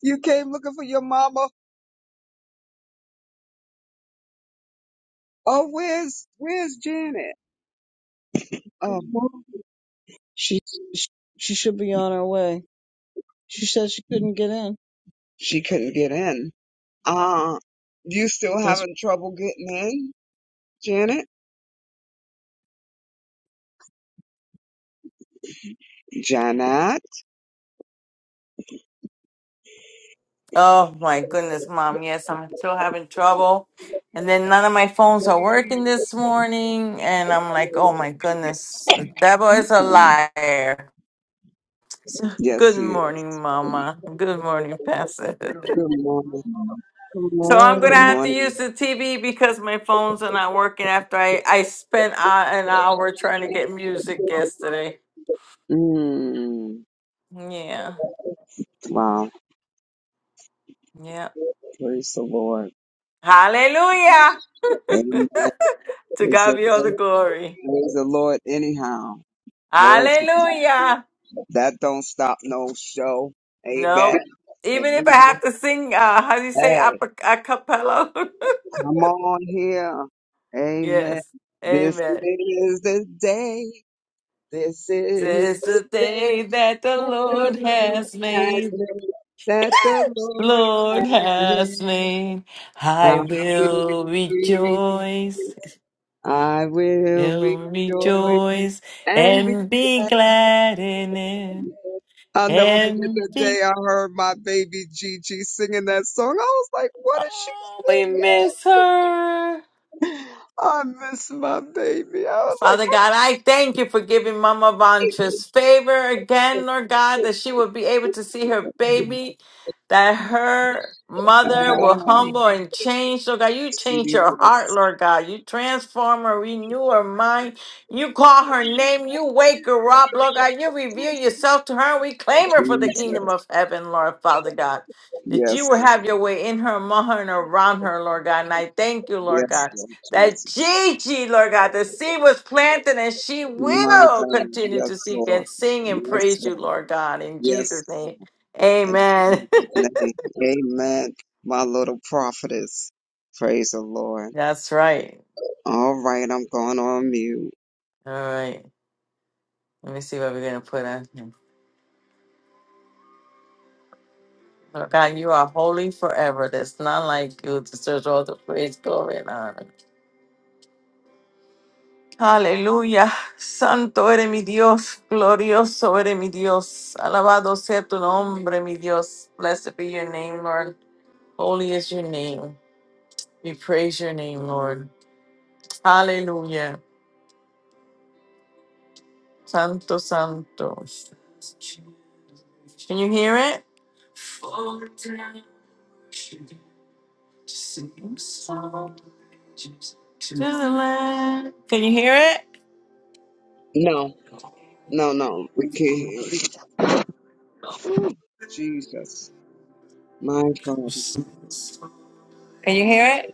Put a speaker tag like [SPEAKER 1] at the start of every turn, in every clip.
[SPEAKER 1] You came looking for your mama. Oh, where's where's Janet? Oh,
[SPEAKER 2] She sh- she should be on her way. She said she couldn't get in.
[SPEAKER 1] she couldn't get in. Uh, you still
[SPEAKER 2] That's
[SPEAKER 1] having trouble getting in, Janet? Janet?
[SPEAKER 3] Oh my goodness, mom. Yes, I'm still having trouble. And then none of my phones are working this morning. And I'm like, oh my goodness, the devil is a
[SPEAKER 2] Mm-mm.
[SPEAKER 3] liar. So,
[SPEAKER 1] Yes,
[SPEAKER 3] good
[SPEAKER 1] he is.
[SPEAKER 3] morning,
[SPEAKER 2] Mm-mm.
[SPEAKER 3] mama. Good morning, Pastor.
[SPEAKER 1] Good morning.
[SPEAKER 2] Good
[SPEAKER 3] so I'm going to
[SPEAKER 1] Good
[SPEAKER 2] morning.
[SPEAKER 3] have to
[SPEAKER 1] morning.
[SPEAKER 3] use the TV because my phones are not working after I, I spent uh, an hour trying to get music yesterday.
[SPEAKER 1] Mm,
[SPEAKER 3] Yeah.
[SPEAKER 1] wow.
[SPEAKER 3] Yeah.
[SPEAKER 1] Praise the Lord.
[SPEAKER 3] Hallelujah.
[SPEAKER 1] Amen.
[SPEAKER 3] To
[SPEAKER 1] Praise
[SPEAKER 3] God
[SPEAKER 1] the
[SPEAKER 3] be all the
[SPEAKER 1] Lord
[SPEAKER 3] glory.
[SPEAKER 1] Praise the Lord anyhow. Lord, to God.
[SPEAKER 3] Hallelujah.
[SPEAKER 1] that don't stop no show. Amen.
[SPEAKER 3] No.
[SPEAKER 1] If
[SPEAKER 3] Even
[SPEAKER 1] we,
[SPEAKER 3] if I have to sing, uh, how do you say,
[SPEAKER 1] hey,
[SPEAKER 3] a, a cappella?
[SPEAKER 1] Come on here. Amen.
[SPEAKER 3] yes.
[SPEAKER 1] This
[SPEAKER 3] Amen.
[SPEAKER 1] is the day. This is
[SPEAKER 3] This is
[SPEAKER 1] the
[SPEAKER 3] the
[SPEAKER 1] day
[SPEAKER 3] day that the
[SPEAKER 1] that
[SPEAKER 3] Lord
[SPEAKER 1] the Lord
[SPEAKER 3] has
[SPEAKER 1] has
[SPEAKER 3] made.
[SPEAKER 1] made. That the Lord
[SPEAKER 3] Lord
[SPEAKER 1] has
[SPEAKER 3] has
[SPEAKER 1] made.
[SPEAKER 3] made.
[SPEAKER 1] I
[SPEAKER 3] I
[SPEAKER 1] will
[SPEAKER 3] will rejoice,
[SPEAKER 1] rejoice. I will
[SPEAKER 3] will
[SPEAKER 1] rejoice
[SPEAKER 3] rejoice,
[SPEAKER 1] and be
[SPEAKER 3] and be
[SPEAKER 1] glad.
[SPEAKER 3] glad
[SPEAKER 1] in
[SPEAKER 3] in it.
[SPEAKER 1] it. I'll never forget
[SPEAKER 3] And
[SPEAKER 1] that day
[SPEAKER 3] be,
[SPEAKER 1] I heard my baby Gigi singing that song. I was like, what is she
[SPEAKER 3] oh, we
[SPEAKER 1] singing?
[SPEAKER 3] miss her.
[SPEAKER 1] I miss my baby. I was like,
[SPEAKER 3] Father
[SPEAKER 1] what
[SPEAKER 3] God, I thank you for giving Mama
[SPEAKER 1] did you
[SPEAKER 3] Vantra's favor again, Lord God, that she will be able to see her
[SPEAKER 1] do?
[SPEAKER 3] baby, that her
[SPEAKER 1] Ah,
[SPEAKER 3] mother will humble and change. Lord God, you change her heart,
[SPEAKER 1] Jesus,
[SPEAKER 3] Lord God. You transform her, renew her mind. You call her name. You wake her up, Lord God. You reveal yourself to her. We claim her for the kingdom
[SPEAKER 1] Jesus.
[SPEAKER 3] of heaven, Lord Father God. That you
[SPEAKER 1] Yes,
[SPEAKER 3] will
[SPEAKER 1] Lord.
[SPEAKER 3] have your way in her, among her, and around her, Lord God. And I thank you, Lord
[SPEAKER 1] Yes,
[SPEAKER 3] God.
[SPEAKER 1] Lord
[SPEAKER 3] That
[SPEAKER 1] Jesus.
[SPEAKER 3] Gigi, Lord God, the seed was planted and she
[SPEAKER 1] My
[SPEAKER 3] will
[SPEAKER 1] God.
[SPEAKER 3] continue
[SPEAKER 1] Yes,
[SPEAKER 3] to seek and
[SPEAKER 1] Lord.
[SPEAKER 3] sing and
[SPEAKER 1] Yes,
[SPEAKER 3] praise you,
[SPEAKER 1] Lord.
[SPEAKER 3] Lord God, in
[SPEAKER 1] Yes,
[SPEAKER 3] Jesus'
[SPEAKER 1] Lord.
[SPEAKER 3] name.
[SPEAKER 1] In
[SPEAKER 3] Amen.
[SPEAKER 1] Jesus' name. Amen. My little prophetess. Praise the Lord.
[SPEAKER 3] That's right.
[SPEAKER 1] All right, I'm going on mute.
[SPEAKER 3] All right. Let me see what we're going to put on here. Lord God, you are holy forever. There's none like you. Deserves all the praise, glory, and honor. Aleluya. Santo eres mi Dios. Glorioso eres mi Dios. Alabado sea tu nombre, mi Dios. Blessed be your name, Lord. Holy is your name. We praise your name, Lord. Hallelujah. Santo, Santo. Can you hear it? the Lamb. Can you hear it?
[SPEAKER 1] No, no, no. We can't hear you. Ooh, Jesus. My Father.
[SPEAKER 3] Can you hear it?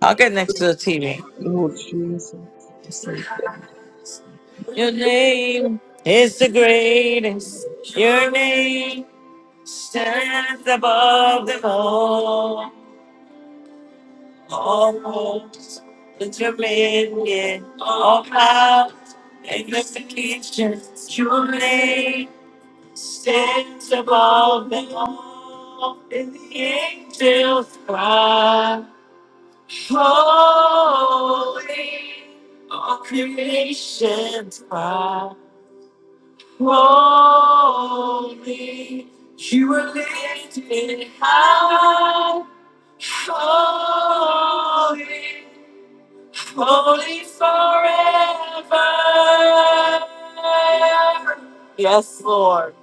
[SPEAKER 3] I'll get next to the TV.
[SPEAKER 1] Lord Jesus.
[SPEAKER 3] Your name is the greatest. Your name stands above them all. All hopes, the dominion, all power, and the Your name stands above them all, and the angels cry, Holy, all creation's cry, Holy, you are lifted high, Holy, holy forever. Yes, Lord.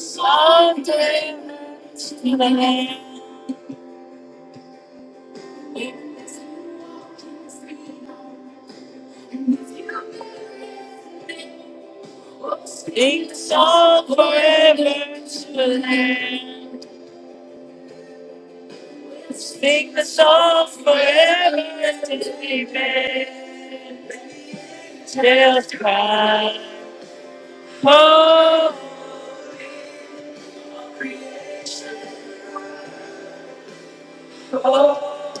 [SPEAKER 3] Son Take us off. Oh, oh,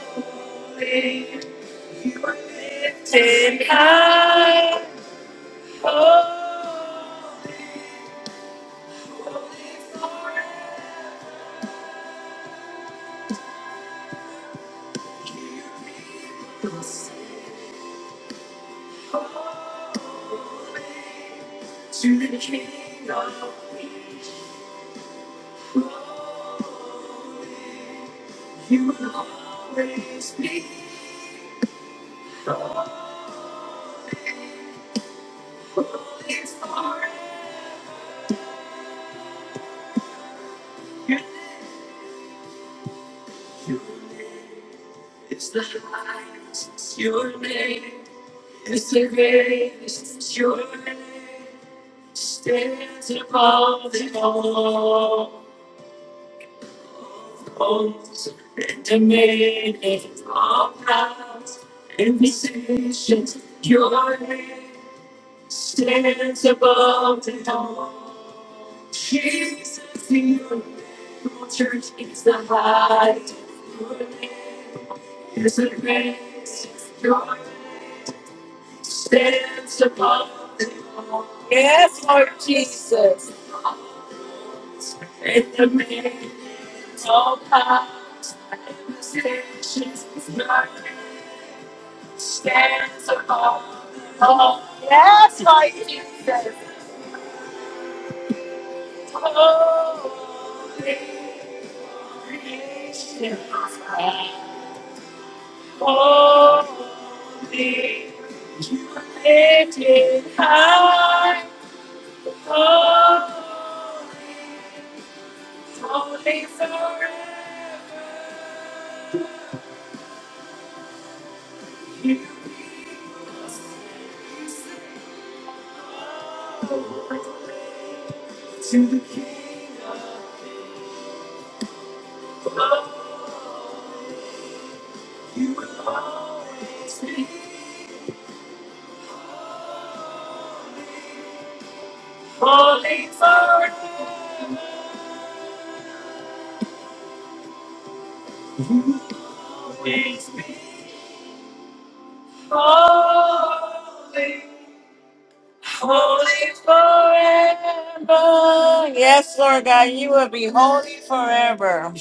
[SPEAKER 3] oh. Yes, Lord God, you will be holy forever.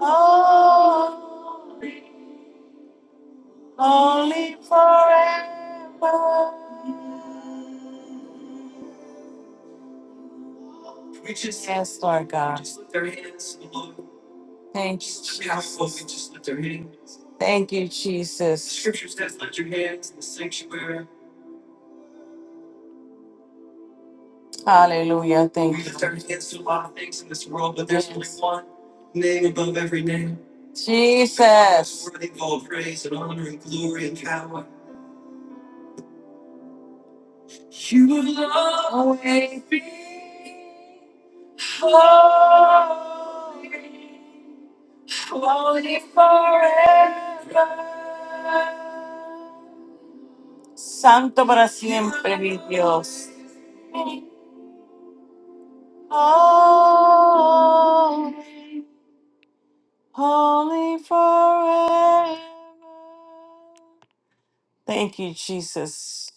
[SPEAKER 3] Oh, holy forever. Yes, Lord God. Thank Thank you, Jesus. Hallelujah. Thank you. Jesus. Santo Gracias. Holy, holy forever. Thank you, Jesus.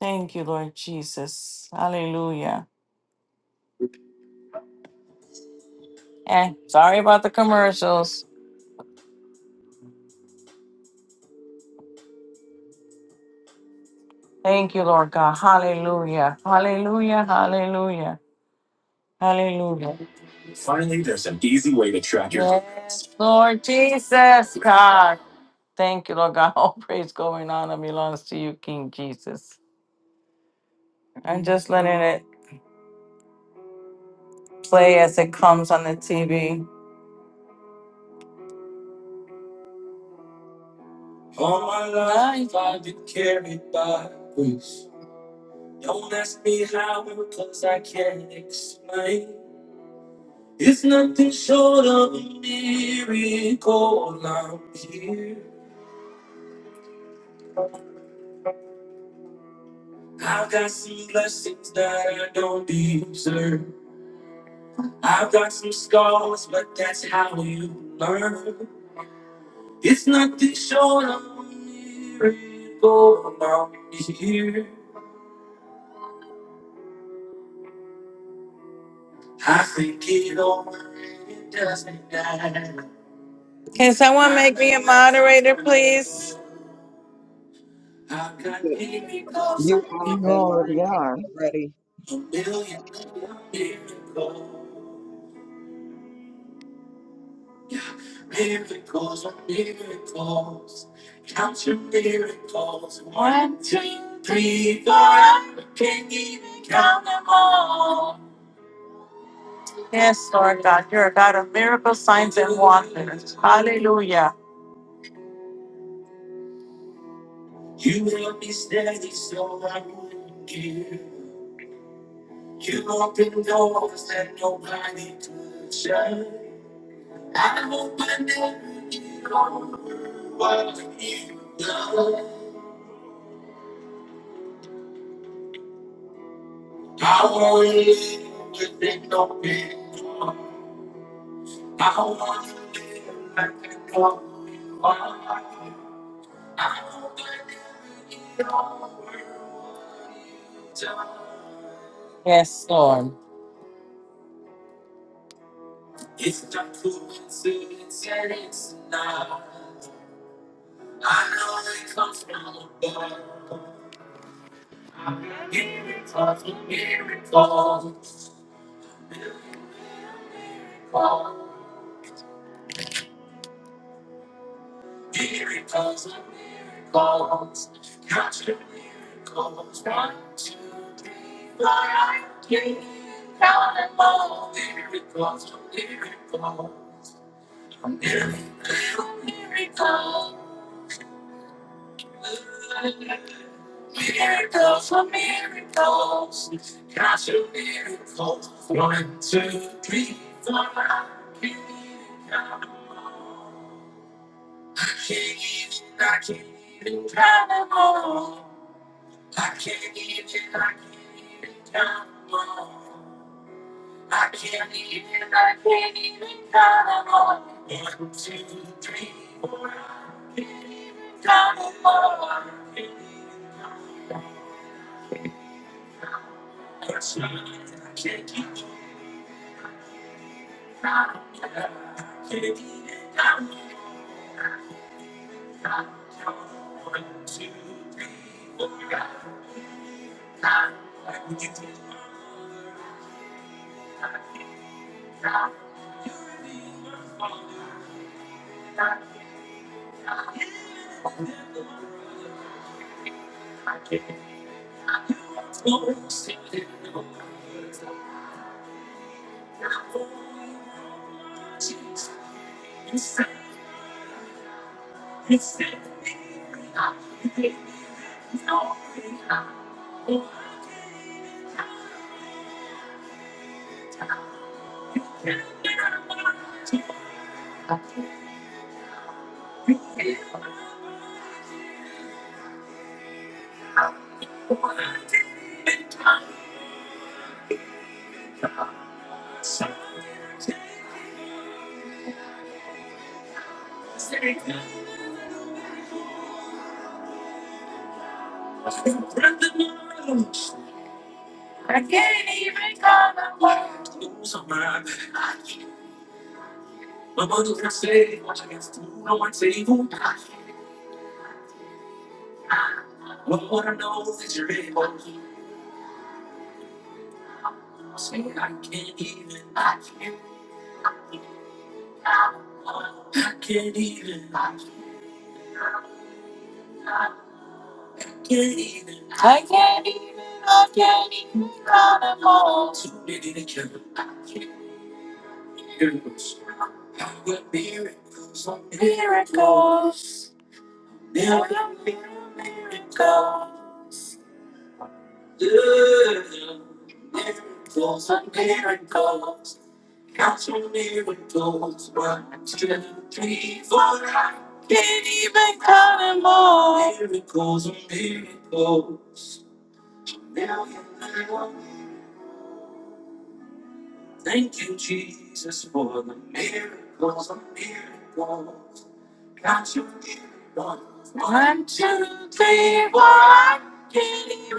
[SPEAKER 3] Thank you, Lord Jesus. Hallelujah. And sorry about the commercials. Thank you, Lord God. Hallelujah. Hallelujah. Hallelujah. Hallelujah. Finally, there's an easy way to track your yes, Lord Jesus, God. Thank you, Lord God. All praise, going on and belongs to you, King Jesus. I'm just letting it play as it comes on the TV. Can someone moderator, please?
[SPEAKER 1] You are
[SPEAKER 2] You
[SPEAKER 1] a
[SPEAKER 2] already
[SPEAKER 1] moderator
[SPEAKER 2] are. Thank
[SPEAKER 1] already.
[SPEAKER 3] Yes, Lord God. You're a God of miracles. Hallelujah. Yes, Lord. I can't even, I can't even count them all. One, two, three, four. I can't even,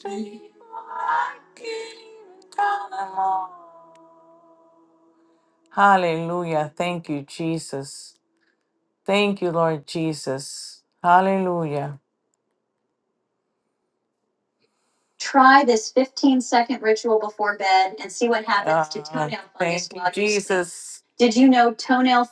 [SPEAKER 3] three, four. I can't even count them all. Hallelujah. Thank you, Jesus. Thank you, Lord Jesus. Hallelujah. Try this 15 second ritual before bed and see what happens to Ah, toenail fungus. Thank you, while you sleep. Jesus. Did you know toenail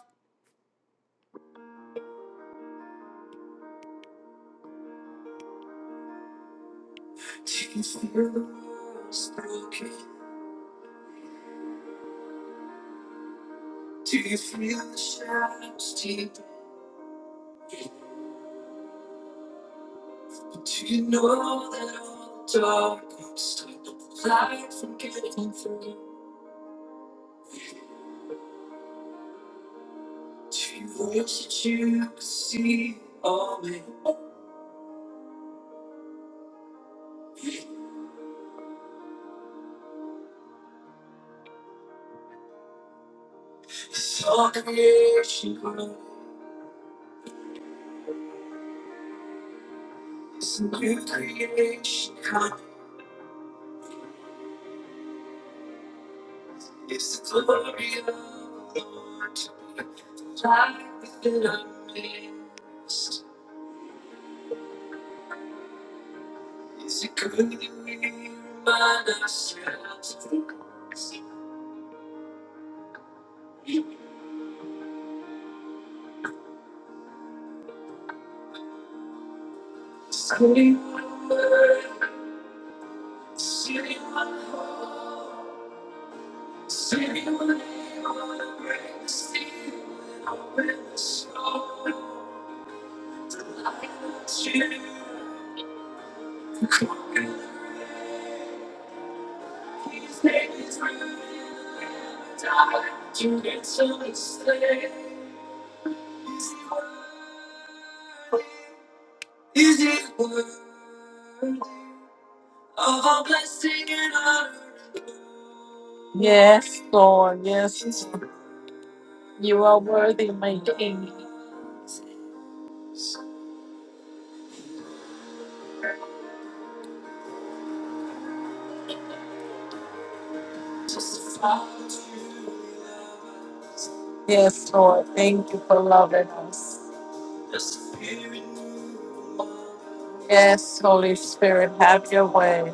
[SPEAKER 3] Yes, Holy Spirit, have your way.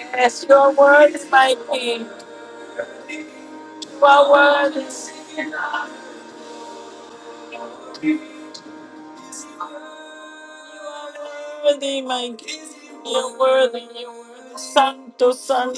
[SPEAKER 3] Yes, your word is my king. Mighty, My Santo Son.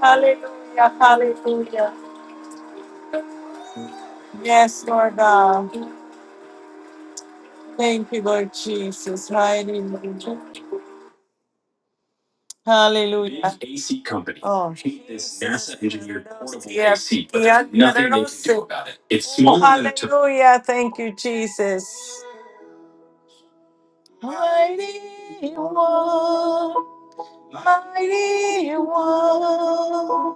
[SPEAKER 3] Hallelujah, hallelujah. Yes, Lord God. Thank you, Lord Jesus. Hallelujah. Hallelujah. AC company. Oh. Create This NASA engineered portable yeah. AC, but yeah. nothing they can do about it. It's small enough to. Hallelujah. Thank you, Jesus. Mighty one, mighty one.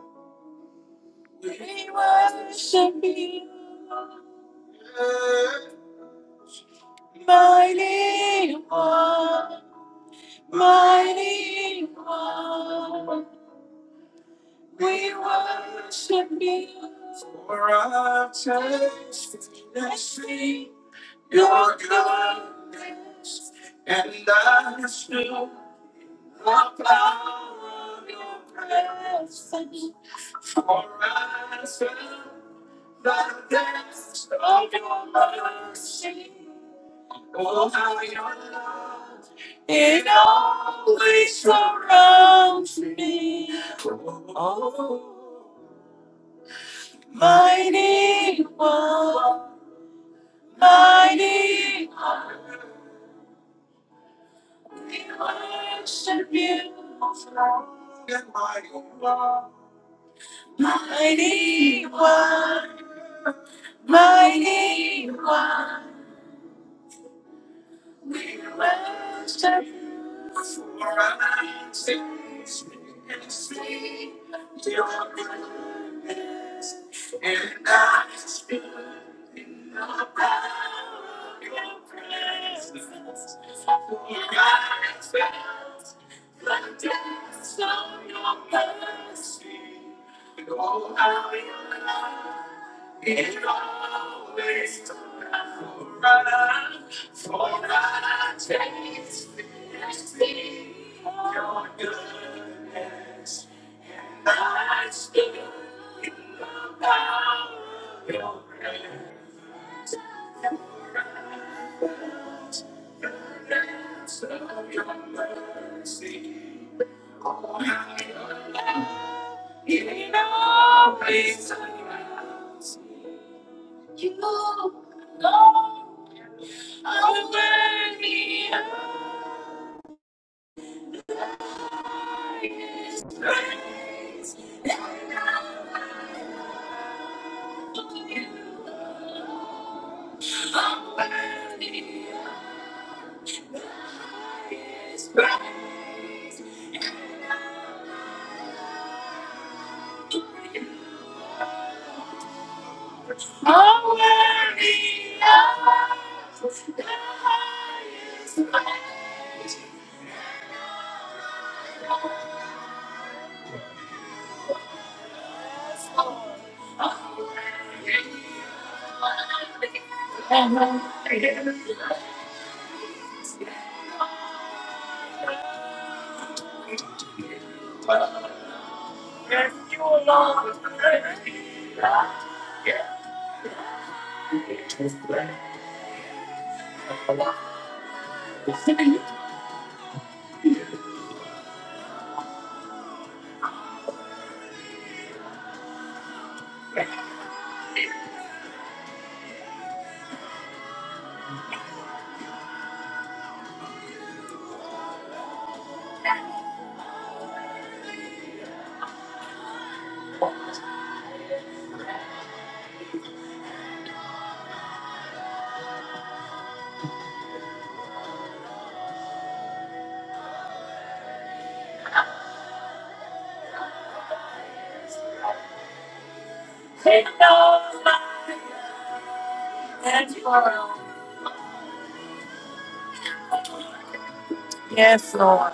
[SPEAKER 3] Yes, Lord.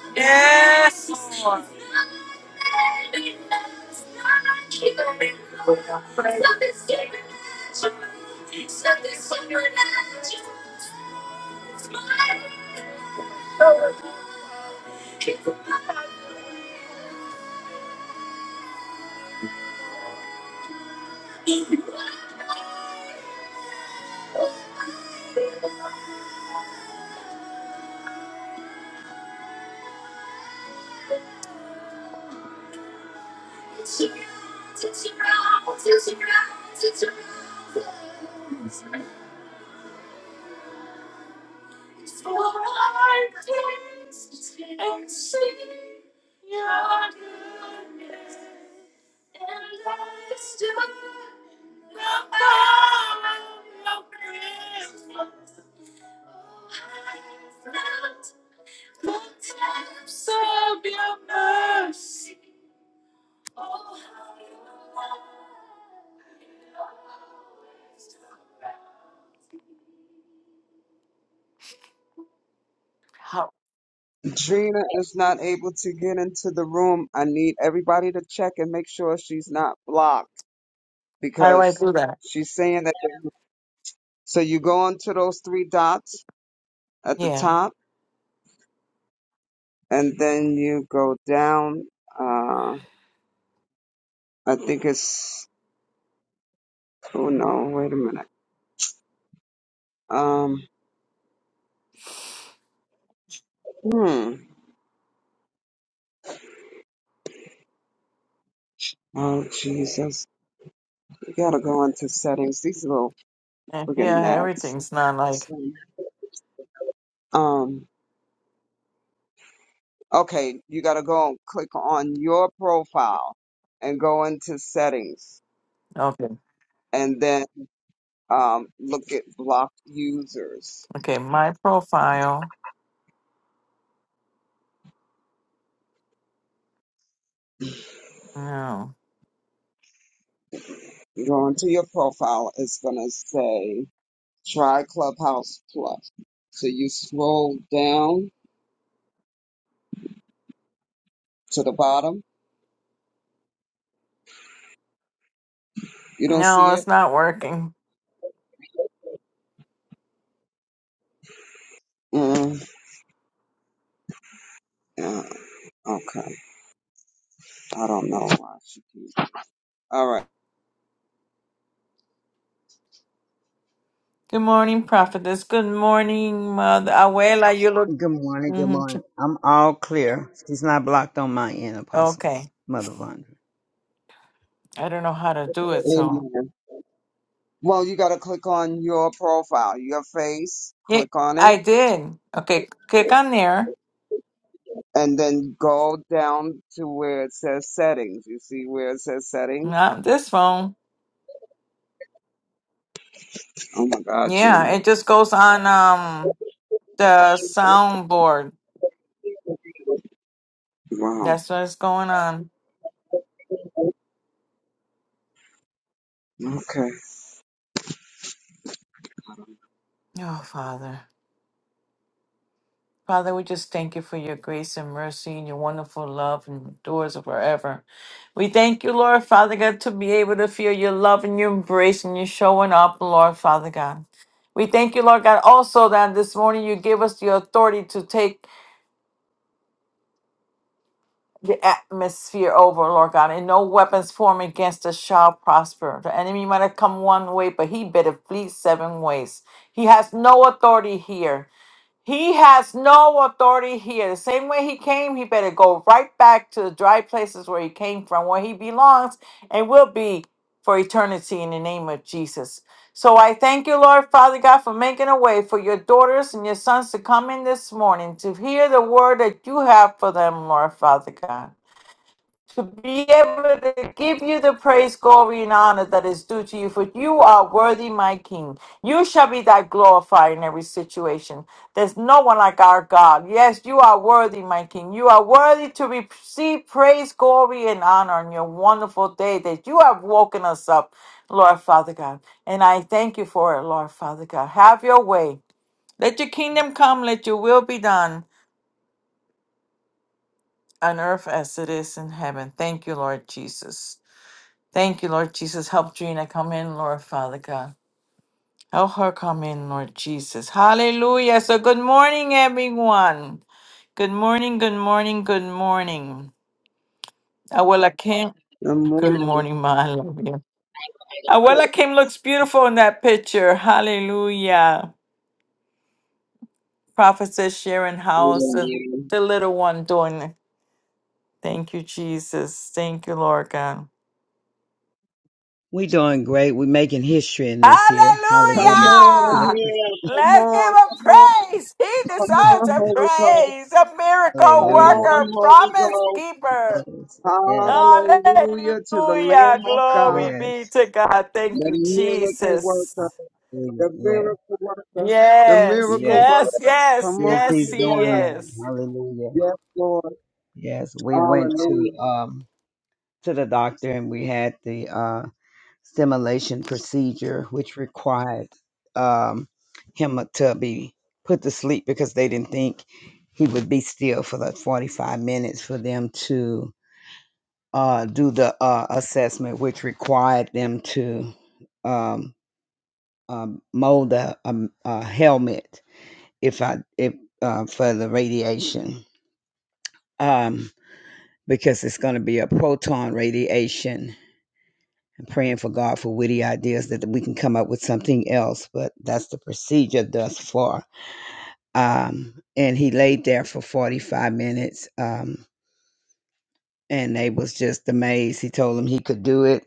[SPEAKER 3] Yes, Lord. How,
[SPEAKER 1] Gina is not able to get into the room. I need everybody to check and make sure she's not blocked
[SPEAKER 3] how do I
[SPEAKER 1] because
[SPEAKER 3] do that?
[SPEAKER 1] she's saying that. So you go onto those three dots at the
[SPEAKER 3] Yeah.
[SPEAKER 1] top and then you go down. Uh, I think it's, oh no, wait a minute. Um, hmm. Oh Jesus. You gotta go into settings. These little
[SPEAKER 3] Yeah,
[SPEAKER 1] friggin'
[SPEAKER 3] yeah,
[SPEAKER 1] gnats.
[SPEAKER 3] everything's not like,
[SPEAKER 1] Um, Okay, you gotta go and click on your profile and go into settings
[SPEAKER 3] okay.
[SPEAKER 1] and then um, look at blocked users.
[SPEAKER 3] Okay, my profile. No.
[SPEAKER 1] You Go into your profile, it's gonna say try Clubhouse Plus. So you scroll down to the bottom. You don't see
[SPEAKER 3] No,
[SPEAKER 1] it?
[SPEAKER 3] it's not working.
[SPEAKER 1] Mm, yeah, okay. I don't know why she keeps. All right.
[SPEAKER 3] Good morning, prophetess. Good morning, mother. Abuela, you look.
[SPEAKER 4] Good morning, good
[SPEAKER 3] hmm
[SPEAKER 4] morning. I'm all clear. She's not blocked on my end, Apostle.
[SPEAKER 3] Okay.
[SPEAKER 4] Mother Vonda.
[SPEAKER 3] I don't know how to do it, so.
[SPEAKER 1] Amen. Well, you gotta click on your profile, your face.
[SPEAKER 3] Yeah,
[SPEAKER 1] Click on it
[SPEAKER 3] I did. Okay, click on there.
[SPEAKER 1] and then go down to where it says settings. You see where it says settings?
[SPEAKER 3] Not this phone.
[SPEAKER 1] Oh my God,
[SPEAKER 3] Yeah,
[SPEAKER 1] Janet.
[SPEAKER 3] it just goes on um the soundboard.
[SPEAKER 1] Wow.
[SPEAKER 3] That's what's going on.
[SPEAKER 1] Okay.
[SPEAKER 3] Oh, Father. Father, we just thank you for your grace and mercy and your wonderful love and endures forever. We thank you, Lord Father God, to be able to feel your love and your embrace and your showing up, Lord Father God. We thank you, Lord God, also that this morning you give us the authority to take the atmosphere over, Lord God, and no weapons formed against us shall prosper. The enemy might have come one way, but he better flee seven ways. He has no authority here. He has no authority here. The same way he came, he better go right back to the dry places where he came from, where he belongs, and will be for eternity in the name of Jesus. So I thank you, Lord Father God, for making a way for your daughters and your sons to come in this morning to hear the word that you have for them, Lord Father God to be able to give you the praise, glory, and honor that is due to you. For you are worthy, my King. You shall be thy glorified in every situation. There's no one like our God. Yes, you are worthy, my King. You are worthy to receive praise, glory, and honor on your wonderful day that you have woken us up, Lord Father God. And I thank you for it, Lord Father God. Have your way. Let your kingdom come, let your will be done on earth as it is in heaven. Thank you, Lord Jesus. Thank you, Lord Jesus. Help Gina come in, Lord Father God. Help her come in, Lord Jesus. Hallelujah. So, good morning, everyone. Good morning, good morning, good morning. Abuela Kim.
[SPEAKER 1] Good
[SPEAKER 3] Good
[SPEAKER 1] morning.
[SPEAKER 3] morning, Ma. I love you.
[SPEAKER 1] Come
[SPEAKER 3] Abuela Kim looks beautiful in that picture. Hallelujah. Prophetess Sharon House, uh, the little one doing it. Thank you, Jesus. Thank you, Lord God.
[SPEAKER 4] We doing great. we making history in this year.
[SPEAKER 1] on
[SPEAKER 4] Hallelujah. It went
[SPEAKER 3] Hallelujah!
[SPEAKER 1] here. Come
[SPEAKER 3] Let's give
[SPEAKER 1] on.
[SPEAKER 3] him
[SPEAKER 1] Come on.
[SPEAKER 3] praise. He
[SPEAKER 1] Come
[SPEAKER 3] deserves
[SPEAKER 1] on,
[SPEAKER 3] a
[SPEAKER 1] Holy Ghost.
[SPEAKER 3] praise. A
[SPEAKER 1] Come
[SPEAKER 3] miracle
[SPEAKER 4] hallelujah.
[SPEAKER 1] on,
[SPEAKER 3] worker,
[SPEAKER 1] Holy
[SPEAKER 3] promise
[SPEAKER 1] Ghost.
[SPEAKER 3] keeper.
[SPEAKER 4] Yes. Yes.
[SPEAKER 1] Hallelujah to the
[SPEAKER 3] Hallelujah.
[SPEAKER 1] Lamb of God,
[SPEAKER 3] Glory
[SPEAKER 4] Yes.
[SPEAKER 3] be to God. Thank
[SPEAKER 1] the
[SPEAKER 3] you,
[SPEAKER 1] miracle
[SPEAKER 3] Jesus.
[SPEAKER 1] worker,
[SPEAKER 4] Hallelujah.
[SPEAKER 1] the
[SPEAKER 4] Yes.
[SPEAKER 1] miracle worker, the
[SPEAKER 3] Yes,
[SPEAKER 4] Yes.
[SPEAKER 1] miracle
[SPEAKER 3] yes,
[SPEAKER 1] worker.
[SPEAKER 3] yes,
[SPEAKER 1] Come on.
[SPEAKER 4] Yes, he's
[SPEAKER 3] yes, he
[SPEAKER 1] here.
[SPEAKER 4] doing that.
[SPEAKER 3] is.
[SPEAKER 4] Hallelujah.
[SPEAKER 1] Yes, Lord.
[SPEAKER 4] Yes, we went to
[SPEAKER 1] Hallelujah.
[SPEAKER 4] um to the doctor and we had the uh stimulation procedure which required um him to be put to sleep because they didn't think he would be still for the 45 minutes for them to uh do the uh assessment which required them to um, um mold a, a, a helmet if I if uh, for the radiation. Um because it's going to be a proton radiation. I'm praying for God for witty ideas that we can come up with something else, but that's the procedure thus far. Um, and he laid there for 45 minutes, um, and they was just amazed. He told them he could do it,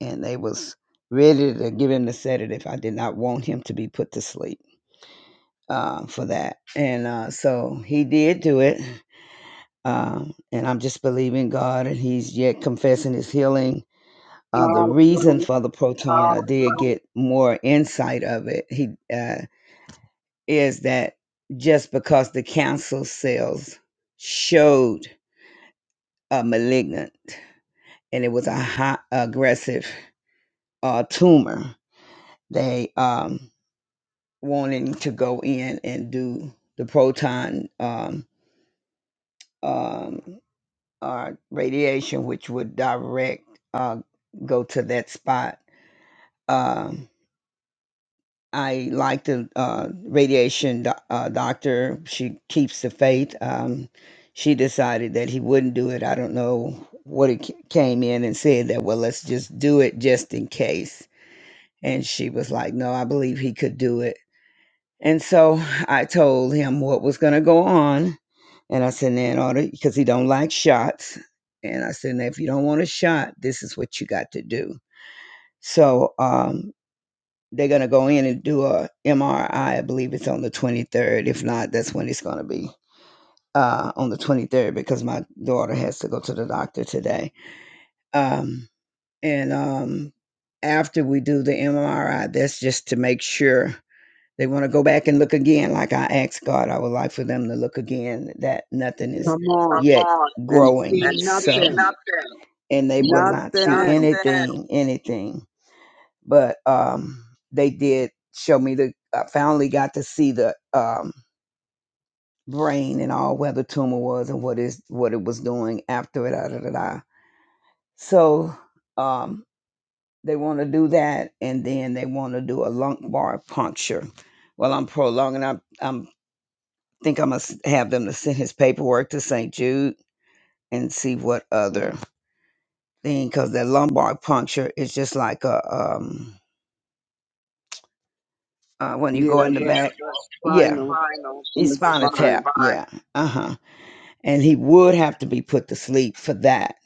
[SPEAKER 4] and they was ready to give him the sedative. I did not want him to be put to sleep uh, for that, and uh, so he did do it. Um, and I'm just believing God, and he's yet confessing his healing uh, the reason
[SPEAKER 1] Hallelujah.
[SPEAKER 4] for the proton, I did get more insight of it. He uh, is that just because the cancer cells showed a malignant and it was a high aggressive uh, tumor, they um, wanting to go in and do the proton um, um, uh, radiation, which would direct uh, go to that spot. Um, I like the uh, radiation do- uh, doctor. She keeps the faith. Um, she decided that he wouldn't do it. I don't know what it ca- came in and said that, well, let's just do it just in case. And she was like, no, I believe he could do it. And so I told him what was going to go on. And I said, "Now, in order, because he don't like shots. And I said, now, if you don't want a shot, this is what you got to do. So, um, they're gonna go in and do a MRI. I I believe it's on the 23rd. If not, that's when it's gonna be uh, on the 23rd because my daughter has to go to the doctor today. Um, and um, after we do the MRI, that's just to make sure they want to go back and look again. Like I asked God, I would like for them to look again that nothing is
[SPEAKER 1] Come on
[SPEAKER 4] yet
[SPEAKER 1] and
[SPEAKER 4] growing.
[SPEAKER 1] see
[SPEAKER 4] So
[SPEAKER 1] nothing.
[SPEAKER 4] and they will not see
[SPEAKER 1] Nothing.
[SPEAKER 4] anything, anything but um, they did show me the. I finally got to see the um, brain and all where the tumor was and what is what it was doing after it. Da, da, da, da. So um, they want to do that, and then they want to do a lumbar puncture. Well, I'm prolonging. I I'm think I must have them to send his paperwork to St. Jude and see what other thing because that lumbar puncture is just like a um uh, when you
[SPEAKER 1] Yeah,
[SPEAKER 4] go in the Yeah,
[SPEAKER 1] the
[SPEAKER 4] back. Yeah,
[SPEAKER 1] spinal
[SPEAKER 4] final.
[SPEAKER 1] in
[SPEAKER 4] he's
[SPEAKER 1] the
[SPEAKER 4] spinal
[SPEAKER 1] spine.
[SPEAKER 4] tap. Yeah, uh huh. And he would have to be put to sleep for that.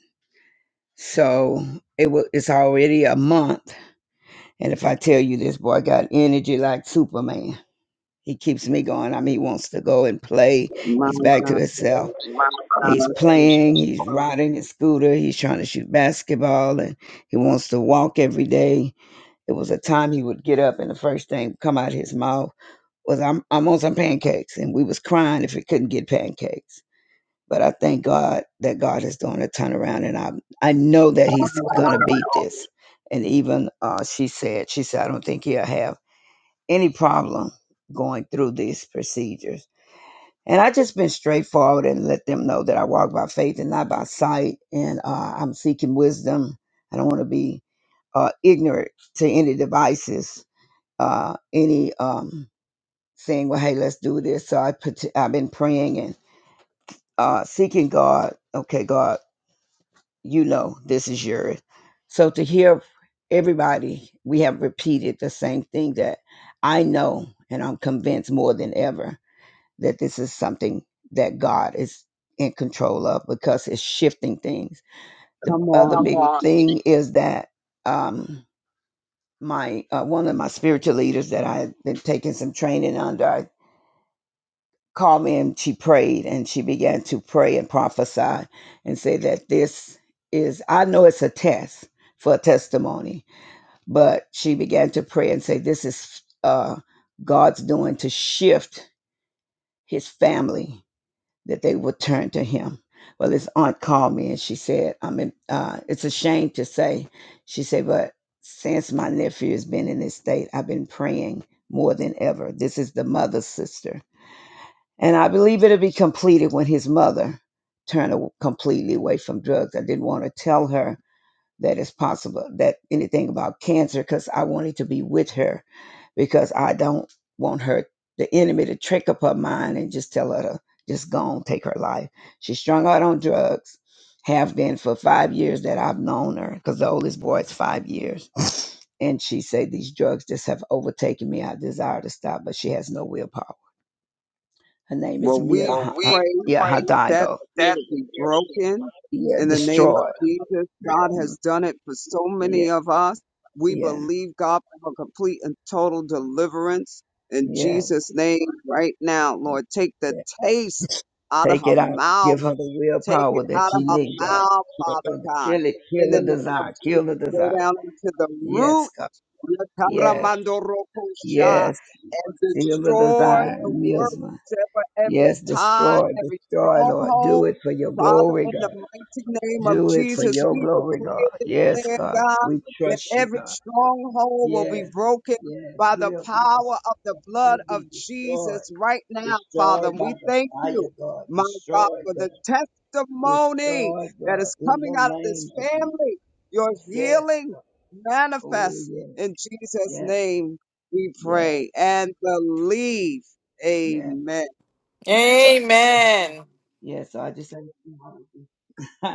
[SPEAKER 4] So it was. It's already a month, and if I tell you this boy got energy like Superman, he keeps me going. I mean, he wants to go and play.
[SPEAKER 1] My
[SPEAKER 4] He's back to
[SPEAKER 1] God.
[SPEAKER 4] himself. He's
[SPEAKER 1] Bless you.
[SPEAKER 4] playing, he's riding his scooter, he's trying to shoot basketball, and he wants to walk every day. It was a time he would get up and the first thing come out his mouth was I'm, I'm on some pancakes and we was crying if we couldn't get pancakes. But I thank God that God is doing a turnaround and I I know that he's gonna beat this. And even uh, she said, she said, I don't think he'll have any problem going through these procedures. And I just been straightforward and let them know that I walk by faith and not by sight. And uh, I'm seeking wisdom. I don't want to be uh, ignorant to any devices, uh, any um, saying, "Well, hey, let's do this." So I put, I've been praying and uh, seeking God. Okay, God, you know this is yours. So to hear everybody, we have repeated the same thing that I know, and I'm convinced more than ever that this is something that God is in control of because it's shifting things. The
[SPEAKER 1] Come
[SPEAKER 4] other
[SPEAKER 1] on
[SPEAKER 4] Come big
[SPEAKER 1] here.
[SPEAKER 4] on. thing is that um, my uh, one of my spiritual leaders that I've been taking some training under. called me and she prayed and she began to pray and prophesy and say that this is I know it's a test for a testimony, but she began to pray and say this is uh God's doing to shift his family that they will turn to him. Well, his aunt called me and she said, I mean, uh, it's a shame to say. She said, but since my nephew has been in this state, I've been praying more than ever. This is the mother's sister and I believe it'll be completed when his mother turned a- completely away from drugs. I didn't want to tell her that it's possible that anything about cancer because I wanted to be with her because I don't want her, the enemy, to trick up her mind and just tell her to just go on, take her life. She's strung out on drugs, have been for five years that I've known her because the oldest boy is five years. And she said, These drugs just have overtaken me. I desire to stop, but she has no willpower her name
[SPEAKER 1] Well,
[SPEAKER 4] is Mia.
[SPEAKER 1] we
[SPEAKER 4] When uh,
[SPEAKER 1] pray
[SPEAKER 4] yeah, pray
[SPEAKER 1] that that
[SPEAKER 4] Hidalgo. that
[SPEAKER 1] spirit be broken
[SPEAKER 4] Yeah,
[SPEAKER 1] in the name of
[SPEAKER 4] destroy.
[SPEAKER 1] Jesus. God
[SPEAKER 4] Mm,
[SPEAKER 1] has done it for so
[SPEAKER 4] Yeah,
[SPEAKER 1] many of us. We
[SPEAKER 4] yeah,
[SPEAKER 1] believe God for complete and total deliverance in
[SPEAKER 4] yeah,
[SPEAKER 1] Jesus' name right now. Lord, take the
[SPEAKER 4] yeah.
[SPEAKER 1] taste out of
[SPEAKER 4] Take
[SPEAKER 1] her
[SPEAKER 4] it out.
[SPEAKER 1] mouth.
[SPEAKER 4] Give her the
[SPEAKER 1] Take
[SPEAKER 4] willpower
[SPEAKER 1] it
[SPEAKER 4] that
[SPEAKER 1] out of
[SPEAKER 4] she
[SPEAKER 1] her
[SPEAKER 4] needs, God.
[SPEAKER 1] mouth, Father
[SPEAKER 4] Kill,
[SPEAKER 1] God.
[SPEAKER 4] kill it. Kill
[SPEAKER 1] In the
[SPEAKER 4] the
[SPEAKER 1] name of
[SPEAKER 4] desire.
[SPEAKER 1] Jesus,
[SPEAKER 4] Kill the
[SPEAKER 1] go
[SPEAKER 4] desire.
[SPEAKER 1] down into the root
[SPEAKER 4] Yes, God. Yes,
[SPEAKER 1] Yakaramandorokosha,
[SPEAKER 4] yes.
[SPEAKER 1] and
[SPEAKER 4] Seal the
[SPEAKER 1] destroy
[SPEAKER 4] desire
[SPEAKER 1] the
[SPEAKER 4] and
[SPEAKER 1] works
[SPEAKER 4] Milsma.
[SPEAKER 1] ever every
[SPEAKER 4] Yes,
[SPEAKER 1] tie,
[SPEAKER 4] destroy,
[SPEAKER 1] every
[SPEAKER 4] destroy, Lord. Do
[SPEAKER 1] stronghold.
[SPEAKER 4] it for your
[SPEAKER 1] Father,
[SPEAKER 4] glory,
[SPEAKER 1] in the
[SPEAKER 4] God.
[SPEAKER 1] mighty name of
[SPEAKER 4] Do it for
[SPEAKER 1] Jesus,
[SPEAKER 4] your
[SPEAKER 1] we
[SPEAKER 4] glory,
[SPEAKER 1] declare,
[SPEAKER 4] God. Yes,
[SPEAKER 1] declare,
[SPEAKER 4] God.
[SPEAKER 1] God,
[SPEAKER 4] We
[SPEAKER 1] that
[SPEAKER 4] trust you,
[SPEAKER 1] every
[SPEAKER 4] God.
[SPEAKER 1] stronghold will be
[SPEAKER 4] Yes,
[SPEAKER 1] broken
[SPEAKER 4] yes,
[SPEAKER 1] by the
[SPEAKER 4] will be
[SPEAKER 1] power of the
[SPEAKER 4] destroyed, will
[SPEAKER 1] blood of
[SPEAKER 4] be destroyed,
[SPEAKER 1] Jesus right now, Father.
[SPEAKER 4] destroyed by
[SPEAKER 1] We
[SPEAKER 4] the
[SPEAKER 1] thank you,
[SPEAKER 4] fire, God,
[SPEAKER 1] my God,
[SPEAKER 4] destroyed,
[SPEAKER 1] for
[SPEAKER 4] God,
[SPEAKER 1] the testimony
[SPEAKER 4] destroyed,
[SPEAKER 1] that
[SPEAKER 4] God,
[SPEAKER 1] is
[SPEAKER 4] in
[SPEAKER 1] coming
[SPEAKER 4] the
[SPEAKER 1] out of this
[SPEAKER 4] name of Jesus.
[SPEAKER 1] family, your
[SPEAKER 4] Yes,
[SPEAKER 1] healing
[SPEAKER 4] oh
[SPEAKER 1] manifest
[SPEAKER 4] yes,
[SPEAKER 1] in Jesus'
[SPEAKER 4] yes,
[SPEAKER 1] name we
[SPEAKER 4] yes,
[SPEAKER 1] pray and believe.
[SPEAKER 4] yes,
[SPEAKER 1] Amen.
[SPEAKER 4] yes,
[SPEAKER 3] Amen.
[SPEAKER 4] yes. So I just say,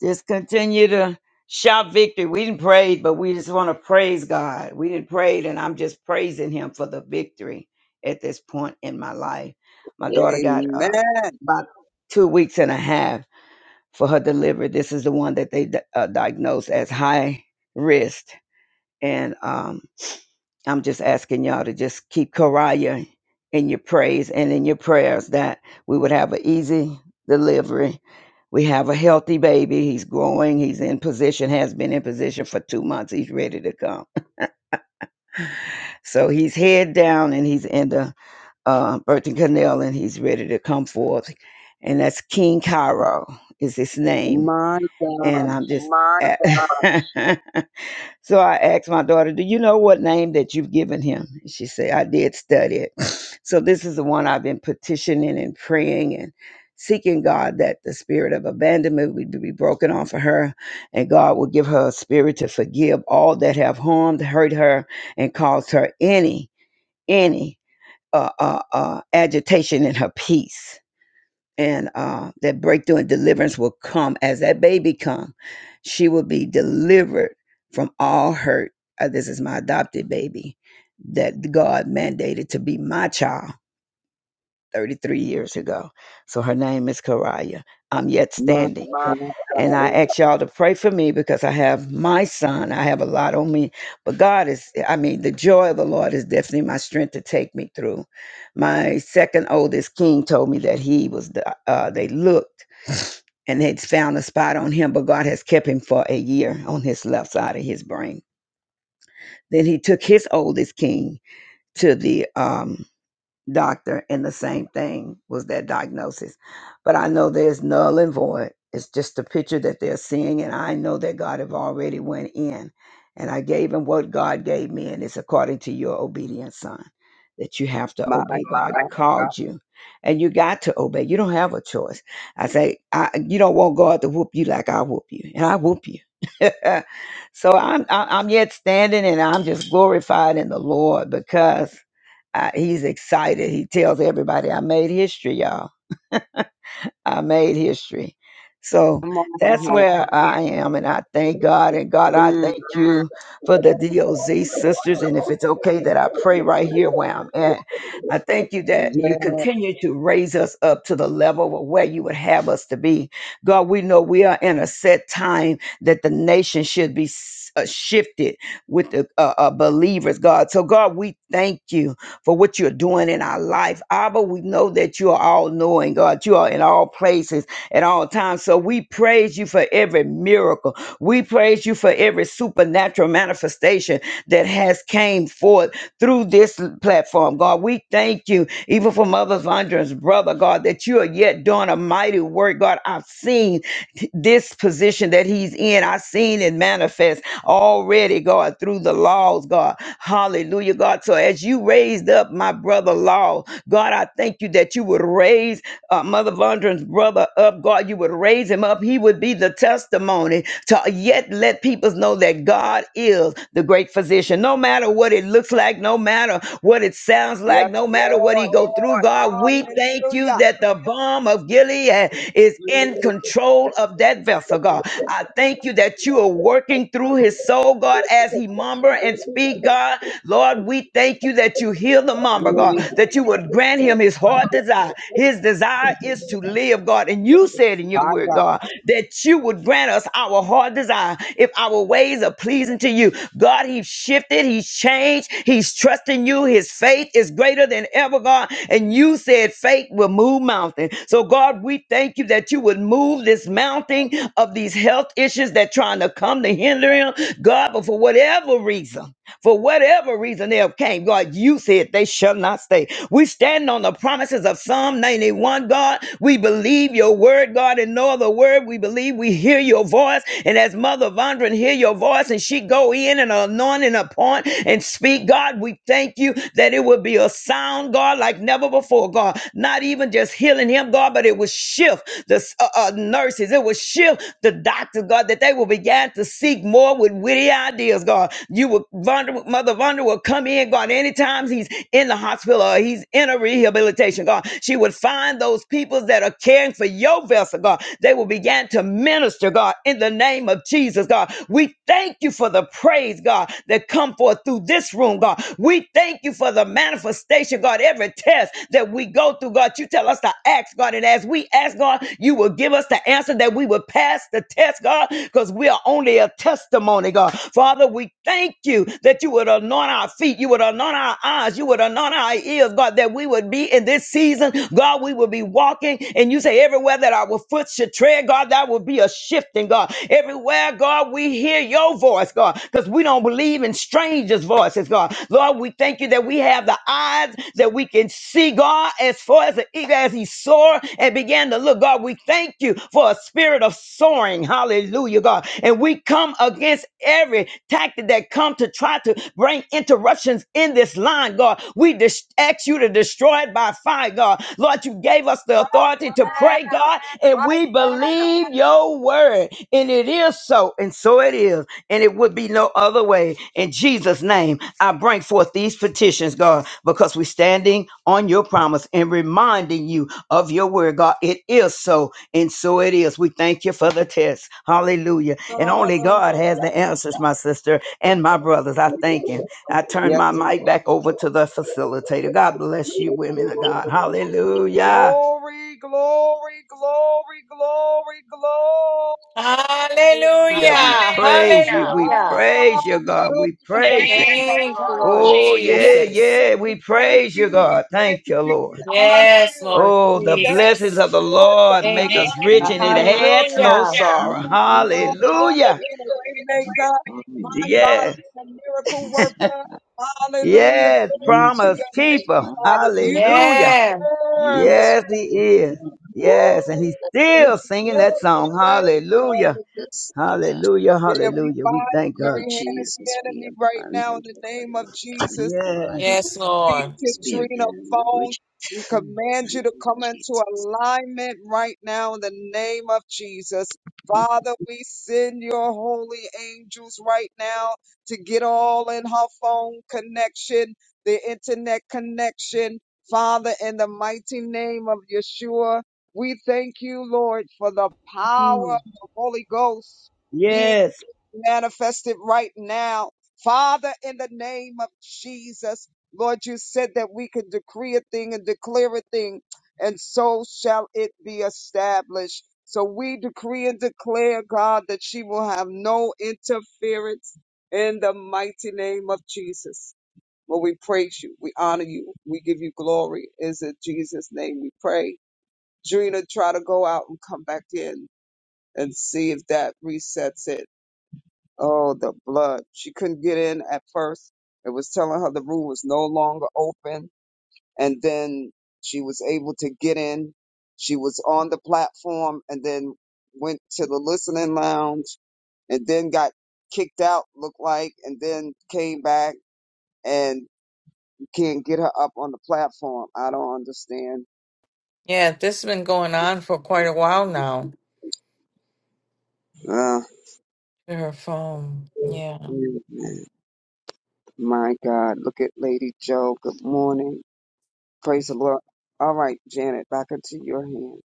[SPEAKER 4] Just continue to shout victory. We didn't pray, but we just want to praise God. We didn't pray, and I'm just praising Him for the victory at this point in my life. My daughter got uh,
[SPEAKER 1] Amen.
[SPEAKER 4] about two weeks and a half for her delivery. This is the one that they di- uh, diagnosed as high risk, and um, I'm just asking y'all to just keep Karaya in your praise and in your prayers that we would have an easy delivery. We have a healthy baby. He's growing. He's in position, has been in position for two months. He's ready to come. So he's head down and he's in the uh, birthing canal and he's ready to come forth. And that's King Cairo is his name.
[SPEAKER 1] My God.
[SPEAKER 4] And I'm just, My God. So I asked my daughter, Do you know what name that you've given him? And She said, I did study it. So this is the one I've been petitioning and praying and seeking God that the spirit of abandonment would be broken off of her and God will give her a spirit to forgive all that have harmed, hurt her, and caused her any, any uh, uh, uh, agitation in her peace and uh, that breakthrough and deliverance will come as that baby come she will be delivered from all hurt Uh, this is my adopted baby that god mandated to be my child 33 years ago. So her name is Karaya. I'm yet
[SPEAKER 1] My
[SPEAKER 4] standing.
[SPEAKER 1] God.
[SPEAKER 4] And I ask y'all to pray for me because I have my son. I have a lot on me. But God is, I mean, the joy of the Lord is definitely my strength to take me through. My second oldest king told me that he was, the, uh, they looked and they'd found a spot on him, but God has kept him for a year on his left side of his brain. Then he took his oldest king to the, um, doctor and the same thing was that diagnosis. But I know there's null and void. It's just the picture that they're seeing, and I know that God have already went in. And I gave him what God gave me, and it's according to your obedience, son, that you have to
[SPEAKER 1] My
[SPEAKER 4] obey. God
[SPEAKER 1] God.
[SPEAKER 4] called you, and you got to obey. You don't have a choice. I say, I, you don't want God to whoop you like I whoop you, and I whoop you. so I'm I- I'm yet standing, and I'm just glorified in the Lord because I, he's excited. He tells everybody, I made history, y'all. I made history. So
[SPEAKER 1] Come on
[SPEAKER 4] that's
[SPEAKER 1] here.
[SPEAKER 4] where I am. And I thank God. And God, I
[SPEAKER 1] Mm.
[SPEAKER 4] thank you for the DOZ sisters. And if it's okay that I pray right here where I'm at, I thank you that
[SPEAKER 1] Yeah.
[SPEAKER 4] you continue to raise us up to the level of where you would have us to be. God, we know we are in a set time that the nation should be s- uh, shifted with the uh, uh, believers, God. So, God, we thank you for what you're doing in our life. Abba, we know that you are all knowing, God. You are in all places at all times. So we praise you for every miracle. We praise you for every supernatural manifestation that has came forth through this platform, God. We thank you, even for Mother Vondra's brother, God, that you are yet doing a mighty work, God. I've seen this position that he's in. I've seen it manifest already, God, through the laws, God. Hallelujah, God. So as you raised up my brother Law, God, I thank you that you would raise uh, Mother Vondra's brother up, God. You would raise him up. He would be the testimony to yet let people know that God is the great physician. No matter what it looks like, no matter what it sounds
[SPEAKER 1] Yes,
[SPEAKER 4] like, no matter what he
[SPEAKER 1] Lord.
[SPEAKER 4] go through, Lord. God, we thank you
[SPEAKER 1] Hallelujah.
[SPEAKER 4] that the bomb of Gilead is in
[SPEAKER 1] Mm.
[SPEAKER 4] control of that vessel, God. I thank you that you are working through his soul, God, as he mumble and speak, God. Lord, we thank you that you heal the mumble, God, that you would grant him his heart desire. His desire is to live, God. And you said in your
[SPEAKER 1] My
[SPEAKER 4] word,
[SPEAKER 1] God.
[SPEAKER 4] God, that you would grant us our heart desire if our ways ways are pleasing to you. God, He's shifted, He's changed, He's trusting you. His faith is greater than ever, God. And you said faith will move mountain. So, God, we thank you that you would move this mountain of these health issues that trying to come to hinder him, God, but for whatever reason. For whatever reason they have came, God, you said they shall not stay. We stand on the promises of Psalm 91, God. We believe your word, God, and no other word. We believe we hear your voice. And as Mother Vondran hear your voice and she go in and anoint and appoint and speak, God, we thank you that it will be a sound, God, like never before, God. Not even just healing him, God, but it will shift the uh, uh, nurses. It will shift the doctors doctors, God, that they will begin to seek more with witty ideas, God. You will, Vonda, Mother Vonda will come in, God, anytime he's in the hospital or he's in a rehabilitation, God. She would find those people that are caring for your vessel, God. They will begin to minister, God, in the name of Jesus, God. We thank you for the praise, God, that come forth through this room, God. We thank you for the manifestation, God. Every test that we go through, God, you tell us to ask ask, God. And as we ask, God, you will give us the answer that we will pass the test, God, because we are only a testimony, God. Father, we thank you that you would anoint our feet, you would anoint our eyes, you would anoint our ears, God, that we would be in this season, God, we will be walking. And you say, everywhere that our foot should tread, God, that will be a shifting, God. Everywhere, God, we hear your voice, God, because we don't believe in strangers' voices, God. Lord, we thank you you that we have the eyes that we can see God as far as the eagle as he soared and began to look. God, we thank you for a spirit of soaring. Hallelujah, God. And we come against every tactic that come to try to bring interruptions in this line, God. We dis- ask you to destroy it by fire, God. Lord, you gave us the authority to
[SPEAKER 1] Now.
[SPEAKER 4] pray, God, and
[SPEAKER 1] Right
[SPEAKER 4] we believe your word. And it is so, and so it is and it would be no other way. In Jesus' name, I bring forth these petitions, God, because we're standing on your promise and reminding you of your word, God. It is so, and so it is. We thank you for the test. Hallelujah. And
[SPEAKER 1] now.
[SPEAKER 4] only God has
[SPEAKER 1] Hallelujah.
[SPEAKER 4] the answers, my sister and my brothers. I thank him. I turn
[SPEAKER 1] Yes,
[SPEAKER 4] my
[SPEAKER 1] Lord.
[SPEAKER 4] mic back over to the facilitator. God bless you, women of God. Hallelujah.
[SPEAKER 1] Glory, glory, glory, glory, glory to
[SPEAKER 3] Hallelujah.
[SPEAKER 4] Hallelujah. We
[SPEAKER 1] God.
[SPEAKER 4] praise you. We
[SPEAKER 3] Hallelujah.
[SPEAKER 4] praise you, God.
[SPEAKER 1] Hallelujah
[SPEAKER 4] We
[SPEAKER 1] to the
[SPEAKER 4] praise you. Thank
[SPEAKER 1] Lamb of
[SPEAKER 4] you,
[SPEAKER 3] Thank you,
[SPEAKER 4] Lord
[SPEAKER 3] Lord
[SPEAKER 1] God.
[SPEAKER 4] Oh,
[SPEAKER 1] Yes,
[SPEAKER 4] yeah, Jesus.
[SPEAKER 3] Jesus.
[SPEAKER 1] Lord,
[SPEAKER 4] yeah.
[SPEAKER 1] we
[SPEAKER 4] We
[SPEAKER 1] thank
[SPEAKER 4] praise you,
[SPEAKER 1] you. We
[SPEAKER 4] God. Thank
[SPEAKER 1] praise
[SPEAKER 4] you,
[SPEAKER 1] you. We
[SPEAKER 4] Lord.
[SPEAKER 1] honor
[SPEAKER 4] Yes,
[SPEAKER 3] Yes,
[SPEAKER 1] you.
[SPEAKER 3] Lord
[SPEAKER 4] Lord Oh,
[SPEAKER 1] We
[SPEAKER 4] the Jesus.
[SPEAKER 1] thank you,
[SPEAKER 3] Jesus.
[SPEAKER 4] blessings of the
[SPEAKER 1] Lord
[SPEAKER 4] Lord
[SPEAKER 3] Thank
[SPEAKER 1] God
[SPEAKER 4] make
[SPEAKER 3] you.
[SPEAKER 4] us Thank you,
[SPEAKER 2] you,
[SPEAKER 4] rich and it
[SPEAKER 1] Almighty,
[SPEAKER 4] Lord.
[SPEAKER 1] for
[SPEAKER 2] Lord.
[SPEAKER 4] adds no
[SPEAKER 1] being a
[SPEAKER 4] Hallelujah.
[SPEAKER 3] Hallelujah.
[SPEAKER 1] healer.
[SPEAKER 4] sorrow.
[SPEAKER 2] Hallelujah.
[SPEAKER 1] Hallelujah,
[SPEAKER 4] Hallelujah.
[SPEAKER 1] being a way maker. My
[SPEAKER 2] Hallelujah.
[SPEAKER 1] God,
[SPEAKER 4] Yes,
[SPEAKER 1] being a miracle
[SPEAKER 2] Yes,
[SPEAKER 1] worker.
[SPEAKER 2] I
[SPEAKER 1] Hallelujah,
[SPEAKER 4] yes,
[SPEAKER 1] glory
[SPEAKER 2] praise
[SPEAKER 1] to
[SPEAKER 2] you.
[SPEAKER 4] promise
[SPEAKER 1] your name,
[SPEAKER 4] keeper.
[SPEAKER 2] Hallelujah.
[SPEAKER 1] Father. You
[SPEAKER 4] Hallelujah.
[SPEAKER 3] Yeah.
[SPEAKER 1] deserve the
[SPEAKER 2] Yes,
[SPEAKER 4] Yes, he
[SPEAKER 1] praise.
[SPEAKER 4] is.
[SPEAKER 2] yes,
[SPEAKER 1] Woo!
[SPEAKER 2] Lord,
[SPEAKER 4] Yes, and he's
[SPEAKER 1] You
[SPEAKER 2] Lord,
[SPEAKER 4] still singing
[SPEAKER 2] Lord,
[SPEAKER 4] that
[SPEAKER 1] deserve the
[SPEAKER 4] song.
[SPEAKER 2] God.
[SPEAKER 1] praise.
[SPEAKER 4] Hallelujah.
[SPEAKER 1] Hallelujah.
[SPEAKER 2] Yes, Lord God.
[SPEAKER 4] Hallelujah.
[SPEAKER 1] Yeah, we
[SPEAKER 4] Hallelujah.
[SPEAKER 1] bind
[SPEAKER 4] We
[SPEAKER 1] the
[SPEAKER 4] thank
[SPEAKER 2] Lord
[SPEAKER 4] God.
[SPEAKER 1] very
[SPEAKER 2] of
[SPEAKER 1] hand of the
[SPEAKER 2] Jesus, be
[SPEAKER 1] enemy right
[SPEAKER 2] upon his
[SPEAKER 1] now in the
[SPEAKER 2] body,
[SPEAKER 1] name of
[SPEAKER 2] Lord God,
[SPEAKER 1] Jesus.
[SPEAKER 2] Be blind in
[SPEAKER 4] Yes.
[SPEAKER 2] mind
[SPEAKER 1] We
[SPEAKER 2] and
[SPEAKER 3] Yes,
[SPEAKER 1] speak
[SPEAKER 3] Lord.
[SPEAKER 1] to
[SPEAKER 2] spirit
[SPEAKER 1] Drina
[SPEAKER 2] and in the
[SPEAKER 1] Phone.
[SPEAKER 2] language,
[SPEAKER 1] We
[SPEAKER 2] in
[SPEAKER 1] command
[SPEAKER 2] the
[SPEAKER 1] you to
[SPEAKER 2] name of
[SPEAKER 1] come into
[SPEAKER 2] Jesus.
[SPEAKER 1] alignment right now in the name of Jesus. Father, we send your holy angels right now to get all in her phone connection, the internet connection. Father, in the mighty name of Yeshua, we thank you, Lord, for the power
[SPEAKER 4] Mm.
[SPEAKER 1] of the Holy Ghost being.
[SPEAKER 4] Yes.
[SPEAKER 1] Manifest it right now. Father, in the name of Jesus, Lord, you said that we can decree a thing and declare a thing, and so shall it be established. So we decree and declare, God, that she will have no interference in the mighty name of Jesus. Lord, we praise you. We honor you. We give you glory. Is in Jesus' name we pray. Drina, try to go out and come back in and see if that resets it. Oh, the blood. She couldn't get in at first. It was telling her the room was no longer open. And then she was able to get in. She was on the platform and then went to the listening lounge and then got kicked out, looked like, and then came back and you can't get her up on the platform. I don't understand.
[SPEAKER 3] Yeah, this has been going on for quite a while now.
[SPEAKER 1] Uh,
[SPEAKER 3] Her phone. Yeah.
[SPEAKER 1] my God. Look at Lady Joe. Good morning. Praise the Lord. All right, Janet, back into your hands.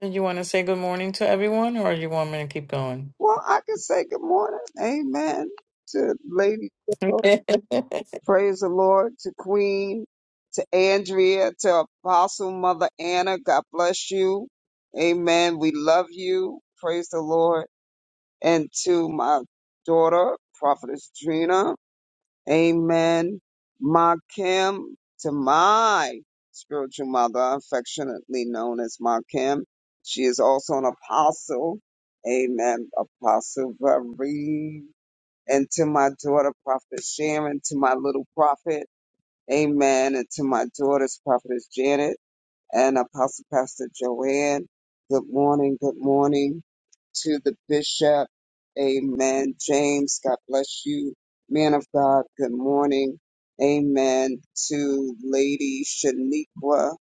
[SPEAKER 3] Did you want to say good morning to everyone or you want me to keep going?
[SPEAKER 1] Well, I can say good morning. Amen. To Lady Carol. Praise the Lord. To Queen. To Andrea. To Apostle Mother Anna. God bless you. Amen. We love you. Praise the Lord. And to my daughter, Prophetess Drina. Amen. Ma Kim to my spiritual mother, affectionately known as Ma Kim. She is also an apostle. Amen. Apostle Marie. And to my daughter, Prophet Sharon, to my little prophet. Amen. And to my daughters, Prophetess Janet and Apostle Pastor Joanne, good morning, good morning. To the Bishop, Amen. James, God bless you. Man of God, good morning. Amen. To Lady Shaniqua,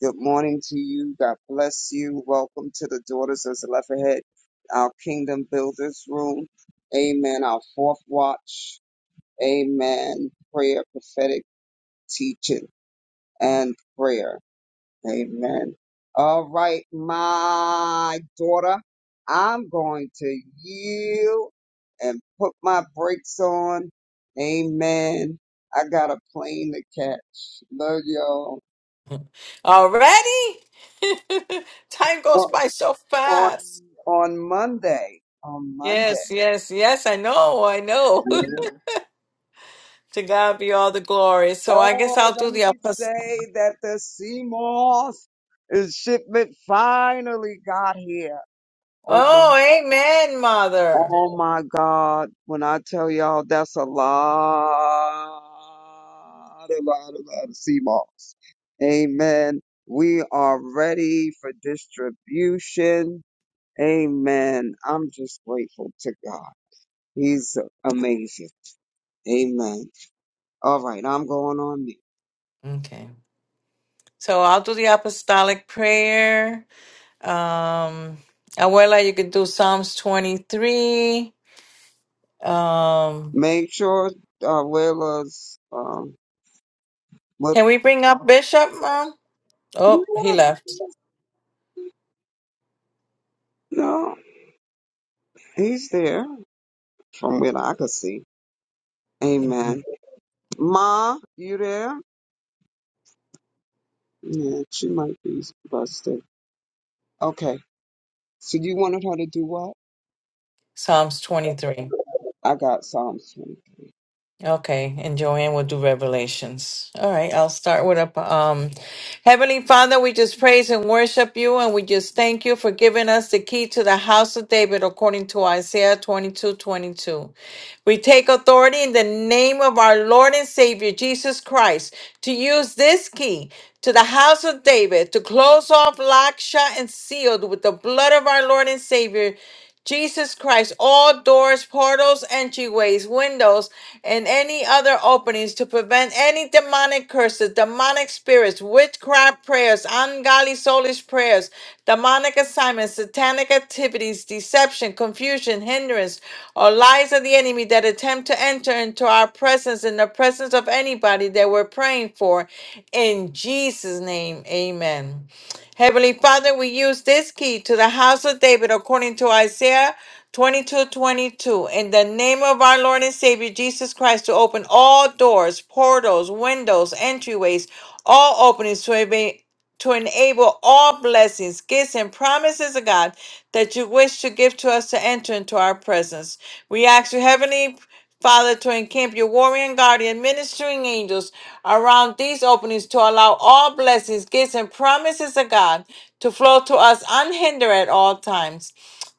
[SPEAKER 1] good morning to you. God bless you. Welcome to the Daughters of Zelophehad, our Kingdom Builders Room. Amen. Our fourth watch. Amen. Prayer prophetic teaching and prayer. Amen. All right, my daughter, I'm going to yield and put my brakes on. Amen. I got a plane to catch. Love y'all.
[SPEAKER 3] Already? Time goes
[SPEAKER 1] On,
[SPEAKER 3] by so
[SPEAKER 1] on,
[SPEAKER 3] fast.
[SPEAKER 1] on Monday, on Monday.
[SPEAKER 3] Yes, yes, yes. I know. I know. to God be all the glory. So I
[SPEAKER 1] Oh,
[SPEAKER 3] guess I'll do
[SPEAKER 1] let
[SPEAKER 3] the
[SPEAKER 1] me
[SPEAKER 3] apostolic.
[SPEAKER 1] say that the Seymour's shipment finally got here. on
[SPEAKER 3] Oh, amen, Mother.
[SPEAKER 1] Oh my God, when I tell y'all that's a lot, a lot, a lot of sea moss. Amen. We are ready for distribution. Amen. I'm just grateful to God. He's amazing. Amen. All right, I'm going on mute.
[SPEAKER 3] Okay. So I'll do the apostolic prayer. Um, Abuela, you could do Psalms 23. Um,
[SPEAKER 1] Make sure uh, Willa's, um, what,
[SPEAKER 3] can we bring up Bishop, Mom? Oh, he left.
[SPEAKER 1] no, he's there from what I could see. Amen.
[SPEAKER 3] Mhm.
[SPEAKER 1] Ma, you there? Yeah, she might be busted. Okay. So you wanted her to do what?
[SPEAKER 3] Psalms 23.
[SPEAKER 1] I got Psalms 23.
[SPEAKER 3] Okay, and Joanne will do revelations. All right, I'll start with a um Heavenly Father, we just praise and worship you and we just thank you for giving us the key to the house of David according to Isaiah 22 22. We take authority in the name of our Lord and Savior Jesus Christ to use this key to the house of David to close off, lock, shut, and sealed with the blood of our Lord and Savior Jesus Christ, all doors, portals, entryways, windows, and any other openings to prevent any demonic curses, demonic spirits, witchcraft prayers, ungodly soulish prayers, demonic assignments, satanic activities, deception, confusion, hindrance, or lies of the enemy that attempt to enter into our presence in the presence of anybody that we're praying for. In Jesus' name, amen. Heavenly Father, we use this key to the house of David according to Isaiah 22 22, In the name of our Lord and Savior Jesus Christ, to open all doors, portals, windows, entryways, all openings to eva- to enable all blessings, gifts, and promises of God that you wish to give to us to enter into our presence. We ask you, Heavenly Father, to encamp your warrior and guardian ministering angels around these openings to allow all blessings, gifts, and promises of God to flow to us unhindered at all times.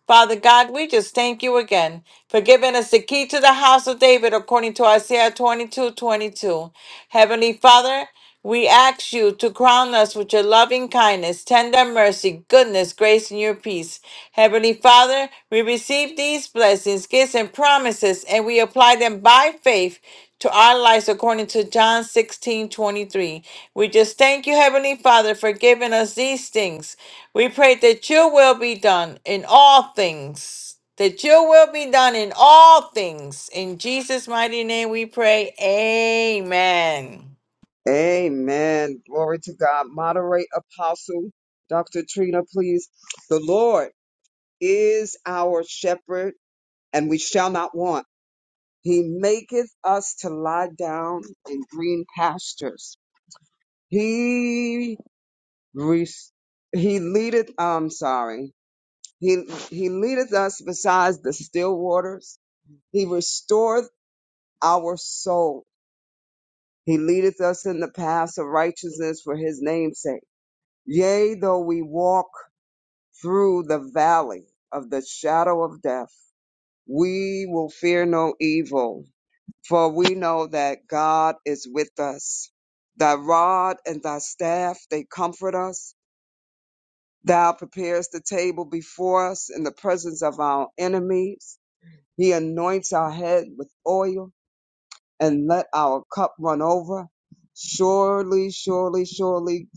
[SPEAKER 3] Father God, we just thank you again for giving us the key to the house of David according to Isaiah 22 22. Heavenly Father, we ask you to crown us with your loving kindness, tender mercy, goodness, grace, and your peace. Heavenly Father, we receive these blessings, gifts, and promises, and we apply them by faith to our lives according to John 16 23. We just thank you, Heavenly Father, for giving us these things. We pray that your will be done in all things. That your will be done in all things. In Jesus' mighty name we pray. Amen.
[SPEAKER 1] Amen. Glory to God. Moderate apostle, Dr. Trina, please. The Lord is our shepherd, and we shall not want. He maketh us to lie down in green pastures. He res- he leadeth. I'm sorry. He, he leadeth us beside the still waters. He restoreth our soul. He leadeth us in the paths of righteousness for his name's sake. Yea, though we walk through the valley of the shadow of death, we will fear no evil, for we know that God is with us. Thy rod and thy staff, they comfort us. Thou preparest the table before us in the presence of our enemies. He anoints our head with oil and let our cup run over. Surely, surely, surely,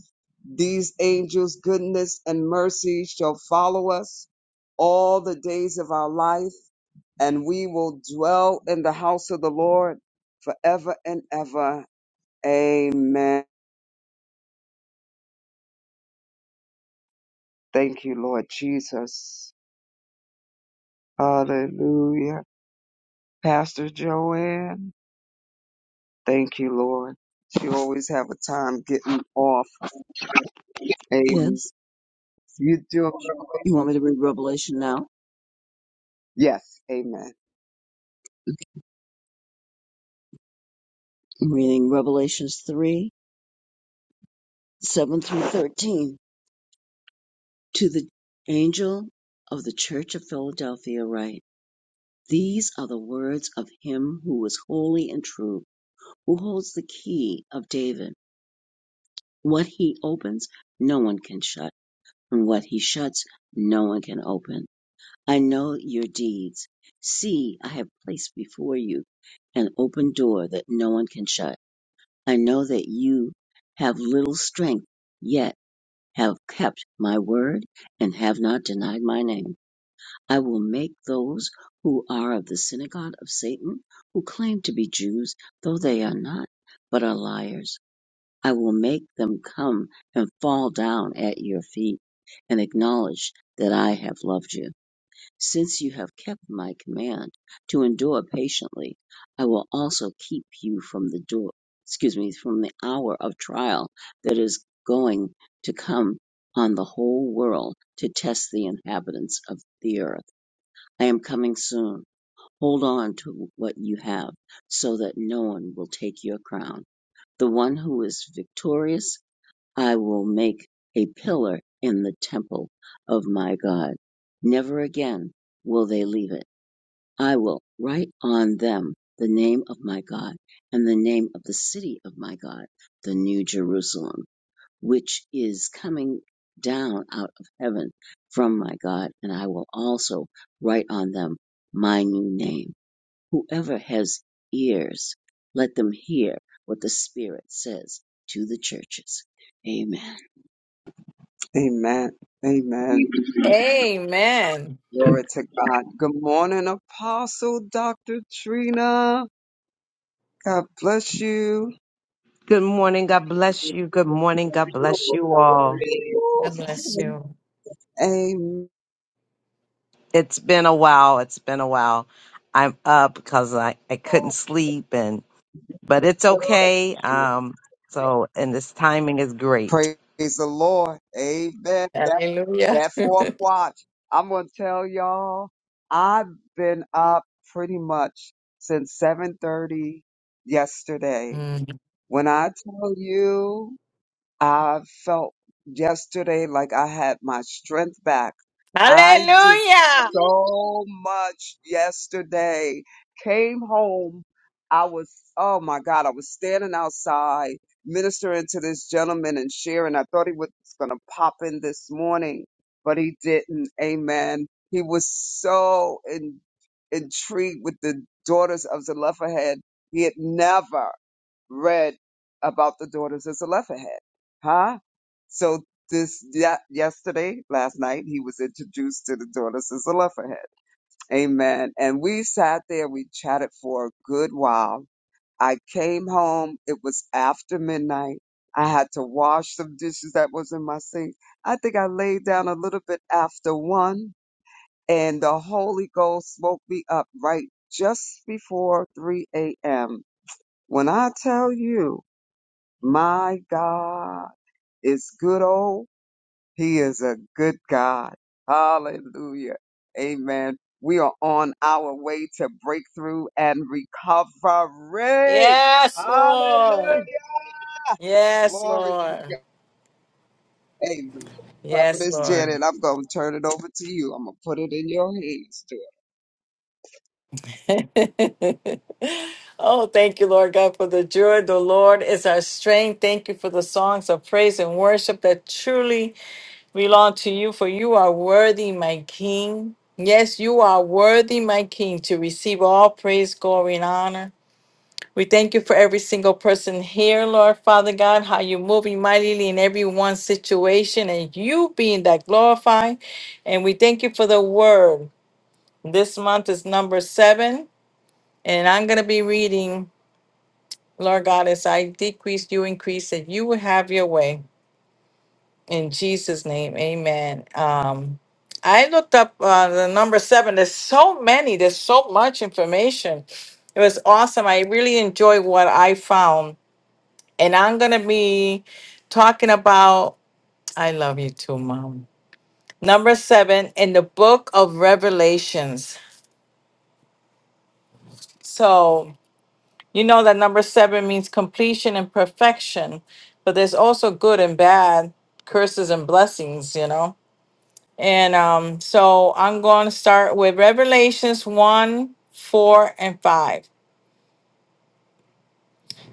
[SPEAKER 1] these angels' goodness and mercy shall follow us all the days of our life, and we will dwell in the house of the Lord forever and ever. Amen. Thank you, Lord Jesus. Hallelujah. Pastor Joanne, thank you, Lord. You always have a time getting off Amen.
[SPEAKER 2] Yes.
[SPEAKER 1] You do.
[SPEAKER 2] You want me to read Revelation now?
[SPEAKER 1] Yes. Amen.
[SPEAKER 2] I'm reading Revelations 3, 7 through 13. To the angel of the church of Philadelphia write, These are the words of him who is holy and true, who holds the key of David. What he opens, no one can shut, and what he shuts, no one can open. I know your deeds. See, I have placed before you an open door that no one can shut. I know that you have little strength, yet have kept my word and have not denied my name. I will make those who are of the synagogue of Satan, who claim to be Jews, though they are not, but are liars, I will make them come and fall down at your feet and acknowledge that I have loved you. Since you have kept my command to endure patiently, I will also keep you from the door, excuse me, from the hour of trial that is going to come on the whole world to test the inhabitants of the earth. I am coming soon. Hold on to what you have so that no one will take your crown. The one who is victorious, I will make a pillar in the temple of my God. Never again will they leave it I will write on them the name of my God, and the name of the city of my God, the New Jerusalem, which is coming down out of heaven from my God, and I will also write on them my new name. Whoever has ears, let them hear what the Spirit says to the churches. Amen.
[SPEAKER 1] Amen. Amen.
[SPEAKER 3] Amen.
[SPEAKER 1] Glory to God. Good morning, Apostle Dr. Trina. God bless you.
[SPEAKER 5] Good morning. God bless you. Good morning. God bless you all.
[SPEAKER 3] God bless you.
[SPEAKER 1] Amen.
[SPEAKER 5] It's been a while. It's been a while. I'm up because I, I couldn't sleep and but it's okay. Um so and this timing is great.
[SPEAKER 1] Praise the Lord. Amen. That,
[SPEAKER 3] Hallelujah.
[SPEAKER 1] that fourth watch. I'm going to tell y'all, I've been up pretty much since 7.30 yesterday.
[SPEAKER 3] Mm.
[SPEAKER 1] When I tell you, I felt yesterday like I had my strength back. I did
[SPEAKER 3] Hallelujah.
[SPEAKER 1] so much yesterday. Came home. I was, oh my God, I was standing outside ministering to this gentleman and sharing. I thought he was going to pop in this morning, but he didn't. Amen. He was so in, intrigued with the daughters of Zelophehad. He had never read about the daughters of Zelophehad. Huh? So this yeah, yesterday, last night, he was introduced to the daughters of Zelophehad. Amen. And we sat there, we chatted for a good while. I came home. It was after midnight. I had to wash some dishes that was in my sink. I think I laid down a little bit after one, and the Holy Ghost woke me up right just before 3 a.m. When I tell you my God is good old. He is a good God. Hallelujah. Amen. We are on our way to breakthrough and recovery.
[SPEAKER 3] Yes, Lord.
[SPEAKER 1] Hallelujah.
[SPEAKER 3] Yes,
[SPEAKER 1] Glory to
[SPEAKER 3] Lord.
[SPEAKER 1] God. Amen.
[SPEAKER 3] Yes,
[SPEAKER 1] Prophetess
[SPEAKER 3] Lord.
[SPEAKER 1] Janet, I'm going to turn it over to you. I'm going to put it in your hands, too.
[SPEAKER 3] oh, thank you, Lord God, for the joy. The Lord is our strength. Thank you for the songs of praise and worship that truly belong to you, for you are worthy, my King. Yes, you are worthy, my King, to receive all praise, glory, and honor. We thank you for every single person here, Lord Father God, how you're moving mightily in everyone's situation and you being that glorified. And we thank you for the word. This month is number seven, and I'm going to be reading, Lord God, as I decrease, you increase, that you will have your way. In Jesus' name, amen. Um, I looked up uh, the number seven. There's so many, there's so much information. It was awesome. I really enjoyed what I found And I'm going to be talking about, I love you too, Mom. Number seven in the book of Revelations. So, you know that number seven means completion and perfection, but there's also good and bad, curses and blessings, you know? And um, so I'm going to start with Revelations 1, 4, and 5.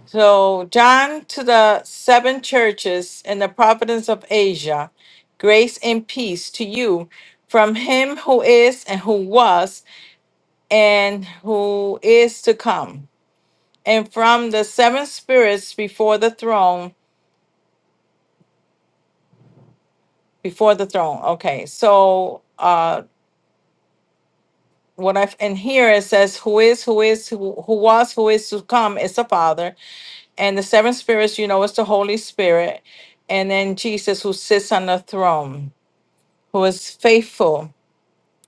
[SPEAKER 3] So, John to the seven churches in the province of Asia, grace and peace to you from him who is and who was and who is to come, and from the seven spirits before the throne. Before the throne. Okay, so uh, what I've in here it says, who is, who is, who, who was, who is to come is the Father, and the seven spirits, you know, is the Holy Spirit, and then Jesus who sits on the throne. who is faithful,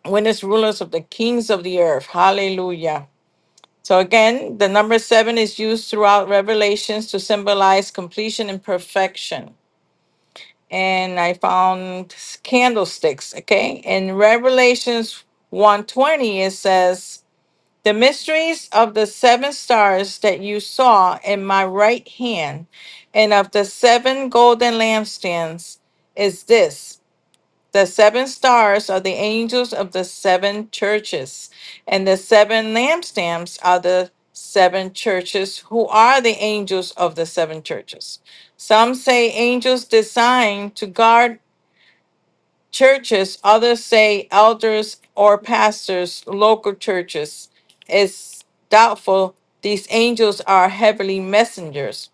[SPEAKER 3] witness rulers of the kings of the earth. Hallelujah. So again, the number seven is used throughout Revelations to symbolize completion and perfection. And I found candlesticks. Okay. In Revelations 120, it says, The mysteries of the seven stars that you saw in my right hand and of the seven golden lampstands is this. The seven stars are the angels of the seven churches, and the seven lampstands are the seven churches who are the angels of the seven churches. Some say angels designed to guard churches, others say elders or pastors, local churches. It's doubtful these angels are heavenly messengers.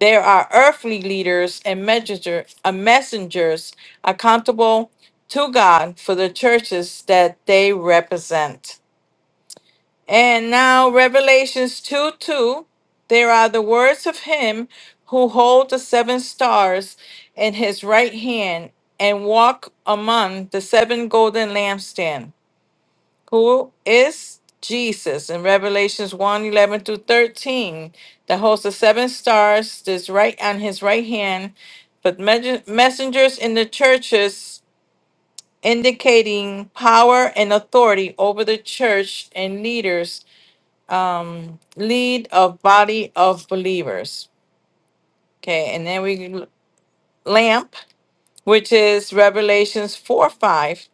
[SPEAKER 3] There are earthly leaders and messenger, uh, messengers accountable to God for the churches that they represent. And now, Revelations 2 2, there are the words of him who hold the seven stars in his right hand and walk among the seven golden lampstands. who is Jesus. In Revelations 1 11 through 13, that holds the seven stars that's right on his right hand, but mes- messengers in the churches indicating power and authority over the church and leaders um, lead of body of believers. Okay, and then we l- lamp, which is Revelations 4 5.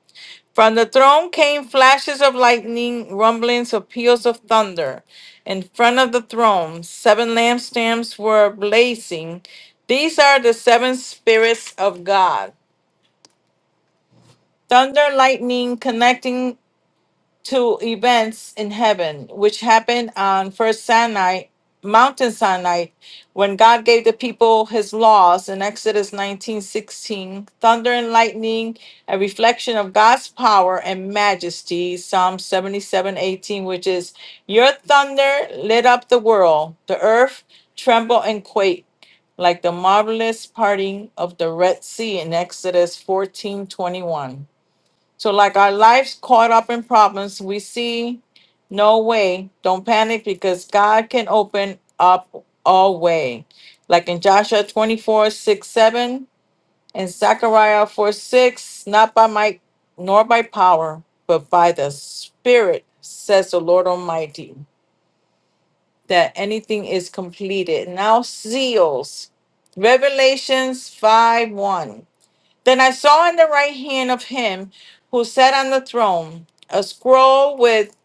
[SPEAKER 3] From the throne came flashes of lightning, rumblings of peals of thunder. In front of the throne, seven lampstands were blazing. These are the seven spirits of God. Thunder, lightning, connecting to events in heaven, which happened on First Sinai, Mountain Sinai, when God gave the people his laws in Exodus 19:16, thunder and lightning, a reflection of God's power and majesty, Psalm 77:18, which is, Your thunder lit up the world, the earth trembled and quaked, Like the marvelous parting of the Red Sea in Exodus 14 21. So, like our life's caught up in problems, we see no way. Don't panic because God can open up a way. Like in Joshua 24 6 7 and Zechariah 4, 6, not by might nor by power, but by the Spirit, says the Lord Almighty, that anything is completed. Now, seals, Revelations 5, 1. Then I saw in the right hand of him who sat on the throne a scroll with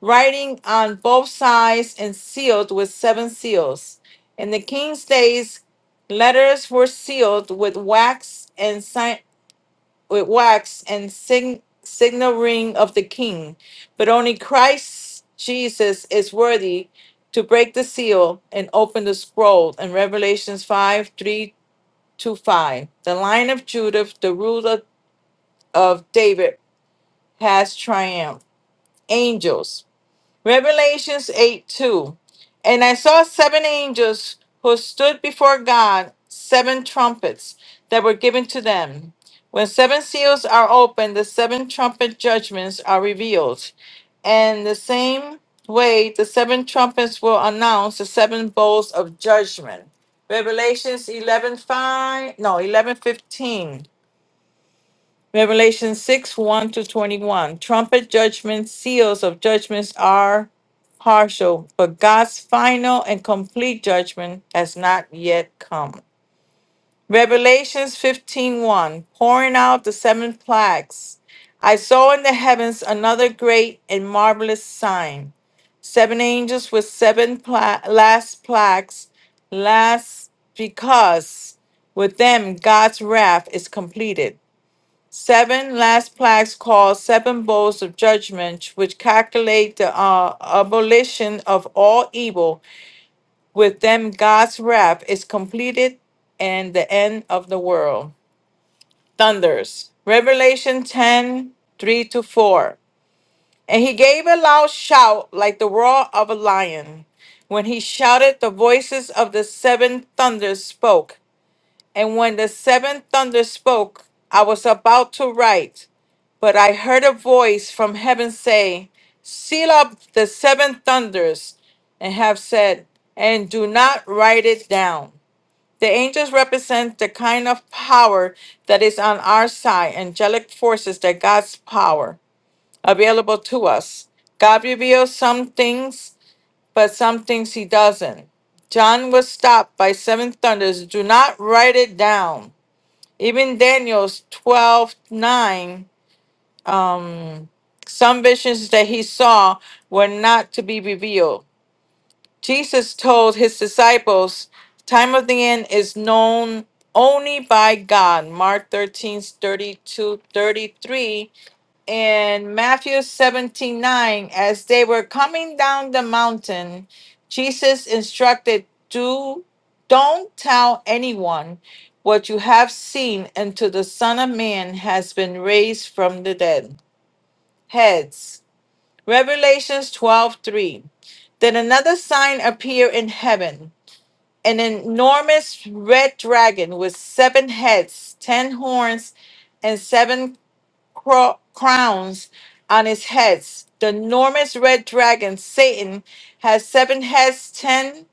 [SPEAKER 3] writing on both sides and sealed with seven seals. In the king's days, letters were sealed with wax and sign with wax and sign signal ring of the king, but only Christ Jesus is worthy to break the seal and open the scroll in Revelations 5 3 to 5. The line of Judah, the root of of David has triumphed. Angels. Revelations 8 2. And I saw seven angels who stood before God, seven trumpets that were given to them. When seven seals are opened, the seven trumpet judgments are revealed. And the same way, the seven trumpets will announce the seven bowls of judgment. Revelations 11 5 no, eleven fifteen. Revelation 6 1 to 21. Trumpet judgments, seals of judgments are partial, but God's final and complete judgment has not yet come. Revelations fifteen one Pouring out the seven plagues. I saw in the heavens another great and marvelous sign. Seven angels with seven pla- last plagues, last because with them God's wrath is completed. Seven last plaques called seven bowls of judgment, which calculate the uh, abolition of all evil. With them, God's wrath is completed and the end of the world. Thunders. Revelation 10 3 to 4. And he gave a loud shout like the roar of a lion. When he shouted, the voices of the seven thunders spoke. And when the seventh thunder spoke, I was about to write, but I heard a voice from heaven say, Seal up the seven thunders, and have said, and do not write it down. The angels represent the kind of power that is on our side, angelic forces that God's power available to us. God reveals some things, but some things he doesn't. John was stopped by seven thunders. Do not write it down. Even Daniel's 12 9, um, some visions that he saw were not to be revealed. Jesus told his disciples, Time of the end is known only by God. Mark 13 32 thirty three in Matthew 17 nine, as they were coming down the mountain, Jesus instructed, Do don't tell anyone what you have seen until the Son of Man has been raised from the dead. Heads. Revelations 12 3. Then another sign appeared in heaven. An enormous red dragon with seven heads, ten horns, and seven cro- crowns on his heads. The enormous red dragon, Satan, has seven heads, ten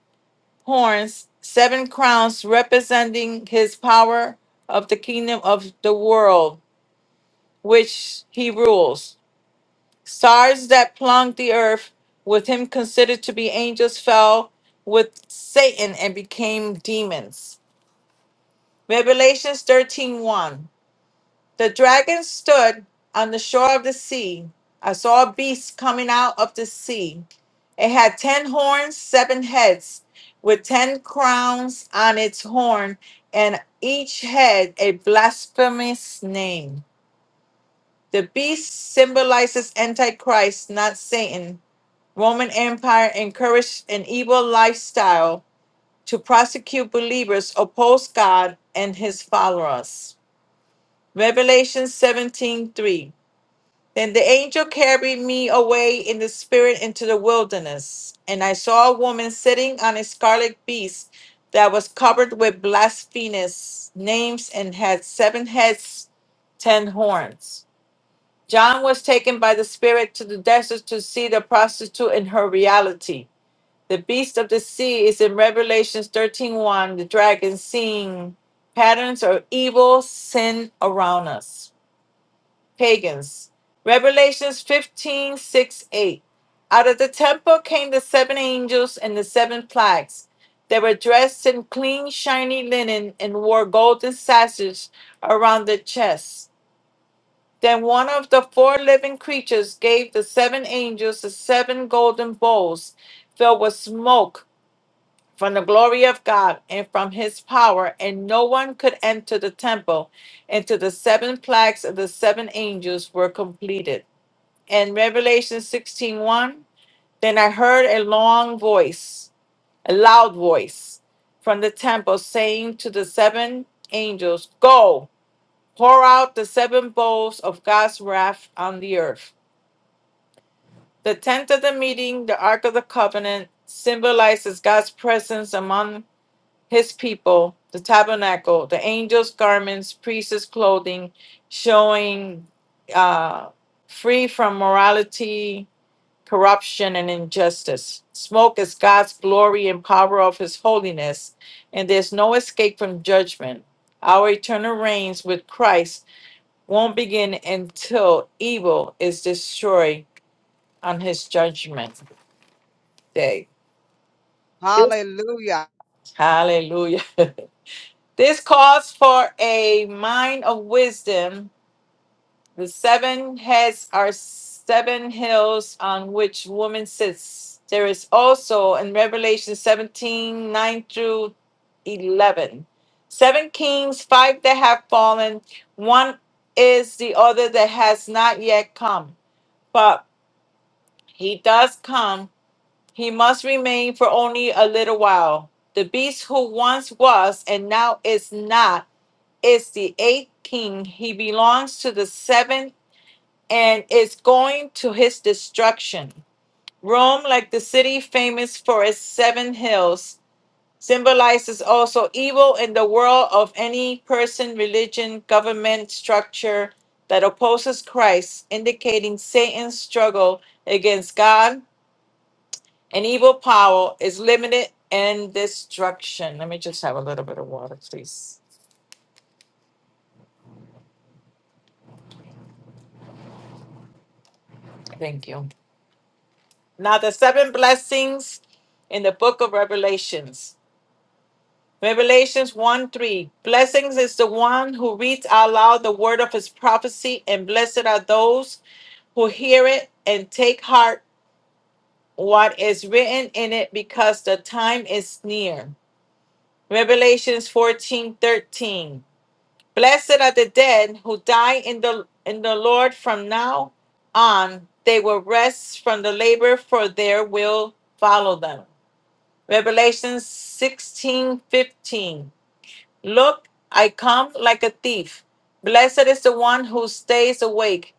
[SPEAKER 3] horns, seven crowns, representing his power of the kingdom of the world, which he rules. Stars that plumbed the earth, with him considered to be angels, fell with Satan and became demons. Revelations thirteen one. The dragon stood on the shore of the sea. I saw a beast coming out of the sea. It had ten horns, seven heads, with ten crowns on its horn, and each head a blasphemous name. The beast symbolizes Antichrist, not Satan. Roman Empire encouraged an evil lifestyle to prosecute believers, oppose God and his followers. Revelation 17:3. Then the angel carried me away in the spirit into the wilderness, and I saw a woman sitting on a scarlet beast that was covered with blasphemous names and had seven heads, ten horns. John was taken by the spirit to the desert to see the prostitute in her reality. The beast of the sea is in Revelations thirteen one. the dragon seeing patterns of evil sin around us pagans. Revelations 156 8. Out of the temple came the seven angels and the seven plagues. They were dressed in clean, shiny linen and wore golden sashes around their chests. Then one of the four living creatures gave the seven angels the seven golden bowls filled with smoke from the glory of God and from his power, and no one could enter the temple until the seven plagues of the seven angels were completed and Revelation sixteen one. Then I heard a long voice, a loud voice from the temple saying to the seven angels, Go, pour out the seven bowls of God's wrath on the earth. The tent of the meeting, the Ark of the Covenant, symbolizes God's presence among his people, the tabernacle, the angels' garments, priests' clothing, showing uh, free from morality, corruption and injustice. Smoke is God's glory and power of his holiness, and there's no escape from judgment. Our eternal reigns with Christ won't begin until evil is destroyed on his judgment day.
[SPEAKER 1] Hallelujah.
[SPEAKER 3] Hallelujah. this calls for a mind of wisdom The seven heads are seven hills on which woman sits. There is also in Revelation 17 9 through eleven, seven kings, five that have fallen, one is the other that has not yet come. But he does come, he must remain for only a little while. The beast who once was and now is not is the eighth king. He belongs to the seven and is going to his destruction. Rome, like the city famous for its seven hills, symbolizes also evil in the world of any person, religion, government structure that opposes Christ, indicating Satan's struggle against God and evil power is limited and destruction. Let me just have a little bit of water, please. Thank you. Now, the seven blessings in the book of Revelations. Revelations 1 3. Blessings is the one who reads aloud the word of his prophecy, and blessed are those who hear it and take heart what is written in it because the time is near. Revelations 14 13 Blessed are the dead who die in the in the Lord from now on. They will rest from the labor, for their will follow them. Revelation 16 15. Look, I come like a thief. Blessed is the one who stays awake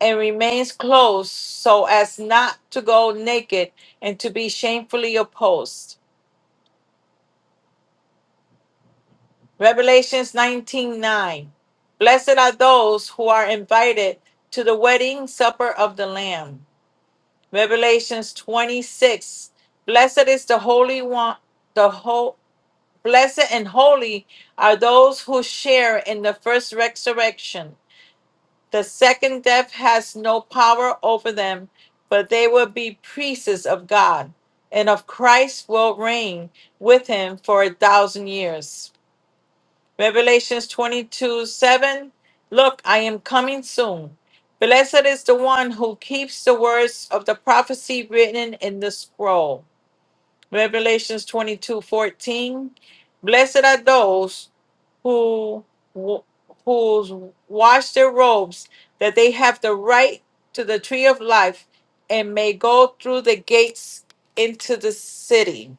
[SPEAKER 3] and remains clothed so as not to go naked and to be shamefully opposed. Revelations 19 9. Blessed are those who are invited to the wedding supper of the Lamb. Revelations 26. Blessed is the Holy One, the whole. Blessed and holy are those who share in the first resurrection. The second death has no power over them, but they will be priests of God, and of Christ will reign with him for a thousand years. Revelations 22 7 Look, I am coming soon. Blessed is the one who keeps the words of the prophecy written in the scroll Revelations 22 14, Blessed are those who who's wash their robes, that they have the right to the tree of life and may go through the gates into the city.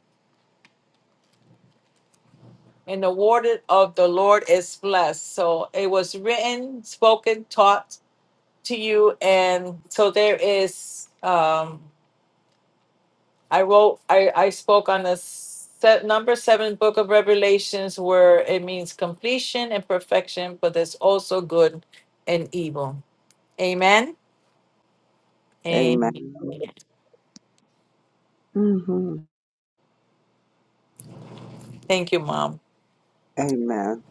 [SPEAKER 3] And the word of the Lord is blessed. So it was written, spoken, taught to you. And so there is. um, I wrote, I, I spoke on the set, number seven book of Revelations where it means completion and perfection, but there's also good and evil. Amen. Amen.
[SPEAKER 1] Amen. hmm
[SPEAKER 3] Thank you, Mom.
[SPEAKER 1] Amen.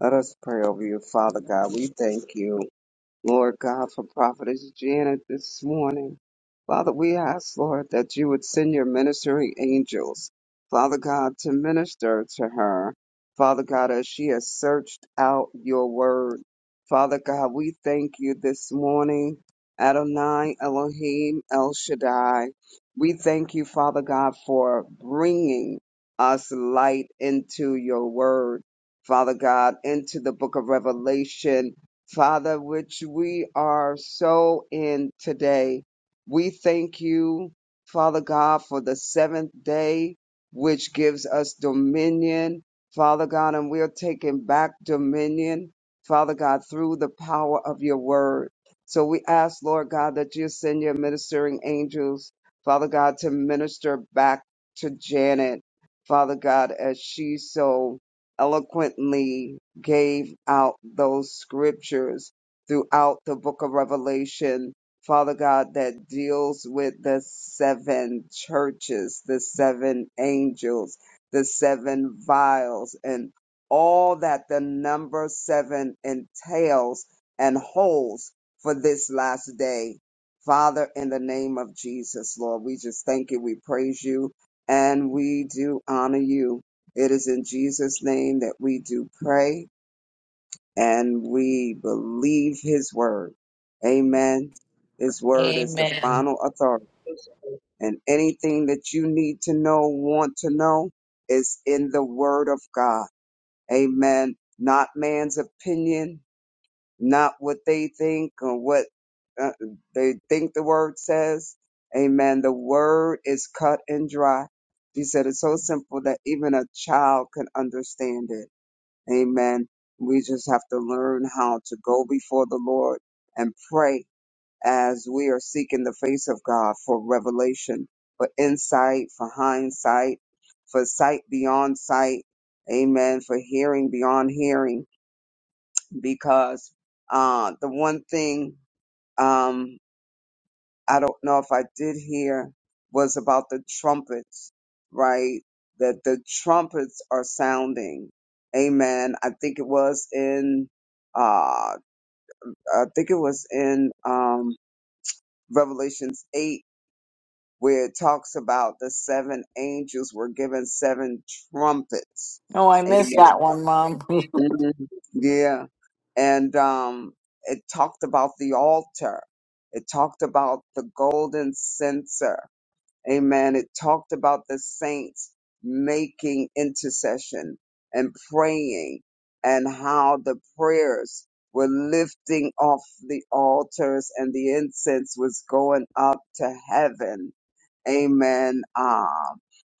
[SPEAKER 1] Let us pray over you, Father God. We thank you. Lord God, for Prophetess Janet this morning. Father, we ask, Lord, that you would send your ministering angels, Father God, to minister to her. Father God, as she has searched out your word. Father God, we thank you this morning. Adonai Elohim El Shaddai. We thank you, Father God, for bringing us light into your word. Father God, into the book of Revelation, Father, which we are so in today. We thank you, Father God, for the seventh day, which gives us dominion, Father God, and we're taking back dominion, Father God, through the power of your word. So we ask, Lord God, that you send your ministering angels, Father God, to minister back to Janet, Father God, as she so eloquently gave out those scriptures throughout the book of Revelation, Father God, that deals with the seven churches, the seven angels, the seven vials, and all that the number seven entails and holds for this last day. Father, in the name of Jesus, Lord, we just thank you, we praise you, and we do honor you. It is in Jesus' name that we do pray and we believe his word. Amen. His word is the
[SPEAKER 3] Amen.
[SPEAKER 1] final authority. And anything that you need to know, want to know, is in the word of God. Amen. Not man's opinion, not what they think or what uh, they think the word says. Amen. The word is cut and dry. He said it's so simple that even a child can understand it. Amen. We just have to learn how to go before the Lord and pray as we are seeking the face of God for revelation, for insight, for hindsight, for sight beyond sight. Amen. For hearing beyond hearing. Because uh, the one thing um, I don't know if I did hear was about the trumpets, right? That the trumpets are sounding. Amen. I think it was in uh I think it was in um Revelations 8 where it talks about the seven angels were given seven trumpets.
[SPEAKER 3] Oh, I missed that
[SPEAKER 1] Amen.
[SPEAKER 3] one, Mom.
[SPEAKER 1] Mhm. Yeah. And um it talked about the altar. It talked about the golden censer Amen. It talked about the saints making intercession and praying and how the prayers were lifting off the altars and the incense was going up to heaven. Amen. Ah,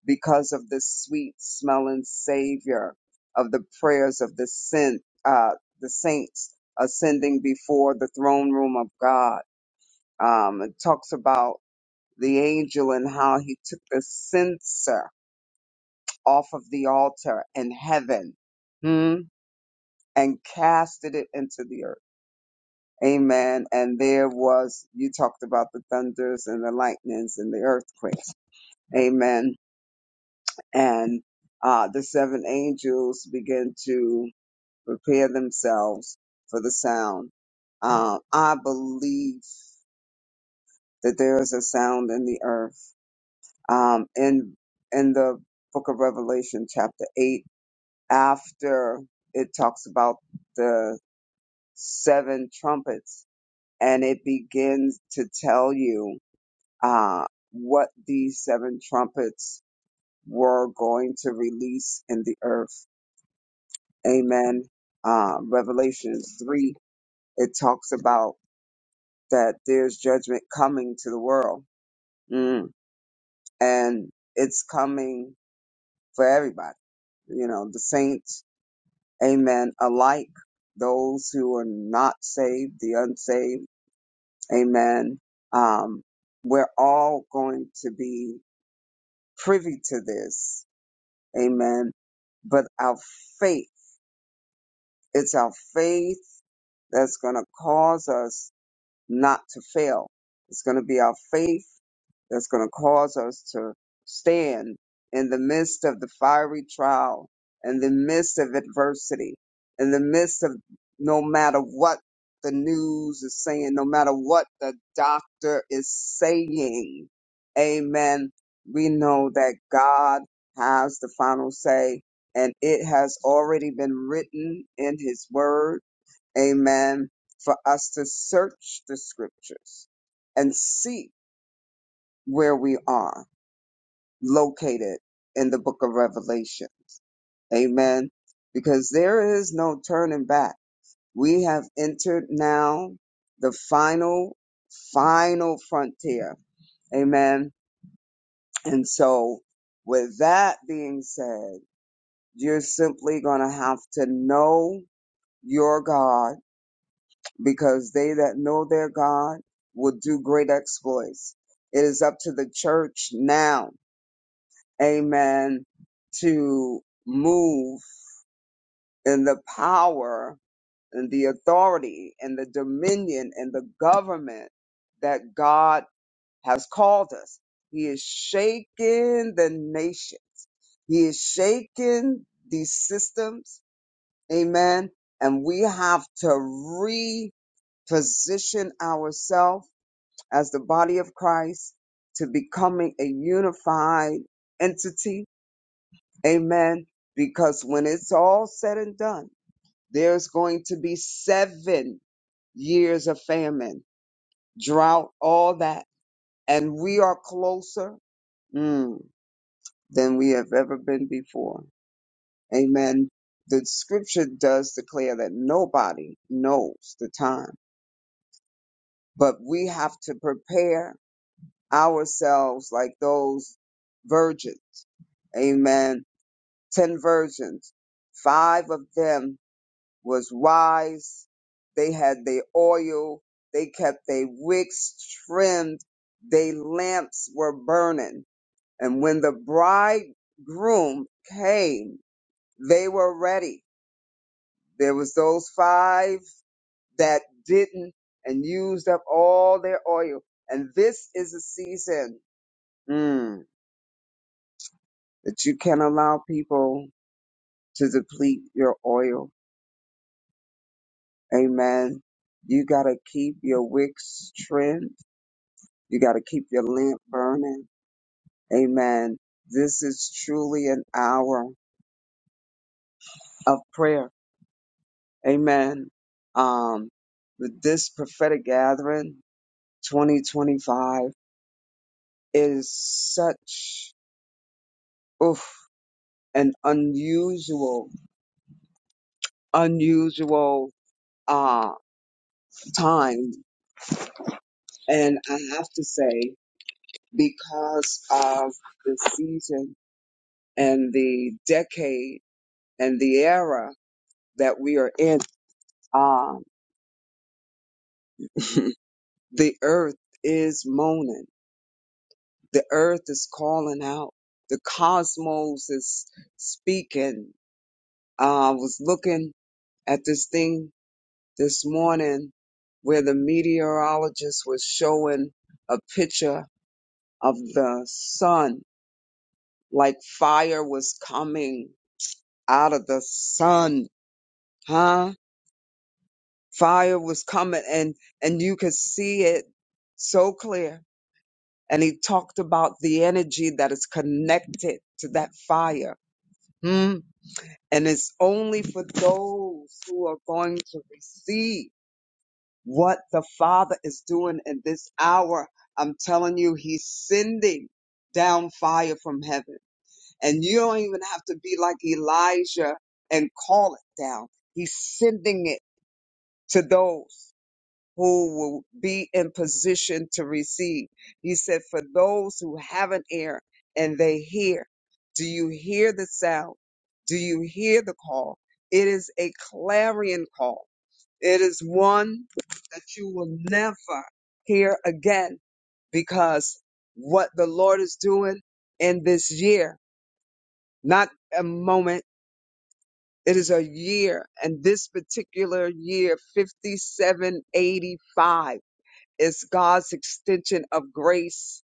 [SPEAKER 1] because of the sweet smelling savior of the prayers of the saint, uh, the saints ascending before the throne room of God. Um, it talks about the angel and how he took the censer off of the altar in heaven hmm, and casted it into the earth. Amen. And there was, you talked about the thunders and the lightnings and the earthquakes. Amen. And uh, the seven angels began to prepare themselves for the sound. Um, I believe that there is a sound in the earth. Um, in in the book of Revelation, chapter 8. after it talks about the seven trumpets and it begins to tell you uh, what these seven trumpets were going to release in the earth. Amen. Uh, Revelation 3, it talks about that there's judgment coming to the world Mm. and it's coming for everybody you know the saints Amen. Alike those who are not saved, the unsaved. Amen. Um, we're all going to be privy to this. Amen. But our faith, it's our faith that's going to cause us not to fail. It's going to be our faith that's going to cause us to stand in the midst of the fiery trial, in the midst of adversity, in the midst of no matter what the news is saying, no matter what the doctor is saying. Amen. We know that God has the final say, and it has already been written in His Word Amen. For us to search the scriptures and see where we are located in the book of Revelations. Amen. Because there is no turning back. We have entered now the final, final frontier. Amen. And so with that being said, you're simply going to have to know your God because they that know their God will do great exploits. It is up to the church now, amen, to move in the power and the authority and the dominion and the government that God has called us. He is shaking the nation. He is shaking these systems. Amen. And we have to reposition ourselves as the body of Christ to becoming a unified entity. Amen. Because when it's all said and done, there's going to be seven years of famine, drought, all that. And we are closer mm, than we have ever been before. Amen. The scripture does declare that nobody knows the time, but we have to prepare ourselves like those virgins Amen. Ten virgins. Five of them was wise. They had their oil. They kept their wicks trimmed. Their lamps were burning. And when the bridegroom came, they were ready. There was those five that didn't and used up all their oil. And this is a season mm, that you can allow people to deplete your oil Amen. You got to keep your wicks trimmed. You got to keep your lamp burning. Amen. This is truly an hour of prayer. Amen. Um, with this prophetic gathering, 2025, is such oof, an unusual, unusual uh, time. And I have to say, because of the season and the decade and the era that we are in, um, the earth is moaning. The earth is calling out. The cosmos is speaking. Uh, I was looking at this thing this morning where the meteorologist was showing a picture of the sun, like fire was coming out of the sun, huh? Fire was coming and, and you could see it so clear and he talked about the energy that is connected to that fire. Hmm. And it's only for those who are going to receive what the Father is doing in this hour. I'm telling you, he's sending down fire from heaven. And you don't even have to be like Elijah and call it down. He's sending it to those. who will be in position to receive. He said, For those who have an ear and they hear, do you hear the sound? Do you hear the call? It is a clarion call. It is one that you will never hear again because what the Lord is doing in this year, not a moment, it is a year. And this particular year, 5785. It's God's extension of grace,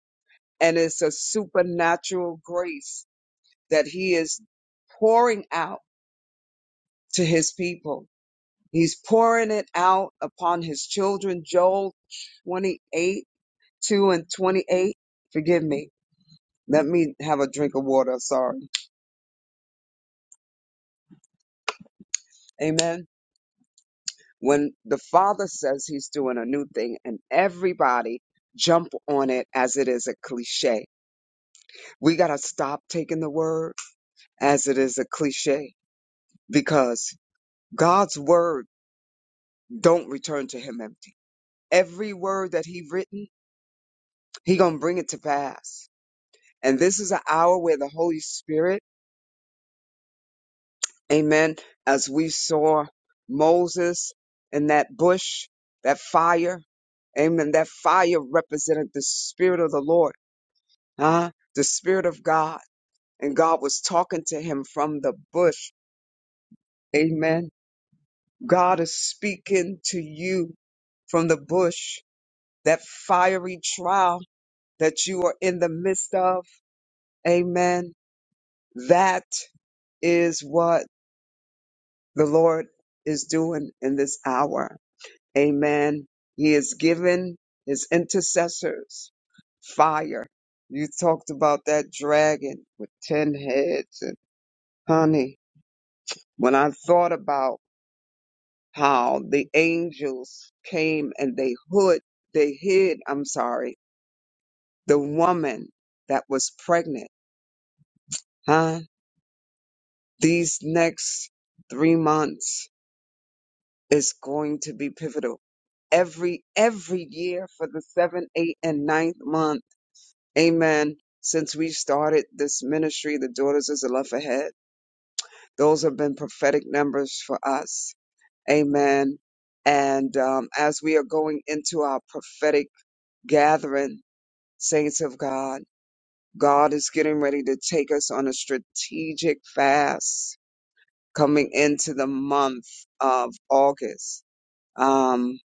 [SPEAKER 1] and it's a supernatural grace that He is pouring out to His people. He's pouring it out upon His children. Joel 28, 2 and 28. Forgive me. Let me have a drink of water. Sorry. Amen. When the Father says He's doing a new thing, and everybody jump on it as it is a cliche. We got to stop taking the word as it is a cliche because God's word don't return to him empty. Every word that he written, he going to bring it to pass. And this is an hour where the Holy Spirit, amen, as we saw Moses in that bush, that fire, amen, that fire represented the spirit of the Lord, huh? The spirit of God. And God was talking to him from the bush. Amen. God is speaking to you from the bush. that fiery trial that you are in the midst of. Amen. That is what the Lord is doing in this hour. Amen. He is giving his intercessors fire. You talked about that dragon with 10 heads and honey. When I thought about how the angels came and they hood, they hid, I'm sorry, the woman that was pregnant, huh? These next three months is going to be pivotal. Every every year for the seventh, eighth, and ninth month, Amen. Since we started this ministry, the Daughters of Zelophehad, Ahead, those have been prophetic numbers for us, Amen. And um, as we are going into our prophetic gathering, saints of God, God is getting ready to take us on a strategic fast coming into the month of August. Um,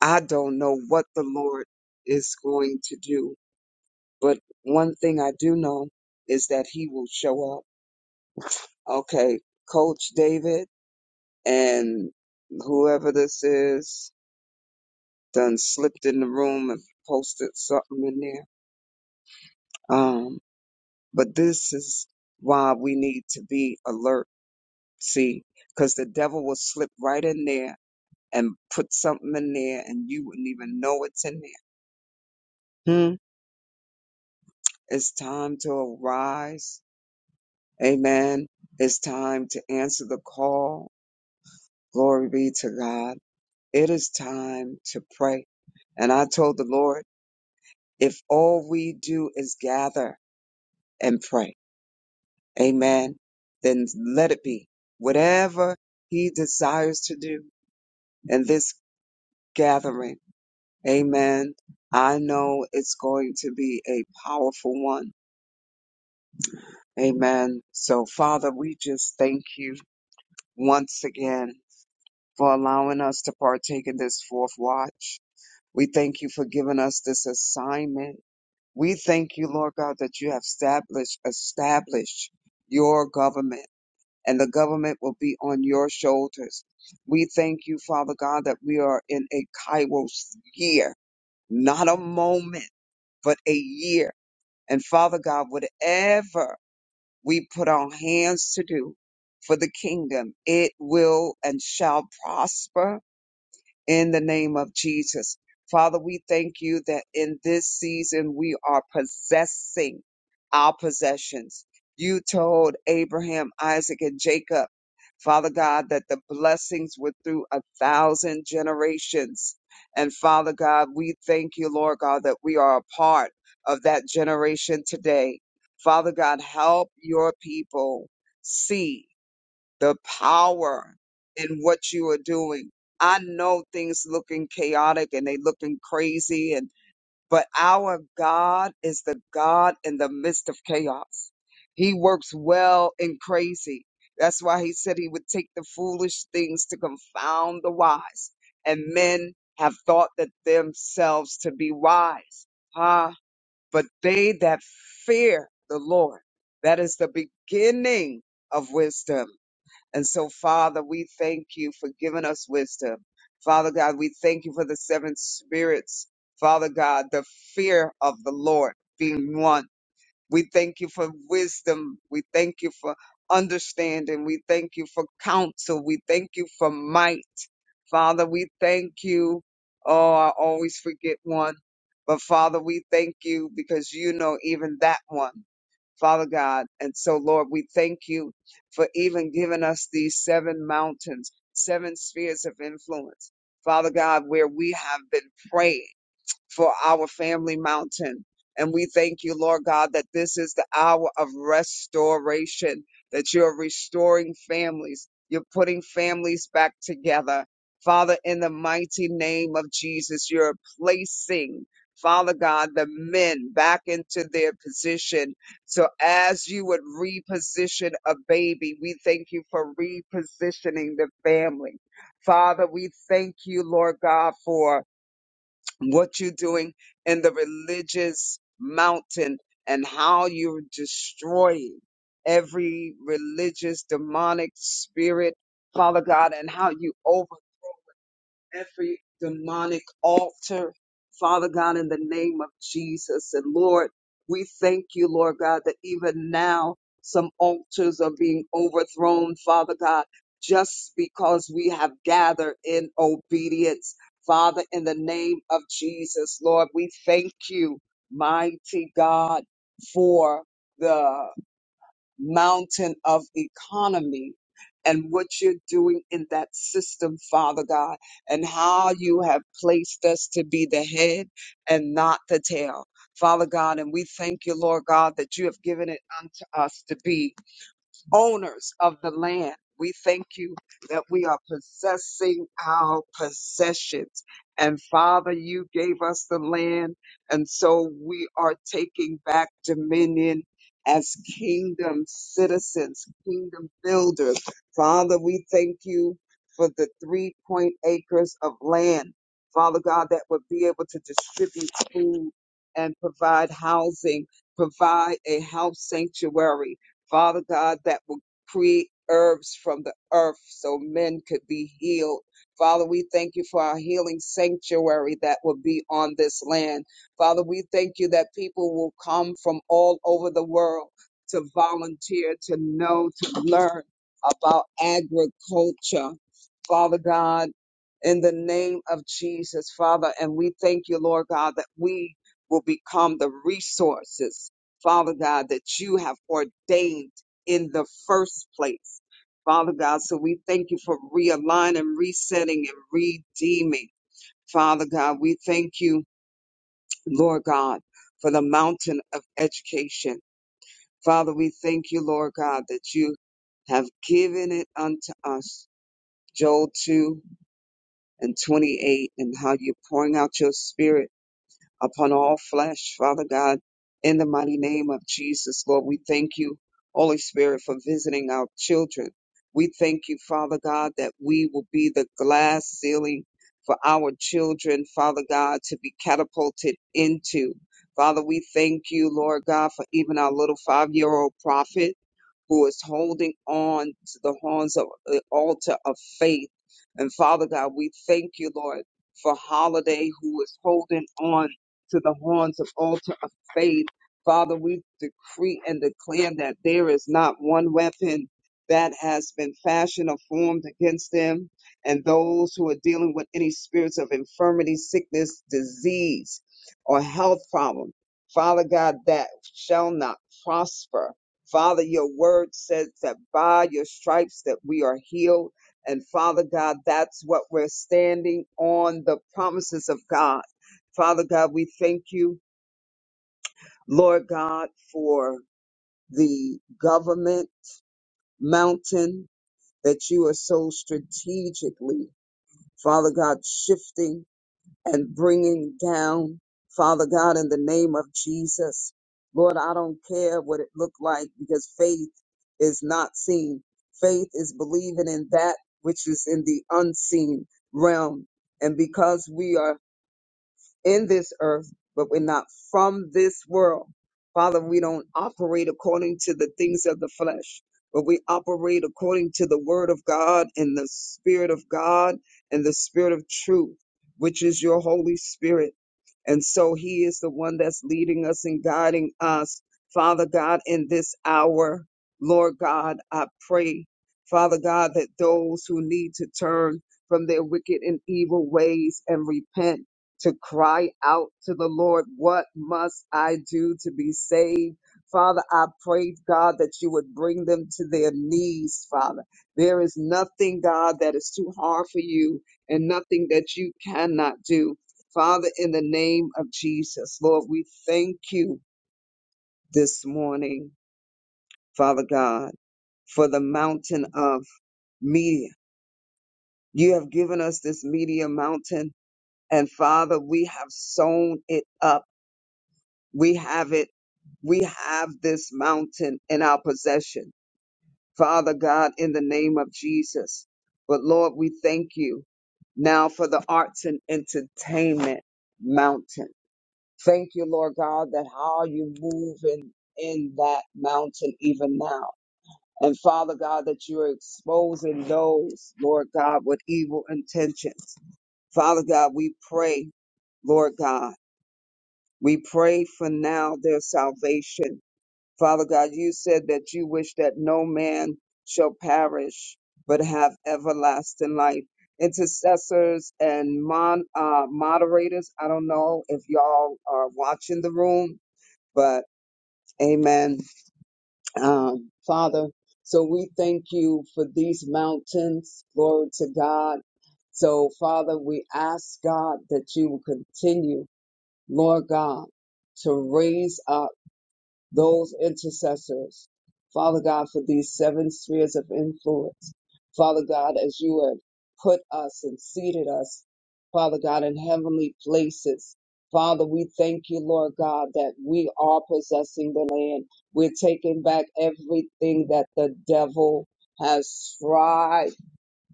[SPEAKER 1] I don't know what the Lord is going to do, but one thing I do know is that He will show up. Okay, Coach David and whoever this is done slipped in the room and posted something in there. Um, but this is why we need to be alert. See, because the devil will slip right in there and put something in there and you wouldn't even know it's in there. Hmm. It's time to arise. Amen. It's time to answer the call. Glory be to God. It is time to pray. And I told the Lord, if all we do is gather and pray, amen, then let it be whatever he desires to do in this gathering. Amen. I know it's going to be a powerful one Amen. So, Father, we just thank you once again for allowing us to partake in this fourth watch. We thank you for giving us this assignment. We thank you, Lord God, that you have established, established your government and the government will be on your shoulders. We thank you, Father God, that we are in a Kairos year, not a moment, but a year. And Father God, whatever we put our hands to do for the kingdom. It will and shall prosper in the name of Jesus. Father, we thank you that in this season we are possessing our possessions. You told Abraham, Isaac, and Jacob, Father God, that the blessings were through a thousand generations. And Father God, we thank you, Lord God, that we are a part of that generation today. Father God, help your people see the power in what you are doing. I know things looking chaotic and they looking crazy and but our God is the God in the midst of chaos. He works well in crazy. That's why he said he would take the foolish things to confound the wise. And men have thought that themselves to be wise. Ah, but they that fear the Lord, that is the beginning of wisdom and so, Father, we thank you for giving us wisdom. Father God, we thank you for the seven spirits. Father God, the fear of the Lord being one. We thank you for wisdom. We thank you for understanding. We thank you for counsel. We thank you for might. Father, we thank you. Oh, I always forget one. But Father, we thank you because you know even that one. Father God. And so, Lord, we thank you for even giving us these seven mountains, seven spheres of influence, Father God, where we have been praying for our family mountain. And we thank you, Lord God, that this is the hour of restoration, that you're restoring families. You're putting families back together. Father, in the mighty name of Jesus, you're placing, Father God, the men back into their position. So as you would reposition a baby, we thank you for repositioning the family. Father, we thank you, Lord God, for what you're doing in the religious mountain and how you're destroying every religious demonic spirit, Father God, and how you every demonic altar, Father God, in the name of Jesus. And Lord, we thank you, Lord God, that even now some altars are being overthrown, Father God, just because we have gathered in obedience. Father, in the name of Jesus, Lord, we thank you, mighty God, for the mountain of economy and what you're doing in that system, Father God, and how you have placed us to be the head and not the tail. Father God, and we thank you, Lord God, that you have given it unto us to be owners of the land. We thank you that we are possessing our possessions. And Father, you gave us the land, and so we are taking back dominion as kingdom citizens, kingdom builders. Father, we thank you for the three point acres of land, Father God, that would be able to distribute food and provide housing, provide a house sanctuary Father God, that will create herbs from the earth so men could be healed. Father, we thank you for our healing sanctuary that will be on this land. Father, we thank you that people will come from all over the world to volunteer, to know, to learn about agriculture. Father God, in the name of Jesus, Father, and we thank you, Lord God, that we will become the resources Father God, that you have ordained in the first place. Father God, so we thank you for realigning, resetting, and redeeming. Father God, we thank you, Lord God, for the mountain of education. Father, we thank you, Lord God, that you have given it unto us. Joel 2 and 28, and how you're pouring out your spirit upon all flesh, Father God, in the mighty name of Jesus, Lord. We thank you, Holy Spirit, for visiting our children. We thank you, Father God, that we will be the glass ceiling for our children, Father God, to be catapulted into. Father, we thank you, Lord God, for even our little five year old prophet who is holding on to the horns of the altar of faith. And Father God, we thank you, Lord, for Holiday, who is holding on to the horns of altar of faith. Father, we decree and declare that there is not one weapon that has been fashioned or formed against them. And those who are dealing with any spirits of infirmity, sickness, disease, or health problem, Father God, that shall not prosper Father, your word says that by your stripes that we are healed. And Father God, that's what we're standing on the promises of God. Father God, we thank you, Lord God, for the government mountain that you are so strategically, Father God, shifting and bringing down, Father God, in the name of Jesus. Lord, I don't care what it looked like because faith is not seen. Faith is believing in that which is in the unseen realm. And because we are in this earth, but we're not from this world. Father, we don't operate according to the things of the flesh, but we operate according to the word of God and the spirit of God and the spirit of truth, which is your Holy Spirit. And so he is the one that's leading us and guiding us. Father God, in this hour, Lord God, I pray, Father God, that those who need to turn from their wicked and evil ways and repent to cry out to the Lord, What must I do to be saved? Father, I prayed, God, that you would bring them to their knees, Father. There is nothing, God, that is too hard for you and nothing that you cannot do. Father, in the name of Jesus, Lord, we thank you this morning, Father God, for the mountain of media. You have given us this media mountain, and Father, we have sown it up. We have it. We have this mountain in our possession. Father God, in the name of Jesus. But Lord, we thank you now for the arts and entertainment mountain. Thank you, Lord God, that how you move in, in that mountain even now. And Father God, that you are exposing those, Lord God, with evil intentions. Father God, we pray, Lord God, we pray for now their salvation. Father God, you said that you wish that no man shall perish, but have everlasting life. Intercessors and mon, uh, moderators, I don't know if y'all are watching the room, but amen. Um, Father, so we thank you for these mountains. Glory to God. So, Father, we ask God that you will continue, Lord God, to raise up those intercessors, Father God, for these seven spheres of influence. Father God, as you have put us and seated us, Father God, in heavenly places. Father, we thank you, Lord God, that we are possessing the land. We're taking back everything that the devil has tried,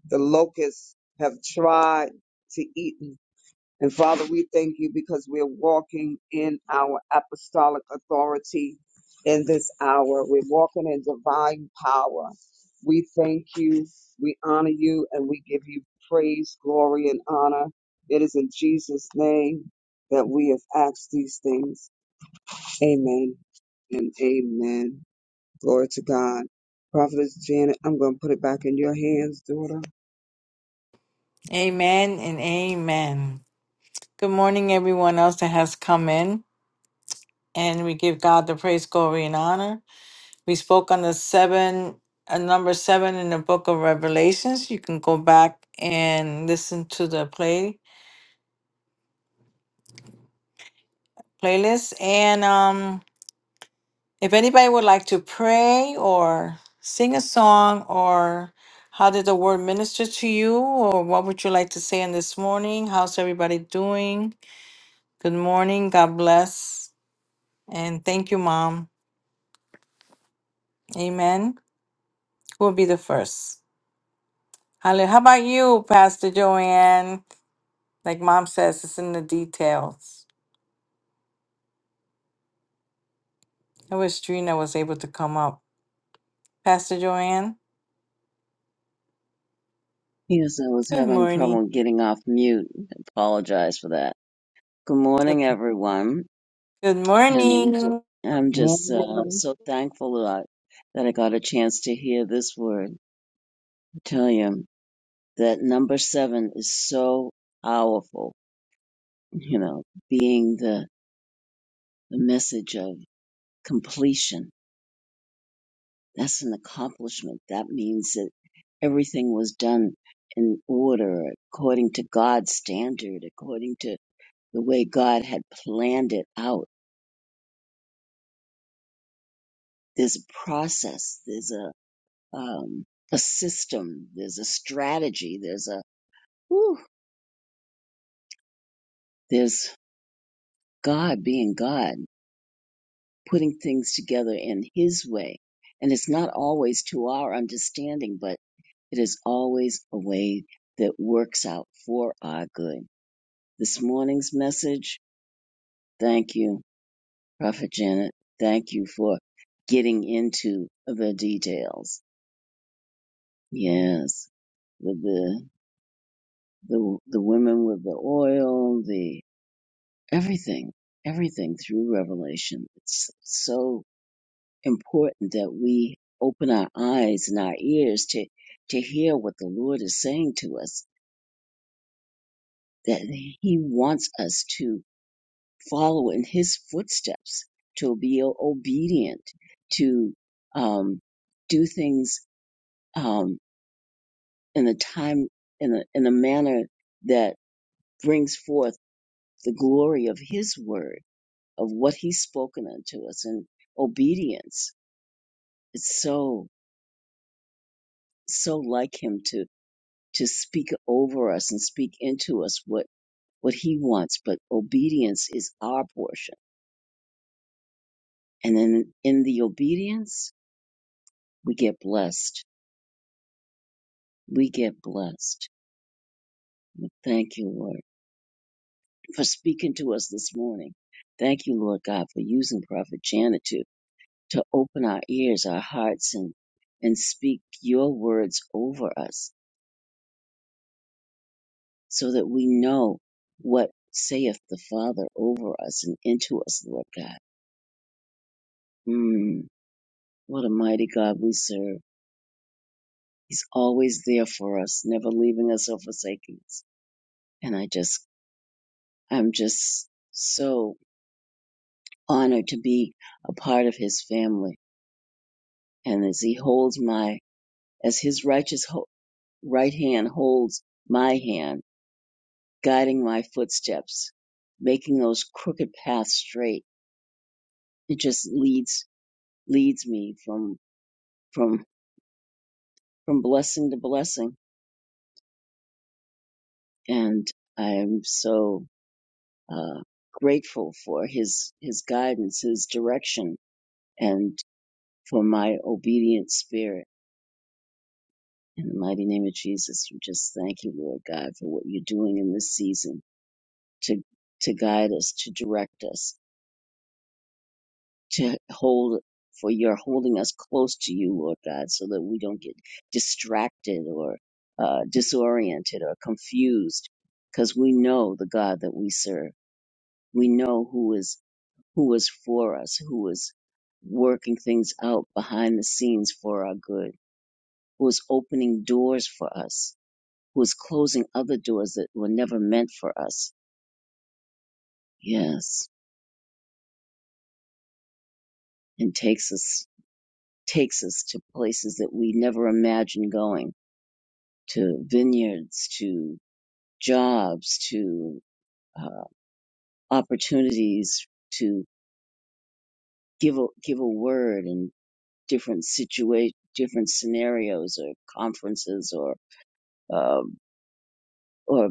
[SPEAKER 1] the locusts have tried to eat and Father, we thank you because we're walking in our apostolic authority in this hour. We're walking in divine power. We thank you, we honor you, and we give you praise, glory, and honor. It is in Jesus' name that we have asked these things. Amen and amen. Glory to God. Prophetess Janet, I'm going to put it back in your hands, daughter.
[SPEAKER 3] amen and amen. Good morning, everyone else that has come in. and we give God the praise, glory, and honor. We spoke on the seven, uh, number seven in the book of Revelations. You can go back and listen to the play playlist. And um, if anybody would like to pray or sing a song or how did the word minister to you or what would you like to say in this morning? How's everybody doing? Good morning. God bless. And thank you, Mom. Amen. Who will be the first? Hallelujah. How about you, Pastor Joanne? Like mom says, it's in the details. I wish Trina was able to come up. Pastor Joanne,
[SPEAKER 2] Yes, I was
[SPEAKER 3] good
[SPEAKER 2] having
[SPEAKER 3] morning.
[SPEAKER 2] trouble getting off mute. I Apologize for that. Good morning,
[SPEAKER 3] Okay.
[SPEAKER 2] everyone.
[SPEAKER 3] Good
[SPEAKER 2] And I'm just,
[SPEAKER 3] morning.
[SPEAKER 2] I'm
[SPEAKER 1] More
[SPEAKER 2] just uh, so thankful that I, that I got a chance to hear this word. I tell you that number seven is so powerful, you know, being the, the message of completion. That's an accomplishment. That means that everything was done in order, according to God's standard, according to the way God had planned it out. There's a process. There's a um, a system, there's a strategy, there's a whew, there's God being God, putting things together in His way, and it's not always to our understanding, but it is always a way that works out for our good. This morning's message, thank you, Prophet Janet. Thank you for getting into the details. Yes, with the the the women with the oil, the everything, everything through Revelation. It's so important that we open our eyes and our ears to, to hear what the Lord is saying to us, that He wants us to follow in His footsteps, to be obedient, to um, do things um, in a time, in a, in a manner that brings forth the glory of His word, of what He's spoken unto us, and obedience It's so so like him to to speak over us and speak into us what what he wants but obedience is our portion and then in the obedience we get blessed we get blessed Well, thank you lord for speaking to us this morning thank you lord god for using prophet janet to to open our ears our hearts and and speak your words over us so that we know what saith the Father over us and into us, Lord God. Mm, what a mighty God we serve. He's always there for us, never leaving us or forsaking us. And I just, I'm just so honored to be a part of his family. And as he holds my, as his righteous ho- right hand holds my hand, guiding my footsteps, making those crooked paths straight, it just leads leads me from from from blessing to blessing and i'm so uh grateful for his his guidance his direction and for my obedient spirit in the mighty name of jesus we just thank you lord god for what you're doing in this season to to guide us to direct us to hold for you're holding us close to you lord god so that we don't get distracted or uh, disoriented or confused because we know the god that we serve we know who is who is for us, who is working things out behind the scenes for our good, who is opening doors for us, who is closing other doors that were never meant for us. Yes, and takes us takes us to places that we never imagined going, to vineyards, to jobs, to uh, opportunities, to give a, give a word in different situa different scenarios or conferences or um, or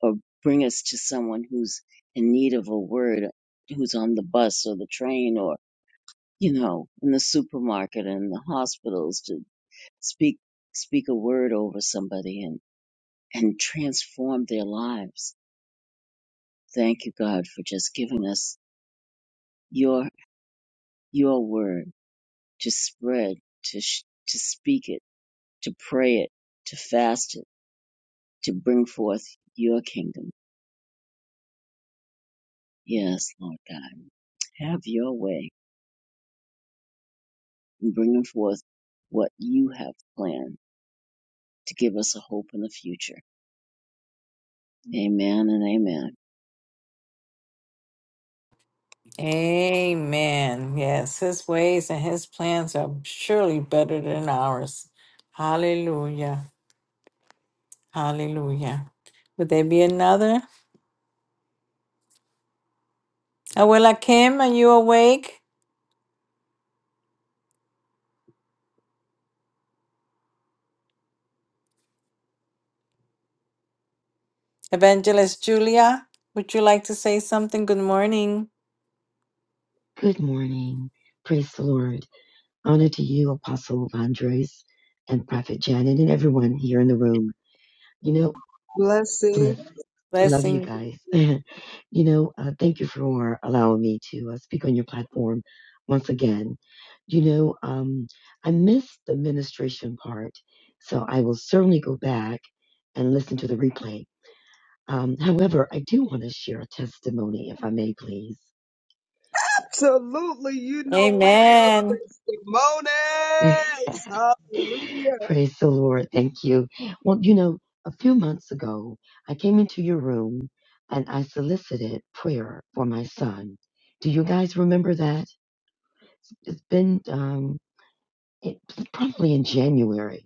[SPEAKER 2] or bring us to someone who's in need of a word, who's on the bus or the train or you know in the supermarket and the hospitals to speak speak a word over somebody and and transform their lives. Thank you, God, for just giving us your your word to spread, to sh- to speak it, to pray it, to fast it, to bring forth your kingdom. Yes, Lord God, have your way and bringing forth what you have planned to give us a hope in the future. Amen and amen.
[SPEAKER 3] Amen. Yes, his ways and his plans are surely better than ours. Hallelujah. Hallelujah. Would there be another? Abuela Kim, are you awake? Evangelist Julia, would you like to say something? Good morning.
[SPEAKER 6] Good morning. Praise the Lord. Honor to you, Apostle Andres and Prophet Janet and everyone here in the room. You know,
[SPEAKER 1] blessings.
[SPEAKER 6] bless, love you
[SPEAKER 3] Blessing.
[SPEAKER 6] guys. you know, uh, thank you for allowing me to uh, speak on your platform once again. You know, um, I missed the ministration part, so I will certainly go back and listen to the replay. Um, however, I do want to share a testimony, if I may, please.
[SPEAKER 1] Absolutely. You know we love
[SPEAKER 3] Amen.
[SPEAKER 1] testimonies. Hallelujah.
[SPEAKER 6] Praise the Lord. Thank you. Well, you know, a few months ago, I came into your room and I solicited prayer for my son. Do you guys remember that? It's been um, it, probably in January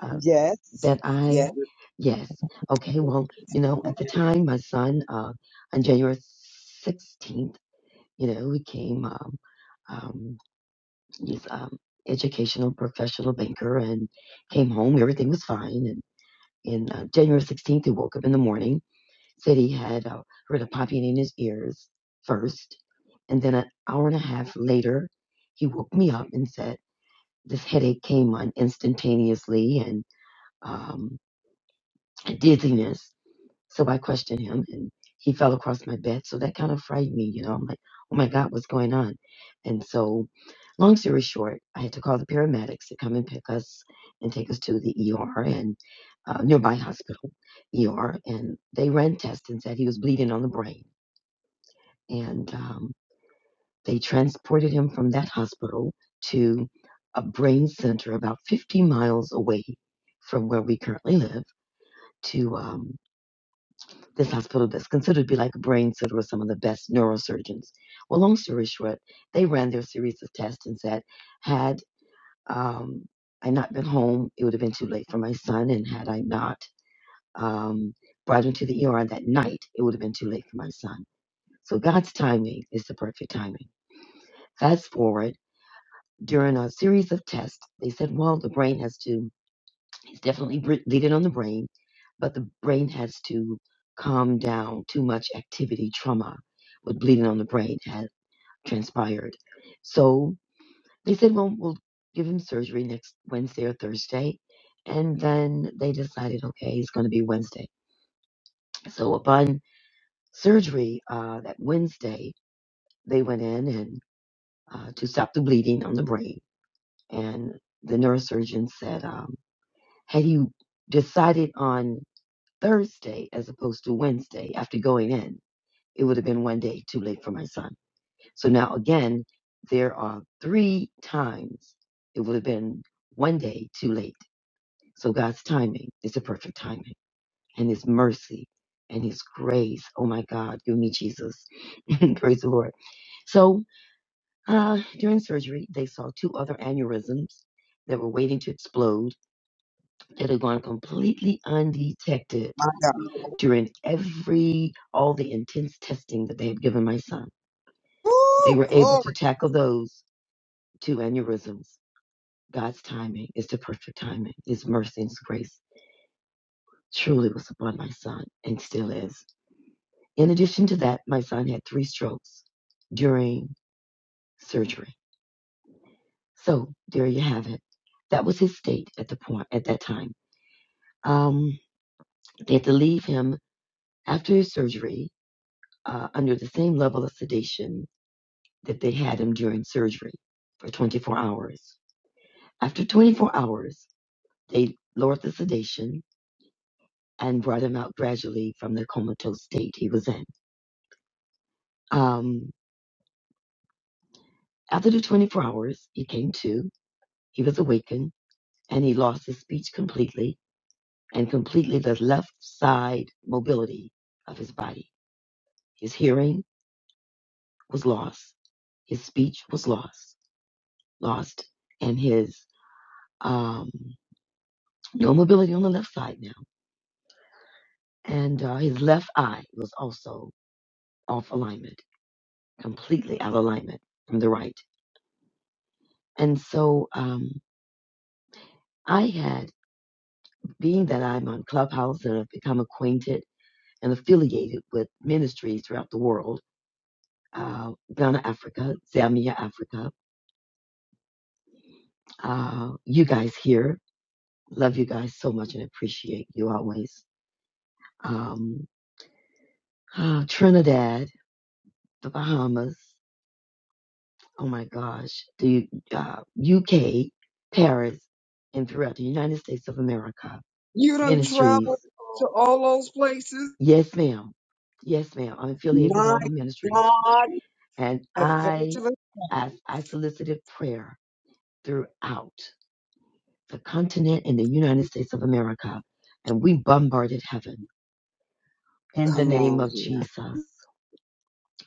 [SPEAKER 6] uh,
[SPEAKER 1] Yes.
[SPEAKER 6] that I,
[SPEAKER 1] Yes,
[SPEAKER 6] yes. Okay, well, you know, at the time, my son, uh, on January 16th, you know, he came, um, um, he's um, educational professional banker and came home. Everything was fine. in uh, January 16th, he woke up in the morning, said he had uh, heard a popping in his ears first. And then an hour and a half later, he woke me up and said, This headache came on instantaneously and um, dizziness. So I questioned him and he fell across my bed. So that kind of frightened me, you know. I'm like, oh my God, what's going on? And so, long story short, I had to call the paramedics to come and pick us and take us to the ER and uh, nearby hospital ER. And they ran tests and said he was bleeding on the brain. And um, they transported him from that hospital to a brain center about 50 miles away from where we currently live to. um, this hospital that's considered to be like a brain center with some of the best neurosurgeons. Well, long story short, they ran their series of tests and said, had um, I not been home, it would have been too late for my son, and had I not um, brought him to the ER that night, it would have been too late for my son. So God's timing is the perfect timing. Fast forward, during a series of tests, they said, well, the brain has to It's definitely br- leading on the brain, but the brain has to calm down. Too much activity, trauma with bleeding on the brain has transpired. So they said, well, we'll give him surgery next Wednesday or Thursday. And then they decided, okay, it's going to be Wednesday. So upon surgery, uh, that Wednesday, they went in and uh, to stop the bleeding on the brain. And the neurosurgeon said, um, had you decided on Thursday as opposed to Wednesday after going in, it would have been one day too late for my son. So now again, there are three times it would have been one day too late. So God's timing is a perfect timing and his mercy and his grace. Oh my God, give me Jesus. Praise the Lord. So uh, during surgery, they saw two other aneurysms that were waiting to explode that had gone completely undetected
[SPEAKER 1] my God.
[SPEAKER 6] during every all the intense testing that they had given my son they
[SPEAKER 1] Woo,
[SPEAKER 6] were able
[SPEAKER 1] glory.
[SPEAKER 6] to tackle those two aneurysms god's timing is the perfect timing his mercy and his grace truly was upon my son and still is in addition to that my son had three strokes during surgery so there you have it that was his state at the point at that time um, they had to leave him after his surgery uh, under the same level of sedation that they had him during surgery for 24 hours. After 24 hours, they lowered the sedation and brought him out gradually from the comatose state he was in. Um, after the 24 hours, he came to, he was awakened, and he lost his speech completely and completely the left side mobility of his body. His hearing was lost, his speech was lost, lost, and his um, no mobility on the left side now and uh, his left eye was also off alignment, completely out of alignment from the right. And so um, I had, being that I'm on Clubhouse and I've become acquainted and affiliated with ministries throughout the world, uh, Ghana, Africa, Zambia, Africa, uh, you guys here, love you guys so much and appreciate you always. Um, uh, Trinidad, the Bahamas, oh my gosh, the uh, UK, Paris, and throughout the United States of America
[SPEAKER 1] You done
[SPEAKER 6] ministries.
[SPEAKER 1] traveled to all those places.
[SPEAKER 6] Yes, ma'am. Yes, ma'am. I'm affiliated with
[SPEAKER 1] My
[SPEAKER 6] all the ministries,
[SPEAKER 1] God,
[SPEAKER 6] and I,
[SPEAKER 1] evangelist.
[SPEAKER 6] I, I solicited prayer throughout the continent in the United States of America, and we bombarded heaven in the
[SPEAKER 1] Come
[SPEAKER 6] name
[SPEAKER 1] on
[SPEAKER 6] of
[SPEAKER 1] here.
[SPEAKER 6] Jesus.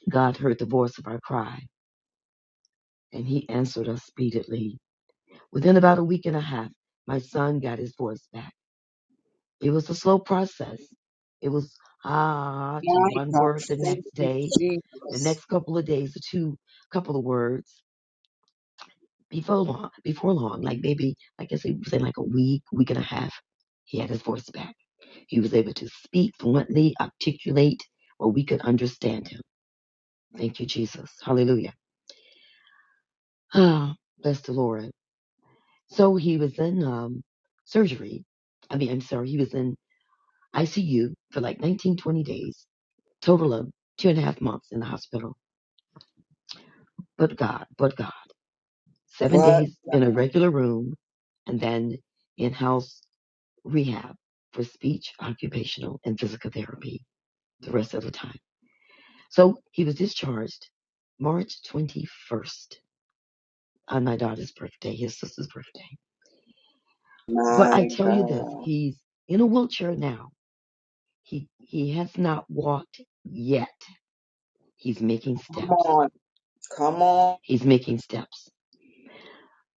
[SPEAKER 6] God heard the voice of our cry, and He answered us speedily. Within about a week and a half, my son got his voice back It was a slow process. It was ah to
[SPEAKER 1] My
[SPEAKER 6] one
[SPEAKER 1] God,
[SPEAKER 6] word the
[SPEAKER 1] thank
[SPEAKER 6] next
[SPEAKER 1] you,
[SPEAKER 6] day, the
[SPEAKER 1] Jesus.
[SPEAKER 6] next couple of days, or two couple of words before long. Before long, like maybe like I guess he was in like a week, week and a half, he had his voice back. He was able to speak fluently, articulate, where we could understand him. Thank you, Jesus. Hallelujah. Ah, bless the Lord. So he was in um, surgery. I mean, I'm sorry, he was in ICU for like 19, 20 days total of two and a half months in the hospital. But God, but God. Seven
[SPEAKER 1] What?
[SPEAKER 6] days in a regular room and then in house rehab for speech, occupational, and physical therapy the rest of the time. So he was discharged March 21st on my daughter's birthday, his sister's birthday. But I
[SPEAKER 1] My
[SPEAKER 6] tell you this,
[SPEAKER 1] God.
[SPEAKER 6] he's in a wheelchair now. He he has not walked yet. He's making
[SPEAKER 1] Come
[SPEAKER 6] steps.
[SPEAKER 1] on. Come on.
[SPEAKER 6] He's making steps.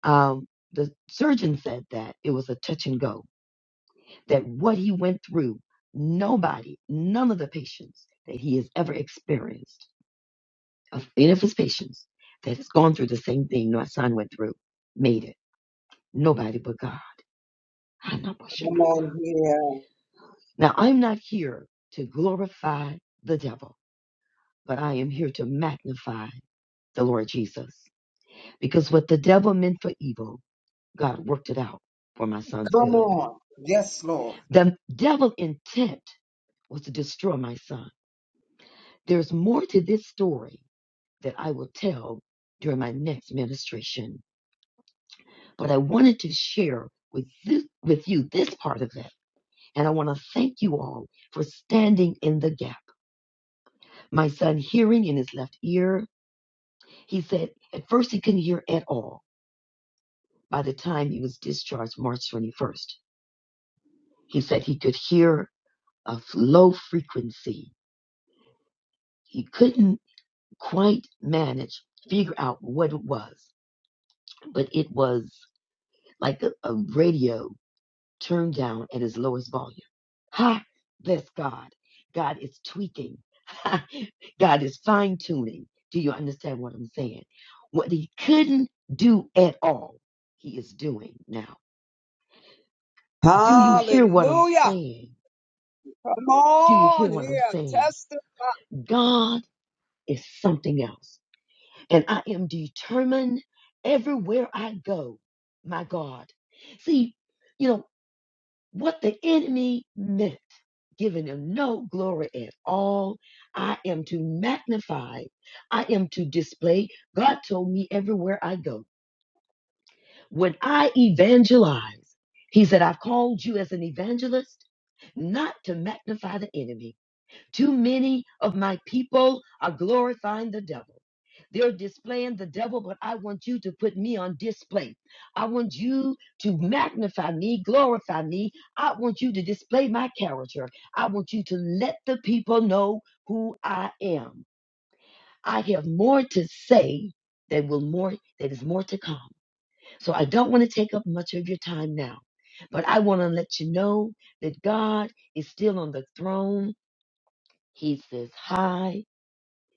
[SPEAKER 6] Um, the surgeon said that it was a touch and go, that what he went through, nobody, none of the patients that he has ever experienced, of any of his patients that has gone through the same thing my son went through, made it. Nobody but God.
[SPEAKER 1] Come on here.
[SPEAKER 6] Now, I'm not here to glorify the devil, but I am here to magnify the Lord Jesus. Because what the devil meant for evil, God worked it out for my son's
[SPEAKER 1] Come
[SPEAKER 6] good.
[SPEAKER 1] on. Yes, Lord.
[SPEAKER 6] The devil intent was to destroy my son. There's more to this story that I will tell during my next ministration, but I wanted to share with this, with you this part of it. And I want to thank you all for standing in the gap. My son hearing in his left ear, he said at first he couldn't hear at all. By the time he was discharged March 21st, he said he could hear a low frequency. He couldn't quite manage, figure out what it was, but it was like a, a radio turned down at its lowest volume. Ha! That's God. God is tweaking. God is fine tuning. Do you understand what I'm saying? What he couldn't do at all, he is doing now. Do you hear what I'm
[SPEAKER 1] Hallelujah.
[SPEAKER 6] saying?
[SPEAKER 1] Come
[SPEAKER 6] Do you hear
[SPEAKER 1] on
[SPEAKER 6] what I'm
[SPEAKER 1] here.
[SPEAKER 6] saying?
[SPEAKER 1] Testify.
[SPEAKER 6] God is something else. And I am determined everywhere I go, my God. See, you know, what the enemy meant. giving him no glory at all. I am to magnify. I am to display. God told me everywhere I go. When I evangelize, he said, I've called you as an evangelist not to magnify the enemy. Too many of my people are glorifying the devil. They're displaying the devil, but I want you to put me on display. I want you to magnify me, glorify me. I want you to display my character. I want you to let the people know who I am. I have more to say that will more that is more to come. So I don't want to take up much of your time now. But I want to let you know that God is still on the throne. He sits high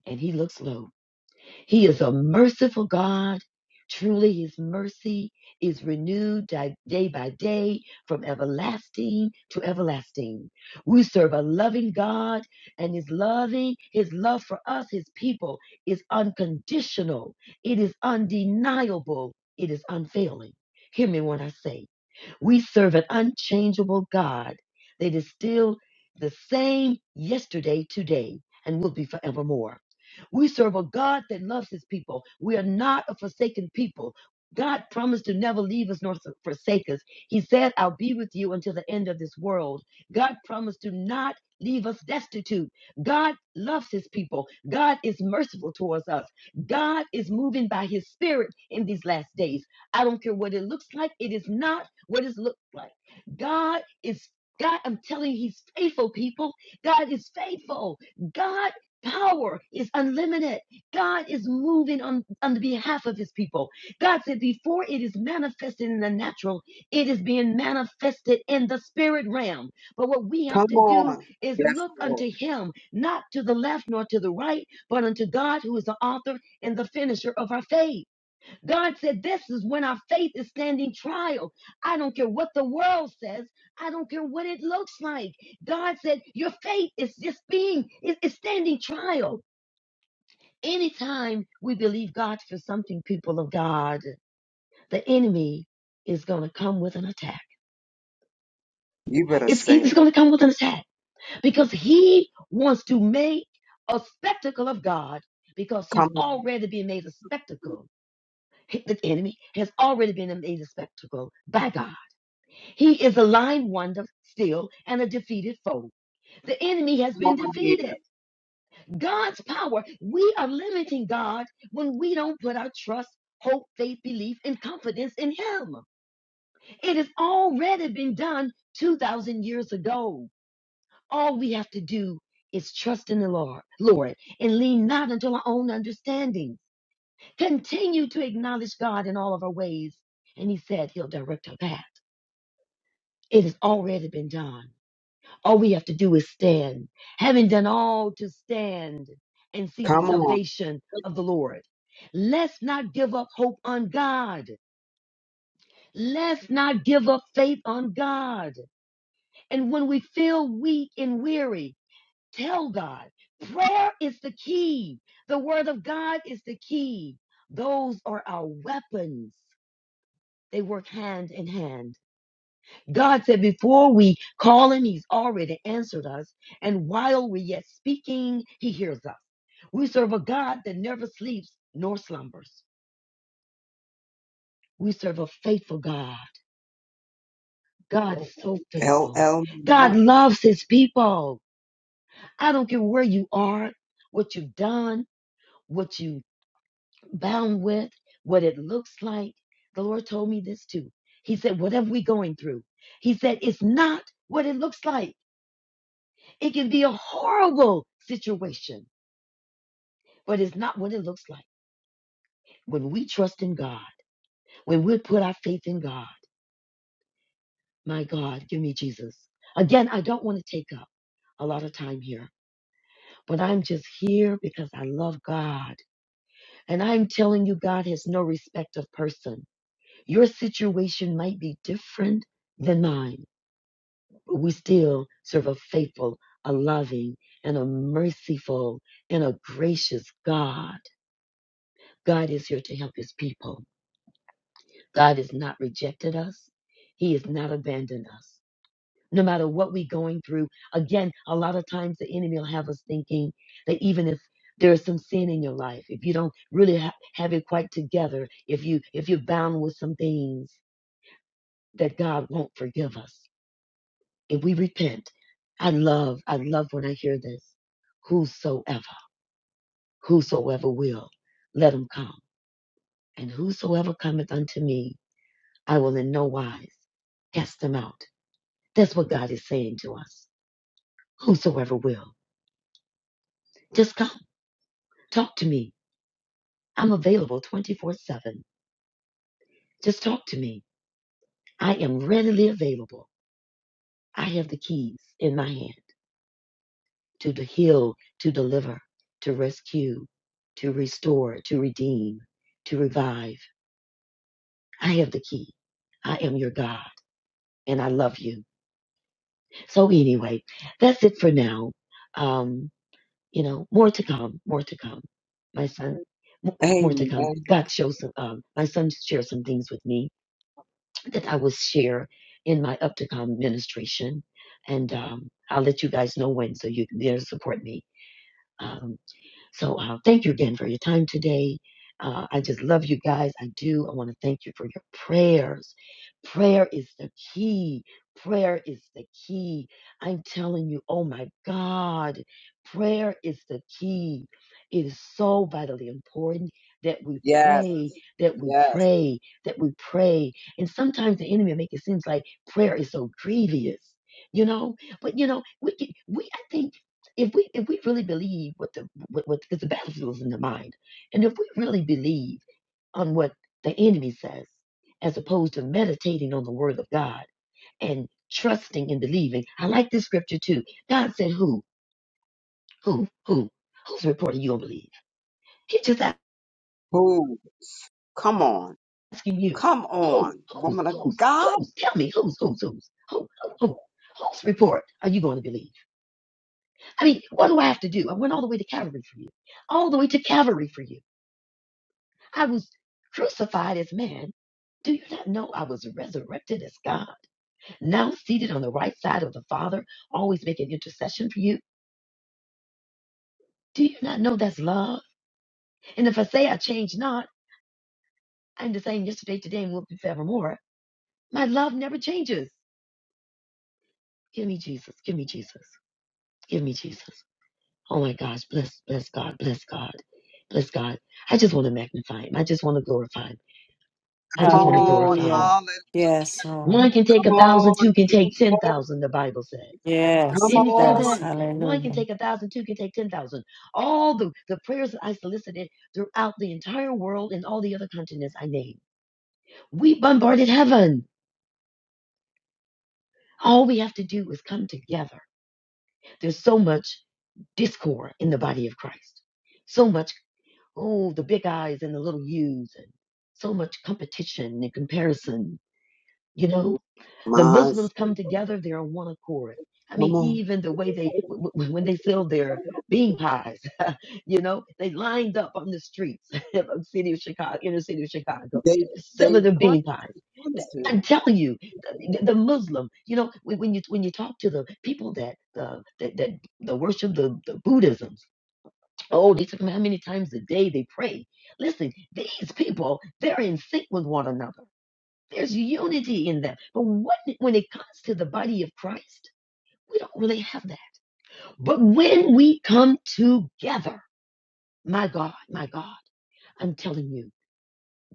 [SPEAKER 6] and he looks low. He is a merciful God. Truly, his mercy is renewed di- day by day from everlasting to everlasting. We serve a loving God, and his loving, his love for us, his people, is unconditional. It is undeniable. It is unfailing. Hear me when I say, we serve an unchangeable God that is still the same yesterday, today, and will be forevermore. We serve a God that loves his people. We are not a forsaken people. God promised to never leave us nor forsake us. He said, I'll be with you until the end of this world. God promised to not leave us destitute. God loves his people. God is merciful towards us. God is moving by his spirit in these last days. I don't care what it looks like, it is not what does it look like? God is God, I'm telling you, He's faithful, people. God is faithful. God power is unlimited. God is moving on, on the behalf of his people. God said before it is manifested in the natural, it is being manifested in the spirit realm. But what we have
[SPEAKER 1] Come
[SPEAKER 6] to do
[SPEAKER 1] on.
[SPEAKER 6] is
[SPEAKER 1] Yes,
[SPEAKER 6] look
[SPEAKER 1] Lord.
[SPEAKER 6] unto him, not to the left nor to the right, but unto God who is the author and the finisher of our faith. God said, This is when our faith is standing trial. I don't care what the world says. I don't care what it looks like. God said, Your faith is just being, it- it's standing trial. Anytime we believe God for something, people of God, the enemy is going to come with an attack.
[SPEAKER 1] You better
[SPEAKER 6] It's,
[SPEAKER 1] say
[SPEAKER 6] he's
[SPEAKER 1] it.
[SPEAKER 6] going to come with an attack because he wants to make a spectacle of God because he's
[SPEAKER 1] Come on
[SPEAKER 6] already been made a spectacle. The enemy has already been made a spectacle by God. He is a lying wonder still and a defeated foe. The enemy has been
[SPEAKER 1] over here.
[SPEAKER 6] defeated. God's power, we are limiting God when we don't put our trust, hope, faith, belief, and confidence in Him. It has already been done 2,000 years ago. All we have to do is trust in the Lord, Lord, and lean not unto our own understanding. Continue to acknowledge God in all of our ways, and He said He'll direct our path. It has already been done. All we have to do is stand, having done all to stand and see the
[SPEAKER 1] Come on.
[SPEAKER 6] salvation of the Lord. Let's not give up hope on God. Let's not give up faith on God. And when we feel weak and weary, tell God. Prayer is the key. The word of God is the key. Those are our weapons. They work hand in hand. God said, before we call him, he's already answered us. And while we're yet speaking, he hears us. We serve a God that never sleeps nor slumbers. We serve a faithful God. God is so
[SPEAKER 1] L
[SPEAKER 6] faithful.
[SPEAKER 1] L.
[SPEAKER 6] God loves his people. I don't care where you are, what you've done, what you bound with, what it looks like. The Lord told me this too. He said, whatever we're going through, he said, it's not what it looks like. It can be a horrible situation, but it's not what it looks like. When we trust in God, when we put our faith in God, my God, give me Jesus. Again, I don't want to take up a lot of time here, but I'm just here because I love God. And I'm telling you, God has no respect of person. Your situation might be different than mine, but we still serve a faithful, a loving, and a merciful, and a gracious God. God is here to help his people. God has not rejected us. He has not abandoned us. No matter what we're going through, again, a lot of times the enemy will have us thinking that even if there's some sin in your life, if you don't really ha- have it quite together, if you if you're bound with some things that God won't forgive us. If we repent, I love, I love when I hear this. Whosoever, whosoever will, let him come. And whosoever cometh unto me, I will in no wise cast them out. That's what God is saying to us. Whosoever will, just come, talk to me. I'm available 24 7. Just talk to me. I am readily available. I have the keys in my hand to de- heal, to deliver, to rescue, to restore, to redeem, to revive. I have the key. I am your God and I love you. So, anyway, that's it for now. Um. you know, more to come, more to come. My son, more, more to
[SPEAKER 1] Amen.
[SPEAKER 6] come. God shows some, um, my son shared some things with me that I will share in my up to come ministration. And um, I'll let you guys know when so you can there to support me. Um, so uh, thank you again for your time today. Uh, I just love you guys. I do. I want to thank you for your prayers. Prayer is the key. Prayer is the key. I'm telling you, oh my God, prayer is the key. It is so vitally important that we
[SPEAKER 1] Yes.
[SPEAKER 6] pray, that we
[SPEAKER 1] Yes.
[SPEAKER 6] pray, that we pray. And sometimes the enemy will make it seem like prayer is so grievous, you know? But you know, we can, we I think if we if we really believe what the what, what because the battlefield is in the mind, and if we really believe on what the enemy says, as opposed to meditating on the word of God and trusting and believing, I like this scripture too. God said, "Who, who, who, who's reporting you going to believe?" He's just
[SPEAKER 1] Who? Come on.
[SPEAKER 6] asking you,
[SPEAKER 1] Come
[SPEAKER 6] "Who,
[SPEAKER 1] on.
[SPEAKER 6] who's,
[SPEAKER 1] Woman of
[SPEAKER 6] who's,
[SPEAKER 1] God.
[SPEAKER 6] who's? Tell me, who's, who's, who's, who, who, who." Whose report are you going to believe? I mean, what do I have to do? I went all the way to Calvary for you. All the way to Calvary for you. I was crucified as man. Do you not know I was resurrected as God? Now seated on the right side of the Father, always making intercession for you. Do you not know that's love? And if I say I change not, I'm the same yesterday, today, and will be forevermore. My love never changes. Give me Jesus. Give me Jesus. Give me Jesus. Oh my gosh. Bless, bless God. Bless God. Bless God. I just want to magnify him. I just want to glorify him. I
[SPEAKER 1] Come
[SPEAKER 6] just want to
[SPEAKER 1] on.
[SPEAKER 6] glorify him.
[SPEAKER 3] Hallelujah.
[SPEAKER 1] Hallelujah.
[SPEAKER 3] Yes, Lord.
[SPEAKER 6] One can take
[SPEAKER 1] Come
[SPEAKER 6] a thousand,
[SPEAKER 1] on.
[SPEAKER 6] two can
[SPEAKER 1] Give
[SPEAKER 6] take
[SPEAKER 1] him
[SPEAKER 6] ten
[SPEAKER 1] glory.
[SPEAKER 6] thousand, the Bible says.
[SPEAKER 1] Come
[SPEAKER 3] Yes,
[SPEAKER 6] Didn't he say
[SPEAKER 3] yes.
[SPEAKER 6] that?
[SPEAKER 1] on.
[SPEAKER 6] One can
[SPEAKER 3] Hallelujah.
[SPEAKER 6] take a thousand, two can take ten thousand. All the, the prayers that I solicited throughout the entire world and all the other continents I named. We bombarded heaven. All we have to do is come together. There's so much discord in the body of Christ. So much, oh, the big eyes and the little U's and so much competition and comparison, you know? The
[SPEAKER 1] My.
[SPEAKER 6] Muslims come together, they're on one accord. I mean,
[SPEAKER 1] Come on.
[SPEAKER 6] even the way they, w- w- when they sell their bean pies, you know, they lined up on the streets of the city of Chicago, inner city of Chicago,
[SPEAKER 1] They they
[SPEAKER 6] selling their
[SPEAKER 1] pray
[SPEAKER 6] bean pies.
[SPEAKER 1] in
[SPEAKER 6] Th-
[SPEAKER 1] unison.
[SPEAKER 6] I'm telling you, the, the Muslim, you know, when, when you when you talk to the people that uh, that, that that worship the, the Buddhisms, oh, they talk about how many times a day they pray. Listen, these people, they're in sync with one another there's unity in that. But what, when it comes to the body of Christ, we don't really have that. But when we come together, my God, my God, I'm telling you,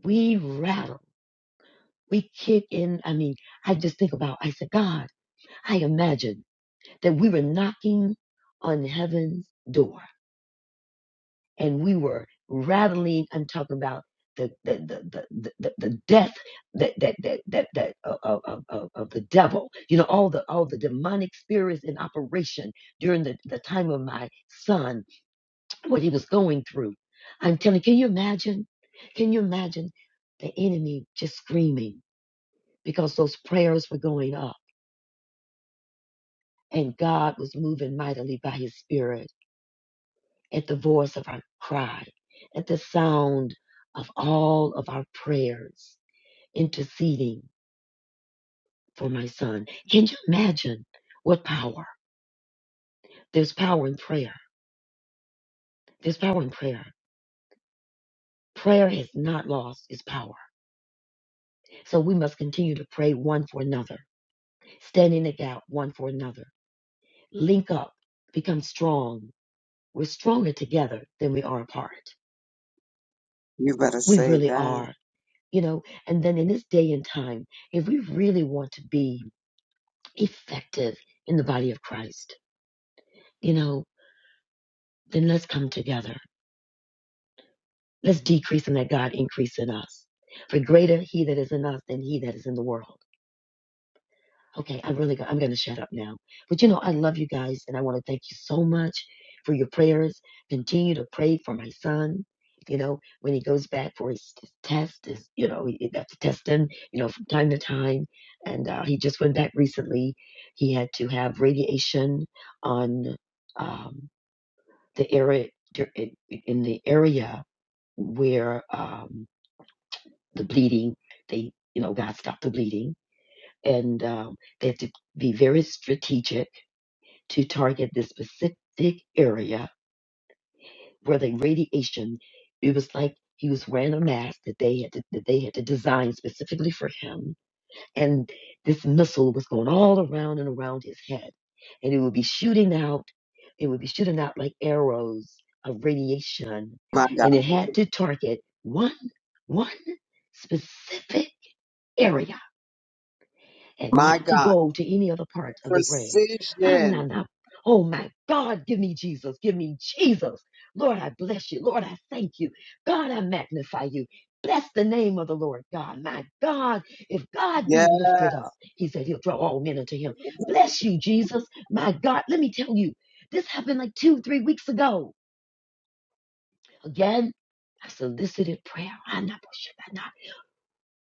[SPEAKER 6] we rattle. We kick in. I mean, I just think about, I said, God, I imagine that we were knocking on heaven's door and we were rattling and talking about the the the the, the, the death that that that that, that of, of, of of the devil you know all the all the demonic spirits in operation during the, the time of my son what he was going through i'm telling can you imagine can you imagine the enemy just screaming because those prayers were going up and god was moving mightily by his spirit at the voice of our cry, at the sound of all of our prayers, interceding for my son. Can you imagine what power? There's power in prayer. There's power in prayer. Prayer has not lost its power. So we must continue to pray one for another, stand in the gap one for another, link up, become strong. We're stronger together than we are apart.
[SPEAKER 1] You better
[SPEAKER 6] We
[SPEAKER 1] say
[SPEAKER 6] really
[SPEAKER 1] that.
[SPEAKER 6] are, you know. And then in this day and time, if we really want to be effective in the body of Christ, you know, then let's come together. Let's decrease and let God increase in us. For greater he that is in us than he that is in the world. Okay, I really, go- I'm going to shut up now. But you know, I love you guys and I want to thank you so much for your prayers. Continue to pray for my son. You know, when he goes back for his his test, is you know, he he got to test him, you know, from time to time. And uh, he just went back recently. He had to have radiation on. um, the area in the area where um, the bleeding they you know God stopped the bleeding and um, they had to be very strategic to target this specific area where the radiation it was like he was wearing a mask that they had to, that they had to design specifically for him and this missile was going all around and around his head and it would be shooting out it would be shooting out like arrows of radiation
[SPEAKER 1] My
[SPEAKER 6] and it
[SPEAKER 1] God.
[SPEAKER 6] had to target one one specific area and
[SPEAKER 1] My
[SPEAKER 6] not to
[SPEAKER 1] God.
[SPEAKER 6] go to any other part of the brain. Ah, nah,
[SPEAKER 1] Precision.
[SPEAKER 6] nah. Oh my God, give me Jesus. Give me Jesus. Lord, I bless you. Lord, I thank you. God, I magnify you. Bless the name of the Lord God. My God, if God be
[SPEAKER 1] Yeah.
[SPEAKER 6] lifted up, he said he'll draw all men unto him. Bless you, Jesus. My God, let me tell you, this happened like two, three weeks ago. Again, I solicited prayer. Ah, nah, bah, shah, bah,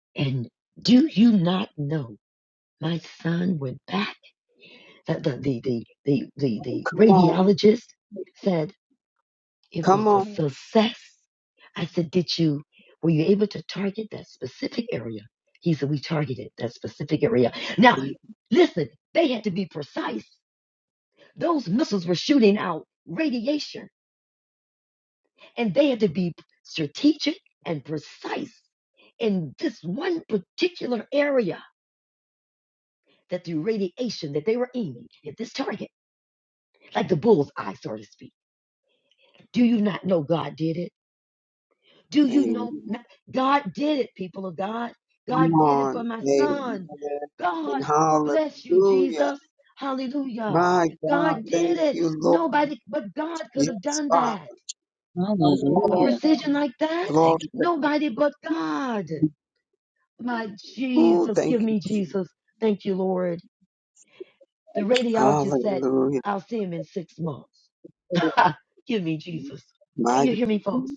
[SPEAKER 6] nah. And do you not know my son went back? the the the the the, the, the
[SPEAKER 1] Come on.
[SPEAKER 6] radiologist said it was
[SPEAKER 1] Come
[SPEAKER 6] a
[SPEAKER 1] on.
[SPEAKER 6] Mhm. success. I said, did you were you able to target that specific area? He said, we targeted that specific area. Now, listen, they had to be precise. Those missiles were shooting out radiation, and they had to be strategic and precise in this one particular area that the radiation that they were aiming at this target, like the bull's eye, so to speak. Do you not know God did it? Do you
[SPEAKER 1] Amen.
[SPEAKER 6] know not- God did it, people of God?
[SPEAKER 1] Come
[SPEAKER 6] God did it for
[SPEAKER 1] on.
[SPEAKER 6] my
[SPEAKER 1] Amen.
[SPEAKER 6] son.
[SPEAKER 1] And
[SPEAKER 6] God bless you,
[SPEAKER 1] hallelujah.
[SPEAKER 6] Jesus. Hallelujah.
[SPEAKER 1] My God.
[SPEAKER 6] God did
[SPEAKER 1] Thank
[SPEAKER 6] it.
[SPEAKER 1] you, Lord.
[SPEAKER 6] Nobody but God could have
[SPEAKER 1] Yes,
[SPEAKER 6] done
[SPEAKER 1] Father.
[SPEAKER 6] that.
[SPEAKER 1] Come
[SPEAKER 6] A
[SPEAKER 1] on.
[SPEAKER 2] Hallelujah.
[SPEAKER 6] precision like that?
[SPEAKER 2] Thank
[SPEAKER 1] Glory to
[SPEAKER 6] Nobody but God.
[SPEAKER 1] God.
[SPEAKER 6] My
[SPEAKER 1] Ooh,
[SPEAKER 6] Jesus, give
[SPEAKER 1] thank you,
[SPEAKER 6] me
[SPEAKER 1] Jesus.
[SPEAKER 6] Jesus. Thank you, Lord. The radiologist said,
[SPEAKER 1] Hallelujah.
[SPEAKER 6] I'll see him in six months. give me Jesus. Do
[SPEAKER 1] My
[SPEAKER 6] you
[SPEAKER 1] God.
[SPEAKER 6] hear me, folks?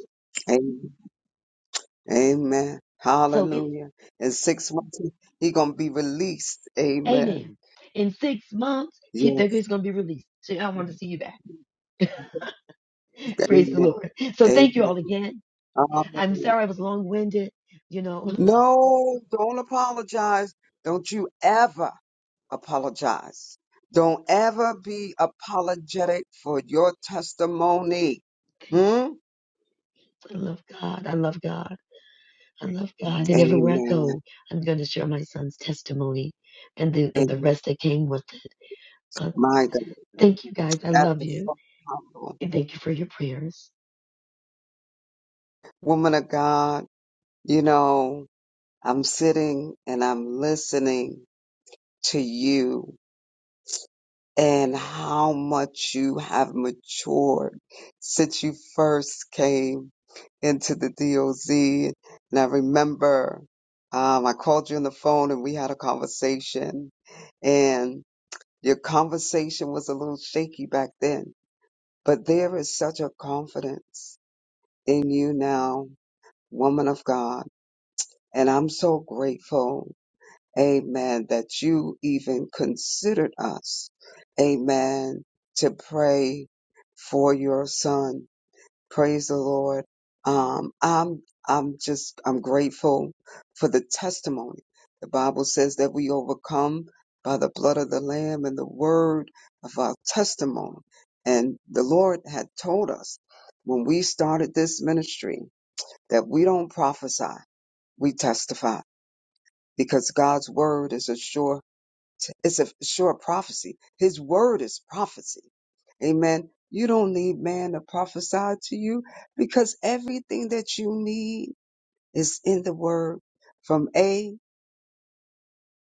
[SPEAKER 1] Amen. Amen.
[SPEAKER 6] So it
[SPEAKER 1] Hallelujah. In six months, he he gonna be released. Amen.
[SPEAKER 6] Amen. In six months, he, they're
[SPEAKER 1] Yes.
[SPEAKER 6] going to be released. So I want to see you back. Praise the
[SPEAKER 1] Amen.
[SPEAKER 6] Lord. So
[SPEAKER 1] Amen.
[SPEAKER 6] thank you all again. I'm
[SPEAKER 1] Hallelujah.
[SPEAKER 6] sorry I was long winded. You know,
[SPEAKER 1] No, don't apologize. Don't you ever apologize. Don't ever be apologetic for your testimony.
[SPEAKER 6] thank you.
[SPEAKER 1] Hmm?
[SPEAKER 6] I love God. I love God. I love God. And everywhere I
[SPEAKER 1] Amen.
[SPEAKER 6] go, I'm going to share my son's testimony and the, and
[SPEAKER 1] And
[SPEAKER 6] the rest that came with it. Uh,
[SPEAKER 1] My God,
[SPEAKER 6] thank you guys. I
[SPEAKER 1] that
[SPEAKER 6] love
[SPEAKER 1] is
[SPEAKER 6] you.
[SPEAKER 1] so powerful.
[SPEAKER 6] And thank you for your prayers.
[SPEAKER 1] Woman of God, you know, I'm sitting and I'm listening to you and how much you have matured since you first came into the DOZ. And I remember um, I called you on the phone and we had a conversation, and your conversation was a little shaky back then. But there is such a confidence in you now, woman of God. And I'm so grateful, amen, that you even considered us, amen, to pray for your son Praise the Lord. Um, I'm I'm just I'm grateful for the testimony. The Bible says that we overcome by the blood of the Lamb and the word of our testimony. And the Lord had told us when we started this ministry that we don't prophesy, we testify because God's word is a sure it's a sure prophecy. His word is prophecy. Amen. You don't need man to prophesy to you because everything that you need is in the word from A,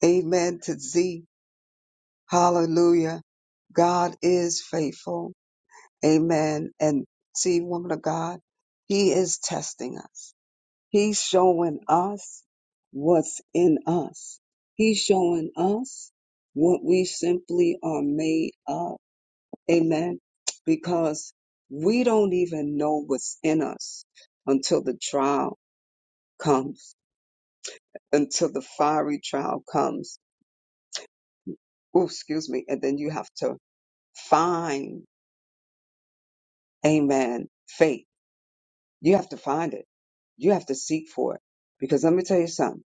[SPEAKER 1] amen, to Z. Hallelujah. God is faithful. Amen. And see, woman of God, he is testing us. He's showing us what's in us. He's showing us what we simply are made of Amen. Because we don't even know what's in us until the trial comes, until the fiery trial comes. Oh, excuse me. And then you have to find, amen, faith. You have to find it. You have to seek for it. Because let me tell you something.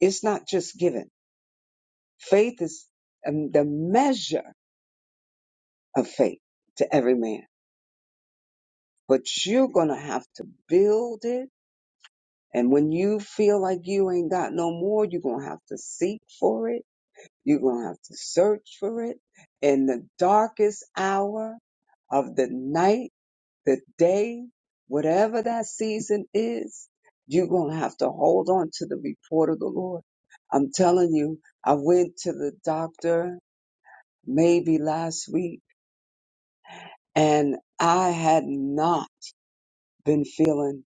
[SPEAKER 1] It's not just given. Faith is um, the measure of faith to every man, but you're going to have to build it And when you feel like you ain't got no more, you're going to have to seek for it. You're going to have to search for it. In the darkest hour of the night, the day, whatever that season is, you're going to have to hold on to the report of the Lord. I'm telling you, I went to the doctor maybe last week and I had not been feeling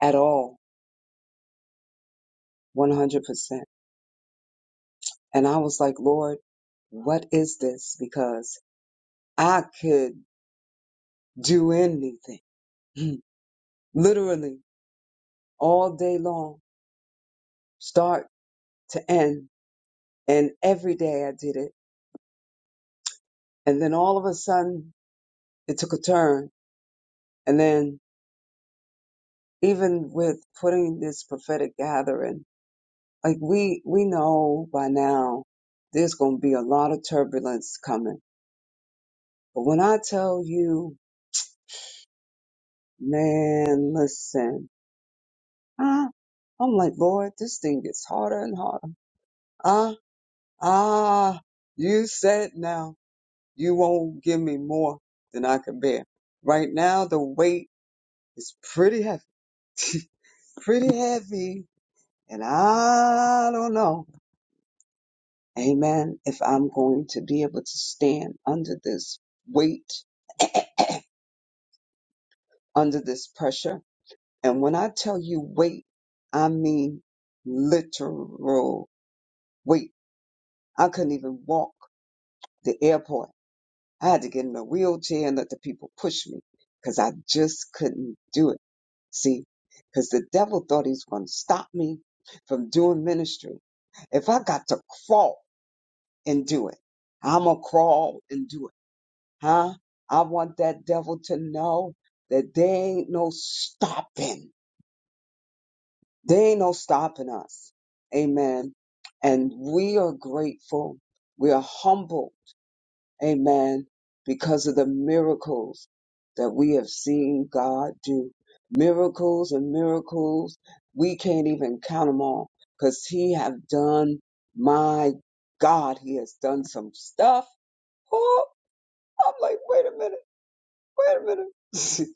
[SPEAKER 1] at all 100%. And I was like, Lord, what is this? Because I could do anything, literally all day long, start to end. And every day I did it. And then all of a sudden it took a turn. And then even with putting this prophetic gathering, like we, we know by now there's going to be a lot of turbulence coming. But when I tell you, man, listen, I'm like, Lord, this thing gets harder and harder. Ah, ah, you said now you won't give me more than I can bear. Right now, the weight is pretty heavy, pretty heavy. And I don't know, amen, if I'm going to be able to stand under this weight, under this pressure. And when I tell you weight, I mean literal weight. I couldn't even walk the airport I had to get in a wheelchair and let the people push me because I just couldn't do it. See, because the devil thought he was going to stop me from doing ministry. If I got to crawl and do it, I'm going to crawl and do it. Huh? I want that devil to know that there ain't no stopping. There ain't no stopping us. Amen. And we are grateful. We are humble Amen. Because of the miracles that we have seen God do. Miracles and miracles. We can't even count them all because he have done, my God, he has done some stuff. Oh, I'm like, wait a minute, wait a minute.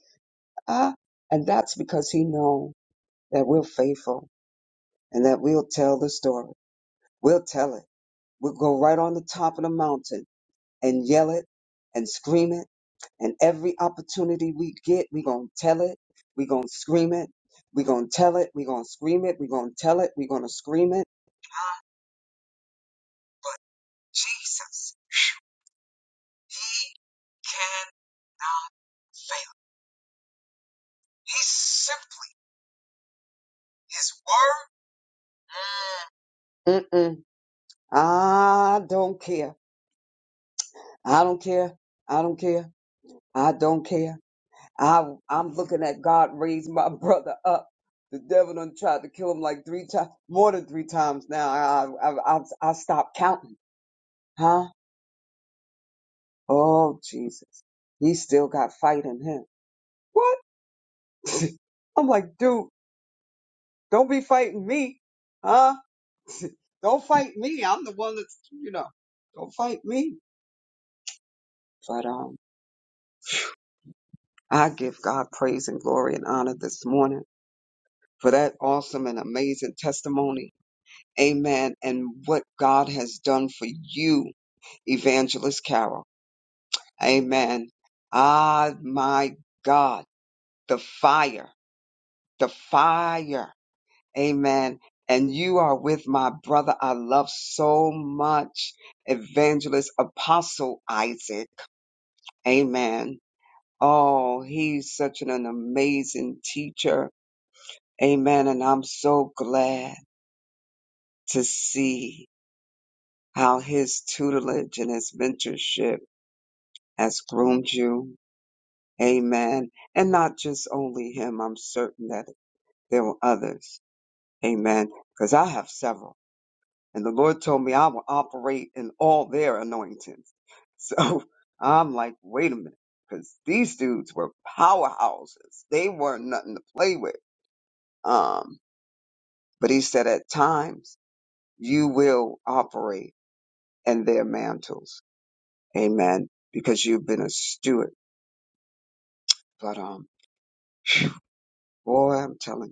[SPEAKER 1] ah, and that's because he know that we're faithful and that we'll tell the story. We'll tell it. We'll go right on the top of the mountain and yell it and scream it. And every opportunity we get, we're going to tell it. We're going to scream it. We're going to tell it. We're going to scream it. We're going to tell it. We're going to scream it. Jesus, he can fail. He's simply his word. Mm. Mm-mm. I don't care. I don't care. I don't care. I don't care. I, I'm looking at God raise my brother up. The devil done tried to kill him like three times, more than three times now. I, I, I, I stopped counting. Huh? Oh, Jesus. He still got fight in him. What? I'm like, dude, don't be fighting me. Huh? Don't fight me. I'm the one that's, you know, don't fight me. But, um, I give God praise and glory and honor this morning for that awesome and amazing testimony. Amen. And what God has done for you Evangelist Carol. Amen. Ah, my God, the fire, the fire. Amen. And you are with my brother I love so much, Evangelist Apostle Isaac. Amen. Oh, he's such an, an amazing teacher. Amen. And I'm so glad to see how his tutelage and his mentorship has groomed you Amen. And not just only him, I'm certain that there were others. Amen. Because I have several. And the Lord told me I will operate in all their anointings. So I'm like, wait a minute, because these dudes were powerhouses. They weren't nothing to play with. Um, but he said at times you will operate in their mantles. Amen. Because you've been a steward. But um, boy, I'm telling you.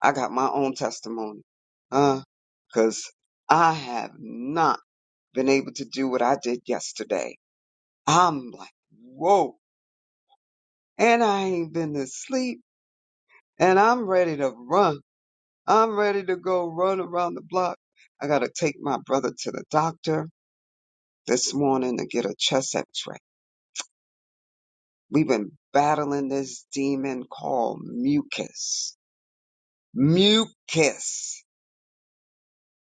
[SPEAKER 1] I got my own testimony. Uh, cause I have not been able to do what I did yesterday. I'm like, whoa. And I ain't been to sleep and I'm ready to run. I'm ready to go run around the block. I gotta take my brother to the doctor this morning to get a chest x-ray. We've been battling this demon called mucus. Mucus.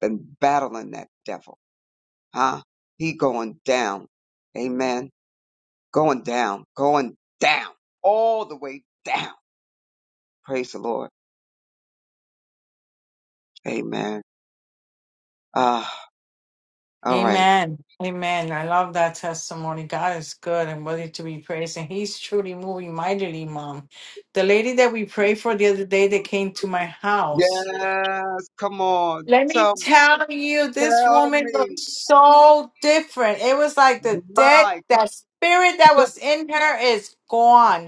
[SPEAKER 1] Been battling that devil. huh? He going down. Amen. Going down, going down, all the way down. Praise the Lord. Amen. Ah, all right.
[SPEAKER 3] Amen. Amen. I love that testimony. God is good and worthy to be praised. And He's truly moving mightily, Mom. The lady that we prayed for the other day that came to my house,
[SPEAKER 1] Yes, come on.
[SPEAKER 3] let me
[SPEAKER 1] Tell me,
[SPEAKER 3] tell you, this
[SPEAKER 1] tell
[SPEAKER 3] woman looked
[SPEAKER 1] me.
[SPEAKER 3] so different. It was like the dead,
[SPEAKER 1] My God.
[SPEAKER 3] that spirit that was in her is gone.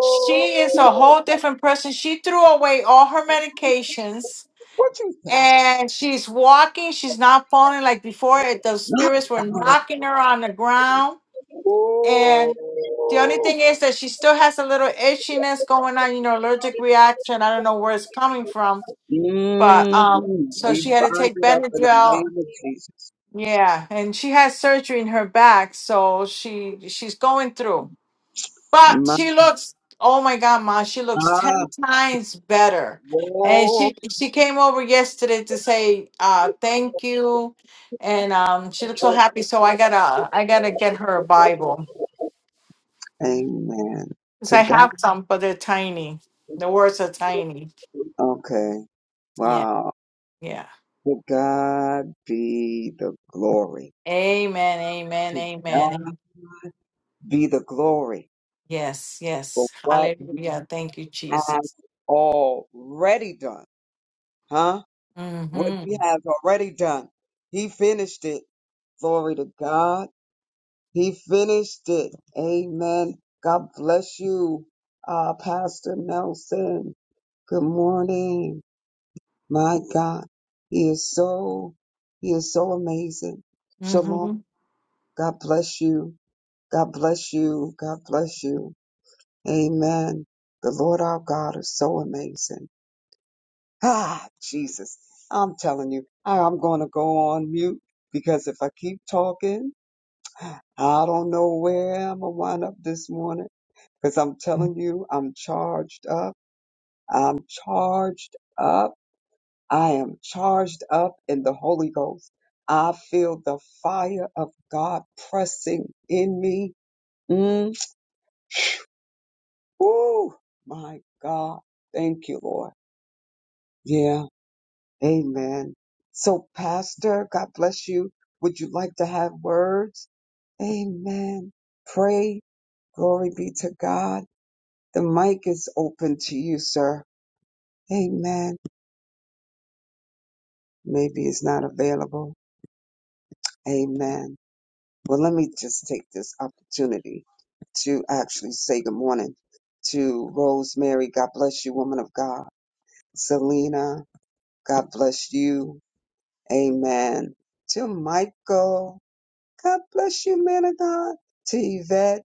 [SPEAKER 3] She is a whole different person. She threw away all her medications
[SPEAKER 1] What you say?
[SPEAKER 3] and she's walking. She's not falling like before. It- The
[SPEAKER 1] My
[SPEAKER 3] spirits were
[SPEAKER 1] God.
[SPEAKER 3] knocking her on the ground. And the only
[SPEAKER 1] Oh.
[SPEAKER 3] thing is that she still has a little itchiness going on, you know, allergic reaction. I don't know where it's coming from. But
[SPEAKER 1] Mm,
[SPEAKER 3] um, so
[SPEAKER 1] we
[SPEAKER 3] she had to
[SPEAKER 1] bind
[SPEAKER 3] take
[SPEAKER 1] it up in the
[SPEAKER 3] Benadryl.
[SPEAKER 1] name of Jesus.
[SPEAKER 3] Yeah, and she has surgery in her back, so she she's going through. But
[SPEAKER 1] My
[SPEAKER 3] she looks, oh my God, Ma, she looks
[SPEAKER 1] God.
[SPEAKER 3] 10 times better. And
[SPEAKER 1] Yes.
[SPEAKER 3] she she came over yesterday to say uh thank you. And um she looks so happy. So I gotta I gotta get her a Bible.
[SPEAKER 1] Amen.
[SPEAKER 3] Because
[SPEAKER 1] To
[SPEAKER 3] I
[SPEAKER 1] God.
[SPEAKER 3] have some, but they're tiny. The words are tiny.
[SPEAKER 1] Okay.
[SPEAKER 3] Yeah,
[SPEAKER 1] Wow.
[SPEAKER 3] yeah.
[SPEAKER 1] To God be the glory.
[SPEAKER 3] Amen, amen,
[SPEAKER 1] To God
[SPEAKER 3] amen.
[SPEAKER 1] be the glory
[SPEAKER 3] Yes,
[SPEAKER 1] for
[SPEAKER 3] yes.
[SPEAKER 1] what He
[SPEAKER 3] Hallelujah. Thank you,
[SPEAKER 1] has
[SPEAKER 3] Jesus.
[SPEAKER 1] already done. Huh? What
[SPEAKER 3] Mm-hmm.
[SPEAKER 1] He has already done. He finished it. Glory to God. He finished it. Amen. God bless you, uh, Pastor Nelson. Good morning. My God, He is so, He is so amazing. Shalom.
[SPEAKER 3] Mm-hmm.
[SPEAKER 1] God bless you. God bless you. God bless you. Amen. The Lord our God is so amazing. Ah, Jesus. I'm telling you, I- I'm going to go on mute because if I keep talking, I don't know where I'm going to wind up this morning. Because I'm telling you, I'm charged up. I'm charged up. I am charged up in the Holy Ghost. I feel the fire of God pressing in me. Mm. Woo! My God. Thank you, Lord. Yeah. Amen. So, Pastor, God bless you. Would you like to have words? Amen. Pray. Glory be to God. The mic is open to you, sir. Amen. maybe it's not available. Amen. Well, let me just take this opportunity to actually say good morning to Rosemary. God bless you, woman of God. Selena, God bless you. Amen. To Michael, God bless you, man of God. To Yvette,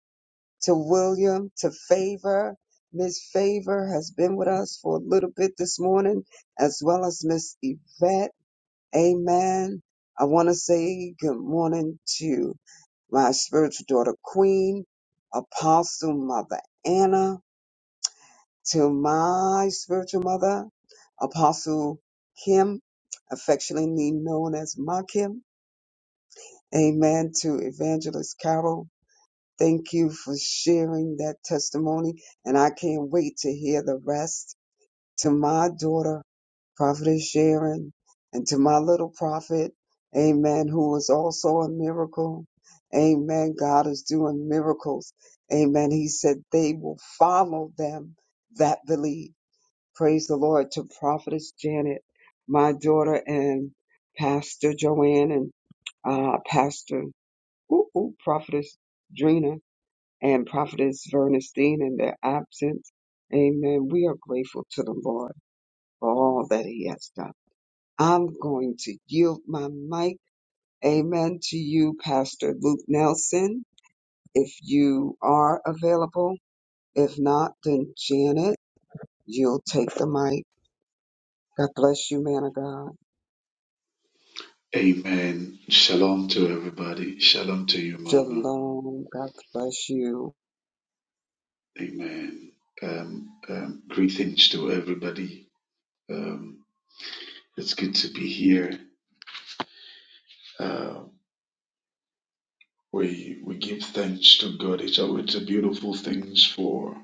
[SPEAKER 1] to William, to Favor. Miss Favor has been with us for a little bit this morning, as well as Miss Yvette. Amen. I want to say good morning to my spiritual daughter, Queen, Apostle Mother Anna, to my spiritual mother, Apostle Kim, affectionately known as Ma Kim. Amen. To Evangelist Carol. Thank you for sharing that testimony, and I can't wait to hear the rest. to my daughter, Prophetess Sharon, and to my little prophet, amen, who is also a miracle. Amen. God is doing miracles. Amen. He said they will follow them that believe. Praise the Lord to Prophetess Janet, my daughter, and Pastor Joanne, and uh, Pastor ooh, ooh, Prophetess Drina, and Prophetess Vernestine in their absence. Amen. We are grateful to the Lord for all that he has done. I'm going to yield my mic. Amen to you, Pastor Luke Nelson, if you are available. If not, then Janet, you'll take the mic. God bless you, man of God.
[SPEAKER 7] Amen. Shalom to everybody. Shalom to you, Mama.
[SPEAKER 1] Shalom. God bless you.
[SPEAKER 7] Amen. Um, um, greetings to everybody. Um, it's good to be here. Uh, we we give thanks to God. It's always a beautiful things for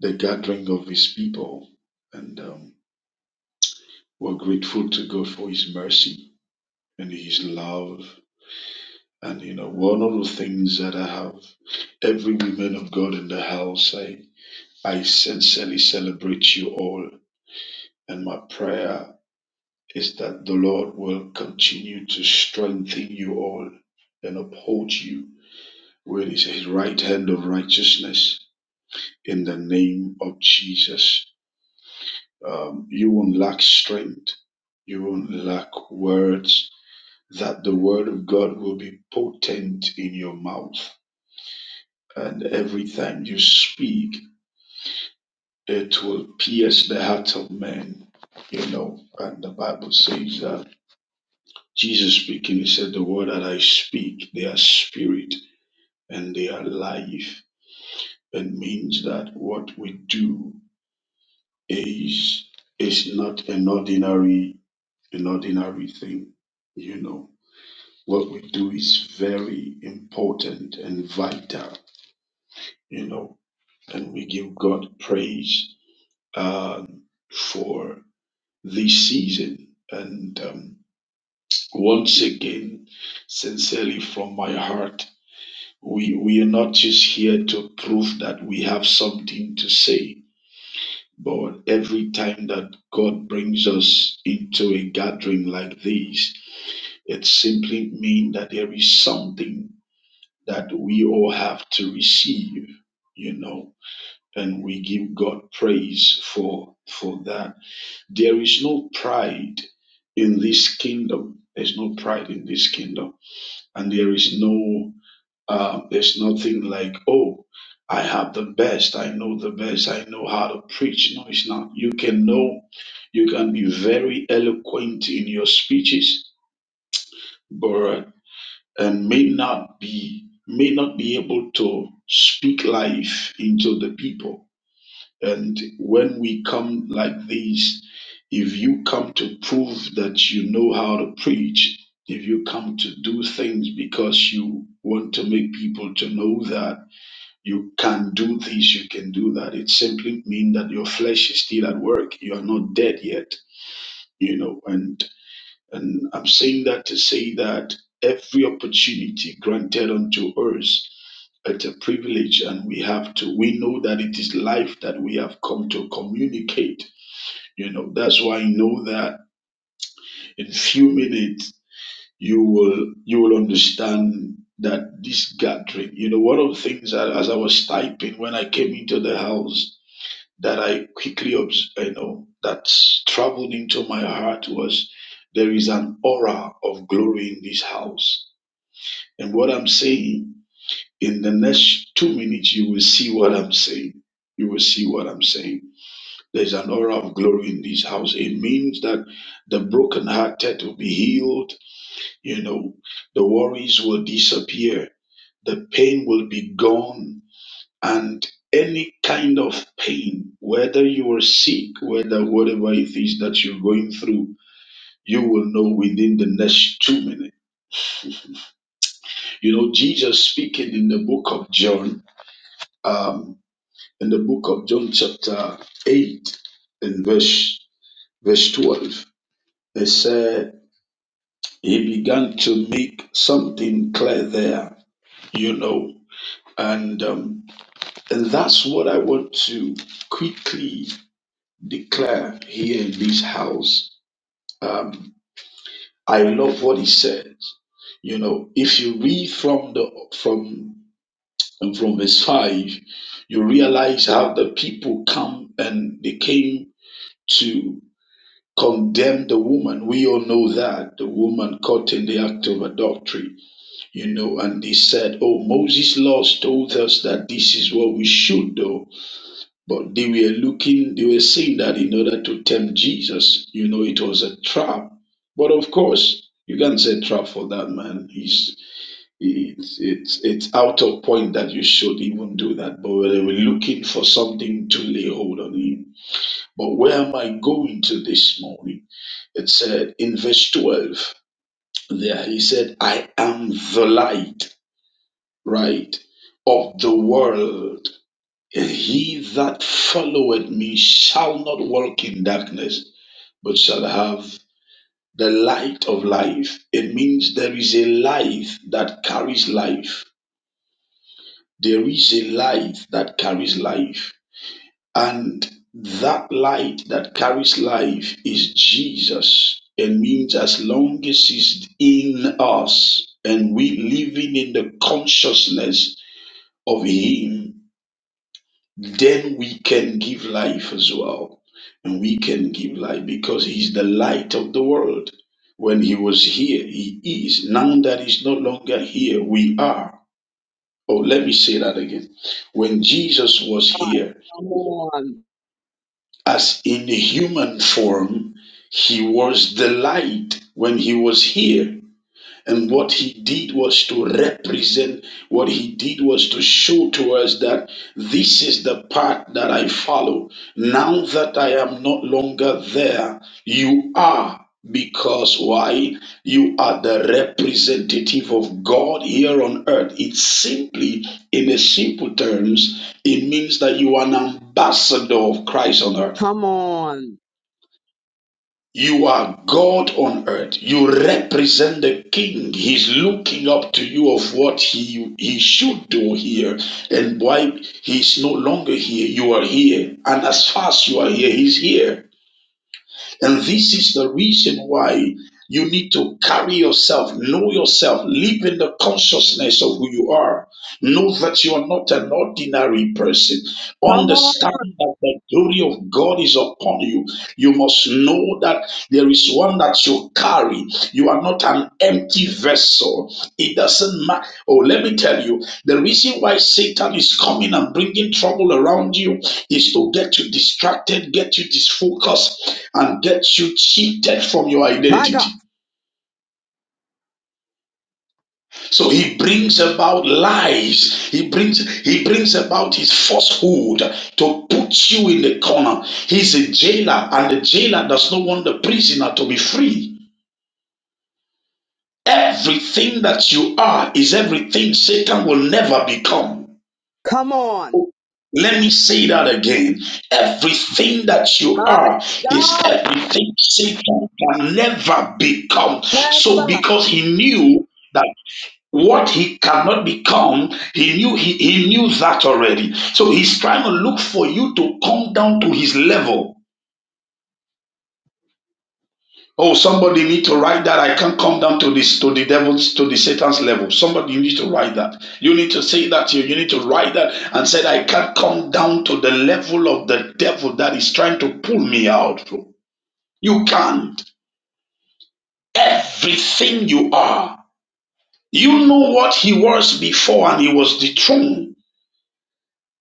[SPEAKER 7] the gathering of His people, and um, we're grateful to God for His mercy and His love. And you know, one of the things that I have every woman of God in the house, I I sincerely celebrate you all And my prayer is that the Lord will continue to strengthen you all and uphold you with his, his right hand of righteousness in the name of Jesus. Um, you won't lack strength, you won't lack words, that the word of God will be potent in your mouth. And every time you speak, it will pierce the heart of man. You know, and the Bible says that Jesus speaking, he said, The word that I speak, they are spirit and they are life. It means that what we do is is not an ordinary an ordinary thing. You know. What we do is very important and vital, you know, and we give God praise um, for this season. And um, once again, sincerely from my heart, We, we are not just here to prove that we have something to say, but every time that God brings us into a gathering like this, it simply means that there is something that we all have to receive, you know, and we give God praise for, for that. There is no pride in this kingdom. There's no pride in this kingdom. And there is no Um, there's nothing like, oh, I have the best. I know the best. I know how to preach. No, it's not. You can know, you can be very eloquent in your speeches, but and may not be may not be able to speak life into the people. And when we come like this, if you come to prove that you know how to preach, if you come to do things because you want to make people to know that you can do this, you can do that. It simply means that your flesh is still at work. You are not dead yet, you know. And and I'm saying that to say that every opportunity granted unto us, it's a privilege, and we have to. We know that it is life that we have come to communicate. You know, that's why I know that in few minutes you will you will understand that this gathering. You know, one of the things that as I was typing when I came into the house that I quickly, obs- you know, that traveled into my heart was there is an aura of glory in this house. And what I'm saying in the next two minutes, you will see what I'm saying. You will see what I'm saying. There's an aura of glory in this house. It means that the brokenhearted will be healed. You know, the worries will disappear. The pain will be gone and any kind of pain, whether you are sick, whether whatever it is that you're going through, you will know within the next two minutes. You know, Jesus speaking in the book of John, um, in the book of John, chapter 8, and verse, verse 12, it said, He began to make something clear there, you know. And, um, and that's what I want to quickly declare here in this house Um, I love what he said. You know, if you read from the from from verse five, you realize how the people come and they came to condemn the woman. We all know that the woman caught in the act of adultery. You know, and they said, "Oh, Moses' laws told us that this is what we should do." But they were looking, they were saying that in order to tempt Jesus, you know, it was a trap. But of course, you can't say trap for that man. He's it's it's it's out of point that you should even do that. But they were looking for something to lay hold on him. But where am I going to this morning? It said in verse twelve. There he said, I am the light, right, of the world. And He that followeth me shall not walk in darkness, but shall have the light of life. It means there is a life that carries life. There is a light that carries life. And that light that carries life is Jesus. It means as long as He's in us and we living in the consciousness of Him, then we can give life as well. And we can give life because He's the light of the world. When He was here, He is. Now that He's no longer here, we are. Oh, let me say that again. When Jesus was here,
[SPEAKER 1] Come on.
[SPEAKER 7] as in human form, He was the light when He was here. And what he did was to represent, what he did was to show to us that this is the path that I follow. Now that I am not longer there, you are. Because why? You are the representative of God here on earth. It's simply, in a simple terms, it means that you are an ambassador of Christ on earth.
[SPEAKER 1] Come on.
[SPEAKER 7] You are God on earth. You represent the King. He's looking up to you of what he, he should do here and why he's no longer here. You are here. And as far as you are here, he's here. And this is the reason why. You need to carry yourself, know yourself, live in the consciousness of who you are. Know that you are not an ordinary person.
[SPEAKER 1] Come on.
[SPEAKER 7] Understand that the glory of God is upon you. You must know that there is one that you carry. You are not an empty vessel. It doesn't matter. Oh, let me tell you the reason why Satan is coming and bringing trouble around you is to get you distracted, get you disfocused, and get you cheated from your
[SPEAKER 1] My
[SPEAKER 7] identity.
[SPEAKER 1] God.
[SPEAKER 7] So he brings about lies. He brings he brings about his falsehood to put you in the corner. He's a jailer, and the jailer does not want the prisoner to be free. Everything that you are is everything Satan will never become.
[SPEAKER 1] Come on.
[SPEAKER 7] Let me say that again. Everything that you
[SPEAKER 1] My
[SPEAKER 7] are is
[SPEAKER 1] God.
[SPEAKER 7] everything Satan can never become. So,
[SPEAKER 1] Never.
[SPEAKER 7] because he knew. that. what he cannot become he knew he, he knew that already so he's trying to look for you to come down to his level oh somebody need to write that i can't come down to this to the devil's to the satan's level somebody need to write that you need to say that you you need to write that and say i can't come down to the level of the devil that is trying to pull me out you can't everything you are you know what he was before and he was dethroned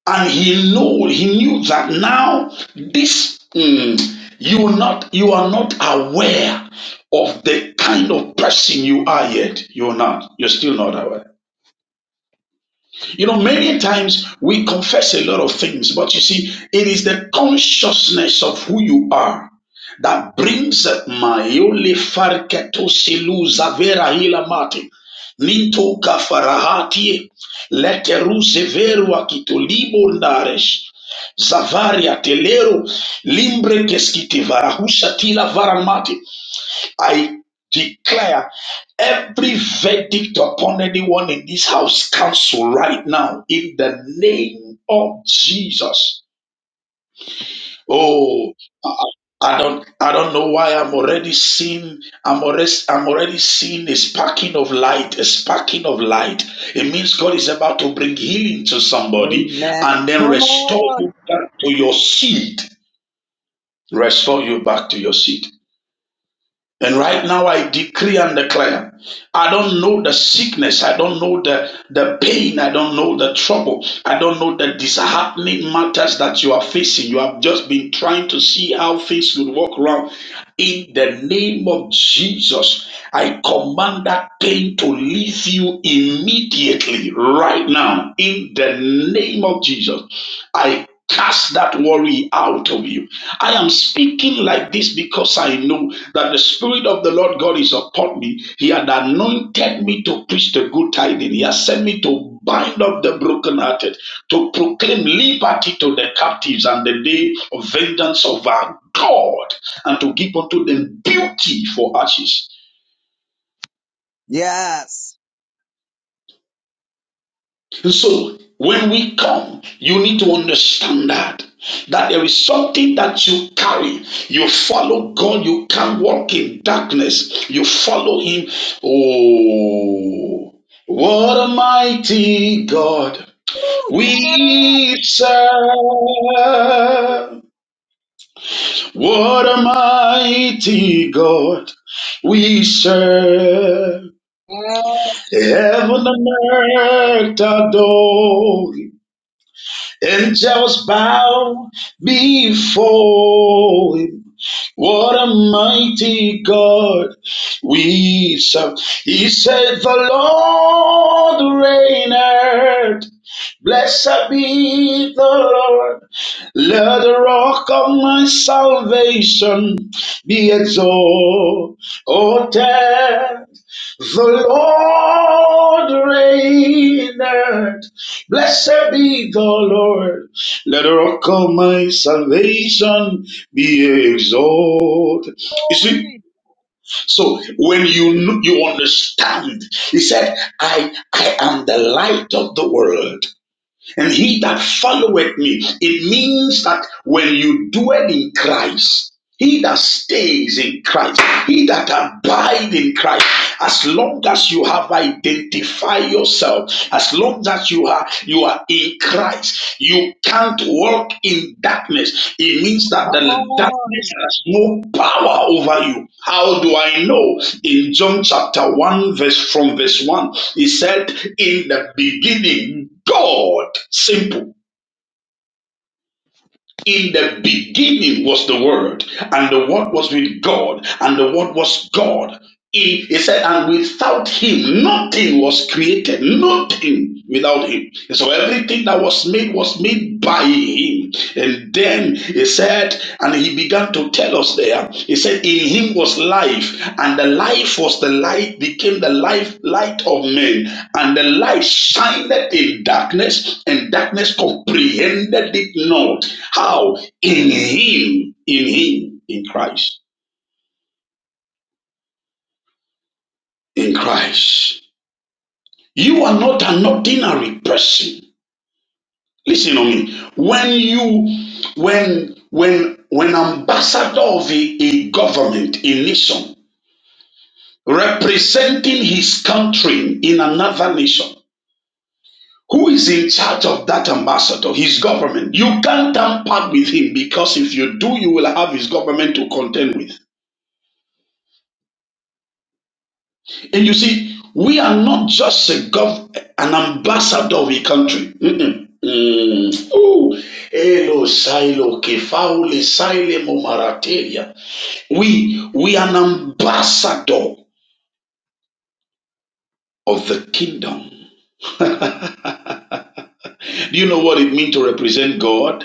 [SPEAKER 7] and he knew he knew that now this mm, you are not you are not aware of the kind of person you are yet you're not you're still not aware you know, many times we confess a lot of things, but you see, it is the consciousness of who you are that brings maiole farketo silu zavera hilamati. Minto kafarahati leteru zeveru akito libo ndaresh zavaria telero limbre keskiti varahusha tila varamati I declare every verdict upon anyone in this house council right now in the name of Jesus. Oh, I I don't, I don't know why I'm already seeing, I'm already, I'm already seeing a sparking of light, a sparking of light. It means God is about to bring healing to somebody
[SPEAKER 1] Amen.
[SPEAKER 7] and then
[SPEAKER 1] Come
[SPEAKER 7] restore
[SPEAKER 1] on.
[SPEAKER 7] you back to your seed. Restore you back to your seed. And right now, I decree and declare I don't know the sickness, I don't know the, the pain, I don't know the trouble, I don't know the disheartening matters that you are facing. You have just been trying to see how things would work around. In the name of Jesus, I command that pain to leave you immediately, right now, in the name of Jesus. I cast that worry out of you. I am speaking like this because I know that the Spirit of the Lord God is upon me. He had anointed me to preach the good tidings, He has sent me to bind up the brokenhearted, to proclaim liberty to the captives and the day of vengeance of our God, and to give unto them beauty for ashes.
[SPEAKER 1] Yes.
[SPEAKER 7] And So when we come, you need to understand that that there is something that you carry. You follow God. You can't walk in darkness. You follow Him. Oh, what a mighty God
[SPEAKER 1] Woo, yes.
[SPEAKER 7] we serve! What a mighty God we serve!
[SPEAKER 1] Yes,
[SPEAKER 7] Heaven and earth adore. Angels bow before him. What a mighty God we serve. He said, The Lord reigneth. Blessed be the Lord. Let the rock of my salvation be exalted. The Lord reigneth. Blessed be the Lord. Let the rock of my salvation be exalted. You see,
[SPEAKER 1] glory.
[SPEAKER 7] so when you kn- you understand, he said, "I I am the light of the world, and he that followeth me." It means that when you dwell in Christ, he that stays in Christ, he that abides in Christ. As long as you have identified yourself, as long as you are you are in Christ, you can't walk in darkness. It means
[SPEAKER 1] Come
[SPEAKER 7] that the darkness
[SPEAKER 1] on.
[SPEAKER 7] has no power over you. How do I know? In John chapter 1, verse from verse 1, he said, In the beginning, God, simple. In the beginning was the Word, and the Word was with God, and the Word was God. He, he said, and without him, nothing was created. Nothing without him. And so everything that was made was made by him. And then he said, and he began to tell us there. He said, In him was life, and the life was the light, became the life, light of men. And the light shined in darkness, and darkness comprehended it not. How? In him, in him, in Christ, in Christ. You are not an ordinary person. Listen to me. When you, when, when, when ambassador of a, a government, a nation, representing his country in another nation. Who is in charge of that ambassador? His government. You can't tamper with him because if you do, you will have his government to contend with. And you see, we are not just a gov- an ambassador of a country. Mm-mm. Mm. Ooh. Elo silo kefaule sile momaratelia. We we are an ambassador of the kingdom. Do you know what it means to represent God?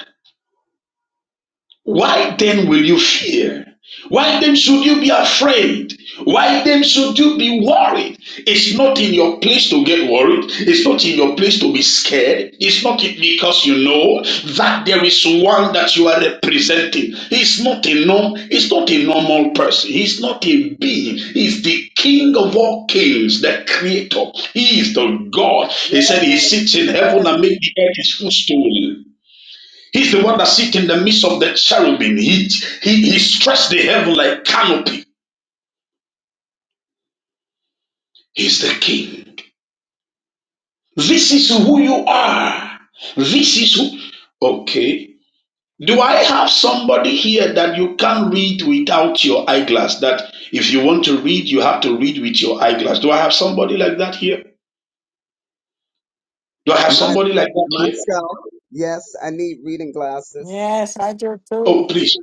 [SPEAKER 7] Why then will you fear? Why then should you be afraid? Why then should you be worried? It's not in your place to get worried. It's not in your place to be scared. It's not because you know that there is one that you are representing. He's not a norm. He's not a normal person. He's not a being. He's the King of all kings, the Creator. He is the God. He said He
[SPEAKER 1] Yes,
[SPEAKER 7] sits in heaven
[SPEAKER 1] yes.
[SPEAKER 7] and make the earth His footstool. He's the one that sits in the midst of the cherubim. He, he, he stretched the heaven like canopy. He's the king. This is who you are. This is who. Okay. Do I have somebody here that you can't read without your eyeglass? That if you want to read, you have to read with your eyeglass. Do I have somebody like that here? Do I have
[SPEAKER 1] My,
[SPEAKER 7] somebody like that here?
[SPEAKER 1] myself. Yes, I need reading glasses.
[SPEAKER 3] Yes, I do too.
[SPEAKER 7] Oh, please.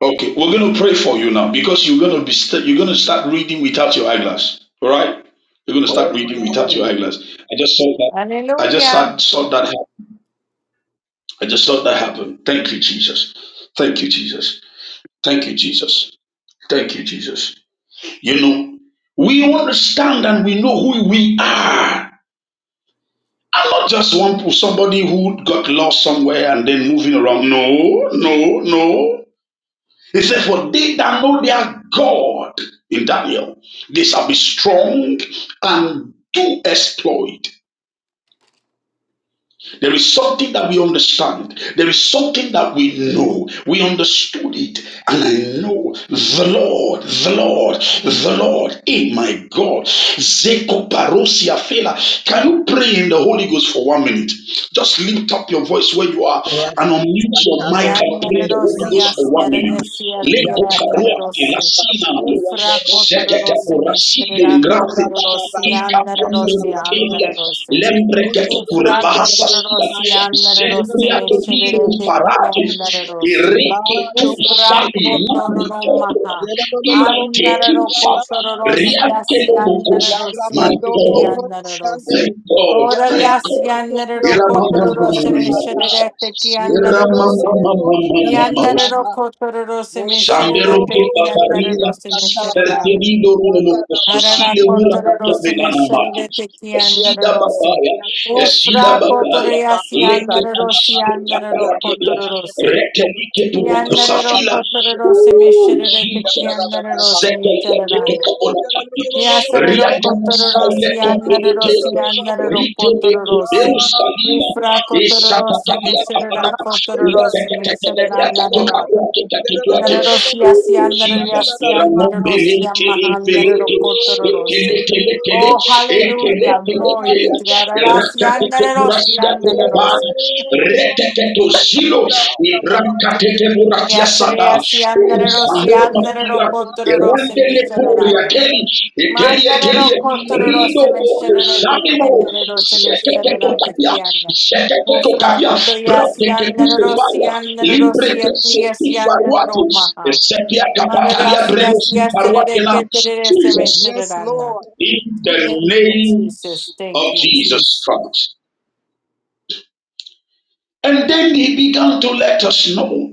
[SPEAKER 7] Okay, we're going to pray for you now because you're going to be st- you're going to start reading without your eyeglass. All right, you're going to start reading without your
[SPEAKER 1] Amen.
[SPEAKER 7] eyeglass. I just saw that. I just
[SPEAKER 3] Hallelujah.
[SPEAKER 7] saw, saw that. Happen. I just saw that happen. Thank you, Jesus. Thank you, Jesus. Thank you, Jesus. Thank you, Jesus. You know, we understand and we know who we are. I'm not just one somebody who got lost somewhere and then moving around. No, no, no. He said, For they that know their God in Daniel, they shall be strong and do exploit. There is something that we understand. There is something that we know. We understood it. And I know the Lord, the Lord, the Lord. Hey, my God. Zeko fela. Can you pray in the Holy Ghost for one minute? Just lift up your voice where you are and
[SPEAKER 1] Rabban
[SPEAKER 7] unmute your
[SPEAKER 1] Sakando
[SPEAKER 7] mic and pray in
[SPEAKER 1] Roko
[SPEAKER 7] the Holy
[SPEAKER 1] Sianda
[SPEAKER 3] Yandarosia,
[SPEAKER 7] Ghost for one
[SPEAKER 1] Rabaka.
[SPEAKER 7] minute.
[SPEAKER 3] Siaresia,
[SPEAKER 7] Leko
[SPEAKER 3] Tierra
[SPEAKER 7] faroa
[SPEAKER 1] Yatarabanda
[SPEAKER 7] fela
[SPEAKER 3] Narosi,
[SPEAKER 1] Rabba
[SPEAKER 7] sina mo.
[SPEAKER 1] Sikianda
[SPEAKER 3] Ufra
[SPEAKER 1] Roko.
[SPEAKER 3] Cotorosi, Mishra
[SPEAKER 1] Yatarababa
[SPEAKER 3] Cotorosi,
[SPEAKER 1] Sikianda
[SPEAKER 3] Andarosi,
[SPEAKER 1] Rabaka.
[SPEAKER 7] Ikapambelekele,
[SPEAKER 3] Andarosi,
[SPEAKER 7] lembrekete
[SPEAKER 1] Mekushi
[SPEAKER 3] Ufra
[SPEAKER 1] Ande
[SPEAKER 7] kurevasa,
[SPEAKER 3] Cotorosi,
[SPEAKER 1] Mekaya.
[SPEAKER 3] Andarosi,
[SPEAKER 1] Yerababa
[SPEAKER 3] Mishra
[SPEAKER 7] zembriatomiro
[SPEAKER 3] de
[SPEAKER 7] farate,
[SPEAKER 3] Yandarosi,
[SPEAKER 7] ireke
[SPEAKER 1] Mando
[SPEAKER 7] tusa
[SPEAKER 3] Ufra
[SPEAKER 7] imani
[SPEAKER 1] Roko
[SPEAKER 7] koto,
[SPEAKER 3] Cotoromaha,
[SPEAKER 1] Yanda
[SPEAKER 7] ila
[SPEAKER 3] Andaro
[SPEAKER 7] tekinsa,
[SPEAKER 3] Cotorosi,
[SPEAKER 7] riake lomoko.
[SPEAKER 3] Asiandarosi,
[SPEAKER 7] My God,
[SPEAKER 3] Tikiandarosi.
[SPEAKER 7] my God,
[SPEAKER 3] Ora
[SPEAKER 7] my God.
[SPEAKER 3] Yasiandarosi, Mishra
[SPEAKER 7] Iramamamamamamaosa.
[SPEAKER 3] de Tikiandarosi.
[SPEAKER 7] Iramamamamamamaosa.
[SPEAKER 3] Yandararo kotororo seme sherere
[SPEAKER 7] Shamberoke
[SPEAKER 3] peki
[SPEAKER 7] paparila,
[SPEAKER 3] yandararo seme sererana.
[SPEAKER 7] fertilido rumo
[SPEAKER 3] Arara
[SPEAKER 7] costosile ura
[SPEAKER 3] kotororo
[SPEAKER 7] kakia
[SPEAKER 3] seme
[SPEAKER 7] vegana mate.
[SPEAKER 3] sherere teki
[SPEAKER 1] Yes,
[SPEAKER 7] Esida
[SPEAKER 3] yandararo
[SPEAKER 1] Lord.
[SPEAKER 3] se.
[SPEAKER 7] babaya,
[SPEAKER 1] Yes, Lord.
[SPEAKER 3] Ufra
[SPEAKER 7] esida
[SPEAKER 1] Ora
[SPEAKER 3] kotoro
[SPEAKER 7] babaya,
[SPEAKER 1] baba
[SPEAKER 3] yasi
[SPEAKER 7] leke
[SPEAKER 1] masata
[SPEAKER 3] yandararo si
[SPEAKER 1] baba.
[SPEAKER 7] tosino
[SPEAKER 3] yandararo
[SPEAKER 1] Yakana
[SPEAKER 7] kaparakebia,
[SPEAKER 3] kotororo
[SPEAKER 1] manda
[SPEAKER 3] se.
[SPEAKER 1] kukura.
[SPEAKER 7] retelike puroko
[SPEAKER 1] Ora
[SPEAKER 3] Yandararo
[SPEAKER 1] baba
[SPEAKER 7] safila.
[SPEAKER 3] kotororo
[SPEAKER 1] siyanda lolo
[SPEAKER 3] seme
[SPEAKER 7] Ooh,
[SPEAKER 1] boso
[SPEAKER 3] sherere teki
[SPEAKER 1] siyanda lolo
[SPEAKER 7] Jesus. Oh
[SPEAKER 3] yandararo
[SPEAKER 1] baba.
[SPEAKER 7] Jesus,
[SPEAKER 3] seme sererana.
[SPEAKER 1] Ooh, yanda lolo lolo
[SPEAKER 3] Yasararo
[SPEAKER 1] boso siyanda
[SPEAKER 3] kotororo si
[SPEAKER 1] lolo baba
[SPEAKER 3] yandararo
[SPEAKER 1] siyanda
[SPEAKER 3] si
[SPEAKER 1] lolo baba.
[SPEAKER 3] yandararo kotororo se.
[SPEAKER 1] Ah, My
[SPEAKER 3] Ufra
[SPEAKER 1] God. Ora
[SPEAKER 3] kotororo
[SPEAKER 1] baba baba
[SPEAKER 3] seme
[SPEAKER 1] baba baba.
[SPEAKER 3] sherera
[SPEAKER 1] Sata. Yes,
[SPEAKER 3] kotororo
[SPEAKER 1] sir.
[SPEAKER 3] seme
[SPEAKER 1] Yes,
[SPEAKER 3] sererana
[SPEAKER 1] Lord. Yanda lolo lolo lolo
[SPEAKER 3] Andarosia,
[SPEAKER 1] boso siyanda
[SPEAKER 3] Siandaria,
[SPEAKER 7] there are
[SPEAKER 1] lolo
[SPEAKER 7] no
[SPEAKER 1] baba.
[SPEAKER 3] Siandarosia, Mahandarokotorosi. Oh, hallelujah. Glory be to God. Arasiandarosia, Andarosi.
[SPEAKER 1] Yes,
[SPEAKER 3] Yes, Reasiandarosia,
[SPEAKER 7] Oh,
[SPEAKER 3] Andarokotorosi,
[SPEAKER 7] Erendele puria
[SPEAKER 3] Misharana.
[SPEAKER 7] teli, etelia telia, rido
[SPEAKER 3] Mandarokotorosi,
[SPEAKER 7] oko
[SPEAKER 3] Misharate,
[SPEAKER 7] samimo,
[SPEAKER 3] Kiandarosi,
[SPEAKER 7] sekete
[SPEAKER 3] Misharate,
[SPEAKER 7] tokapia,
[SPEAKER 3] Kiana.
[SPEAKER 7] sekete
[SPEAKER 3] Mufra
[SPEAKER 7] tokapia,
[SPEAKER 3] koto
[SPEAKER 7] prate ke kusto faya,
[SPEAKER 3] Kotoriasiandarosia,
[SPEAKER 7] libre
[SPEAKER 3] Andarosia,
[SPEAKER 7] ke seti faruati,
[SPEAKER 3] Triasiandaroma.
[SPEAKER 7] e kapatalia
[SPEAKER 3] Yes,
[SPEAKER 7] breno
[SPEAKER 3] yes,
[SPEAKER 7] si
[SPEAKER 3] yes,
[SPEAKER 7] faruati
[SPEAKER 3] tereré,
[SPEAKER 7] la,
[SPEAKER 3] que tereré, se me
[SPEAKER 7] Jesus,
[SPEAKER 3] tererana.
[SPEAKER 1] Lord.
[SPEAKER 7] in the
[SPEAKER 3] Thank you,
[SPEAKER 7] name
[SPEAKER 3] Jesus. Thank
[SPEAKER 7] of
[SPEAKER 3] you,
[SPEAKER 7] Jesus
[SPEAKER 3] Jesus.
[SPEAKER 7] Christ. And then he began to let us know.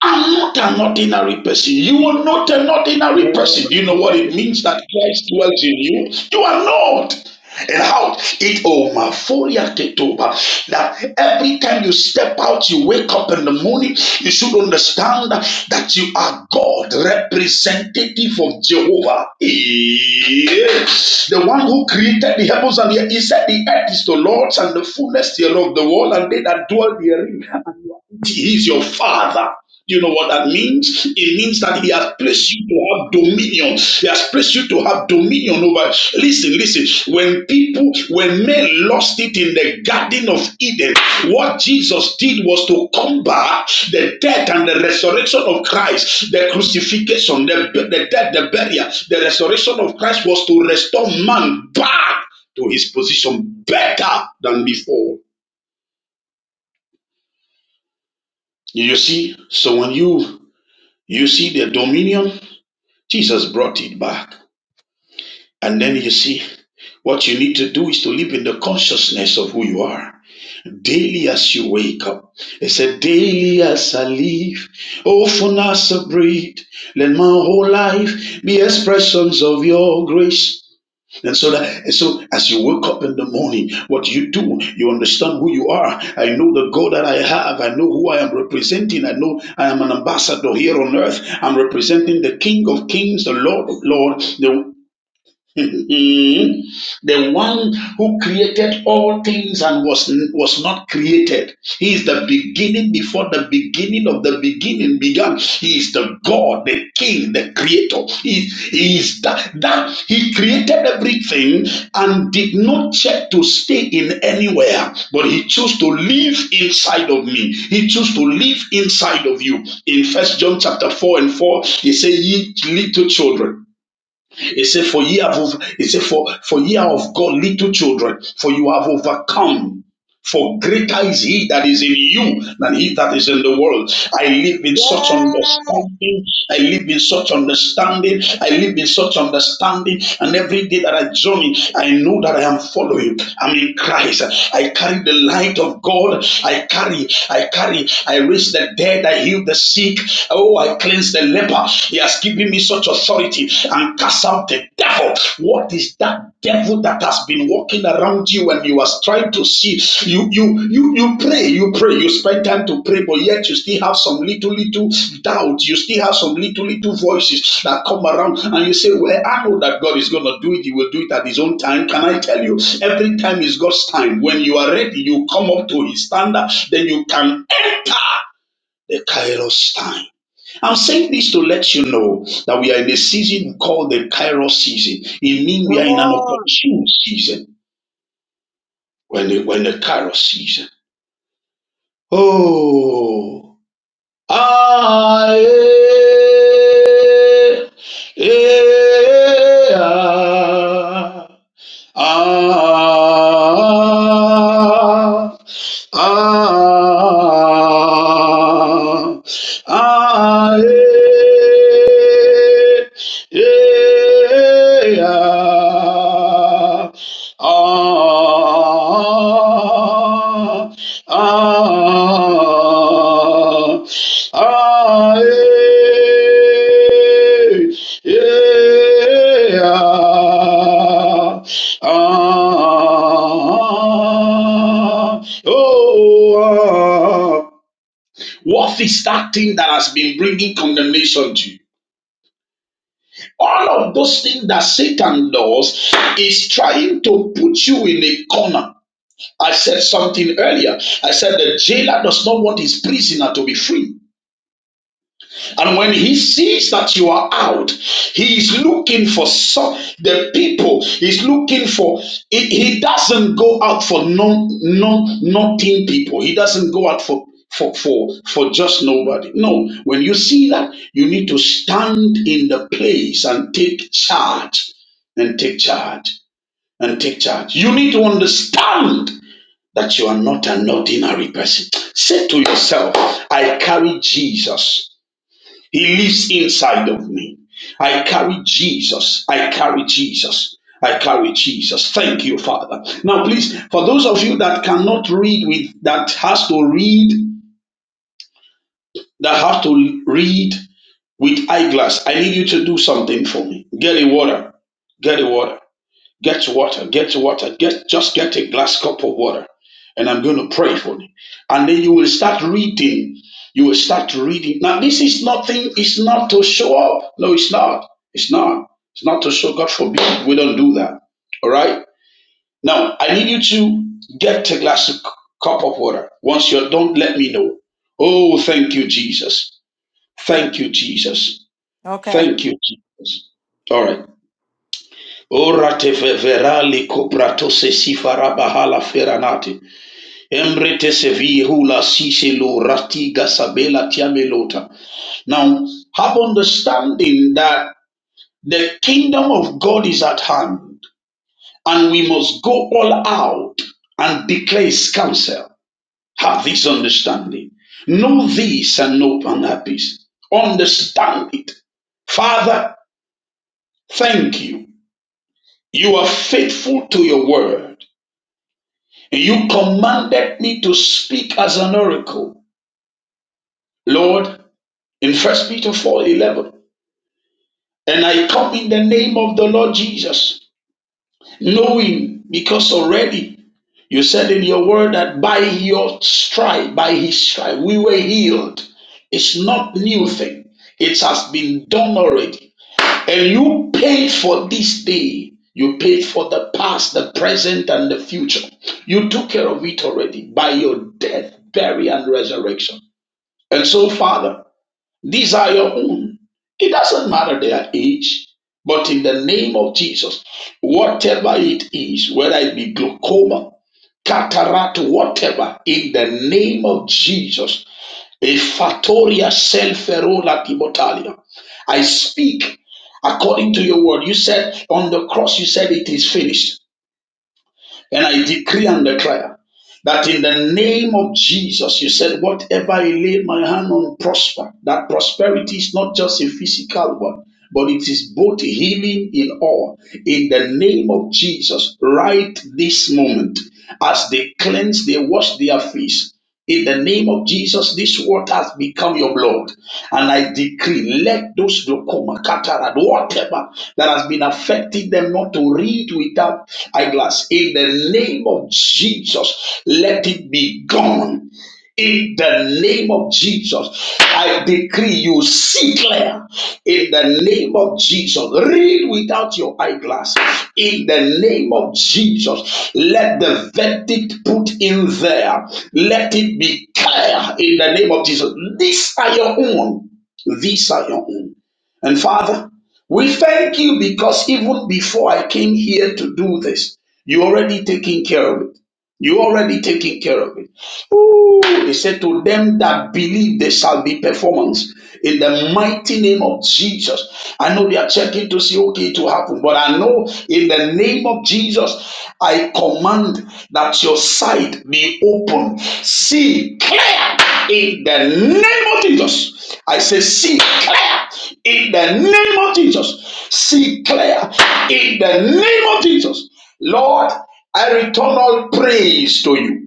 [SPEAKER 7] I'm not an ordinary person. You are not an ordinary person. Do you know what it means that Christ dwells in you? You are not. And how it omaforia ketoba that every time you step out, you wake up in the morning, you should understand that you are God, representative of Jehovah. Yes. The one who created the heavens and the earth. He said the earth is the Lord's and the fullness thereof, the world and they that dwell therein. And He is your father. You know what that means? It means that he has placed you to have dominion. He has placed you to have dominion over. Listen, listen. When people, when men lost it in the Garden of Eden, what Jesus did was to combat the death and the resurrection of Christ, the crucifixion, the, the death, the burial, the resurrection of Christ was to restore man back to his position better than before. You see? So when you you see the dominion Jesus brought it back. And then you see, what you need to do is to live in the consciousness of who you are. Daily as you wake up, they said, Daily as I live, often as I breathe, let my whole life be expressions of your grace. And so that, and so as you wake up in the morning, what you do, you understand who you are. I know the God that I have. I know who I am representing. I know I am an ambassador here on earth. I'm representing the King of Kings, the Lord of Lords, the Mhm. the one who created all things and was, was not created. He is the beginning before the beginning of the beginning began. He is the God, the King, the Creator. He, he is that, that He created everything and did not check to stay in anywhere, but He chose to live inside of me. He chose to live inside of you. In First John chapter 4 and 4, He said, Ye little children. He said, For ye have he said, For for ye are of God little children, for you have overcome. For greater is he that is in you than he that is in the world. I live in such
[SPEAKER 1] Yes.
[SPEAKER 7] understanding. I live in such understanding. I live in such understanding. And every day that I journey, I know that I am following. I'm in Christ. I carry the light of God. I carry, I carry, I raise the dead. I heal the sick. Oh, I cleanse the leper. He has given me such authority and cast out the devil. What is that devil that has been walking around you and you are trying to see? You you you you pray, you pray, you spend time to pray, but yet you still have some little little doubt. You still have some little little voices that come around and you say, Well, I know that God is gonna do it, he will do it at his own time. Can I tell you? Every time is God's time. When you are ready, you come up to his standard, then you can the Kairos time. I'm saying this to let you know that we are in a season called the Kairos season. It means
[SPEAKER 1] Come
[SPEAKER 7] we are in an
[SPEAKER 1] on.
[SPEAKER 7] opportune season. When the, when the Kairos season. Oh, ah, eh, eh, ah. Ah, ah, ah, ah, eh, eh, ah, ah, ah, Ah, ah, eh, eh, ah, ah, oh, ah. What is that thing that has been bringing condemnation to you? All of those things that Satan does is trying to put you in a corner I said something earlier. I said the jailer does not want his prisoner to be free. And when he sees that you are out, he is looking for some the people. He's looking for, he, he doesn't go out for non, non, nothing people. He doesn't go out for, for, for, for just nobody. No, when you see that, you need to stand in the place and take charge and take charge and take charge. You need to understand that you are not an ordinary person. Say to yourself, I carry Jesus. He lives inside of me. I carry Jesus. I carry Jesus. I carry Jesus. Thank you, Father. Now, please, for those of you that cannot read with, that has to read, that have to read with eyeglass, I need you to do something for me. Get a water. Get a water. Get water, get water, get just get a glass cup of water, and I'm going to pray for you. And then you will start reading. You will start reading. Now, this is nothing, it's not to show up. No, it's not. It's not. It's not to show. God forbid we don't do that. All right. Now, I need you to get a glass of c- cup of water. Once you're done, let me know. Oh, thank you, Jesus. Thank you, Jesus.
[SPEAKER 3] Okay.
[SPEAKER 7] Thank you, Jesus. All right. Orate verali copratose si farabahala feranate. Embrete se vihula sise ratiga sabela tiamelota. Now, have understanding that the kingdom of God is at hand and we must go all out and declare his counsel. Have this understanding. Know this and know unhappiness. Understand it. Father, thank you. You are faithful to your word. You commanded me to speak as an oracle, Lord, in First Peter 4 11, And I come in the name of the Lord Jesus, knowing because already you said in your word that by your stripe, by his stripe, we were healed. It's not new thing. It has been done already. And you paid for this day. You paid for the past, the present, and the future. You took care of it already by your death, burial, and resurrection. And so, Father, these are your own. It doesn't matter their age, but in the name of Jesus, whatever it is, whether it be glaucoma, cataract, whatever, in the name of Jesus, a fatoria selferola timotalia. I speak according to your word. You said on the cross, you said it is finished. And I decree and declare that in the name of Jesus, you said, whatever I lay my hand on prosper. That prosperity is not just a physical one, but it is both healing in all. In the name of Jesus, right this moment, as they cleanse, they wash their face. In the name of Jesus, this water has become your blood. And I decree, let those glaucoma, cataract, whatever that has been affecting them not to read without eyeglass. In the name of Jesus, let it be gone. In the name of Jesus, I decree you see clear. In the name of Jesus, read without your eyeglass. In the name of Jesus, let the verdict put in there. Let it be clear. In the name of Jesus, these are your own. These are your own. And Father, we thank you because even before I came here to do this, you already taking care of it. You already taking care of it. Woo! He said, To them that believe, there shall be performance in the mighty name of Jesus. I know they are checking to see, okay, it will happen, but I know in the name of Jesus, I command that your sight be open, see clear in the name of Jesus. I say, see clear in the name of Jesus. See clear in the name of Jesus. Lord, I return all praise to you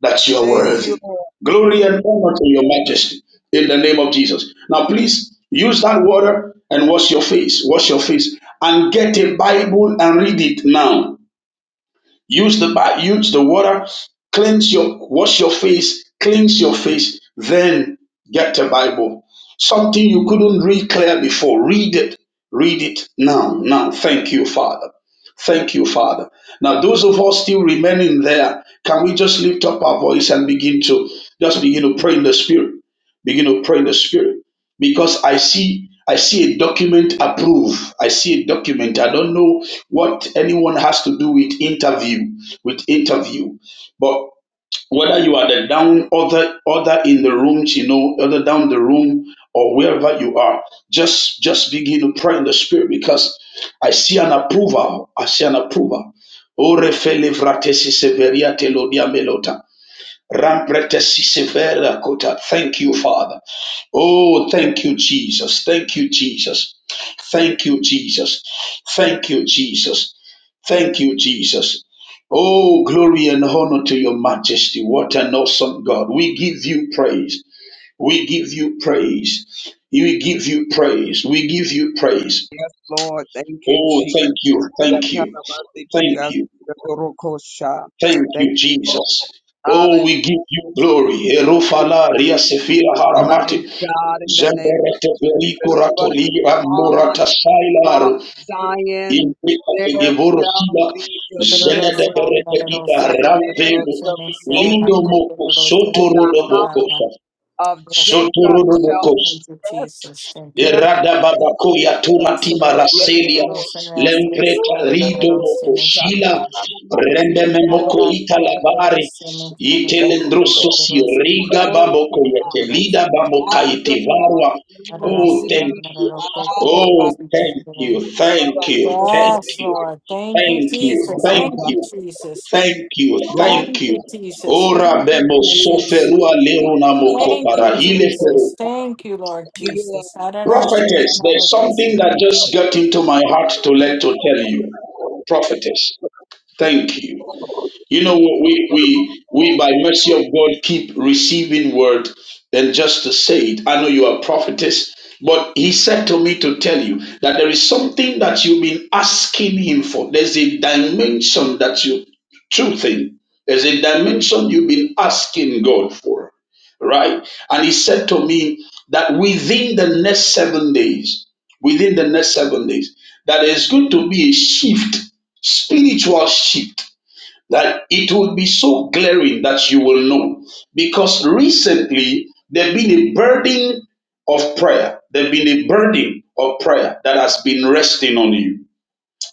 [SPEAKER 7] that you are
[SPEAKER 1] Thank you,
[SPEAKER 7] worthy.
[SPEAKER 1] Lord.
[SPEAKER 7] Glory and honor to your majesty in the name of Jesus. Now, please use that water and wash your face. Wash your face and get a Bible and read it now Use the bath, use the water, cleanse your, wash your face, cleanse your face, then get a Bible. Something you couldn't read clear before. Read it. Read it now. Now, thank you, Father. Thank you, Father. Now, those of us still remaining there, can we just lift up our voice and begin to just begin to pray in the Spirit? Begin to pray in the Spirit because I see I see a document approve. I see a document. I don't know what anyone has to do with interview with interview, but whether you are the down other other in the room, you know, other down the room or wherever you are, just just begin to pray in the spirit because I see an approval. I see an approval. Ore fele vratesi severia telodia melota. Rampretesi severa kota. Thank you, Father. Oh, thank you, Jesus. Thank you, Jesus. Thank you, Jesus. Thank you, Jesus. Thank you, Jesus. Oh, glory and honor to your majesty. What an awesome God. We give you praise. We give you praise. We give you praise. We give you praise.
[SPEAKER 1] Yes, Lord. Thank you,
[SPEAKER 7] Oh,
[SPEAKER 1] Jesus.
[SPEAKER 7] thank you. Thank you. Thank
[SPEAKER 1] Yatarabasikias,
[SPEAKER 7] you.
[SPEAKER 1] yatorokosha.
[SPEAKER 7] Thank
[SPEAKER 1] Thank
[SPEAKER 7] you,
[SPEAKER 1] you, Lord.
[SPEAKER 7] Jesus. Oh, we give you
[SPEAKER 1] Hallelujah.
[SPEAKER 7] glory. Erofala, riasefira,
[SPEAKER 1] My
[SPEAKER 7] haramati.
[SPEAKER 1] God, in the name of
[SPEAKER 7] Zeberete veli
[SPEAKER 1] Jesus, but
[SPEAKER 7] kuratoli
[SPEAKER 1] on
[SPEAKER 7] amurata sailaru
[SPEAKER 1] Mount Zion
[SPEAKER 7] impeta
[SPEAKER 1] there
[SPEAKER 7] tegevoro
[SPEAKER 1] shall
[SPEAKER 7] sila
[SPEAKER 1] be
[SPEAKER 3] Tereré,
[SPEAKER 7] zelede
[SPEAKER 3] se
[SPEAKER 1] deliverance,
[SPEAKER 3] anda,
[SPEAKER 7] berete
[SPEAKER 3] tereré,
[SPEAKER 7] kita
[SPEAKER 3] so,
[SPEAKER 1] and there
[SPEAKER 3] tereré,
[SPEAKER 7] ramvedo
[SPEAKER 3] se
[SPEAKER 1] shall
[SPEAKER 3] me
[SPEAKER 1] be
[SPEAKER 3] tererana,
[SPEAKER 7] lido
[SPEAKER 1] holiness,
[SPEAKER 7] moko
[SPEAKER 3] tereré, se
[SPEAKER 1] and
[SPEAKER 3] me
[SPEAKER 7] sotoro
[SPEAKER 1] the
[SPEAKER 7] do moko
[SPEAKER 1] house
[SPEAKER 7] sa
[SPEAKER 3] tererana.
[SPEAKER 1] of
[SPEAKER 3] Yes,
[SPEAKER 1] Jacob
[SPEAKER 7] sotoro
[SPEAKER 1] shall
[SPEAKER 3] thank you,
[SPEAKER 1] possess
[SPEAKER 3] Jesus. Thank you,
[SPEAKER 1] their
[SPEAKER 3] Lord.
[SPEAKER 7] Iradababakoya
[SPEAKER 1] possession.
[SPEAKER 7] tuma
[SPEAKER 3] Yes, I
[SPEAKER 7] tima
[SPEAKER 3] don't put
[SPEAKER 1] Yes,
[SPEAKER 3] the
[SPEAKER 7] raselia
[SPEAKER 1] Lord.
[SPEAKER 3] rules and yes,
[SPEAKER 1] Thank
[SPEAKER 3] this
[SPEAKER 7] lempreta
[SPEAKER 3] one that I
[SPEAKER 7] rido
[SPEAKER 3] don't see me sure
[SPEAKER 7] mokoshila
[SPEAKER 3] that.
[SPEAKER 7] rendeme
[SPEAKER 3] I
[SPEAKER 7] moko shila rende memoko
[SPEAKER 3] don't have
[SPEAKER 7] ita
[SPEAKER 3] put the
[SPEAKER 7] labari
[SPEAKER 3] rules and me sure that I don't have
[SPEAKER 1] you,
[SPEAKER 3] to
[SPEAKER 7] itelendroso
[SPEAKER 3] put
[SPEAKER 1] Lord.
[SPEAKER 3] the
[SPEAKER 7] si
[SPEAKER 3] rules and me
[SPEAKER 7] riga
[SPEAKER 3] sure that I
[SPEAKER 7] babo
[SPEAKER 1] Thank you,
[SPEAKER 3] the
[SPEAKER 1] God.
[SPEAKER 3] rules
[SPEAKER 7] koyetelida
[SPEAKER 3] and me
[SPEAKER 7] babo
[SPEAKER 3] sure that.
[SPEAKER 7] kaitivarwa
[SPEAKER 1] Adonai
[SPEAKER 3] I don't
[SPEAKER 7] Oh,
[SPEAKER 3] see them
[SPEAKER 7] thank
[SPEAKER 1] Elohim.
[SPEAKER 3] that
[SPEAKER 7] you.
[SPEAKER 3] put the
[SPEAKER 1] Araba.
[SPEAKER 3] rules
[SPEAKER 7] Oh,
[SPEAKER 3] and me sure
[SPEAKER 7] thank you.
[SPEAKER 3] that.
[SPEAKER 1] Rabba
[SPEAKER 7] Thank you. Thank
[SPEAKER 1] Sopore.
[SPEAKER 3] Yes,
[SPEAKER 7] you.
[SPEAKER 3] Lord. Thank you,
[SPEAKER 7] Thank you,
[SPEAKER 3] Jesus.
[SPEAKER 7] thank
[SPEAKER 3] Thank
[SPEAKER 1] Rabba.
[SPEAKER 3] you,
[SPEAKER 7] you,
[SPEAKER 3] Jesus.
[SPEAKER 7] thank you,
[SPEAKER 1] Rabba.
[SPEAKER 7] thank
[SPEAKER 3] Thank you,
[SPEAKER 7] you.
[SPEAKER 3] Jesus.
[SPEAKER 7] Ora
[SPEAKER 3] Thank you,
[SPEAKER 7] bemo
[SPEAKER 3] Jesus.
[SPEAKER 7] soferua leruna moko
[SPEAKER 3] Thank you,
[SPEAKER 7] parahile
[SPEAKER 3] Jesus. Thank you, Lord
[SPEAKER 1] You
[SPEAKER 3] Jesus. I don't see them
[SPEAKER 1] Yes,
[SPEAKER 7] Prophetess,
[SPEAKER 3] that I
[SPEAKER 7] there's
[SPEAKER 1] Lord.
[SPEAKER 7] something that just got into my heart to let to tell you. Prophetess, thank you. You know,
[SPEAKER 1] Are
[SPEAKER 7] we, we, we by mercy of God keep receiving word and just to say it. I know you are prophetess, but he said to me to tell you that there is something that you've been asking him for. There's a dimension that you, true thing, there's a dimension you've been asking God for, right? And he said to me that within the next seven days, within the next seven days, that there's going to be a shift, spiritual shift that it will be so glaring that you will know. Because recently there has been a burden of prayer. There has been a burden of prayer that has been resting on you.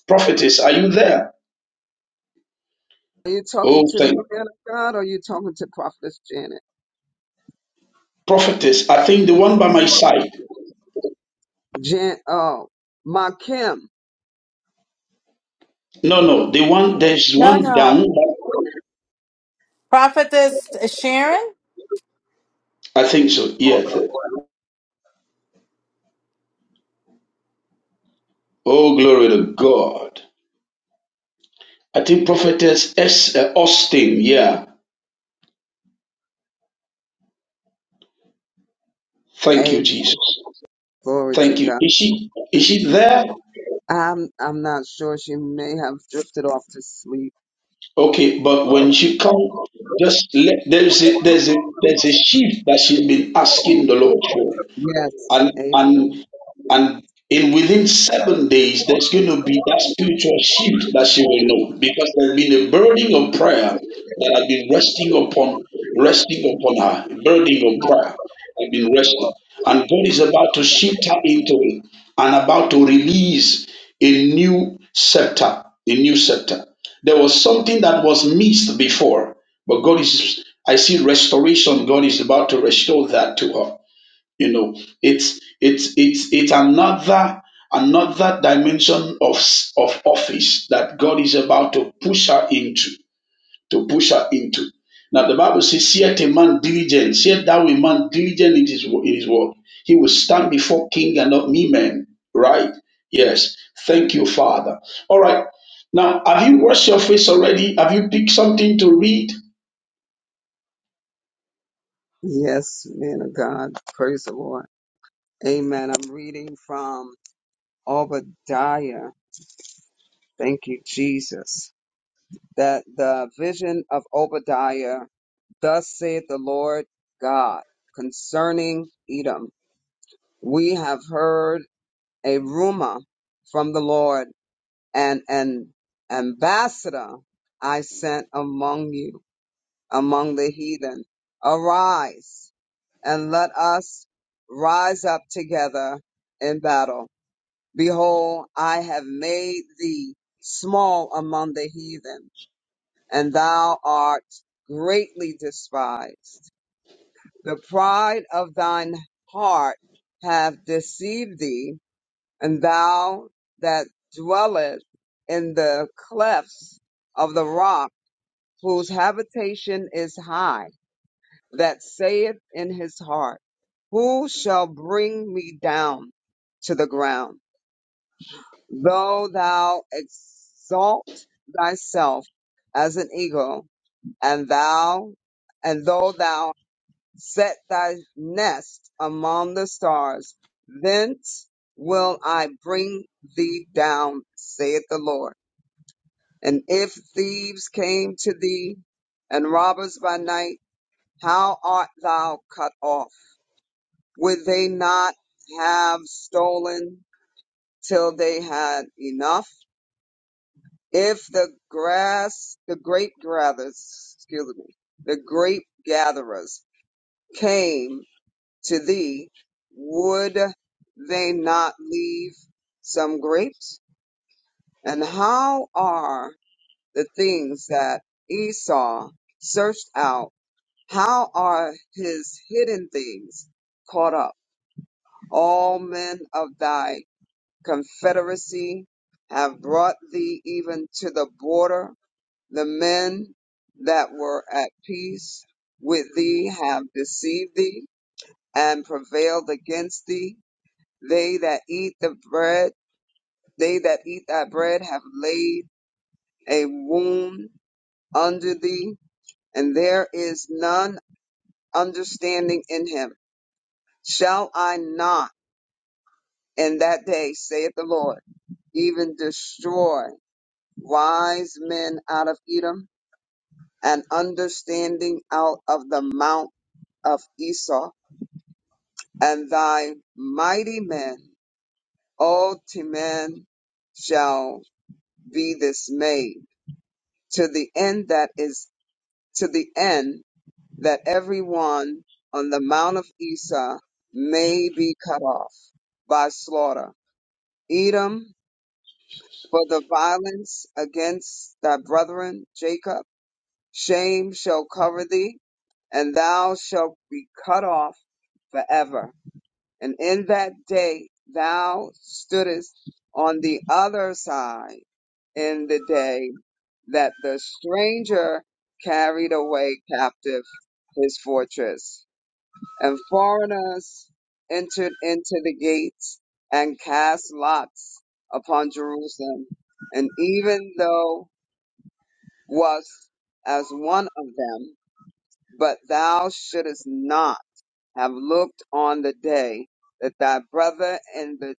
[SPEAKER 7] Prophetess, are you there?
[SPEAKER 1] you
[SPEAKER 7] Oh,
[SPEAKER 1] talking to
[SPEAKER 7] thank
[SPEAKER 1] me,
[SPEAKER 7] you.
[SPEAKER 1] man of God, or are you talking to Prophetess Janet?
[SPEAKER 7] Prophetess, I think the one by my side.
[SPEAKER 1] Jan, oh, my Kim.
[SPEAKER 7] No, no, the one, there's
[SPEAKER 3] No,
[SPEAKER 7] one
[SPEAKER 3] no.
[SPEAKER 7] down.
[SPEAKER 3] Prophetess Sharon?
[SPEAKER 7] I think so. Yeah. th- Oh, glory to God. I think Prophetess S. uh, Austin. Yeah. Thank you,
[SPEAKER 1] Amen.
[SPEAKER 7] Jesus.
[SPEAKER 1] Glory to
[SPEAKER 7] Thank you.
[SPEAKER 1] God.
[SPEAKER 7] Is she, is she there?
[SPEAKER 1] I'm I'm not sure. She may have drifted off to sleep.
[SPEAKER 7] Okay, but when she come, just let there's a there's a there's a shift that she's been asking the Lord for
[SPEAKER 1] Yes.
[SPEAKER 7] and
[SPEAKER 1] Amen.
[SPEAKER 7] and and in within seven days there's going to be that spiritual shift that she will know because there's been a burden of prayer that has been resting upon resting upon her burden of prayer has been resting and god is about to shift her into it and about to release a new scepter a new scepter there was something that was missed before but god is i see restoration god is about to restore that to her you know it's it's it's it's another another dimension of s- of office that god is about to push her into to push her into now the bible says yet a man diligent yet thou a man diligent in his, wo- in his word he will stand before king and not me men right yes thank you father all right now have you washed your face already have you picked something to read
[SPEAKER 1] Yes, man of God. Praise the Lord. Amen. I'm reading from Obadiah. Thank you, Jesus. that the vision of Obadiah, thus saith the Lord God concerning Edom. We have heard a rumor from the Lord and an ambassador I sent among you, among the heathen. Arise and let us rise up together in battle. Behold, I have made thee small among the heathen and thou art greatly despised. The pride of thine heart hath deceived thee, and thou that dwelleth in the clefts of the rock, whose habitation is high, that saith in his heart, Who shall bring me down to the ground? Though thou exalt thyself as an eagle, and thou, and though thou set thy nest among the stars, thence will I bring thee down, saith the Lord. And if thieves came to thee, and robbers by night, how art thou cut off? Would they not have stolen till they had enough? If the grass, the grape gatherers, excuse me, the grape gatherers came to thee, would they not leave some grapes? And how are the things that Esau searched out? How are his hidden things caught up? All men of thy confederacy have brought thee even to the border. The men that were at peace with thee have deceived thee and prevailed against thee They that eat the bread, they that eat thy bread have laid a wound under thee, and there is none understanding in him. Shall I not in that day, saith the Lord, even destroy wise men out of Edom and understanding out of the mount of Esau, and thy mighty men, all Timan, shall be dismayed to the end that is to the end that everyone on the mount of Esau may be cut off by slaughter. Edom for the violence against thy brethren Jacob, shame shall cover thee, and thou shalt be cut off forever. And in that day thou stoodest on the other side in the day that the stranger carried away captive his fortress, and foreigners entered into the gates and cast lots upon Jerusalem. And even thou wast as one of them, but thou shouldest not have looked on the day that thy brother in the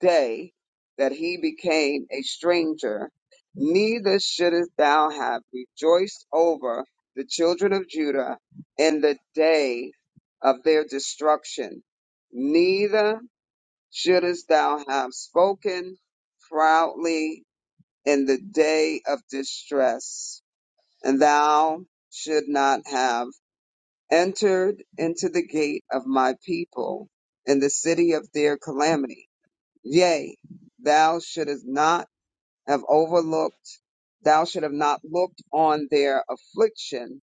[SPEAKER 1] day that he became a stranger, neither shouldest thou have rejoiced over the children of Judah in the day of their destruction, neither shouldest thou have spoken proudly in the day of distress, and thou should not have entered into the gate of my people in the city of their calamity Yea, thou shouldest not have overlooked, thou should have not looked on their affliction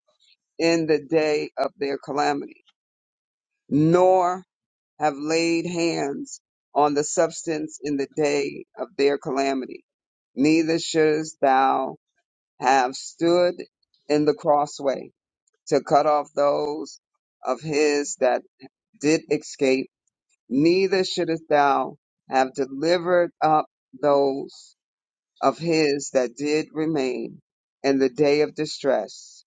[SPEAKER 1] in the day of their calamity, nor have laid hands on the substance in the day of their calamity. Neither shouldest thou have stood in the crossway to cut off those of his that did escape. Neither shouldest thou have delivered up those of his that did remain in the day of distress.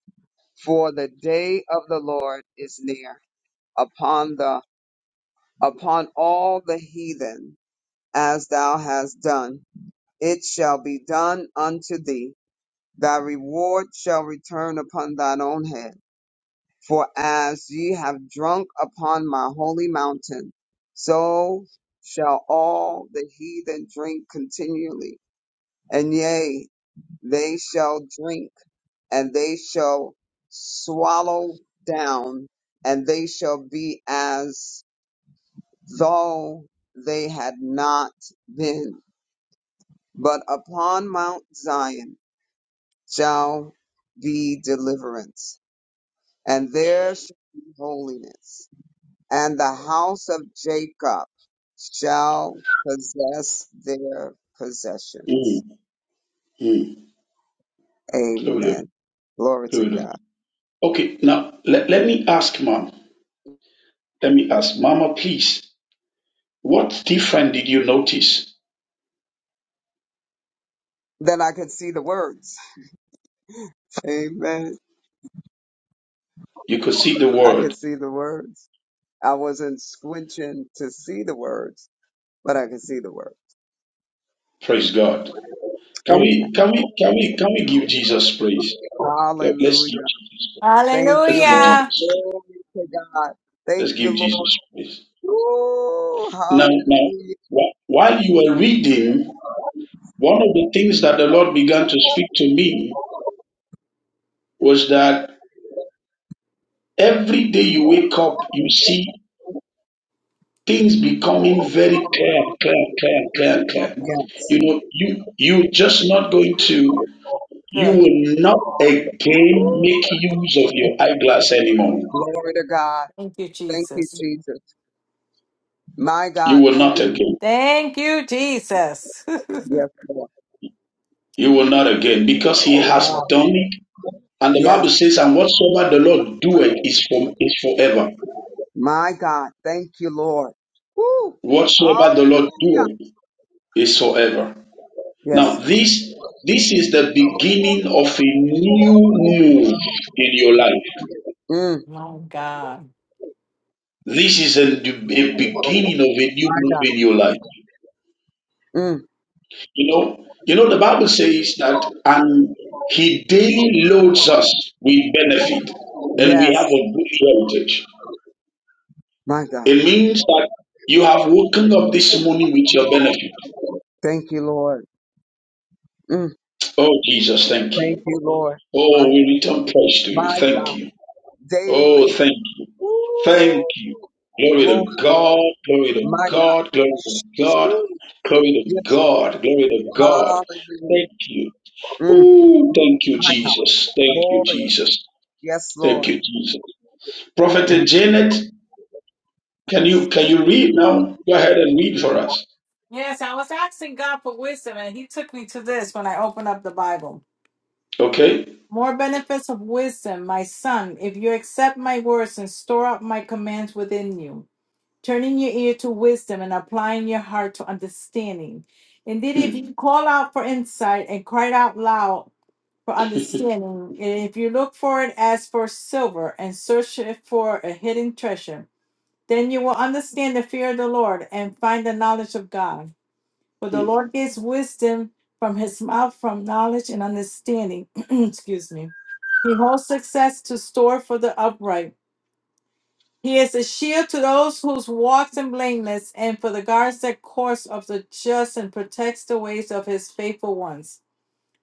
[SPEAKER 1] For the day of the Lord is near upon the upon all the heathen, as thou hast done. It shall be done unto thee. Thy reward shall return upon thine own head. For as ye have drunk upon my holy mountain, so shall all the heathen drink continually. And yea, they shall drink and they shall swallow down, and they shall be as though they had not been. But upon Mount Zion shall be deliverance, and there shall be holiness, and the house of Jacob shall possess their
[SPEAKER 7] Mm,
[SPEAKER 1] possessions.
[SPEAKER 7] mm. Glory to God.
[SPEAKER 1] Amen. Glory to God.
[SPEAKER 7] okay now let, let me ask ma'am Let me ask, Mama, please, what different did you notice?
[SPEAKER 1] Then I could see the words. Amen.
[SPEAKER 7] You could see the
[SPEAKER 1] I could
[SPEAKER 7] word.
[SPEAKER 1] see the words. I wasn't squinching to see the words, but I could see the words.
[SPEAKER 7] Praise God. Can we
[SPEAKER 1] Amen.
[SPEAKER 7] can we can we can we give Jesus praise? Okay, Let's give
[SPEAKER 1] Hallelujah.
[SPEAKER 7] Jesus.
[SPEAKER 1] Thank
[SPEAKER 7] Let's
[SPEAKER 1] you,
[SPEAKER 7] give
[SPEAKER 1] Lord.
[SPEAKER 3] Hallelujah.
[SPEAKER 7] Jesus.
[SPEAKER 1] Glory to God.
[SPEAKER 7] Let's
[SPEAKER 1] Thank you,
[SPEAKER 7] give
[SPEAKER 1] Lord.
[SPEAKER 7] Jesus praise.
[SPEAKER 1] Ooh,
[SPEAKER 7] Now now
[SPEAKER 1] hallelujah.
[SPEAKER 7] wh- while you were reading, one of the things that the Lord began to speak to me was that every day you wake up, you see things becoming very clear, clear, clear, clear, clear.
[SPEAKER 3] Okay.
[SPEAKER 7] You
[SPEAKER 1] Yes.
[SPEAKER 7] know, you you just not going to You
[SPEAKER 3] Good.
[SPEAKER 7] will not again
[SPEAKER 3] Woo-hoo.
[SPEAKER 7] make use of your eyeglass anymore.
[SPEAKER 1] Glory to God.
[SPEAKER 3] Thank you,
[SPEAKER 1] Thank you,
[SPEAKER 3] Jesus.
[SPEAKER 1] Jesus. My
[SPEAKER 7] You
[SPEAKER 1] God,
[SPEAKER 7] will
[SPEAKER 1] thank
[SPEAKER 7] not
[SPEAKER 1] you.
[SPEAKER 7] again.
[SPEAKER 3] Thank you, Jesus.
[SPEAKER 1] Yes, Lord.
[SPEAKER 7] You will not again because he has
[SPEAKER 1] Ah,
[SPEAKER 7] done it. And the
[SPEAKER 1] Yes,
[SPEAKER 7] Bible says, and whatsoever the Lord doeth is from is forever.
[SPEAKER 1] my God. Thank you, Lord. Woo.
[SPEAKER 7] Whatsoever the Lord
[SPEAKER 1] Hallelujah.
[SPEAKER 7] doeth is forever.
[SPEAKER 1] Yes,
[SPEAKER 7] Now
[SPEAKER 1] God.
[SPEAKER 7] this this is the beginning of a new move in your life.
[SPEAKER 1] Mm,
[SPEAKER 3] My God.
[SPEAKER 7] This is a, a beginning of a new
[SPEAKER 1] my
[SPEAKER 7] move
[SPEAKER 1] God.
[SPEAKER 7] in your life.
[SPEAKER 1] Mm.
[SPEAKER 7] You know, you know, the Bible says that, and he daily loads us with benefit, and we have
[SPEAKER 1] Yes,
[SPEAKER 7] a good heritage.
[SPEAKER 1] my God.
[SPEAKER 7] It means that you have woken up this morning with your benefit.
[SPEAKER 1] Thank you, Lord. Mm,
[SPEAKER 7] Oh, Jesus, thank you.
[SPEAKER 1] thank you, Lord.
[SPEAKER 7] Oh,
[SPEAKER 1] My,
[SPEAKER 7] we return praise to you.
[SPEAKER 1] my
[SPEAKER 7] Thank
[SPEAKER 1] God.
[SPEAKER 7] you. Oh,
[SPEAKER 1] Daily.
[SPEAKER 7] thank you. Thank
[SPEAKER 1] Ooh,
[SPEAKER 7] you. Glory
[SPEAKER 1] Lord,
[SPEAKER 7] to God. Glory
[SPEAKER 1] my
[SPEAKER 7] to
[SPEAKER 1] God.
[SPEAKER 7] God. Glory to God.
[SPEAKER 1] Shoo.
[SPEAKER 7] Glory to
[SPEAKER 1] Yes,
[SPEAKER 7] God. Glory to God.
[SPEAKER 1] hallelujah.
[SPEAKER 7] Thank you.
[SPEAKER 1] Mm,
[SPEAKER 7] Ooh, thank you,
[SPEAKER 1] my God.
[SPEAKER 7] Jesus. Thank you,
[SPEAKER 1] Glory.
[SPEAKER 7] Jesus.
[SPEAKER 1] Yes,
[SPEAKER 7] Thank
[SPEAKER 1] Lord.
[SPEAKER 7] you, Jesus. Prophet
[SPEAKER 1] My
[SPEAKER 7] Janet, can you can you read now? Go ahead and read for us.
[SPEAKER 3] Yes, I was asking God for wisdom, and He took me to this when I opened up the Bible.
[SPEAKER 7] Okay.
[SPEAKER 3] More benefits of wisdom, my son, if you accept my words and store up my commands within you, turning your ear to wisdom and applying your heart to understanding. Indeed, if
[SPEAKER 7] Hmm,
[SPEAKER 3] you call out for insight and cry out loud for understanding. And if you look for it as for silver and search it for a hidden treasure, then you will understand the fear of the Lord and find the knowledge of God. For the
[SPEAKER 7] hmm.
[SPEAKER 3] Lord gives wisdom from his mouth, from knowledge and understanding. Excuse me. He holds success to store for the upright. He is a shield to those whose walks are blameless, and for the guards that course of the just, and protects the ways of his faithful ones.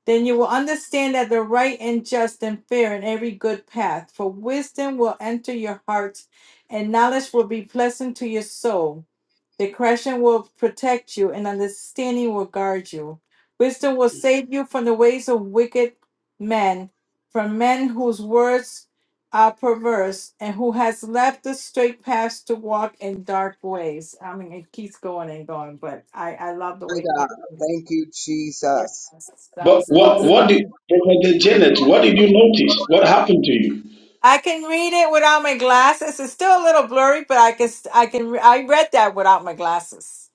[SPEAKER 3] Then you will understand that the right and just and fair and every good path, for wisdom will enter your heart, and knowledge will be pleasant to your soul. Discretion will protect you, and understanding will guard you. Wisdom will save you from the ways of wicked men, from men whose words are perverse, and who has left the straight paths to walk in dark ways. I mean, it keeps going and going, but I I love the way
[SPEAKER 1] God.
[SPEAKER 3] he.
[SPEAKER 1] Thank you, Jesus.
[SPEAKER 3] Yes, that
[SPEAKER 7] But
[SPEAKER 3] was
[SPEAKER 7] what
[SPEAKER 3] awesome.
[SPEAKER 7] what did
[SPEAKER 1] Mm,
[SPEAKER 7] Prophet Janet? What did you notice? What happened to you?
[SPEAKER 3] I can read it without my glasses. It's still a little blurry, but I can I can re- I read that without my glasses.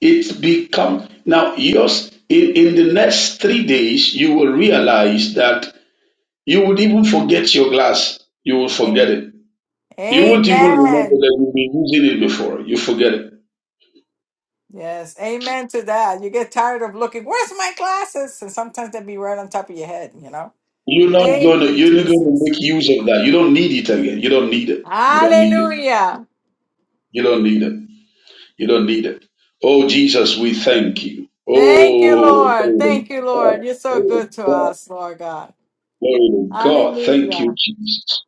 [SPEAKER 7] It become now yours. In in the next three days, you will realize that you would even forget your glass. You will forget
[SPEAKER 3] Amen.
[SPEAKER 7] it. You won't even remember
[SPEAKER 3] Amen.
[SPEAKER 7] that you've been using it before. You forget it.
[SPEAKER 3] Yes, amen to that. You get tired of looking, where's my glasses? And sometimes they'll be right on top of your head, you know?
[SPEAKER 7] You're not
[SPEAKER 3] Thank
[SPEAKER 7] gonna.
[SPEAKER 3] you,
[SPEAKER 7] You're not gonna
[SPEAKER 3] Jesus.
[SPEAKER 7] make use of that. You don't need it again. You don't need it. You don't need it.
[SPEAKER 3] Hallelujah.
[SPEAKER 7] You don't need it. You don't need it. Oh, Jesus, we thank you.
[SPEAKER 3] Thank you,
[SPEAKER 7] Oh,
[SPEAKER 3] Lord.
[SPEAKER 7] glory
[SPEAKER 3] Thank you, Lord. You're so
[SPEAKER 7] to
[SPEAKER 3] good to
[SPEAKER 7] God.
[SPEAKER 3] us, Lord God.
[SPEAKER 7] Glory to God. Thank you,
[SPEAKER 3] Hallelujah.
[SPEAKER 7] Jesus.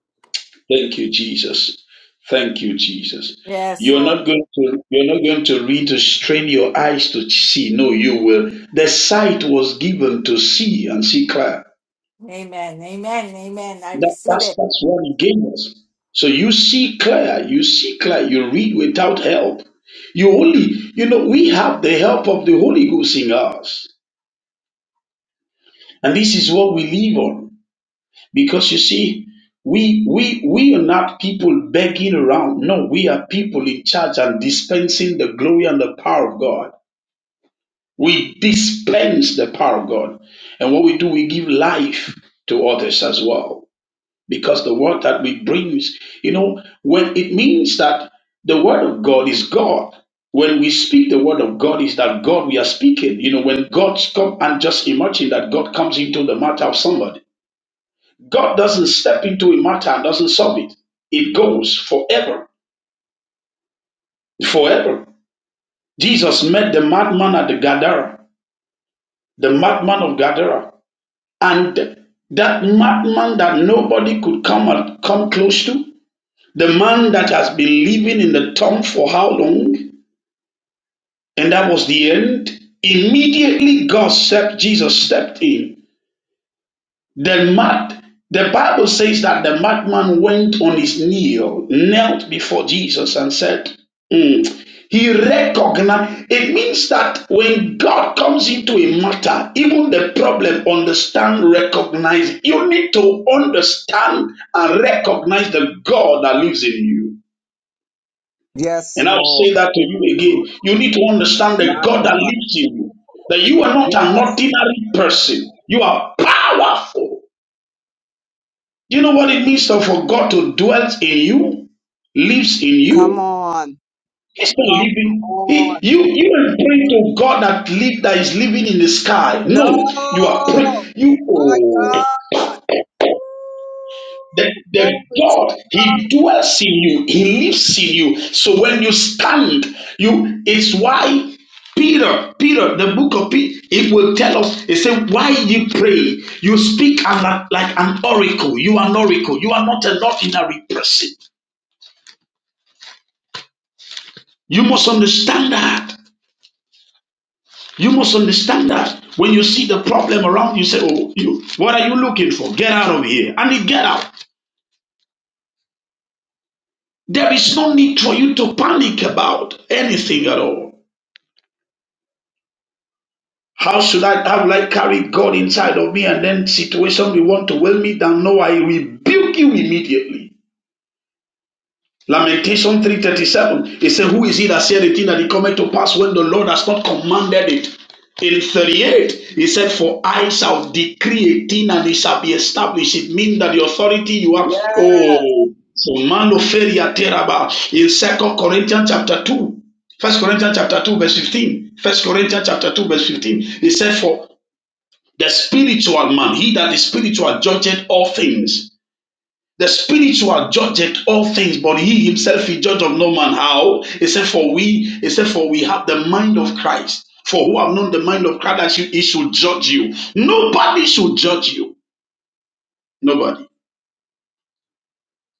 [SPEAKER 7] Thank you, Jesus. Thank you, Jesus.
[SPEAKER 3] Yes,
[SPEAKER 7] You're not
[SPEAKER 3] Lord.
[SPEAKER 7] going to you're not going to read to strain your eyes to see. No, you will. The sight was given to see and see clear.
[SPEAKER 3] Amen. Amen. Amen. I
[SPEAKER 7] That,
[SPEAKER 3] receive
[SPEAKER 7] that's
[SPEAKER 3] it.
[SPEAKER 7] that's what he gave us. So you see clear, you see clear, you read without help. You only, you know, we have the help of the Holy Ghost in us. And this is what we live on. Because you see, we we we are not people begging around. No, we are people in charge and dispensing the glory and the power of God. We dispense the power of God. And what we do, we give life to others as well. because the word that we bring, you know, when it means that the word of God is God. When we speak the word of God, is that God we are speaking. You know, when God's come and just imagine that God comes into the matter of somebody. God doesn't step into a matter and doesn't solve it. It goes forever, forever. Jesus met the madman at the Gadara, the madman of Gadara, and that madman that nobody could come and come close to. The man that has been living in the tomb for how long? And that was the end. Immediately God stepped, Jesus stepped in. The mad, the Bible says that the madman went on his knee, knelt before Jesus and said, "Mm." He recognized. It means that when God comes into a matter, even the problem, understand, recognize. You need to understand and recognize the God that lives in you.
[SPEAKER 1] yes,
[SPEAKER 7] And I'll
[SPEAKER 1] Lord.
[SPEAKER 7] say that to you again. You need to understand that
[SPEAKER 1] My
[SPEAKER 7] God that
[SPEAKER 1] God.
[SPEAKER 7] lives in you, that you are not an
[SPEAKER 1] Yes.
[SPEAKER 7] ordinary person. You are powerful. Do you know what it means to- for God to dwell in you, lives in
[SPEAKER 1] Come
[SPEAKER 7] you?
[SPEAKER 1] on.
[SPEAKER 7] He's not
[SPEAKER 1] Come
[SPEAKER 7] living. He,
[SPEAKER 1] on.
[SPEAKER 7] you you are praying to God that live that is living in the sky.
[SPEAKER 1] No!
[SPEAKER 7] No, you are praying. You
[SPEAKER 1] My
[SPEAKER 7] oh.
[SPEAKER 1] God!
[SPEAKER 7] The,
[SPEAKER 1] Woo!
[SPEAKER 7] the
[SPEAKER 1] Glory to
[SPEAKER 7] God,
[SPEAKER 1] God!
[SPEAKER 7] He dwells in you, He lives in you. So when you stand, you it's why Peter, Peter, the book of Peter, it will tell us, it said, why you pray, you speak an- like an oracle. You are an oracle. You are not an ordinary person. You must understand that. You must understand that. When you see the problem around you, say, oh, you, what are you looking for? Get out of here. And you get out. There is no need for you to panic about anything at all. How should I how will I carry God inside of me and then situation we want to weigh me down? No, I rebuke you immediately. Lamentation 3:37. It said, Who is he that said a thing that it cometh to pass when the Lord has not commanded it? In 38, he said, For I shall decree a thing and it shall be established. It means that the authority you have.
[SPEAKER 1] Yes!
[SPEAKER 7] Oh, so manoferia teraba. In Second Corinthians chapter 2, First Corinthians chapter 2, verse 15. First Corinthians chapter 2, verse 15. He said, For the spiritual man, he that is spiritual, judgeth all things. The spiritual judgeth all things, but he himself he judge of no man. How? Except for we, except for we have the mind of Christ. For who have known the mind of Christ that he should judge you? Nobody should judge you. Nobody.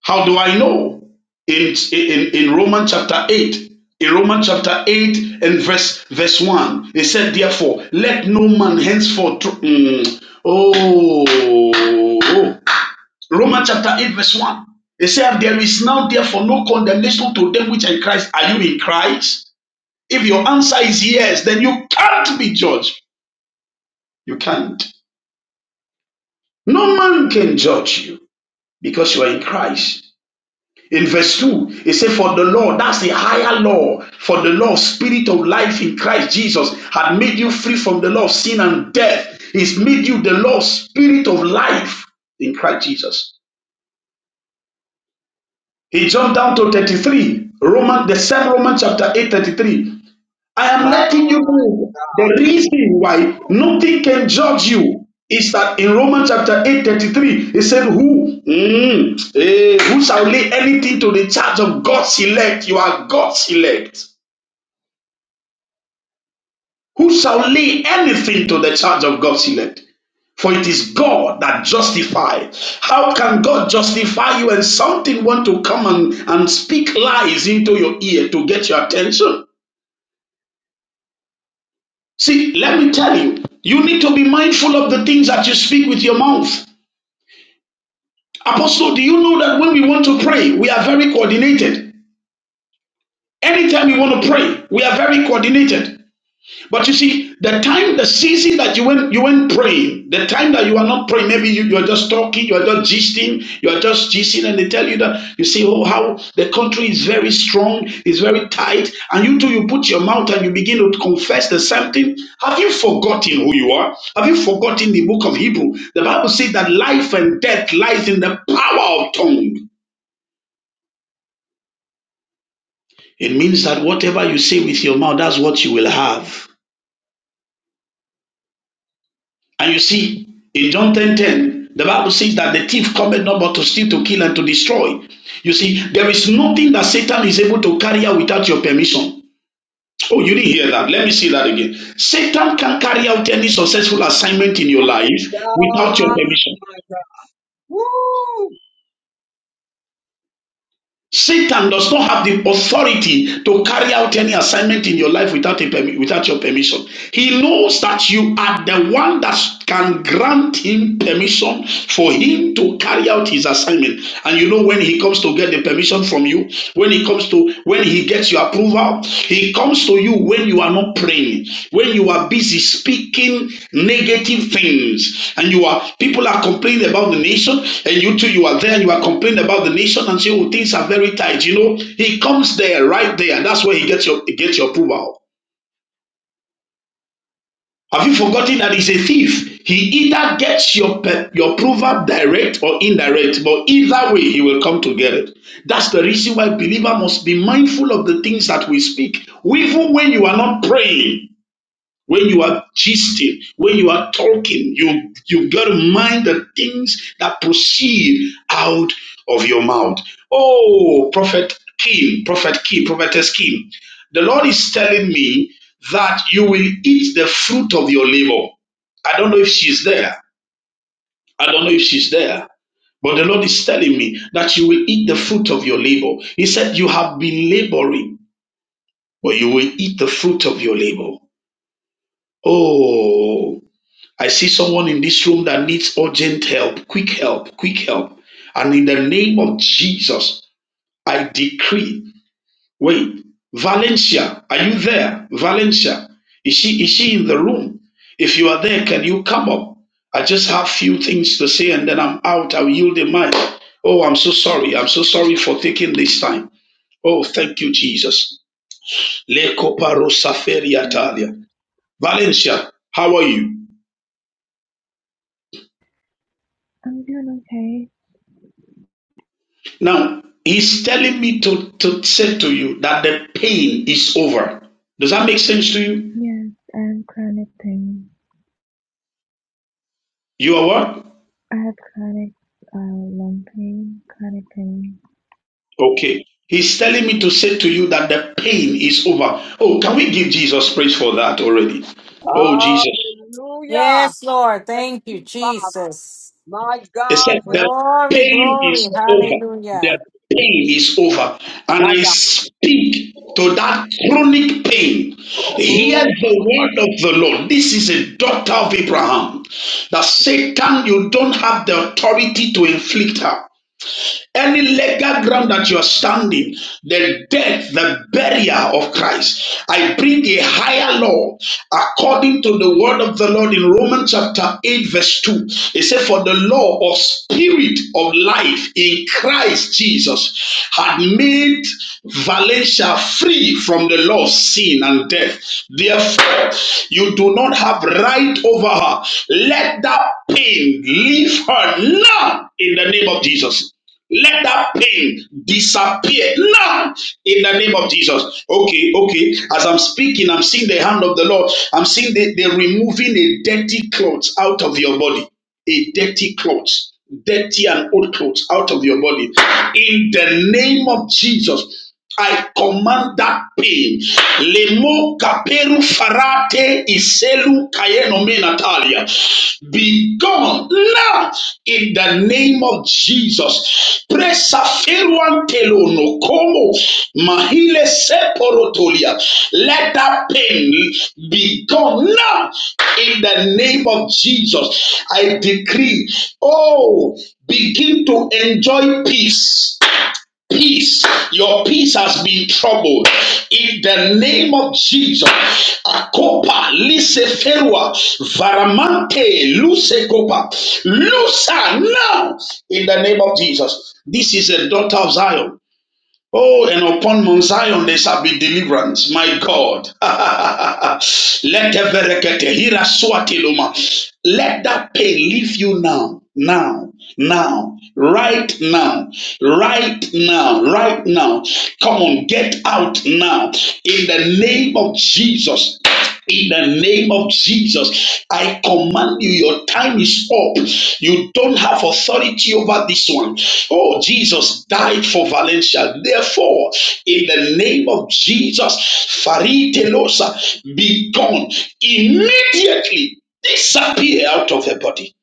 [SPEAKER 7] How do I know? In in, in Romans chapter 8. In Romans chapter 8 and verse verse 1, it said, Therefore, let no man henceforth. tr- mm, oh, Romans chapter 8, verse 1. It said, There is now therefore no condemnation to them which are in Christ. Are you in Christ? If your answer is yes, then you can't be judged. You can't. No man can judge you because you are in Christ. In verse 2, it says, For the law, that's the higher law. For the law, spirit of life in Christ Jesus, had made you free from the law of sin and death. It's made you the law, spirit of life in Christ Jesus. He jumped down to 33. Roman, the same Roman chapter 8, 33. I am
[SPEAKER 1] My
[SPEAKER 7] letting you know
[SPEAKER 1] God!
[SPEAKER 7] the reason why nothing can judge you is that in Romans chapter 8, 33, he said, Who? Mm, eh, who shall lay anything to the charge of God's elect? You are God's elect. Who shall lay anything to the charge of God's elect? For it is God that justifies. How can God justify you and something want to come and, and speak lies into your ear to get your attention? See, let me tell you, you need to be mindful of the things that you speak with your mouth. Apostle, do you know that when we want to pray, we are very coordinated? Anytime we want to pray, we are very coordinated. But you see, the time, the season that you went, you went praying, the time that you are not praying, maybe you, you are just talking, you are just gisting, you are just gisting, and they tell you that you see, oh, how the country is very strong, is very tight, and you too, you put your mouth and you begin to confess the same thing. Have you forgotten who you are? Have you forgotten the book of Hebrew? The Bible says that life and death lies in the power of tongue. It means that whatever you say with your mouth, that's what you will have. And you see, in John 10 10, the Bible says that the thief cometh not but to steal, to kill, and to destroy. You see, there is nothing that Satan is able to carry out without your permission. Oh, you didn't hear that. Let me see that again. Satan can carry out any successful assignment in your
[SPEAKER 1] My
[SPEAKER 7] life without your
[SPEAKER 1] God!
[SPEAKER 7] permission.
[SPEAKER 1] My God! Woo!
[SPEAKER 7] Satan does not have the authority to carry out any assignment in your life without, a permi- without your permission. He knows that you are the one that can grant him permission for him to carry out his assignment. And you know when he comes to get the permission from you, when he comes to when he gets gets your approval. He comes to you when you are not praying, when you are busy speaking negative things, and you are people are complaining about the nation, and you too, you are there, you are complaining about the nation and say, Oh, things are very tight. You know, he comes there right there. That's where he gets your he gets your approval. Have you forgotten that he's a thief? He either gets your pe- your approval direct or indirect, but either way he will come to get it. That's the reason why believer must be mindful of the things that we speak, even when you are not praying. When you are gisting, when you are talking, you you've got to mind the things that proceed out of your mouth. Oh, Prophet Kim, Prophet Kim, Prophetess Kim, the Lord is telling me that you will eat the fruit of your labor. I don't know if she's there. I don't know if she's there. But the Lord is telling me that you will eat the fruit of your labor. He said, You have been laboring, but you will eat the fruit of your labor. Oh, I see someone in this room that needs urgent help, quick help, quick help. And in the name of Jesus, I decree. Wait, Valencia, are you there? Valencia, is she is she in the room? If you are there, can you come up? I just have few things to say and then I'm out. I'll yield the mic. Oh, I'm so sorry. I'm so sorry for taking this time. Oh, thank you, Jesus. Le coparo saferi
[SPEAKER 8] Yes,
[SPEAKER 7] atalia. Valencia, how are you?
[SPEAKER 8] I'm doing okay.
[SPEAKER 7] Now, he's telling me to, to say to you that the pain is over. Does that make sense to you?
[SPEAKER 8] Yes, I have chronic pain.
[SPEAKER 7] You are what?
[SPEAKER 8] I have chronic uh, lung pain, chronic pain.
[SPEAKER 7] Okay. He's telling me to say to you that the pain is over. Oh, can we give Jesus praise for that already? Oh, Jesus.
[SPEAKER 1] Hallelujah!
[SPEAKER 3] Yes, Lord.
[SPEAKER 1] Thank
[SPEAKER 3] Thank you,
[SPEAKER 1] you, Father.
[SPEAKER 3] Jesus.
[SPEAKER 1] My
[SPEAKER 7] He
[SPEAKER 1] God,
[SPEAKER 7] said,
[SPEAKER 1] for you.
[SPEAKER 7] The
[SPEAKER 3] Glory,
[SPEAKER 7] pain
[SPEAKER 3] glory.
[SPEAKER 7] is over. The
[SPEAKER 3] Hallelujah.
[SPEAKER 7] pain is over. And
[SPEAKER 1] My
[SPEAKER 7] I
[SPEAKER 1] God.
[SPEAKER 7] speak to
[SPEAKER 1] Woo!
[SPEAKER 7] that chronic pain. Hear the
[SPEAKER 1] Lord,
[SPEAKER 7] word of the Lord. This is a doctor of Abraham. That Satan, you don't have the authority to inflict her any legal ground that you're standing, the death, the burial of Christ. I bring a higher law according to the word of the Lord in Romans chapter 8, verse 2. It said, For the law of spirit of life in Christ Jesus had made Valencia free from the law of sin and death. Therefore, you do not have right over her. Let that pain leave her now in the name of Jesus. Let that pain disappear now in the name of Jesus. Okay, okay. As I'm speaking, I'm seeing the hand of the Lord. I'm seeing they, they're removing a dirty cloth out of your body. A dirty cloth, dirty and old clothes out of your body. In the name of Jesus. I command that pain. Lemo kaperu farate iselu kayenome natalia. Be gone now in the name of Jesus. Presa feruan telono como mahile seporotolia. Let that pain be gone now in the name of Jesus. I decree, oh, begin to enjoy peace peace. Your peace has been troubled. In the name of Jesus. Akopa, lise ferua, varamante, luse kopa, lusa now. In the name of Jesus. This is a daughter of Zion. Oh, and upon Mount Zion there shall be deliverance, my God. Let the verekete hira suatiluma. Let that pain leave you now, now, now, right now, right now, right now. Come on, get out now in the name of Jesus. In the name of Jesus, I command you, your time is up. You don't have authority over this one. Oh, Jesus died for Valencia. Therefore, in the name of Jesus, Faritelosa, be gone immediately. Disappear out of her body.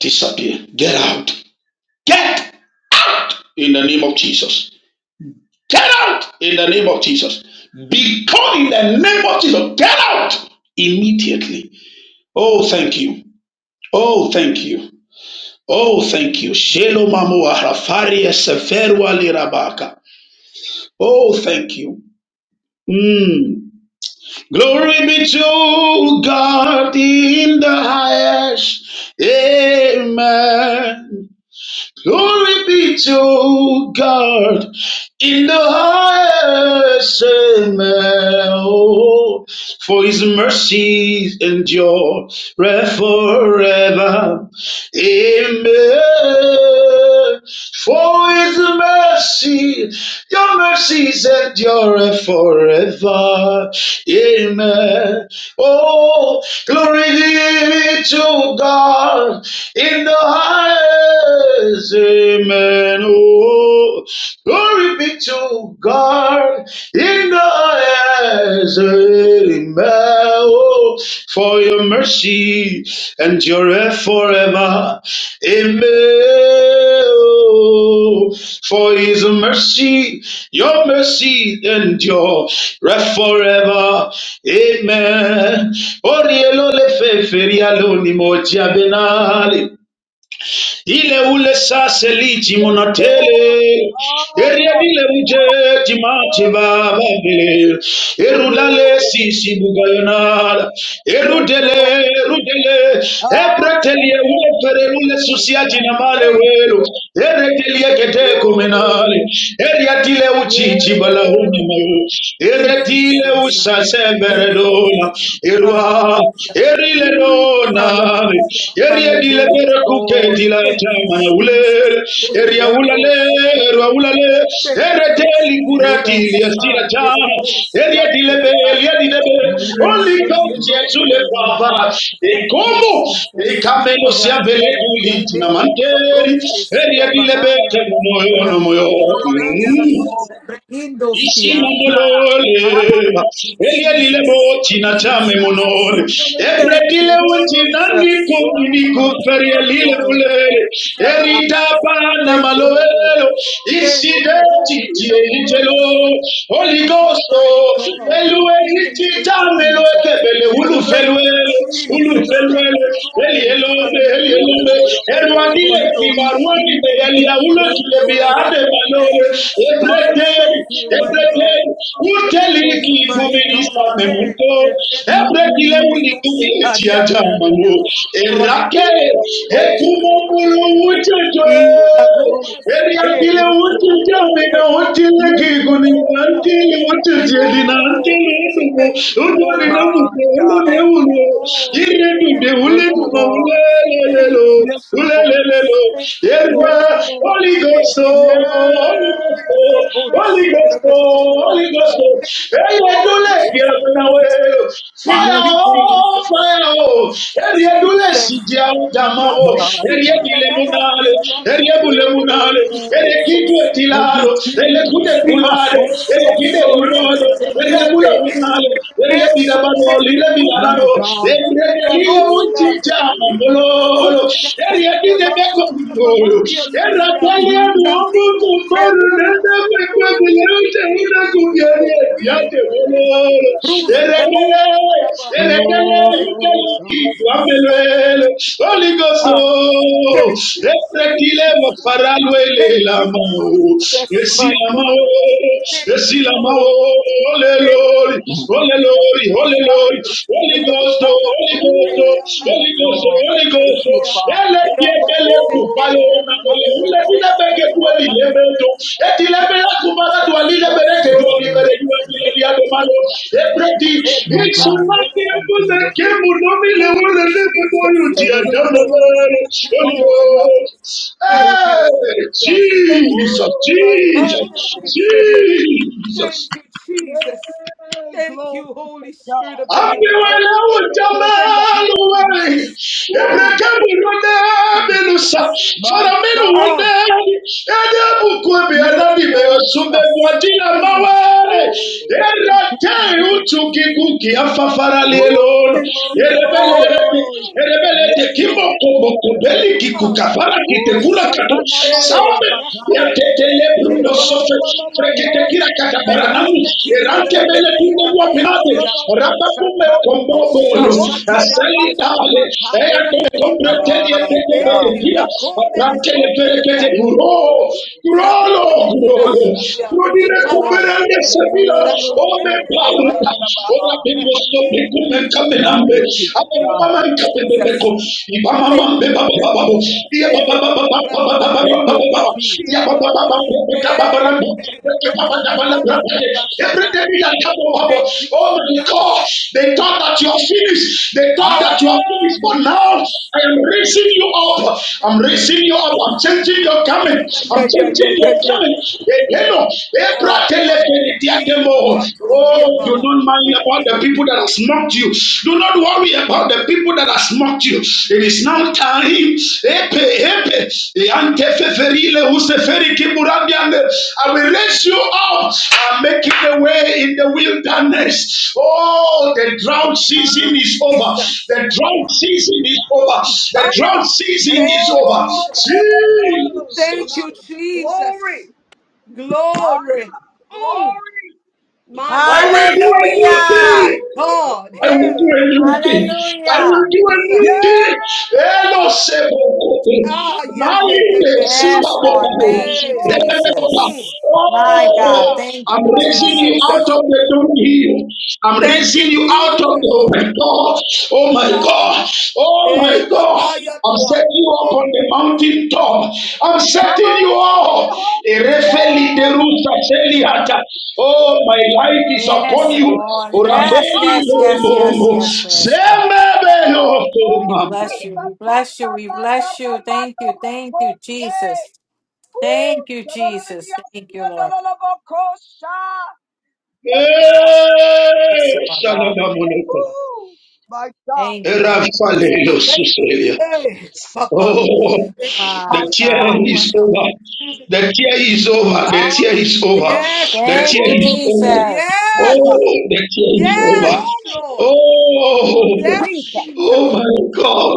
[SPEAKER 7] Disappear. Get out. Get in the name of Jesus. Get out in the name of Jesus. Be gone in the name of Jesus. Get out immediately Oh, thank you. Oh, thank you. Oh, thank you. Shelo mamu ahrafari eseferu alirabaka. Oh, thank you. Mm. Glory be to God in the highest. Amen. Glory be to God in the highest amen. Oh, for his mercies endure forever. Amen. For his mercy, your mercies endure forever. Amen. Oh, glory be to God in the highest. Amen. Amen. Oh, glory be to God in the highest. Amen. Oh, for your mercy endureth forever. Amen. Oh, for his mercy, your mercy endure forever. Amen. Orielo le fe feria lo ni mo diabenale. Ile ule sase liti munatele.
[SPEAKER 1] oh,
[SPEAKER 7] Eria dile uje
[SPEAKER 1] God,
[SPEAKER 7] timati baba
[SPEAKER 1] glory.
[SPEAKER 7] bele. Erudale sisi bugayonada.
[SPEAKER 1] Yes, Lord.
[SPEAKER 7] Erudele, erudele.
[SPEAKER 1] Ah, yeah,
[SPEAKER 7] Ebretelie
[SPEAKER 1] yeah, yeah,
[SPEAKER 7] ule
[SPEAKER 1] yeah, yeah, yeah, yeah, yeah,
[SPEAKER 7] fererule susiati na male
[SPEAKER 1] yeah. Thank
[SPEAKER 7] welo. Eretelie
[SPEAKER 1] you.
[SPEAKER 7] kete kumenale. Eria dile uchichi balahuna
[SPEAKER 1] Lord.
[SPEAKER 7] mayo.
[SPEAKER 9] Thank you,
[SPEAKER 7] Eretile
[SPEAKER 9] Jesus.
[SPEAKER 7] usase
[SPEAKER 9] Thank you.
[SPEAKER 7] veredona. Elwa,
[SPEAKER 9] Hallelujah.
[SPEAKER 7] erile dona,
[SPEAKER 9] Hallelujah.
[SPEAKER 7] erie di
[SPEAKER 9] Hallelujah.
[SPEAKER 7] lebere kuke di la
[SPEAKER 9] Thank you,
[SPEAKER 7] chama na
[SPEAKER 9] Jesus.
[SPEAKER 7] ulele,
[SPEAKER 9] Oh,
[SPEAKER 7] eria ulale, erwa
[SPEAKER 9] la
[SPEAKER 7] ulale,
[SPEAKER 9] Thank
[SPEAKER 7] erete
[SPEAKER 9] you,
[SPEAKER 7] li
[SPEAKER 9] Jesus.
[SPEAKER 7] kurati li asira
[SPEAKER 9] Hallelujah.
[SPEAKER 7] chama, eria di lebe, eria di lebe,
[SPEAKER 9] Yes,
[SPEAKER 7] only kauti ya
[SPEAKER 9] alone
[SPEAKER 7] tule
[SPEAKER 9] the
[SPEAKER 7] pava,
[SPEAKER 9] Lord.
[SPEAKER 7] e
[SPEAKER 9] Thank you,
[SPEAKER 7] como, e
[SPEAKER 9] Jesus.
[SPEAKER 7] kameno si abele
[SPEAKER 9] Rande,
[SPEAKER 7] kuli, na
[SPEAKER 9] Rande,
[SPEAKER 7] manteri,
[SPEAKER 9] Capronte,
[SPEAKER 7] eria
[SPEAKER 9] Sia
[SPEAKER 7] di lebe, te
[SPEAKER 9] Bahaya,
[SPEAKER 7] moyo no moyo,
[SPEAKER 9] Rakuria,
[SPEAKER 1] Yes,
[SPEAKER 9] Nansa,
[SPEAKER 1] Lord. Yes,
[SPEAKER 7] mm.
[SPEAKER 1] Lord.
[SPEAKER 9] Indos Kianta.
[SPEAKER 7] Isimambolole,
[SPEAKER 9] Ah, thank you,
[SPEAKER 7] Elielile
[SPEAKER 9] Jesus.
[SPEAKER 7] botina
[SPEAKER 9] Thank you,
[SPEAKER 7] chame
[SPEAKER 9] Jesus.
[SPEAKER 7] monole,
[SPEAKER 9] Thank
[SPEAKER 7] Ebretile
[SPEAKER 9] you,
[SPEAKER 7] utina niku
[SPEAKER 9] Jesus.
[SPEAKER 1] Oh,
[SPEAKER 9] Ah,
[SPEAKER 7] niku
[SPEAKER 9] thank you,
[SPEAKER 7] ferielile
[SPEAKER 9] Lord.
[SPEAKER 7] mulele,
[SPEAKER 9] Thank you,
[SPEAKER 1] God.
[SPEAKER 9] Lord.
[SPEAKER 7] Erita pana
[SPEAKER 9] Thank you, Lord.
[SPEAKER 7] maloelo,
[SPEAKER 9] Thank you,
[SPEAKER 1] Oh,
[SPEAKER 7] Isideti
[SPEAKER 9] Holy
[SPEAKER 7] tie
[SPEAKER 9] of
[SPEAKER 1] yes, Lord.
[SPEAKER 9] Holies.
[SPEAKER 7] itelo, Holy
[SPEAKER 9] Thank you,
[SPEAKER 7] Ghost,
[SPEAKER 9] mighty
[SPEAKER 7] oh,
[SPEAKER 9] God.
[SPEAKER 7] Elue
[SPEAKER 9] Thank
[SPEAKER 1] Jesus.
[SPEAKER 9] you,
[SPEAKER 7] itita meloe
[SPEAKER 9] Jesus.
[SPEAKER 7] kebele
[SPEAKER 1] Yeah,
[SPEAKER 7] ulu
[SPEAKER 1] la, la, la,
[SPEAKER 9] Thank
[SPEAKER 1] la,
[SPEAKER 9] you,
[SPEAKER 1] la,
[SPEAKER 7] felue,
[SPEAKER 1] la, la, la,
[SPEAKER 9] Jesus.
[SPEAKER 1] la.
[SPEAKER 9] Thank
[SPEAKER 7] ulufenwele
[SPEAKER 9] you, Lord.
[SPEAKER 7] eli
[SPEAKER 9] Hallelujah.
[SPEAKER 7] elielombe
[SPEAKER 9] Thank you,
[SPEAKER 7] erwadile
[SPEAKER 9] Holy
[SPEAKER 1] Thank you,
[SPEAKER 9] Ghost.
[SPEAKER 7] Kibarwani, eli kibarwonide
[SPEAKER 9] Thank
[SPEAKER 1] Jesus.
[SPEAKER 9] you,
[SPEAKER 1] Yes,
[SPEAKER 7] eliaulotulebia
[SPEAKER 1] Lord.
[SPEAKER 9] Jesus. Thank
[SPEAKER 7] ademanore
[SPEAKER 9] you,
[SPEAKER 1] Oh,
[SPEAKER 9] Jesus.
[SPEAKER 7] ebreteri
[SPEAKER 9] Thank you, mighty God.
[SPEAKER 7] ebreteri
[SPEAKER 1] yes,
[SPEAKER 9] Thank
[SPEAKER 1] Lord.
[SPEAKER 7] uteliki
[SPEAKER 9] you, mighty God.
[SPEAKER 7] guminisame
[SPEAKER 9] Hey,
[SPEAKER 7] muto
[SPEAKER 9] the little
[SPEAKER 7] ebrekile
[SPEAKER 9] baby, the
[SPEAKER 1] Mm.
[SPEAKER 7] unitumietiajamano
[SPEAKER 9] Abba,
[SPEAKER 7] erake
[SPEAKER 9] oh,
[SPEAKER 7] ekumomulu
[SPEAKER 9] Abba.
[SPEAKER 7] ucejoe
[SPEAKER 1] Oh,
[SPEAKER 7] eriakile
[SPEAKER 1] Yes, Lord.
[SPEAKER 9] Sudela.
[SPEAKER 7] ucijamina
[SPEAKER 1] Yes,
[SPEAKER 7] utileki
[SPEAKER 1] Lord.
[SPEAKER 7] guniantili
[SPEAKER 9] Thank
[SPEAKER 7] ucijedi
[SPEAKER 9] you,
[SPEAKER 7] na
[SPEAKER 1] Oh,
[SPEAKER 9] Lord.
[SPEAKER 7] antili
[SPEAKER 9] Thank you,
[SPEAKER 1] my
[SPEAKER 9] Lord.
[SPEAKER 7] udumu
[SPEAKER 1] God.
[SPEAKER 9] Thank you, Lord. Thank you,
[SPEAKER 1] Thank you,
[SPEAKER 9] Lord.
[SPEAKER 1] Lord.
[SPEAKER 9] Thank you,
[SPEAKER 1] Yes, Lord.
[SPEAKER 9] Jesus. Thank you,
[SPEAKER 1] Yes,
[SPEAKER 9] Lord.
[SPEAKER 1] Lord.
[SPEAKER 7] Holy
[SPEAKER 9] Thank
[SPEAKER 7] Ghost
[SPEAKER 9] you,
[SPEAKER 7] oh,
[SPEAKER 1] Yes.
[SPEAKER 9] Abba
[SPEAKER 7] Holy
[SPEAKER 9] Father.
[SPEAKER 7] Ghost
[SPEAKER 9] Thank you,
[SPEAKER 7] oh,
[SPEAKER 9] Holy
[SPEAKER 7] Holy
[SPEAKER 9] Spirit
[SPEAKER 7] Ghost
[SPEAKER 9] of the living
[SPEAKER 7] oh, Holy
[SPEAKER 9] God.
[SPEAKER 7] Ghost
[SPEAKER 9] Thank
[SPEAKER 7] oh.
[SPEAKER 9] you, thank you,
[SPEAKER 1] Woo.
[SPEAKER 9] thank you, thank
[SPEAKER 7] fire
[SPEAKER 1] Yes,
[SPEAKER 9] you,
[SPEAKER 1] Lord.
[SPEAKER 7] oh
[SPEAKER 9] Jesus.
[SPEAKER 7] fire
[SPEAKER 9] Ah,
[SPEAKER 7] oh
[SPEAKER 9] Jesus. Not
[SPEAKER 1] My God.
[SPEAKER 9] a Thank you,
[SPEAKER 1] Woo.
[SPEAKER 9] Jesus.
[SPEAKER 1] Thank you, Jesus. Ah,
[SPEAKER 9] Jesus,
[SPEAKER 1] oh,
[SPEAKER 9] sorriente, seriante,
[SPEAKER 1] sha-la-la-la-la-la-la-la.
[SPEAKER 9] rianenso,
[SPEAKER 7] Eriebirabano,
[SPEAKER 9] tende,
[SPEAKER 1] my
[SPEAKER 9] curia,
[SPEAKER 7] Lilebilarano,
[SPEAKER 1] God.
[SPEAKER 9] manse, curia, nostra,
[SPEAKER 7] Ebredelieuntitia
[SPEAKER 1] Woo.
[SPEAKER 9] iria,
[SPEAKER 7] mongololo,
[SPEAKER 9] curia, curia, ma
[SPEAKER 1] Oh,
[SPEAKER 9] curia, ma
[SPEAKER 7] Eriebidebekongolo,
[SPEAKER 9] varia, sucia, ratino,
[SPEAKER 7] Erabalianuomutumbaru,
[SPEAKER 9] seria, cuse, vento, sire,
[SPEAKER 7] Nenebekwekweleuteunakubieneetiatewololo,
[SPEAKER 9] Bruce, the moon,
[SPEAKER 7] Eredele, Eredele,
[SPEAKER 9] thank you,
[SPEAKER 1] God.
[SPEAKER 9] Jesus, thank you,
[SPEAKER 7] Ukelukikwabelwele, Holy
[SPEAKER 9] Jesus,
[SPEAKER 7] Ghost,
[SPEAKER 9] Ah,
[SPEAKER 7] oh,
[SPEAKER 9] thank you,
[SPEAKER 7] Epretile
[SPEAKER 9] Jesus.
[SPEAKER 7] wafaralwele
[SPEAKER 9] Thank you,
[SPEAKER 7] lamao,
[SPEAKER 9] Jesus, my God. Thank you,
[SPEAKER 7] Esilamao,
[SPEAKER 9] Lord.
[SPEAKER 7] lelo.
[SPEAKER 9] Thank
[SPEAKER 7] Lord,
[SPEAKER 9] you,
[SPEAKER 7] Holy
[SPEAKER 9] Jesus,
[SPEAKER 7] Lord, Holy
[SPEAKER 9] Messiah.
[SPEAKER 7] Lord, Holy Ghost, oh,
[SPEAKER 9] Rapala
[SPEAKER 7] Holy Ghost, oh,
[SPEAKER 9] tonteria para
[SPEAKER 1] Yes,
[SPEAKER 7] Holy Ghost, oh,
[SPEAKER 9] tubre
[SPEAKER 1] Lord.
[SPEAKER 7] Holy
[SPEAKER 1] Thank
[SPEAKER 7] Ghost,
[SPEAKER 1] you,
[SPEAKER 7] oh.
[SPEAKER 9] incasia.
[SPEAKER 1] Father.
[SPEAKER 7] Ele ti
[SPEAKER 9] Ramon
[SPEAKER 7] ebele tu payo Let
[SPEAKER 9] sequeria
[SPEAKER 1] Oh,
[SPEAKER 9] na
[SPEAKER 1] thank
[SPEAKER 7] me
[SPEAKER 1] you,
[SPEAKER 7] ule ti
[SPEAKER 1] Lord.
[SPEAKER 9] pasumbre
[SPEAKER 7] na beke tu
[SPEAKER 9] incatua
[SPEAKER 7] eli lebe
[SPEAKER 9] cana.
[SPEAKER 7] tu. Eti
[SPEAKER 9] Thank
[SPEAKER 7] lebe
[SPEAKER 9] you,
[SPEAKER 7] la tu mara tu ali
[SPEAKER 9] Jesus,
[SPEAKER 7] lebe
[SPEAKER 9] my
[SPEAKER 7] le ke
[SPEAKER 1] Yes,
[SPEAKER 7] tu
[SPEAKER 9] soul
[SPEAKER 7] ali
[SPEAKER 1] Lord.
[SPEAKER 7] bere tu ali le dia
[SPEAKER 9] sequeria.
[SPEAKER 7] do malo. Ebre
[SPEAKER 9] Rapidon
[SPEAKER 7] ti
[SPEAKER 9] cateria
[SPEAKER 1] My
[SPEAKER 7] itsu
[SPEAKER 9] pa,
[SPEAKER 7] na
[SPEAKER 1] God.
[SPEAKER 7] ti
[SPEAKER 9] yena veru
[SPEAKER 7] ebu
[SPEAKER 1] Thank you.
[SPEAKER 7] le ke mu no mi le
[SPEAKER 9] Oh,
[SPEAKER 7] ule le ke tu
[SPEAKER 9] Jesus,
[SPEAKER 7] ayu ti
[SPEAKER 9] thank you,
[SPEAKER 7] adame
[SPEAKER 9] Lord.
[SPEAKER 7] le.
[SPEAKER 9] Thank you,
[SPEAKER 7] Holy
[SPEAKER 9] Lord.
[SPEAKER 1] Lord.
[SPEAKER 7] Ghost,
[SPEAKER 9] Thank
[SPEAKER 1] Yes,
[SPEAKER 9] you,
[SPEAKER 1] Lord.
[SPEAKER 7] hey
[SPEAKER 9] Jesus.
[SPEAKER 1] Woo!
[SPEAKER 9] Hey,
[SPEAKER 7] Jesus, Jesus,
[SPEAKER 9] Makarabese. Thank
[SPEAKER 7] Jesus.
[SPEAKER 9] you, Jesus.
[SPEAKER 1] Yay!
[SPEAKER 9] Thank you,
[SPEAKER 1] Glory to
[SPEAKER 9] Holy Spirit
[SPEAKER 1] God.
[SPEAKER 9] of the Living God. Thank you, Jesus.
[SPEAKER 1] Woo!
[SPEAKER 9] Mm, Jesus.
[SPEAKER 1] My
[SPEAKER 9] Ah,
[SPEAKER 1] God. Yes, Lord.
[SPEAKER 9] Jesus. Mm,
[SPEAKER 1] Woo! Thank you.
[SPEAKER 9] Thank you, Lord.
[SPEAKER 1] Oh,
[SPEAKER 9] Mm,
[SPEAKER 1] yes, Lord.
[SPEAKER 9] Ah,
[SPEAKER 1] Woo!
[SPEAKER 9] Jesus.
[SPEAKER 1] Shatanamanda
[SPEAKER 9] Eh,
[SPEAKER 1] babakaya.
[SPEAKER 9] Rakone de
[SPEAKER 7] Something Mando
[SPEAKER 9] Suteria.
[SPEAKER 7] Soto,
[SPEAKER 9] Mm,
[SPEAKER 7] Frekete Kira
[SPEAKER 1] Lelololololobokosiada.
[SPEAKER 7] Katabaranamu,
[SPEAKER 9] Merunde
[SPEAKER 7] Erante
[SPEAKER 9] Kirionde de
[SPEAKER 7] Bele Tunde Lua Pirate,
[SPEAKER 9] Hiria
[SPEAKER 7] Rapapume
[SPEAKER 1] Yerererererereriasiadorobokoshata.
[SPEAKER 7] Kombo Bolo,
[SPEAKER 9] Sharon
[SPEAKER 7] Asali
[SPEAKER 1] Ushatanamanda
[SPEAKER 9] Telepeesa,
[SPEAKER 7] Dale,
[SPEAKER 1] babaka.
[SPEAKER 7] Ea Tome
[SPEAKER 9] Rica
[SPEAKER 7] Kombre
[SPEAKER 9] Para,
[SPEAKER 7] Telie
[SPEAKER 1] My
[SPEAKER 7] Tete Tete
[SPEAKER 1] God.
[SPEAKER 9] eh,
[SPEAKER 7] Kira,
[SPEAKER 9] Raconde de
[SPEAKER 7] Aprante Le Pere Kete
[SPEAKER 9] Sunteria,
[SPEAKER 7] Guro,
[SPEAKER 1] Woo.
[SPEAKER 7] Gurolo,
[SPEAKER 9] Jaducre in
[SPEAKER 7] Gurolo,
[SPEAKER 9] Asuria,
[SPEAKER 7] Grodine
[SPEAKER 1] Yes, Lord.
[SPEAKER 7] Kuberende
[SPEAKER 1] Yes,
[SPEAKER 9] Parasepe,
[SPEAKER 1] Lord.
[SPEAKER 7] Sevilla,
[SPEAKER 1] You
[SPEAKER 7] Ome
[SPEAKER 9] Jatorelle de
[SPEAKER 1] are not
[SPEAKER 7] Paluta,
[SPEAKER 1] on
[SPEAKER 9] Cayana,
[SPEAKER 1] about
[SPEAKER 7] Ola Bimbo
[SPEAKER 9] and
[SPEAKER 7] Sopi
[SPEAKER 9] lead,
[SPEAKER 7] Kume
[SPEAKER 9] and lead, and
[SPEAKER 1] My
[SPEAKER 7] Kamenambe,
[SPEAKER 9] lead.
[SPEAKER 7] Ape
[SPEAKER 1] God.
[SPEAKER 7] Mama
[SPEAKER 9] Mm,
[SPEAKER 7] Kape
[SPEAKER 9] Jesus,
[SPEAKER 7] Bebeko,
[SPEAKER 9] thank you,
[SPEAKER 1] Yes,
[SPEAKER 9] Lord.
[SPEAKER 1] Lord.
[SPEAKER 9] Eh,
[SPEAKER 1] Thank you, Jesus.
[SPEAKER 9] Racoperatosia, eh, Raconda Mansoria Satan. Thank you,
[SPEAKER 7] oh my
[SPEAKER 9] Jesus.
[SPEAKER 7] God, they thought that you are finished. They thought
[SPEAKER 1] Yeah.
[SPEAKER 7] that
[SPEAKER 9] Ah,
[SPEAKER 7] you are finished, but now
[SPEAKER 9] Jesus.
[SPEAKER 7] I am raising you up. I'm raising you up. I'm changing
[SPEAKER 9] Ah,
[SPEAKER 7] your coming.
[SPEAKER 9] yeah, yeah, yeah,
[SPEAKER 7] I'm
[SPEAKER 9] yeah,
[SPEAKER 7] changing
[SPEAKER 9] yeah,
[SPEAKER 7] your
[SPEAKER 9] yeah, yeah.
[SPEAKER 7] coming.
[SPEAKER 9] Ah, in Katuria
[SPEAKER 7] Oh do
[SPEAKER 9] Baha.
[SPEAKER 7] not mind about the people that have mocked you. Do not worry about the people that have mocked you. It is now time. Epe, epe, yante feferile, useferi kiburandiande. I will raise you up. I'm making a way in the wilderness. Oh, the drought season is over.
[SPEAKER 9] Jesus.
[SPEAKER 7] The drought season is over.
[SPEAKER 1] Ah,
[SPEAKER 7] The drought
[SPEAKER 1] yeah.
[SPEAKER 7] season
[SPEAKER 9] Thank
[SPEAKER 7] is
[SPEAKER 9] you,
[SPEAKER 7] over.
[SPEAKER 1] Oh,
[SPEAKER 9] Jesus. Thank
[SPEAKER 1] God.
[SPEAKER 7] Jesus,
[SPEAKER 9] you, Jesus.
[SPEAKER 1] glory. Ah,
[SPEAKER 9] Glory.
[SPEAKER 1] yeah.
[SPEAKER 9] Mm,
[SPEAKER 1] Glory.
[SPEAKER 9] my
[SPEAKER 7] I will do
[SPEAKER 9] God.
[SPEAKER 7] a new
[SPEAKER 3] Hallelujah.
[SPEAKER 7] thing.
[SPEAKER 9] My God.
[SPEAKER 7] I will do
[SPEAKER 9] Hey,
[SPEAKER 7] a
[SPEAKER 3] Woo.
[SPEAKER 7] new thing. I will
[SPEAKER 3] Hallelujah.
[SPEAKER 7] do a new
[SPEAKER 1] Yes.
[SPEAKER 9] Jesus.
[SPEAKER 7] thing. Hello,
[SPEAKER 9] Mm.
[SPEAKER 7] Sebokoko.
[SPEAKER 1] Do
[SPEAKER 9] Ah, yeah,
[SPEAKER 1] it.
[SPEAKER 9] yeah, yeah,
[SPEAKER 7] Marinde,
[SPEAKER 9] yeah,
[SPEAKER 1] Do
[SPEAKER 9] yeah.
[SPEAKER 3] Yes, Lord.
[SPEAKER 7] Sibabokoko.
[SPEAKER 1] it.
[SPEAKER 3] Thank you,
[SPEAKER 9] Hey,
[SPEAKER 1] Glory.
[SPEAKER 7] Lebebebeba.
[SPEAKER 1] Woo.
[SPEAKER 3] Jesus. My
[SPEAKER 1] Yes,
[SPEAKER 3] God.
[SPEAKER 7] Oh,
[SPEAKER 1] God.
[SPEAKER 3] Thank
[SPEAKER 1] Do
[SPEAKER 7] I'm
[SPEAKER 3] you,
[SPEAKER 7] raising
[SPEAKER 1] it.
[SPEAKER 7] you
[SPEAKER 3] Jesus.
[SPEAKER 7] out
[SPEAKER 9] Jesus.
[SPEAKER 7] of the downhill. I'm
[SPEAKER 9] Thank
[SPEAKER 7] raising
[SPEAKER 9] you,
[SPEAKER 7] you out of the
[SPEAKER 9] Jesus.
[SPEAKER 7] oh my God. Oh my
[SPEAKER 9] Ah,
[SPEAKER 7] God. Oh my
[SPEAKER 9] eh,
[SPEAKER 7] God. I'm
[SPEAKER 9] la
[SPEAKER 7] setting you up on the mountain top. I'm
[SPEAKER 1] Come
[SPEAKER 7] setting you
[SPEAKER 1] on in,
[SPEAKER 7] up.
[SPEAKER 1] Holy Ghost! Woo!
[SPEAKER 7] Oh, my light is upon
[SPEAKER 3] Yes,
[SPEAKER 7] you.
[SPEAKER 3] Lord. Yes,
[SPEAKER 1] Come
[SPEAKER 3] yes, yes, yes,
[SPEAKER 1] on!
[SPEAKER 3] yes, yes, Lord. We
[SPEAKER 1] Glory,
[SPEAKER 3] bless
[SPEAKER 1] yes,
[SPEAKER 3] you.
[SPEAKER 1] the
[SPEAKER 3] We
[SPEAKER 1] Father,
[SPEAKER 3] bless you.
[SPEAKER 1] the
[SPEAKER 3] We
[SPEAKER 1] Father,
[SPEAKER 3] bless
[SPEAKER 1] the
[SPEAKER 3] you. Thank
[SPEAKER 1] Mother
[SPEAKER 3] you.
[SPEAKER 1] of
[SPEAKER 3] Thank you,
[SPEAKER 1] Jose.
[SPEAKER 3] Jesus.
[SPEAKER 1] Woo!
[SPEAKER 3] Thank you,
[SPEAKER 1] Shalom,
[SPEAKER 3] Jesus.
[SPEAKER 1] yes,
[SPEAKER 3] Thank you,
[SPEAKER 1] the
[SPEAKER 3] Lord.
[SPEAKER 1] Lord of Okosha. Yes, Lord.
[SPEAKER 3] Yes,
[SPEAKER 7] Eh,
[SPEAKER 3] Lord God.
[SPEAKER 1] Woo! My God,
[SPEAKER 3] Thank you, Lord.
[SPEAKER 1] thank you.
[SPEAKER 9] Hey, Papa.
[SPEAKER 7] Oh,
[SPEAKER 3] My
[SPEAKER 1] My
[SPEAKER 7] the
[SPEAKER 1] God.
[SPEAKER 7] tear
[SPEAKER 3] God.
[SPEAKER 7] is
[SPEAKER 9] Ekrumasiparuata.
[SPEAKER 7] over.
[SPEAKER 9] Mm.
[SPEAKER 7] The tear is over. The tear
[SPEAKER 1] Ah,
[SPEAKER 7] is over. The
[SPEAKER 9] Yes,
[SPEAKER 3] Thank you,
[SPEAKER 7] tear
[SPEAKER 1] woo,
[SPEAKER 7] is over.
[SPEAKER 3] Jesus.
[SPEAKER 1] my God.
[SPEAKER 9] yes,
[SPEAKER 7] Oh, the tear is over.
[SPEAKER 9] yes,
[SPEAKER 1] Glory,
[SPEAKER 9] Lord.
[SPEAKER 7] Oh,
[SPEAKER 9] Yes,
[SPEAKER 1] Jesus.
[SPEAKER 7] oh
[SPEAKER 9] Jesus.
[SPEAKER 7] my God.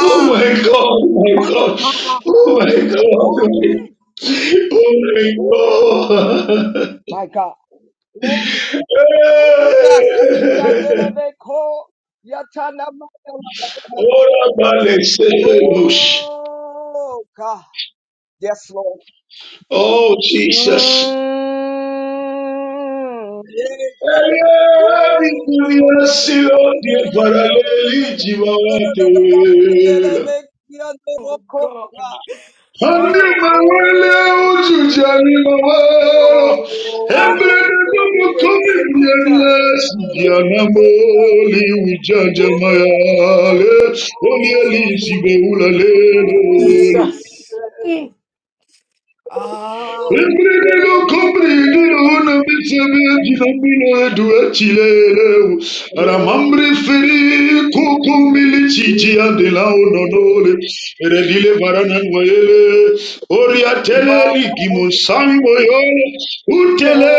[SPEAKER 7] Oh my God. oh My
[SPEAKER 1] My
[SPEAKER 7] God.
[SPEAKER 1] God,
[SPEAKER 7] Oh my God.
[SPEAKER 1] glory.
[SPEAKER 7] Oh my
[SPEAKER 1] Woo.
[SPEAKER 7] God.
[SPEAKER 1] My God. Glory.
[SPEAKER 7] Hey!
[SPEAKER 9] Jesus.
[SPEAKER 1] Yandelebeko, yatanamayalabaka.
[SPEAKER 7] Oh, my God.
[SPEAKER 1] Oh, God. Yes, Lord.
[SPEAKER 7] Oh, Jesus.
[SPEAKER 1] Mm. Yes, God.
[SPEAKER 7] Ella
[SPEAKER 1] Ooh.
[SPEAKER 7] vinculazione paraleli
[SPEAKER 1] Yandelebeko,
[SPEAKER 9] Oh, God.
[SPEAKER 1] yandelebeko.
[SPEAKER 9] Ah,
[SPEAKER 1] Woo!
[SPEAKER 9] ah. Yelikuta. Mm,
[SPEAKER 7] Ujanja mayale, wali
[SPEAKER 9] Jesus.
[SPEAKER 7] alishi beula lelo,
[SPEAKER 9] Jesus. Mm. Ah.
[SPEAKER 7] Embrelelo kombreli ona misebe dinamino edue chilelewu. Ramambre feri koko mili chichi andela ononole. Eredile varanan wayele. Oriatele ligimu sango yole. Utele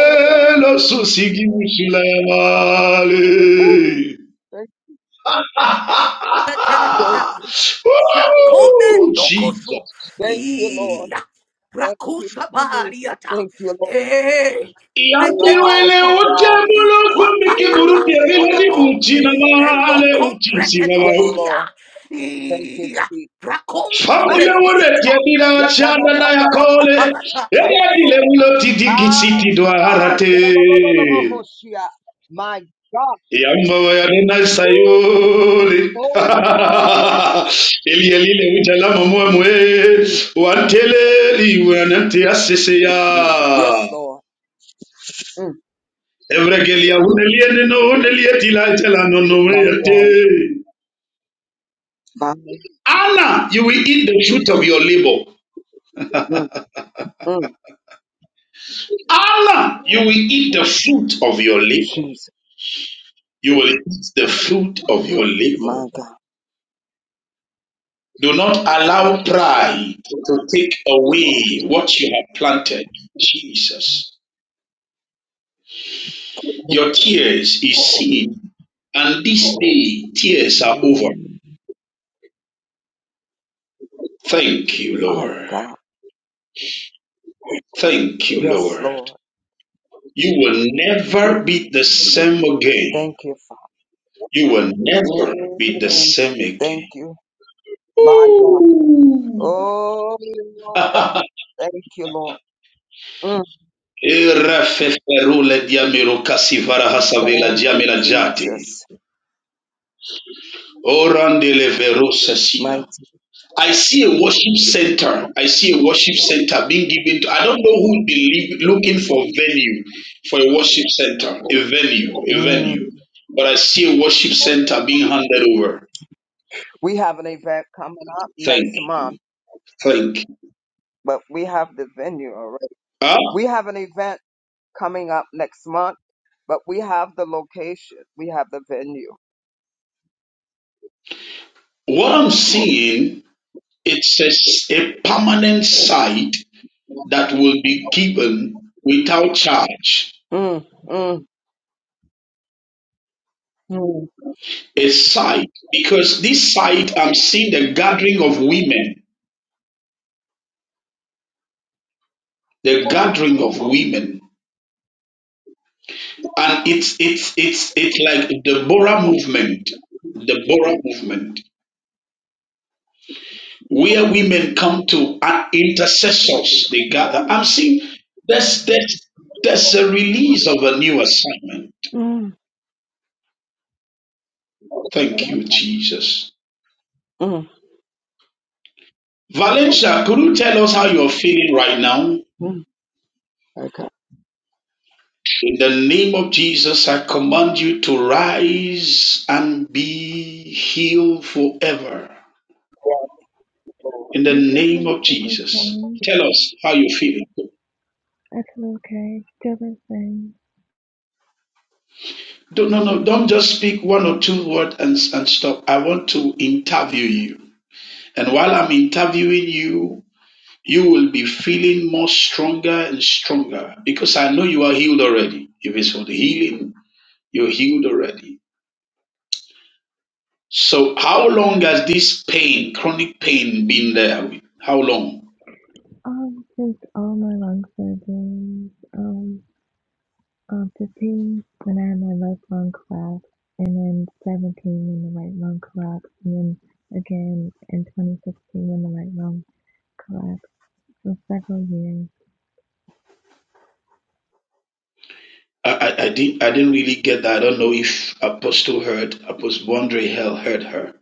[SPEAKER 7] lo susigimu silamale.
[SPEAKER 1] Thank
[SPEAKER 7] Ah,
[SPEAKER 1] you, thank you,
[SPEAKER 7] Oh,
[SPEAKER 9] Zakomendo
[SPEAKER 7] Jesus.
[SPEAKER 9] koso.
[SPEAKER 1] thank you, Lord.
[SPEAKER 9] Iya.
[SPEAKER 1] Thank you,
[SPEAKER 9] Rakusa
[SPEAKER 1] Jesus.
[SPEAKER 9] bariata.
[SPEAKER 1] Thank you, Lord.
[SPEAKER 9] Eh.
[SPEAKER 1] My
[SPEAKER 7] Yandiwele
[SPEAKER 9] Rekenoto.
[SPEAKER 1] God.
[SPEAKER 7] utebulu
[SPEAKER 9] Kwa
[SPEAKER 7] kumiki
[SPEAKER 9] papa
[SPEAKER 7] buruti bila di
[SPEAKER 9] sodono.
[SPEAKER 7] buchi na male
[SPEAKER 9] Elon
[SPEAKER 7] uchi sina
[SPEAKER 1] Yes,
[SPEAKER 7] mau.
[SPEAKER 9] comprecosia.
[SPEAKER 1] Lord. Thank you,
[SPEAKER 9] Iya.
[SPEAKER 1] Jesus. Ah,
[SPEAKER 7] Famile
[SPEAKER 9] Rakonsitere.
[SPEAKER 7] wole tiebila chanda na
[SPEAKER 1] yakanamanda
[SPEAKER 7] yakole.
[SPEAKER 9] Rakapalatata.
[SPEAKER 1] Yes,
[SPEAKER 7] Eya dile
[SPEAKER 1] Lord.
[SPEAKER 7] wilo tidi kisiti do
[SPEAKER 1] Ah,
[SPEAKER 7] harate.
[SPEAKER 1] yalabalalabahoshia. My God.
[SPEAKER 7] Yamba waya nena
[SPEAKER 1] Woo!
[SPEAKER 7] sayole.
[SPEAKER 1] Holy God.
[SPEAKER 7] Eli eli le ujala mamwe mwe. Wantele iwe nante asese ya.
[SPEAKER 1] Yes, Lord. Mm,
[SPEAKER 7] Evregelia uneliene no unelie tila jala no no
[SPEAKER 1] my God.
[SPEAKER 7] yate.
[SPEAKER 1] My,
[SPEAKER 7] Anna, you will eat the fruit of your labor.
[SPEAKER 1] mm, mm,
[SPEAKER 7] Anna, you will eat the fruit of your labor.
[SPEAKER 1] Jesus.
[SPEAKER 7] You will eat the fruit of your labor.
[SPEAKER 1] My God.
[SPEAKER 7] Do not allow pride to take away what you have planted. Jesus, your tears is seen, and this day tears are over. Thank you,
[SPEAKER 1] My
[SPEAKER 7] Lord.
[SPEAKER 1] God.
[SPEAKER 7] Thank you,
[SPEAKER 1] Yes,
[SPEAKER 7] Lord.
[SPEAKER 1] Lord.
[SPEAKER 7] You will never be the same again.
[SPEAKER 1] Thank you, Father.
[SPEAKER 7] You will never be the
[SPEAKER 1] Mm,
[SPEAKER 7] same
[SPEAKER 1] Thank
[SPEAKER 7] again.
[SPEAKER 1] you. My God. Oh, God. Thank you, Lord. Mm,
[SPEAKER 7] Irafeferule diamiro kasivara hasavela
[SPEAKER 1] thank you,
[SPEAKER 7] diamela jate.
[SPEAKER 1] Jesus.
[SPEAKER 7] Orandele vero
[SPEAKER 1] Mighty.
[SPEAKER 7] sesila. I see a worship center. I see a worship center being given to. I don't know who believe looking for venue for a worship center, a venue, a
[SPEAKER 1] Mm.
[SPEAKER 7] venue. But I see a worship center being handed over.
[SPEAKER 1] We have an event coming up next
[SPEAKER 7] Thank you.
[SPEAKER 1] month,
[SPEAKER 7] Thank you.
[SPEAKER 1] but we have the venue already.
[SPEAKER 7] Huh?
[SPEAKER 1] We have an event coming up next month, but we have the location. We have the venue.
[SPEAKER 7] What I'm seeing, it's a, s- a permanent site that will be given without charge.
[SPEAKER 1] Mm, mm, mm,
[SPEAKER 7] A sight, because this sight I'm seeing the gathering of women, the gathering of women, and it's it's it's it's like the Bora movement, the Bora movement, where women come to and intercessors they gather. I'm seeing there's there's there's a release of a new assignment.
[SPEAKER 1] mm,
[SPEAKER 7] Thank you, Jesus.
[SPEAKER 1] mm,
[SPEAKER 7] Valencia, could you tell us how you're feeling right now?
[SPEAKER 1] mm.
[SPEAKER 7] In the name of Jesus, I command you to rise and be healed forever. In the
[SPEAKER 8] I'm
[SPEAKER 7] name
[SPEAKER 8] feeling
[SPEAKER 7] of
[SPEAKER 8] still the
[SPEAKER 7] Jesus.
[SPEAKER 8] same.
[SPEAKER 7] Tell us how you feel.
[SPEAKER 8] I feel okay, still the same.
[SPEAKER 7] Don't, no, no, don't just speak one or two words and, and stop. I want to interview you. And while I'm interviewing you, you will be feeling more stronger and stronger because I know you are healed already. If it's for the healing, you're healed already. So how long has this pain, chronic pain, been there? How long?
[SPEAKER 8] Um, since all my lung surgeries, um, um, 15 when I had my left lung collapse, and then 17 when the right lung collapsed, and then again in 2016 when the right lung collapsed. for several years.
[SPEAKER 7] I, I, I didn't I didn't really get that. I don't know if Apostle heard Apostle Andre Hell heard her.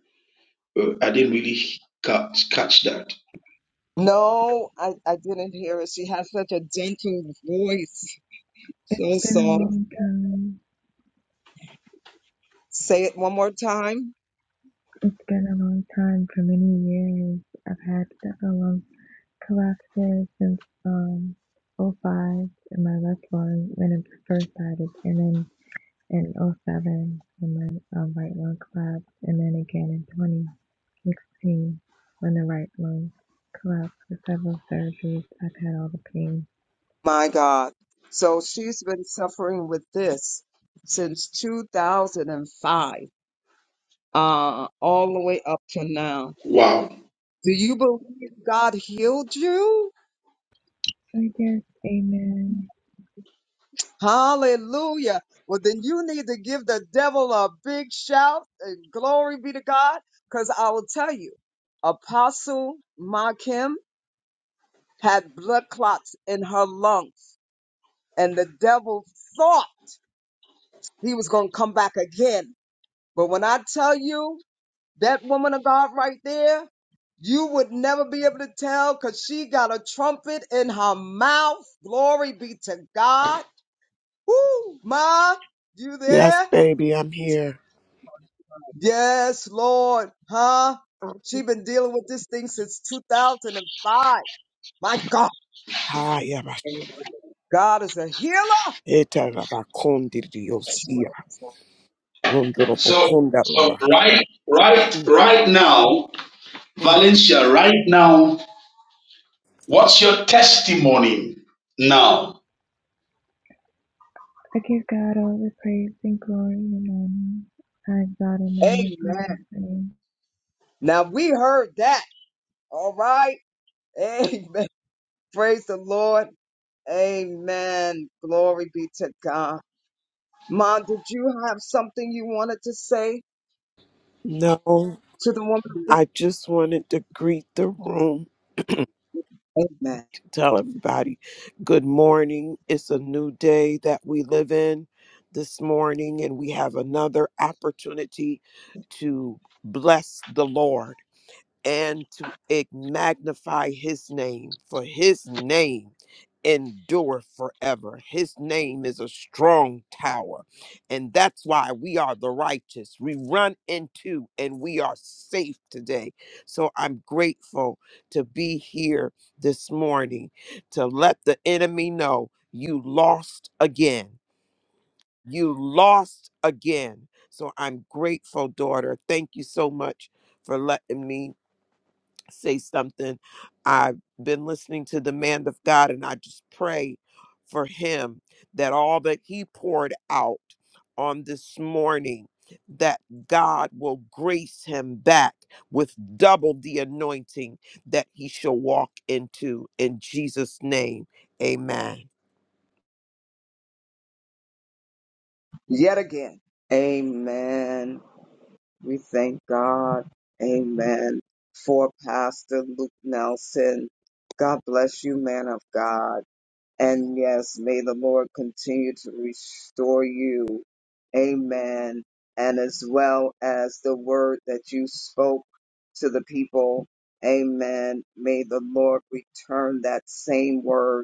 [SPEAKER 7] Uh, I didn't really catch catch that.
[SPEAKER 1] No, I, I didn't hear it. She has such a gentle voice.
[SPEAKER 8] It's
[SPEAKER 1] So
[SPEAKER 8] been a
[SPEAKER 1] soft.
[SPEAKER 8] long time.
[SPEAKER 1] Say it one more time.
[SPEAKER 8] It's been a long time for many years. I've had several collapses since um oh 05 in my left lung when it first started, and then in oh 07 when my um, right lung collapsed, and then again in 2016 when the right lung collapsed with several surgeries. I've had all the pain.
[SPEAKER 1] My God. So she's been suffering with this since 2005, uh, all the way up to now.
[SPEAKER 7] Wow.
[SPEAKER 1] Do you believe God healed you?
[SPEAKER 8] I guess, amen.
[SPEAKER 1] Hallelujah. Well, then you need to give the devil a big shout and glory be to God. Cause I will tell you, Apostle Makim had blood clots in her lungs and the devil thought he was going to come back again. But when I tell you That woman of God right there, you would never be able to tell because she got a trumpet in her mouth. Glory be to God. Woo, Ma, you
[SPEAKER 10] Yes,
[SPEAKER 1] there?
[SPEAKER 10] baby, I'm here.
[SPEAKER 1] Yes, Lord. Huh? She been dealing with this thing since 2005. My God.
[SPEAKER 10] Hi, Abba.
[SPEAKER 1] God is a healer.
[SPEAKER 10] Eta laba kondi diosia. Wonderable
[SPEAKER 7] So
[SPEAKER 10] konda
[SPEAKER 7] so
[SPEAKER 10] laba.
[SPEAKER 7] right right
[SPEAKER 10] Mm,
[SPEAKER 7] right now,
[SPEAKER 10] mm.
[SPEAKER 7] Valencia, right now, what's your testimony now?
[SPEAKER 8] I give God all the praise and glory and honor. I God and magnify
[SPEAKER 1] Amen.
[SPEAKER 8] his name.
[SPEAKER 1] Now we heard that. All right. Amen. Praise the Lord. Amen. Glory be to God. Ma, did you have something you wanted to say
[SPEAKER 10] No,
[SPEAKER 1] to the woman? of
[SPEAKER 10] I just wanted to greet the room,
[SPEAKER 1] God? Amen.
[SPEAKER 10] tell everybody good morning. It's a new day that we live in this morning, and we have another opportunity to bless the Lord. and to ig- magnify his name, for his name endureth forever. His name is a strong tower. And that's why we are the righteous. We run into and we are safe today. So I'm grateful to be here this morning to let the enemy know you lost again. You lost again. So I'm grateful, daughter. Thank you so much for letting me say something. I've been listening to the man of God, and I just pray for him that all that he poured out on this morning, that God will grace him back with double the anointing that he shall walk into. In Jesus' name, amen.
[SPEAKER 1] Yet again. Amen. We thank God. Amen. For Pastor Luke Nelson. God bless you, man of God. And yes, may the Lord continue to restore you. Amen. And as well as the word that you spoke to the people. Amen. May the Lord return that same word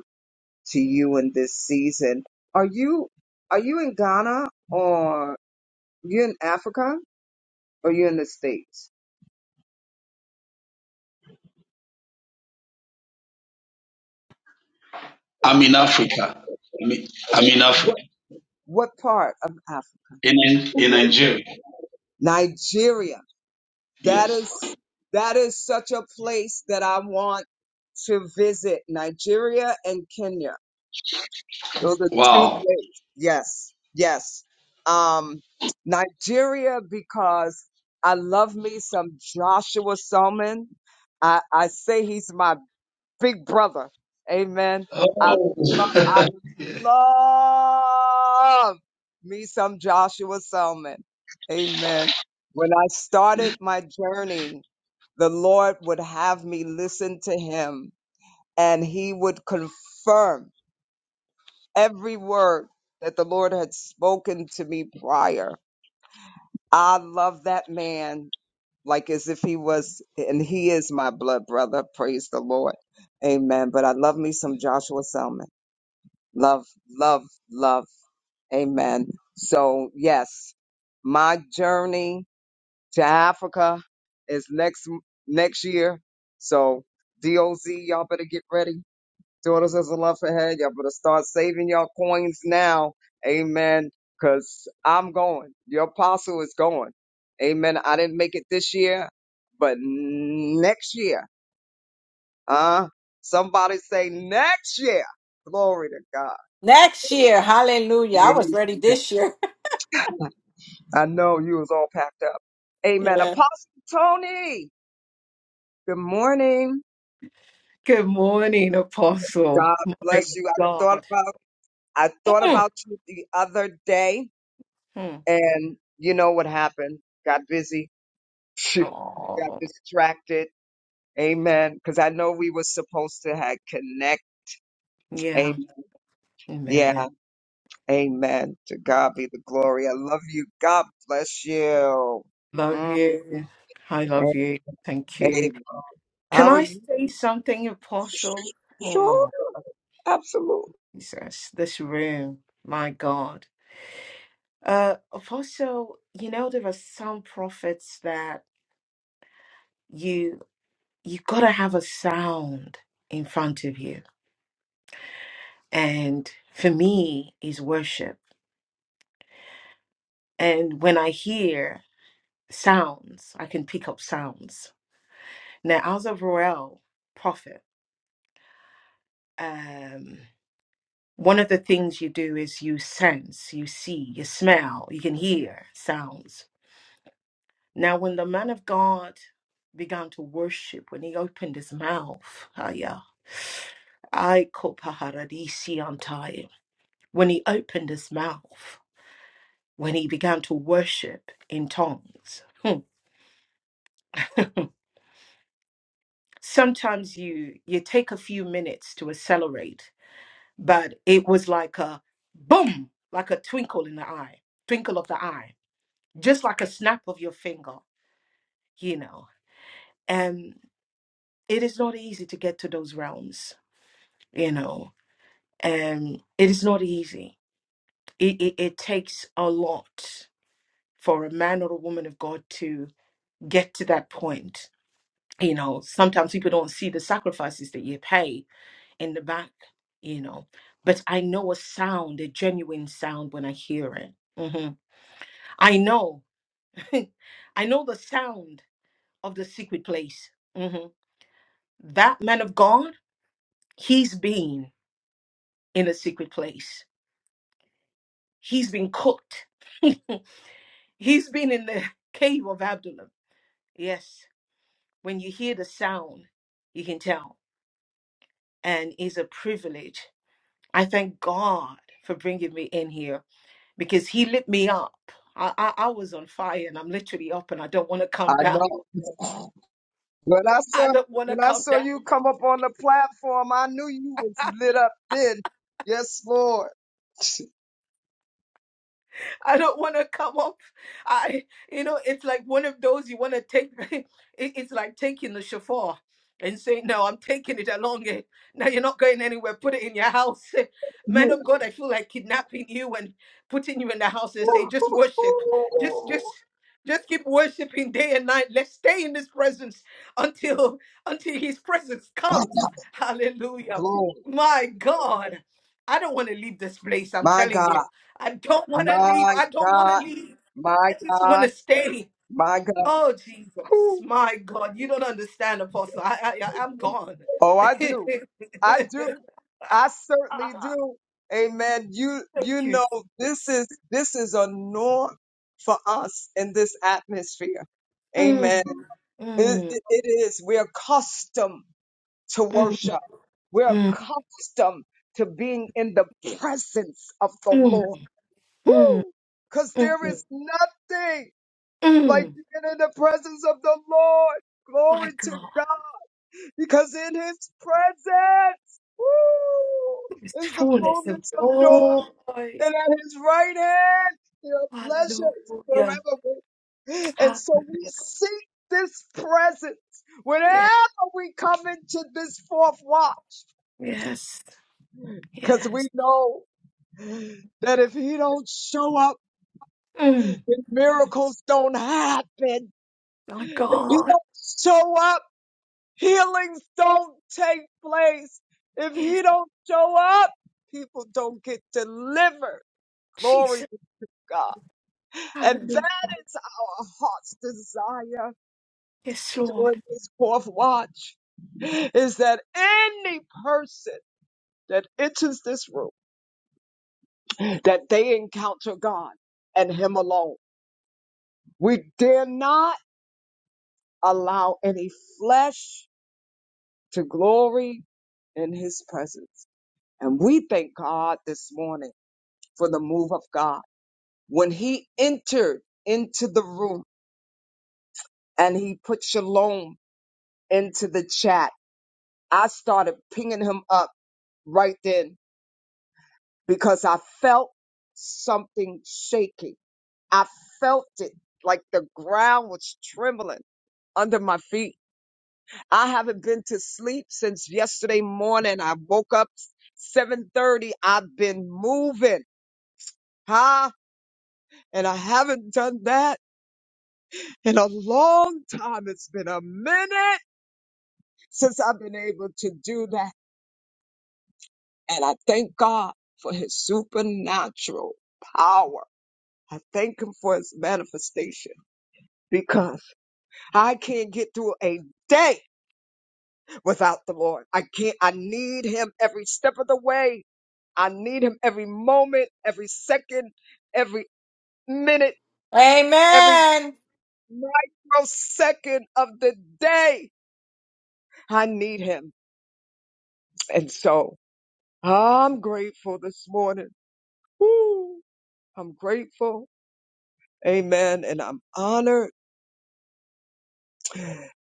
[SPEAKER 1] to you in this season. Are you are you in Ghana or you in Africa or you in the States?
[SPEAKER 7] I'm in Africa. I mean I'm in Africa.
[SPEAKER 1] What what part of Africa?
[SPEAKER 7] In in Nigeria.
[SPEAKER 1] Nigeria. That
[SPEAKER 7] Yes.
[SPEAKER 1] is that is such a place that I want to visit. Nigeria and Kenya. Those are two
[SPEAKER 7] Wow.
[SPEAKER 1] places. Yes. Yes. Um Nigeria because I love me some Joshua Selman. I, I say he's my big brother. Amen. I lo-
[SPEAKER 7] Oh.
[SPEAKER 1] love me some Joshua Selman. Amen. When I started my journey, the Lord would have me listen to him and he would confirm every word that the Lord had spoken to me prior. I love that man like as if he was, and he is my blood brother. Praise the Lord. Amen. But I love me some Joshua Selman. love, love, love. Amen. So yes, my journey to Africa is next next year. So DOZ, y'all better get ready. Daughters of the love ahead. Y'all better start saving y'all coins now. Amen. Cause I'm going. Your apostle is going. Amen. I didn't make it this year, but next year, huh? Somebody say next year. Glory to God.
[SPEAKER 3] Next year. Hallelujah. I was ready
[SPEAKER 1] Amen.
[SPEAKER 3] this year.
[SPEAKER 1] I know you was all packed up. Amen.
[SPEAKER 3] yeah.
[SPEAKER 1] Apostle Tony, good morning.
[SPEAKER 9] Good morning, Apostle.
[SPEAKER 1] God
[SPEAKER 9] My
[SPEAKER 1] bless you. I thought
[SPEAKER 9] God.
[SPEAKER 1] about I thought
[SPEAKER 9] Mm,
[SPEAKER 1] about you the other day,
[SPEAKER 9] mm.
[SPEAKER 1] and you know what happened? Got busy, got
[SPEAKER 9] Oh,
[SPEAKER 1] distracted. Amen. Because I know we were supposed to have connect.
[SPEAKER 9] yeah.
[SPEAKER 1] Amen. Yeah.
[SPEAKER 9] man.
[SPEAKER 1] Amen. To God be the glory. I love you. God bless you.
[SPEAKER 9] Love
[SPEAKER 1] Mm,
[SPEAKER 9] you. I love you. Thank you.
[SPEAKER 1] amen.
[SPEAKER 9] Can
[SPEAKER 1] How are
[SPEAKER 9] I
[SPEAKER 1] you?
[SPEAKER 9] say something, Apostle?
[SPEAKER 1] Sure.
[SPEAKER 9] Oh,
[SPEAKER 1] Absolutely.
[SPEAKER 9] Jesus, this room, my God. Uh, Apostle, you know there are some prophets that you you gotta have a sound in front of you, and for me is worship. And when I hear sounds, I can pick up sounds. Now, as a royal prophet, um, one of the things you do is you sense, you see, you smell, you can hear sounds. Now, when the man of God began to worship, when he opened his mouth, Aya, I kopaharadisi antai. When he opened his mouth, when he began to worship in tongues. hmm, Sometimes you you take a few minutes to accelerate, but it was like a boom, like a twinkle in the eye, twinkle of the eye, just like a snap of your finger, you know. And it is not easy to get to those realms, you know um, it is not easy. It, it, it takes a lot for a man or a woman of God to get to that point. You know, sometimes people don't see the sacrifices that you pay in the back, you know. But I know a sound, a genuine sound when I hear it. Mhm. I know, I know the sound of the secret place. Mhm. That man of God, he's been in a secret place, he's been cooked. He's been in the cave of Abdullah. Yes, when you hear the sound, you can tell. And it's a privilege. I thank God for bringing me in here because He lit me up. I, I, I was on fire and I'm literally up and I don't want to
[SPEAKER 1] I
[SPEAKER 9] come down.
[SPEAKER 1] know. When I
[SPEAKER 9] I
[SPEAKER 1] saw
[SPEAKER 9] don't want to
[SPEAKER 1] when I
[SPEAKER 9] come
[SPEAKER 1] saw
[SPEAKER 9] down.
[SPEAKER 1] you come up on the platform, I knew you was lit up then. Yes, Lord.
[SPEAKER 9] I don't want to come up. I, you know, it's like one of those you want to take. it- It's like taking the shofar and saying, "No, I'm taking it along. eh. Now you're not going anywhere. Put it in your house." Eh,
[SPEAKER 1] Yeah.
[SPEAKER 9] Man of God, I feel like kidnapping you and putting you in the house and say, "Just worship. Just,
[SPEAKER 1] Ooh.
[SPEAKER 9] just." Just keep worshiping day and night. Let's stay in His presence until until His presence
[SPEAKER 1] My
[SPEAKER 9] comes. Hallelujah!
[SPEAKER 1] Lord.
[SPEAKER 9] My God, I don't want to leave this place. I'm
[SPEAKER 1] My
[SPEAKER 9] telling you.
[SPEAKER 1] God.
[SPEAKER 9] I don't want to leave.
[SPEAKER 1] My
[SPEAKER 9] I don't want to
[SPEAKER 1] God.
[SPEAKER 9] leave.
[SPEAKER 1] My
[SPEAKER 9] I just want
[SPEAKER 1] God.
[SPEAKER 9] to stay.
[SPEAKER 1] My God.
[SPEAKER 9] Oh Jesus, my God, you don't understand, Apostle. I, I, I- I'm gone.
[SPEAKER 1] Oh, I do. I do. I
[SPEAKER 9] Ah,
[SPEAKER 1] certainly do. Amen. You
[SPEAKER 9] Thank
[SPEAKER 1] you
[SPEAKER 9] you,
[SPEAKER 1] know
[SPEAKER 9] Jesus.
[SPEAKER 1] this is this is a norm for us in this atmosphere. Amen.
[SPEAKER 9] Mm,
[SPEAKER 1] It,
[SPEAKER 9] mm,
[SPEAKER 1] it it is. We're accustomed to
[SPEAKER 9] mm,
[SPEAKER 1] worship. We're
[SPEAKER 9] mm,
[SPEAKER 1] accustomed to being in the presence of the
[SPEAKER 9] mm,
[SPEAKER 1] Lord.
[SPEAKER 9] mm,
[SPEAKER 1] Woo! Because there
[SPEAKER 9] mm,
[SPEAKER 1] is nothing like
[SPEAKER 9] mm.
[SPEAKER 1] being in the presence of the Lord. Glory
[SPEAKER 9] My
[SPEAKER 1] to
[SPEAKER 9] God,
[SPEAKER 1] God. Because in his presence,
[SPEAKER 9] this
[SPEAKER 1] woo, is the
[SPEAKER 9] fullness of
[SPEAKER 1] fullness of joy.
[SPEAKER 9] joy.
[SPEAKER 1] And at his right hand, there are pleasures
[SPEAKER 9] Hallelujah.
[SPEAKER 1] forevermore. And
[SPEAKER 9] Hallelujah.
[SPEAKER 1] so we seek this presence whenever
[SPEAKER 9] Yes,
[SPEAKER 1] we come into this fourth watch.
[SPEAKER 9] yes,
[SPEAKER 1] Because we
[SPEAKER 9] yes.
[SPEAKER 1] know that if he don't show up,
[SPEAKER 9] Mm,
[SPEAKER 1] then miracles don't happen.
[SPEAKER 9] my
[SPEAKER 1] If he
[SPEAKER 9] God.
[SPEAKER 1] don't show up, healings don't take place. If
[SPEAKER 9] Yes,
[SPEAKER 1] he don't show up, people don't get delivered. Glory
[SPEAKER 9] Jesus.
[SPEAKER 1] to God. And that is our heart's desire
[SPEAKER 9] Yes, Lord.
[SPEAKER 1] during this fourth watch is that any person that enters this room, that they encounter God and him alone. We dare not allow any flesh to glory in his presence. And we thank God this morning for the move of God. When he entered into the room and he put shalom into the chat, I started pinging him up right then because I felt something shaking. I felt it like the ground was trembling under my feet. I haven't been to sleep since yesterday morning. I woke up 7:30. I've been moving, huh? And I haven't done that in a long time. It's been a minute since I've been able to do that. And I thank God for his supernatural power. I thank him for his manifestation because I can't get through a day without the Lord. I can't, I need him every step of the way. I need him every moment, every second, every minute, every
[SPEAKER 3] Amen.
[SPEAKER 1] microsecond of the day. I need him. And so I'm grateful this morning. I'm grateful. Amen. And I'm honored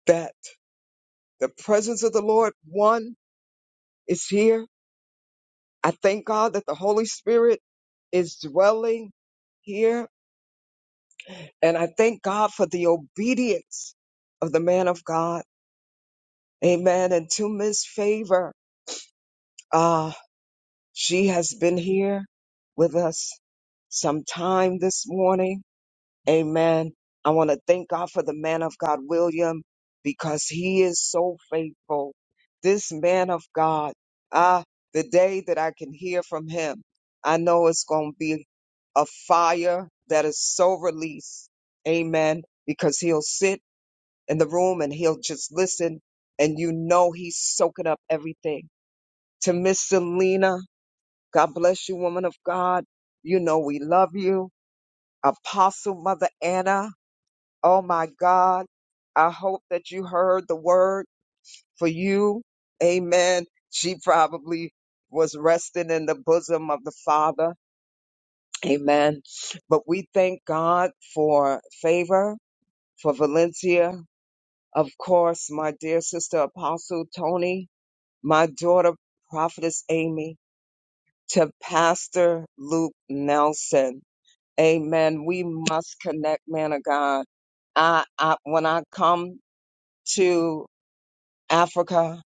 [SPEAKER 1] that the presence of the Lord, one, is here. I thank God that the Holy Spirit is dwelling here. And I thank God for the obedience of the man of God. Amen. And to Miss Favor. ah, She has been here with us some time this morning. Amen. I want to thank God for the man of God, William, because he is so faithful. This man of God, ah, the day that I can hear from him, I know it's going to be a fire that is so released. Amen. Because he'll sit in the room and he'll just listen, and you know he's soaking up everything. To Miss Selena, God bless you, woman of God. You know, we love you. Apostle Mother Anna, oh my God. I hope that you heard the word for you. Amen. She probably was resting in the bosom of the Father. Amen. But we thank God for favor, for Valencia. Of course, my dear sister Apostle Tony, my daughter Prophetess Amy, to Pastor Luke Nelson. Amen. We must connect, man of God. I, I when I come to Africa,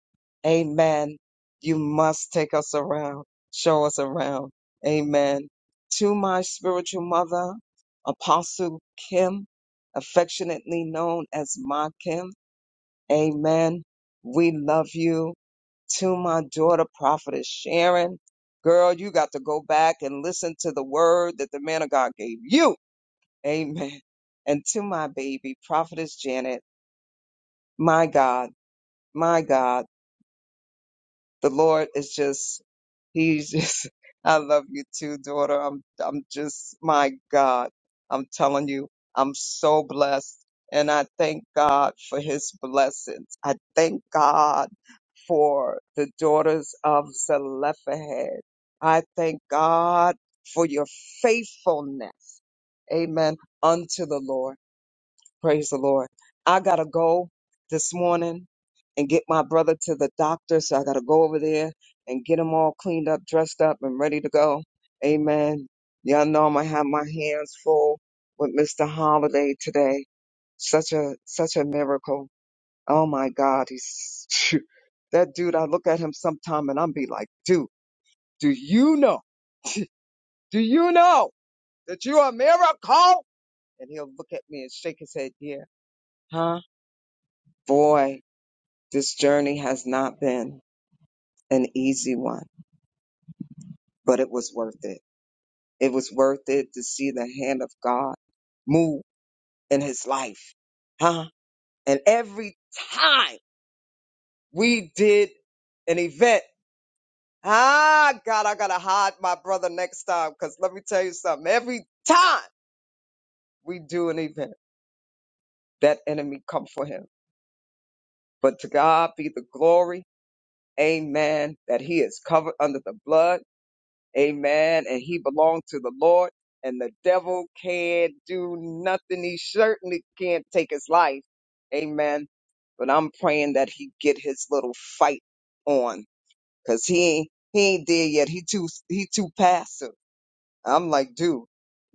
[SPEAKER 1] Amen. You must take us around, show us around. Amen. To my spiritual mother, Apostle Kim, affectionately known as Ma Kim. Amen. We love you. To my daughter, Prophetess Sharon. Girl, you got to go back and listen to the word that the man of God gave you Amen. And to my baby, Prophetess Janet, my God, my God, the Lord is just, he's just, I love you too, daughter. I'm, I'm just, my God, I'm telling you, I'm so blessed. And I thank God for his blessings. I thank God for the daughters of Zelophehad. I thank God for your faithfulness. Amen. Unto the Lord. Praise the Lord. I gotta go this morning and get my brother to the doctor. So I gotta go over there and get him all cleaned up, dressed up, and ready to go. Amen. Y'all know I'm gonna have my hands full with Mr. Holiday today. Such a such a miracle. Oh my God, he's that dude. I look at him sometime and I'm be like, dude, do you know? Do you know that you're a miracle? And he'll look at me and shake his head, yeah, huh? Boy, This journey has not been an easy one, but it was worth it. It was worth it to see the hand of God move in his life. Huh? And every time we did an event, ah, God, I gotta hide my brother next time. Cause let me tell you something. Every time we do an event, that enemy come for him. But to God be the glory. Amen. That he is covered under the blood Amen. And he belonged to the Lord, and the devil can't do nothing. He certainly can't take his life. Amen. But I'm praying that he get his little fight on, cause he ain't he ain't there yet. He too he too passive. I'm like, dude,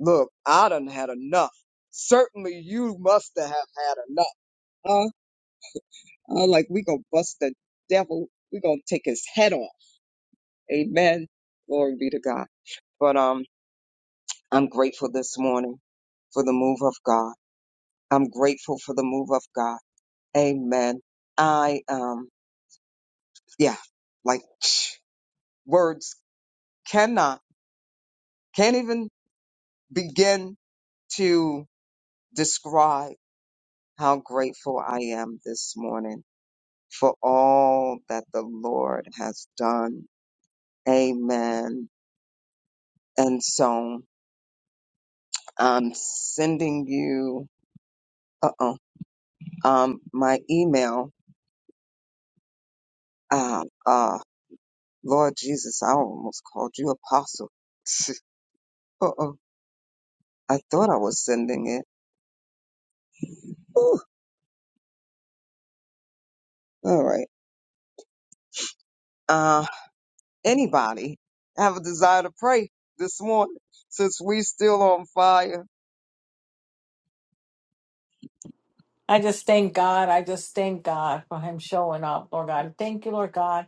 [SPEAKER 1] look, I done had enough. Certainly, you must have had enough, huh? I'm like, we gonna bust the devil. We gonna take his head off. Amen. Glory be to God. But um. I'm grateful this morning for the move of God. I'm grateful for the move of God. Amen. I um yeah, like words cannot can't even begin to describe how grateful I am this morning for all that the Lord has done. Amen. And so I'm sending you uh oh um my email. Uh, uh, Lord Jesus, I almost called you apostle. Uh-oh. I thought I was sending it. Ooh, all right. Uh, anybody have a desire to pray this morning since we still on fire?
[SPEAKER 3] I just thank God. I just thank God for him showing up, Lord God. Thank you, Lord God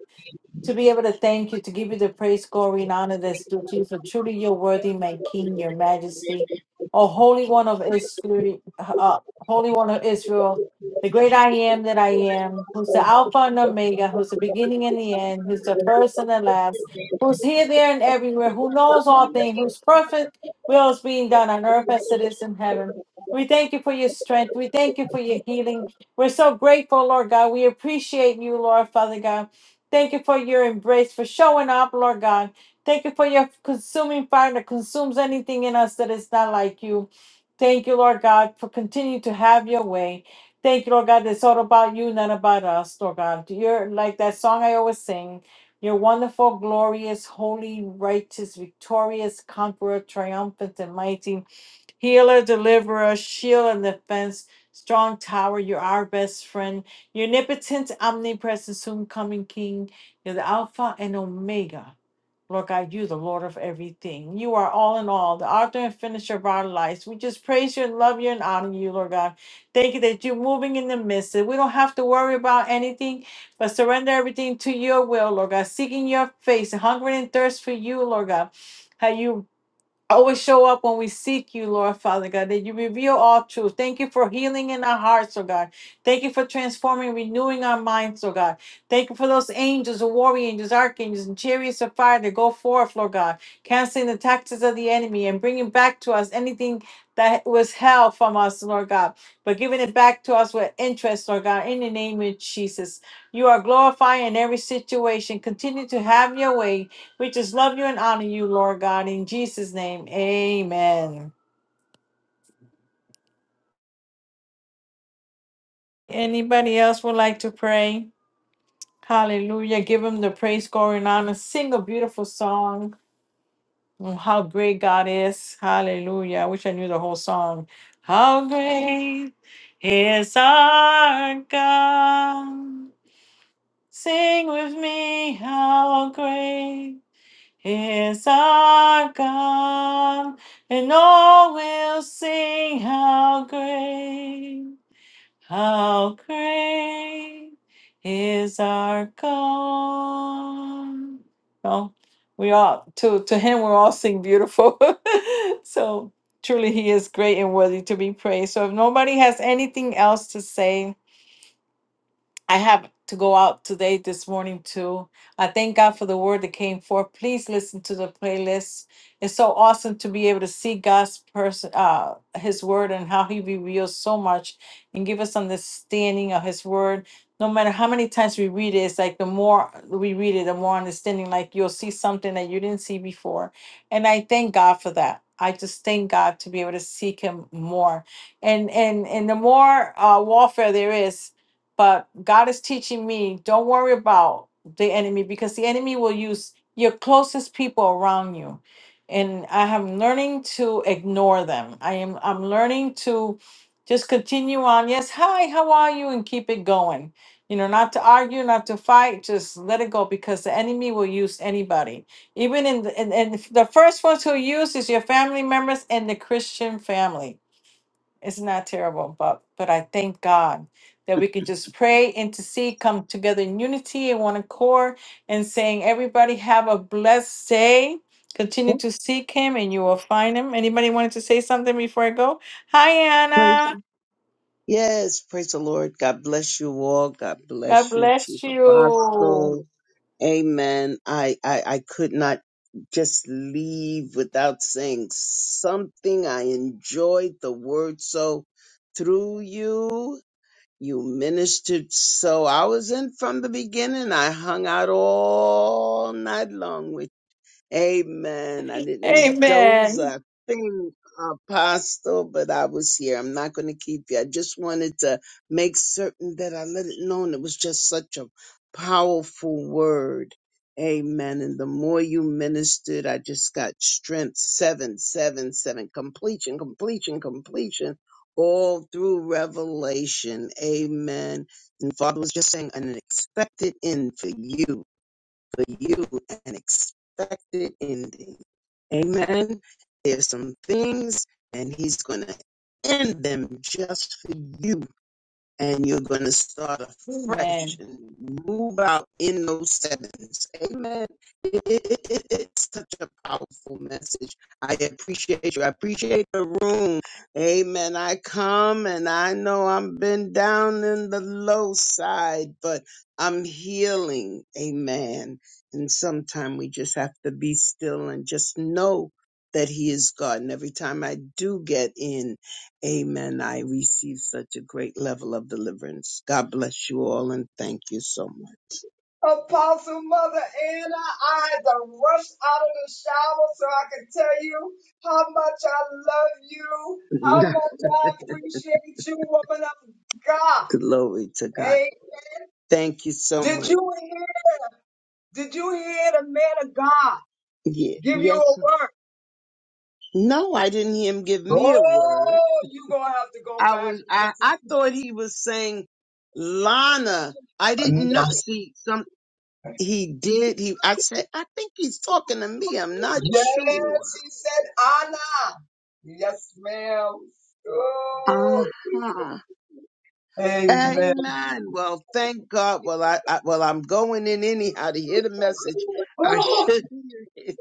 [SPEAKER 3] to be able to thank you, to give you the praise, glory, and honor that's due to you. For truly you're worthy, my King, your Majesty, O Holy One of Israel, uh, Holy One of Israel, the great I am that I am, who's the Alpha and Omega, who's the beginning and the end, who's the first and the last, who's here, there, and everywhere, who knows all things, whose perfect will is being done on earth as it is in heaven. We thank you for your strength. We thank you for your healing. We're so grateful, Lord God. We appreciate you, Lord Father God. Thank you for your embrace, for showing up, Lord God. Thank you for your consuming fire that consumes anything in us that is not like you. Thank you, Lord God, for continuing to have your way. Thank you, Lord God, that it's all about you, not about us, Lord God. You're like that song I always sing. You're wonderful, glorious, holy, righteous, victorious, conqueror, triumphant, and mighty healer, deliverer, shield, and defense, strong tower. You're our best friend. Your omnipotent, omnipresent, soon coming King. You're the Alpha and Omega. Lord God, you, the Lord of everything. You are all in all, the author and finisher of our lives. We just praise you and love you and honor you, Lord God. Thank you that you're moving in the midst. That we don't have to worry about anything, but surrender everything to your will, Lord God. Seeking your face, hungering and thirst for you, Lord God. How you Always show up when we seek you, Lord Father God, that you reveal all truth. Thank you for healing in our hearts, oh God. Thank you for transforming, renewing our minds, oh God. Thank you for those angels, the warrior angels, archangels, and chariots of fire that go forth, Lord God, canceling the taxes of the enemy and bringing back to us anything that was held from us, Lord God, but giving it back to us with interest, Lord God, in the name of Jesus. You are glorifying in every situation. Continue to have your way. We just love you and honor you, Lord God, in Jesus' name. Amen. Anybody else would like to pray? Hallelujah. Give him the praise, glory, and honor. Sing a beautiful song on how great God is. Hallelujah. I wish I knew the whole song. How great is our God. Sing with me, how great is our God, and all will sing how great, how great is our God. Well, we all to to Him we're all sing beautiful. so truly, He is great and worthy to be praised. So if nobody has anything else to say, I have to go out today, this morning too. I thank God for the word that came forth. Please listen to the playlist. It's so awesome to be able to see God's person, uh, His word, and how He reveals so much and give us understanding of His word. No matter how many times we read it, it's like the more we read it, the more understanding. Like you'll see something that you didn't see before, and I thank God for that. I just thank God to be able to seek Him more, and and and the more uh, warfare there is. But God is teaching me don't worry about the enemy because the enemy will use your closest people around you. And I am learning to ignore them. I am I'm learning to just continue on. Yes, hi, how are you? And keep it going. You know, not to argue, not to fight, just let it go because the enemy will use anybody. Even in the, and, and the first ones who use is your family members and the Christian family it's not terrible, but but I thank God that we could just pray, intercede, come together in unity and one accord, and saying, everybody have a blessed day. Continue
[SPEAKER 11] Oh,
[SPEAKER 3] to seek Him, and you will find Him. Anybody wanted to say something before I go? Hi,
[SPEAKER 11] praise
[SPEAKER 3] Anna.
[SPEAKER 11] Yes, praise the Lord. God bless you all. God
[SPEAKER 3] God
[SPEAKER 11] bless you,
[SPEAKER 3] bless
[SPEAKER 11] Chief
[SPEAKER 3] you.
[SPEAKER 11] Apostle. Amen. I, I, I could not just leave without saying something. I enjoyed the word so through you. You ministered so. I was in from the beginning. I hung out all night long with. Amen. I didn't doze
[SPEAKER 3] Amen.
[SPEAKER 11] a thing, Apostle, but I was here. I'm not going to keep you. I just wanted to make certain that I let it known it was just such a powerful word. Amen. And the more you ministered, I just got strength. Seven, seven, seven. Completion, completion, completion. All through Revelation. Amen. And Father was just saying an expected end for you for you an expected ending. Amen. There's some things, and He's going to end them just for you and you're going to start afresh
[SPEAKER 3] Amen.
[SPEAKER 11] and move out in those sevens. Amen. It- it- it- it's such a powerful message. I appreciate you. I appreciate the room. Amen. I come and I know I've been down in the low side, but I'm healing. Amen. And sometimes we just have to be still and just know that He is God. And every time I do get in, Amen. I receive such a great level of deliverance. God bless you all and thank you so much.
[SPEAKER 1] Apostle Mother Anna, I had to rush out of the shower so I could tell you how much I love you, how much I appreciate you, woman of God.
[SPEAKER 11] Glory to God.
[SPEAKER 1] Hey,
[SPEAKER 11] Thank you so
[SPEAKER 1] did
[SPEAKER 11] much.
[SPEAKER 1] you hear? Did you hear the man of God
[SPEAKER 11] Yeah.
[SPEAKER 1] give you
[SPEAKER 11] Yes.
[SPEAKER 1] a
[SPEAKER 11] sir.
[SPEAKER 1] word?
[SPEAKER 11] No, I didn't hear him give me a word.
[SPEAKER 1] Oh, you gonna have to go
[SPEAKER 11] I
[SPEAKER 1] back.
[SPEAKER 11] was I, I thought he was saying Lana. I
[SPEAKER 1] No.
[SPEAKER 11] didn't know see some he did he I said I think he's talking to me. I'm not sure.
[SPEAKER 1] Yes, he said Anna. Yes, ma'am. Oh,
[SPEAKER 11] Uh-huh.
[SPEAKER 1] amen.
[SPEAKER 11] Amen. Well, thank God. Well, I, I well, I'm going in anyhow to hear the message. I
[SPEAKER 1] Oh,
[SPEAKER 11] should hear it.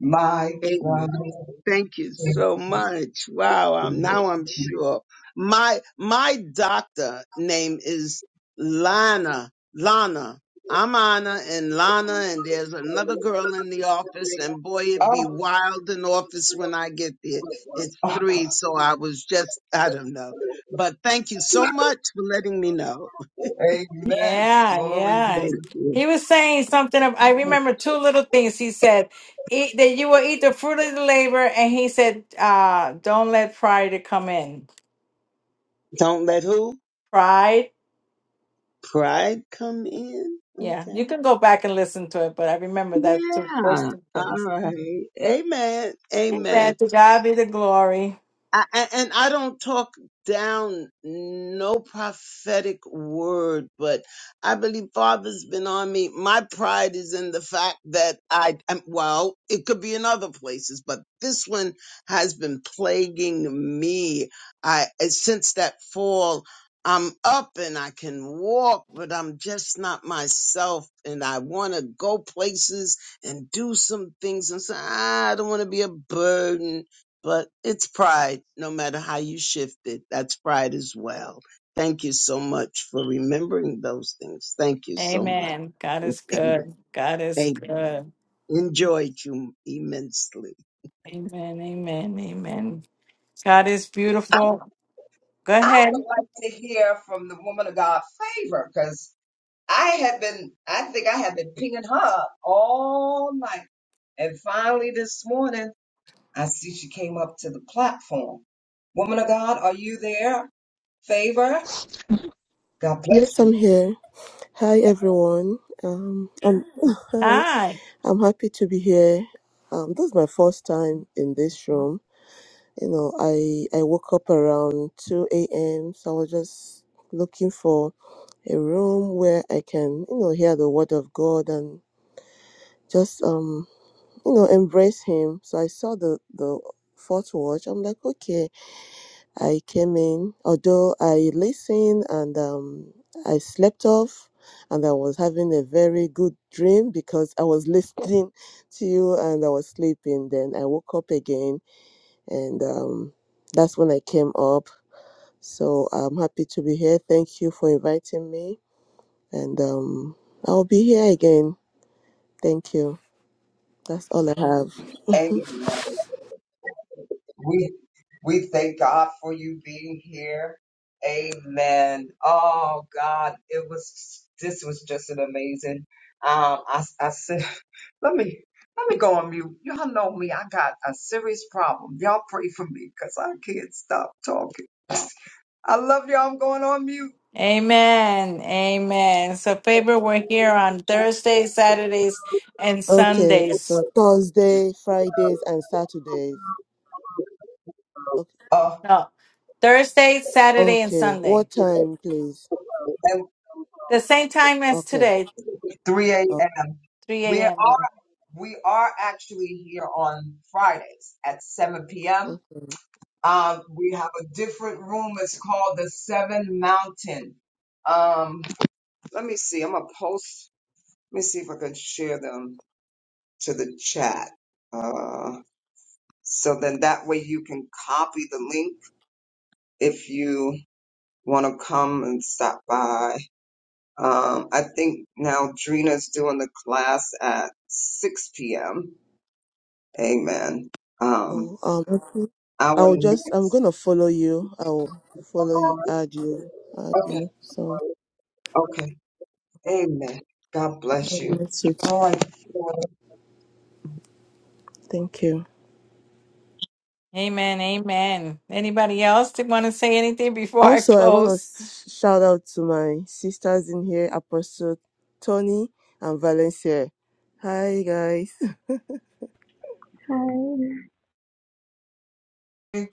[SPEAKER 1] my God.
[SPEAKER 11] Amen. Thank you so much. Wow. I'm, now I'm sure. My my doctor name is Lana. Lana. I'm Anna and Lana, and there's another girl in the office, and boy, it'd be
[SPEAKER 1] Oh,
[SPEAKER 11] wild in office when I get there. It's three, so I was just, I don't know. But thank you so much for letting me know.
[SPEAKER 1] amen.
[SPEAKER 3] Yeah,
[SPEAKER 1] Glory be to
[SPEAKER 3] yeah.
[SPEAKER 11] Thank
[SPEAKER 1] God.
[SPEAKER 11] you.
[SPEAKER 3] He was saying something. Of, I remember two little things he said. Eat, that you will eat the fruit of the labor, and he said, uh, "Don't let pride come in."
[SPEAKER 11] Don't let who?
[SPEAKER 3] Pride.
[SPEAKER 11] Pride come in?
[SPEAKER 3] Yeah, you
[SPEAKER 11] Okay.
[SPEAKER 3] can go back and listen to it, but I remember that two, those
[SPEAKER 11] Yeah.
[SPEAKER 3] two
[SPEAKER 11] All
[SPEAKER 3] things.
[SPEAKER 11] right. Amen. Amen.
[SPEAKER 3] Amen. To God be the glory.
[SPEAKER 11] I, a- and I don't talk down no prophetic word, but I believe Father's been on me. My pride is in the fact that I, am well, it could be in other places, but this one has been plaguing me. I eh, since that fall, I'm up and I can walk, but I'm just not myself, and I want to go places and do some things, and say "Ah, I don't want to be a burden but it's pride no matter how you shift it that's pride as well thank you so much for remembering those things thank you so much
[SPEAKER 3] Amen. God is
[SPEAKER 11] amen,
[SPEAKER 3] good. God is
[SPEAKER 11] amen.
[SPEAKER 3] good.
[SPEAKER 11] enjoyed you immensely
[SPEAKER 3] Amen. Amen. Amen. God is
[SPEAKER 1] I,
[SPEAKER 3] beautiful. Go
[SPEAKER 1] I
[SPEAKER 3] ahead.
[SPEAKER 1] would like to hear from the woman of God favor because I have been, I think I have been pinging her up all night. And finally, this morning, I see she came up to the platform. Woman of God, are you there? Favor? God,
[SPEAKER 12] Yes, I'm here. Hi, everyone. Um, I'm, hi,
[SPEAKER 3] Hi.
[SPEAKER 12] I'm happy to be here. Um, this is my first time in this room. You know, I I woke up around two a.m. So I was just looking for a room where I can, you know, hear the word of God and just um, you know, embrace Him. So I saw the the fourth watch. I'm like, okay, I came in, although I listened and um, I slept off, and I was having a very good dream because I was listening to you and I was sleeping. Then I woke up again, and um, that's when I came up. So I'm happy to be here. Thank you for inviting me, and um, I'll be here again. Thank you. That's all I have.
[SPEAKER 1] amen. We, we thank God for you being here. Amen. Oh, God, it was, this was just an amazing. Um, I, I said, let me, let me go on mute. Y'all know me. I got a serious problem. Y'all pray for me because I can't stop talking. I love y'all. I'm going on mute.
[SPEAKER 3] Amen. Amen. So, Faber, we're here on Thursdays, Saturdays, and
[SPEAKER 12] Okay, so
[SPEAKER 3] Sundays.
[SPEAKER 12] Thursday, Fridays, and Saturdays. Okay,
[SPEAKER 1] Oh.
[SPEAKER 3] No, Thursday, Saturday, and
[SPEAKER 12] okay.
[SPEAKER 3] Sunday.
[SPEAKER 12] what time, please?
[SPEAKER 1] And
[SPEAKER 3] The same time as
[SPEAKER 12] Okay.
[SPEAKER 3] today,
[SPEAKER 1] 3
[SPEAKER 12] Oh,
[SPEAKER 1] a.m.
[SPEAKER 3] 3
[SPEAKER 1] We are
[SPEAKER 3] a.m.
[SPEAKER 1] we are actually here on Fridays at 7 p.m.
[SPEAKER 12] okay.
[SPEAKER 1] Um, we have a different room. It's called the Seven Mountain. Um, let me see. I'm gonna post. Let me see if I can share them to the chat. Uh, so then that way you can copy the link if you want to come and stop by. Um, I think now Drina's doing the class at 6 p.m. Amen. Um,
[SPEAKER 12] Oh, um, okay.
[SPEAKER 1] our
[SPEAKER 12] I'll just, I'm
[SPEAKER 1] next.
[SPEAKER 12] going to follow you. I'll follow you, add you, add
[SPEAKER 1] Okay.
[SPEAKER 12] you. So,
[SPEAKER 1] Okay. Amen. God bless
[SPEAKER 12] God
[SPEAKER 1] you.
[SPEAKER 12] bless you.
[SPEAKER 1] All
[SPEAKER 12] too.
[SPEAKER 1] right.
[SPEAKER 12] Thank you.
[SPEAKER 3] Amen. Amen. Anybody else that want to say anything before I
[SPEAKER 12] Also, I want to
[SPEAKER 3] close?
[SPEAKER 12] shout out to my sisters in here, Apostle Tony and Valencia. Hi, guys.
[SPEAKER 8] Hi.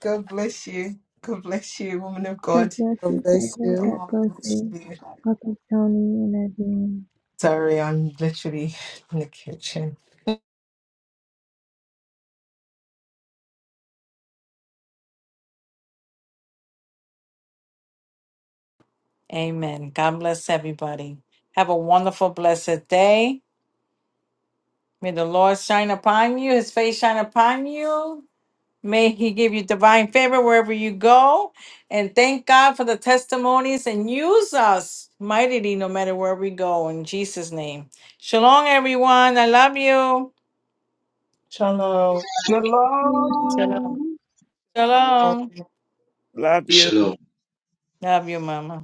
[SPEAKER 9] God bless you. God bless you, woman of
[SPEAKER 8] God
[SPEAKER 9] God.
[SPEAKER 8] bless
[SPEAKER 12] God
[SPEAKER 8] you,
[SPEAKER 12] bless
[SPEAKER 8] Favor.
[SPEAKER 12] you.
[SPEAKER 8] God
[SPEAKER 9] Oh,
[SPEAKER 8] bless
[SPEAKER 9] bless
[SPEAKER 8] you.
[SPEAKER 9] you.
[SPEAKER 8] Welcome, Tony and everyone.
[SPEAKER 9] Sorry, I'm literally in the kitchen.
[SPEAKER 3] Amen. God bless everybody. Have a wonderful, blessed day. May the Lord shine upon you, his face shine upon you. May He give you divine favor wherever you go. And thank God for the testimonies and use us mightily no matter where we go. In Jesus' name. Shalom, everyone. I love you. Shalom.
[SPEAKER 8] Shalom.
[SPEAKER 3] Shalom.
[SPEAKER 10] Love you.
[SPEAKER 7] shalom
[SPEAKER 3] Love you, Mama.